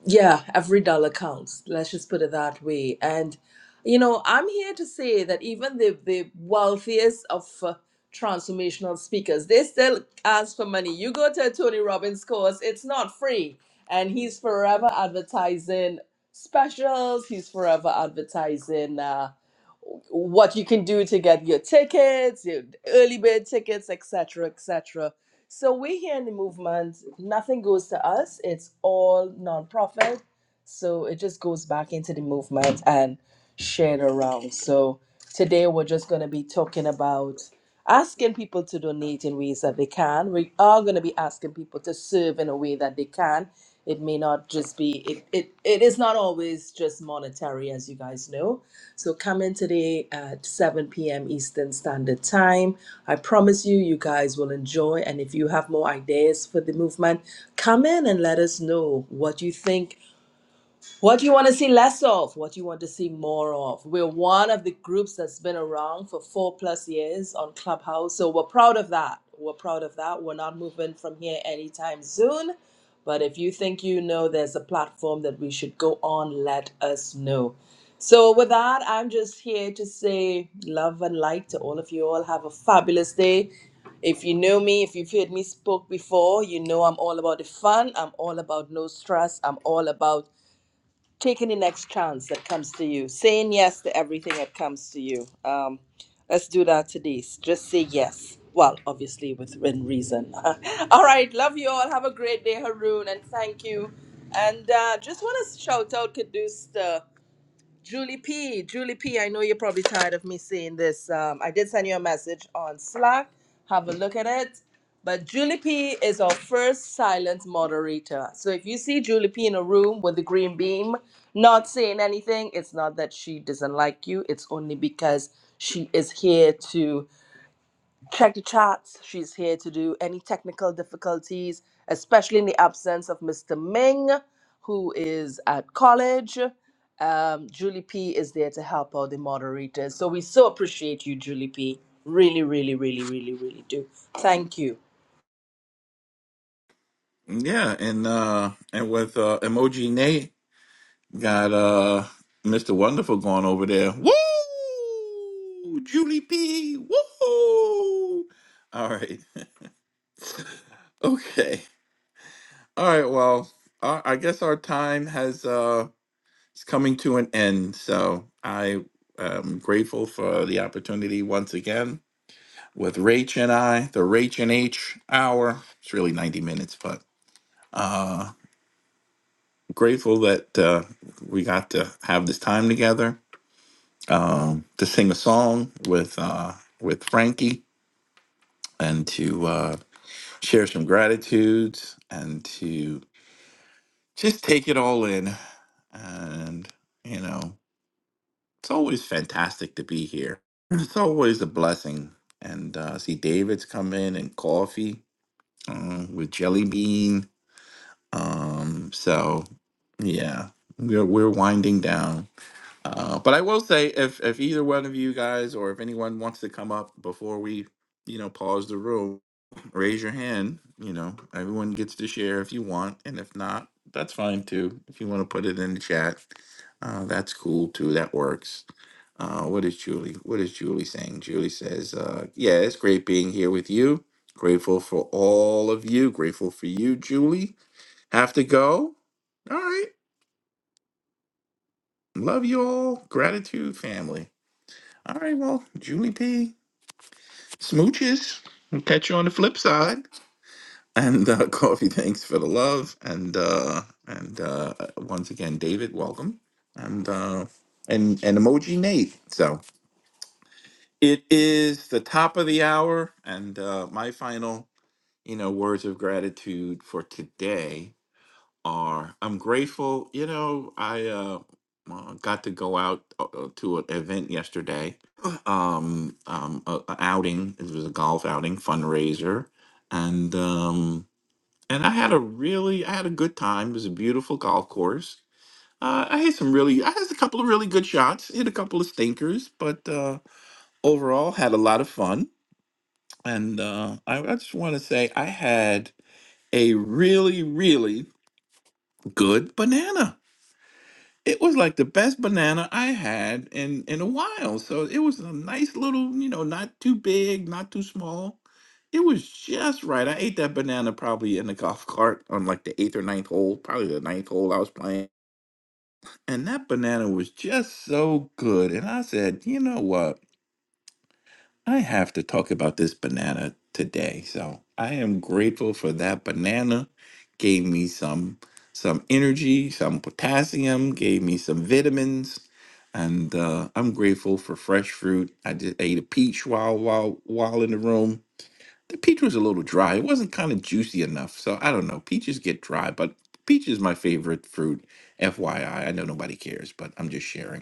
Speaker 32: yeah, every dollar counts. Let's just put it that way. And, you know, I'm here to say that even the, the wealthiest of uh, transformational speakers, they still ask for money. You go to a Tony Robbins course, it's not free. And he's forever advertising specials, he's forever advertising uh, what you can do to get your tickets, your early bird tickets, etc., etc. So we here in the movement, nothing goes to us. It's all nonprofit. So it just goes back into the movement and shared around. So today we're just going to be talking about asking people to donate in ways that they can. We are going to be asking people to serve in a way that they can. It may not just be it, it it is not always just monetary as you guys know. So come in today at 7 p.m. Eastern Standard Time. I promise you, you guys will enjoy. And if you have more ideas for the movement, come in and let us know what you think what do you want to see less of? What do you want to see more of? We're one of the groups that's been around for four plus years on Clubhouse, so we're proud of that. We're proud of that. We're not moving from here anytime soon. But if you think you know there's a platform that we should go on, let us know. So, with that, I'm just here to say love and light to all of you all. Have a fabulous day. If you know me, if you've heard me spoke before, you know I'm all about the fun. I'm all about no stress. I'm all about Taking the next chance that comes to you, saying yes to everything that comes to you. Um, let's do that today. Just say yes. Well, obviously within reason. all right, love you all. Have a great day, Haroon, and thank you. And uh, just want to shout out Caduce. Julie P, Julie P, I know you're probably tired of me saying this. Um, I did send you a message on Slack. Have a look at it. But Julie P is our first silent moderator. So if you see Julie P in a room with the green beam, not saying anything, it's not that she doesn't like you. It's only because she is here to check the charts. She's here to do any technical difficulties, especially in the absence of Mr. Ming, who is at college. Um, Julie P is there to help out the moderators. So we so appreciate you, Julie P. Really, really, really, really, really do. Thank you.
Speaker 23: Yeah, and uh, and with uh, emoji Nate. Got uh Mr. Wonderful going over there. Woo! Julie P. Woo! All right. Okay. All right. Well, I I guess our time has uh is coming to an end. So I am grateful for the opportunity once again with Rach and I, the Rach and H hour. It's really 90 minutes, but uh grateful that uh we got to have this time together um, to sing a song with uh, with Frankie and to uh, share some gratitudes and to just take it all in. And you know, it's always fantastic to be here. It's always a blessing. And uh, see, David's come in and coffee uh, with jelly bean. Um, so yeah, we're we're winding down Uh, but I will say, if if either one of you guys or if anyone wants to come up before we, you know, pause the room, raise your hand. You know, everyone gets to share if you want, and if not, that's fine too. If you want to put it in the chat, uh, that's cool too. That works. Uh, what is Julie? What is Julie saying? Julie says, uh, "Yeah, it's great being here with you. Grateful for all of you. Grateful for you, Julie. Have to go. All right, love you all. Gratitude, family." All right, well, Julie P, smooches. We'll catch you on the flip side. And uh, Coffee, thanks for the love. And uh, and uh, once again, David, welcome. And uh, and and emoji Nate. So it is the top of the hour, and uh, my final, you know, words of gratitude for today are I'm grateful. You know, I uh, uh, got to go out uh, uh, to an event yesterday. Um, um, a, a outing. It was a golf outing fundraiser, and um, and I had a really I had a good time. It was a beautiful golf course. Uh, I had some really I had a couple of really good shots. Hit a couple of stinkers, but uh, overall had a lot of fun. And uh, I, I just want to say I had a really really good banana It was like the best banana I had in in a while. So it was a nice little, you know, not too big, not too small. It was just right. I ate that banana probably in the golf cart on like the eighth or ninth hole, probably the ninth hole I was playing. And that banana was just so good. And I said, you know what? I have to talk about this banana today. So I am grateful for that banana. Gave me some some energy, some potassium, gave me some vitamins, and uh, I'm grateful for fresh fruit. I just ate a peach while while while in the room. The peach was a little dry. It wasn't kind of juicy enough. So I don't know. Peaches get dry, but peach is my favorite fruit. FYI, I I know nobody cares, but I'm just sharing.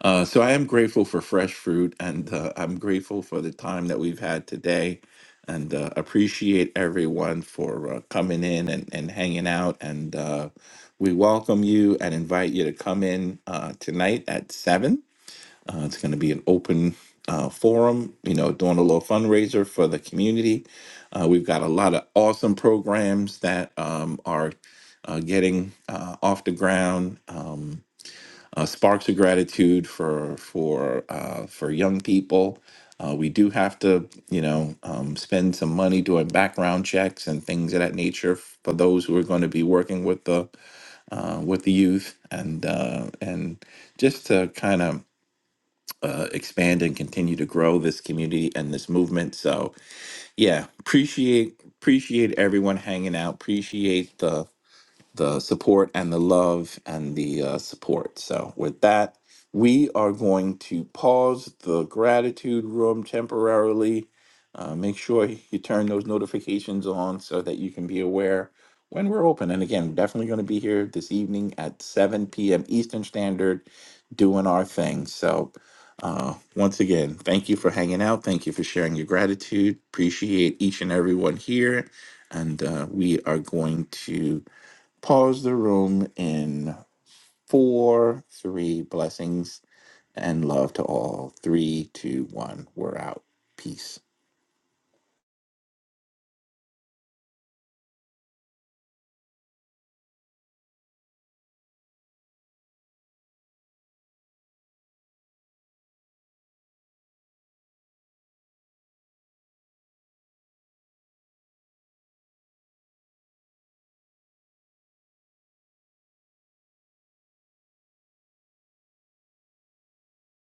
Speaker 23: Uh, so I am grateful for fresh fruit, and uh, I'm grateful for the time that we've had today, and uh, appreciate everyone for uh, coming in and, and hanging out. And uh, we welcome you and invite you to come in uh, tonight at seven. Uh, it's going to be an open uh, forum, you know, doing a little fundraiser for the community. Uh, we've got a lot of awesome programs that um, are uh, getting uh, off the ground. Um, uh, sparks of gratitude for for uh, for young people. Uh, we do have to, you know, um, spend some money doing background checks and things of that nature for those who are going to be working with the uh, with the youth and uh, and just to kind of uh, expand and continue to grow this community and this movement. So yeah, appreciate appreciate everyone hanging out. Appreciate the the support and the love and the uh, support. So, with that, we are going to pause the gratitude room temporarily. Uh, make sure you turn those notifications on so that you can be aware when we're open. And again, definitely going to be here this evening at 7 p.m. Eastern Standard doing our thing. So, uh, once again, thank you for hanging out. Thank you for sharing your gratitude. Appreciate each and everyone here. And uh, we are going to Pause the room in four, three blessings and love to all. Three, two, one. We're out. Peace.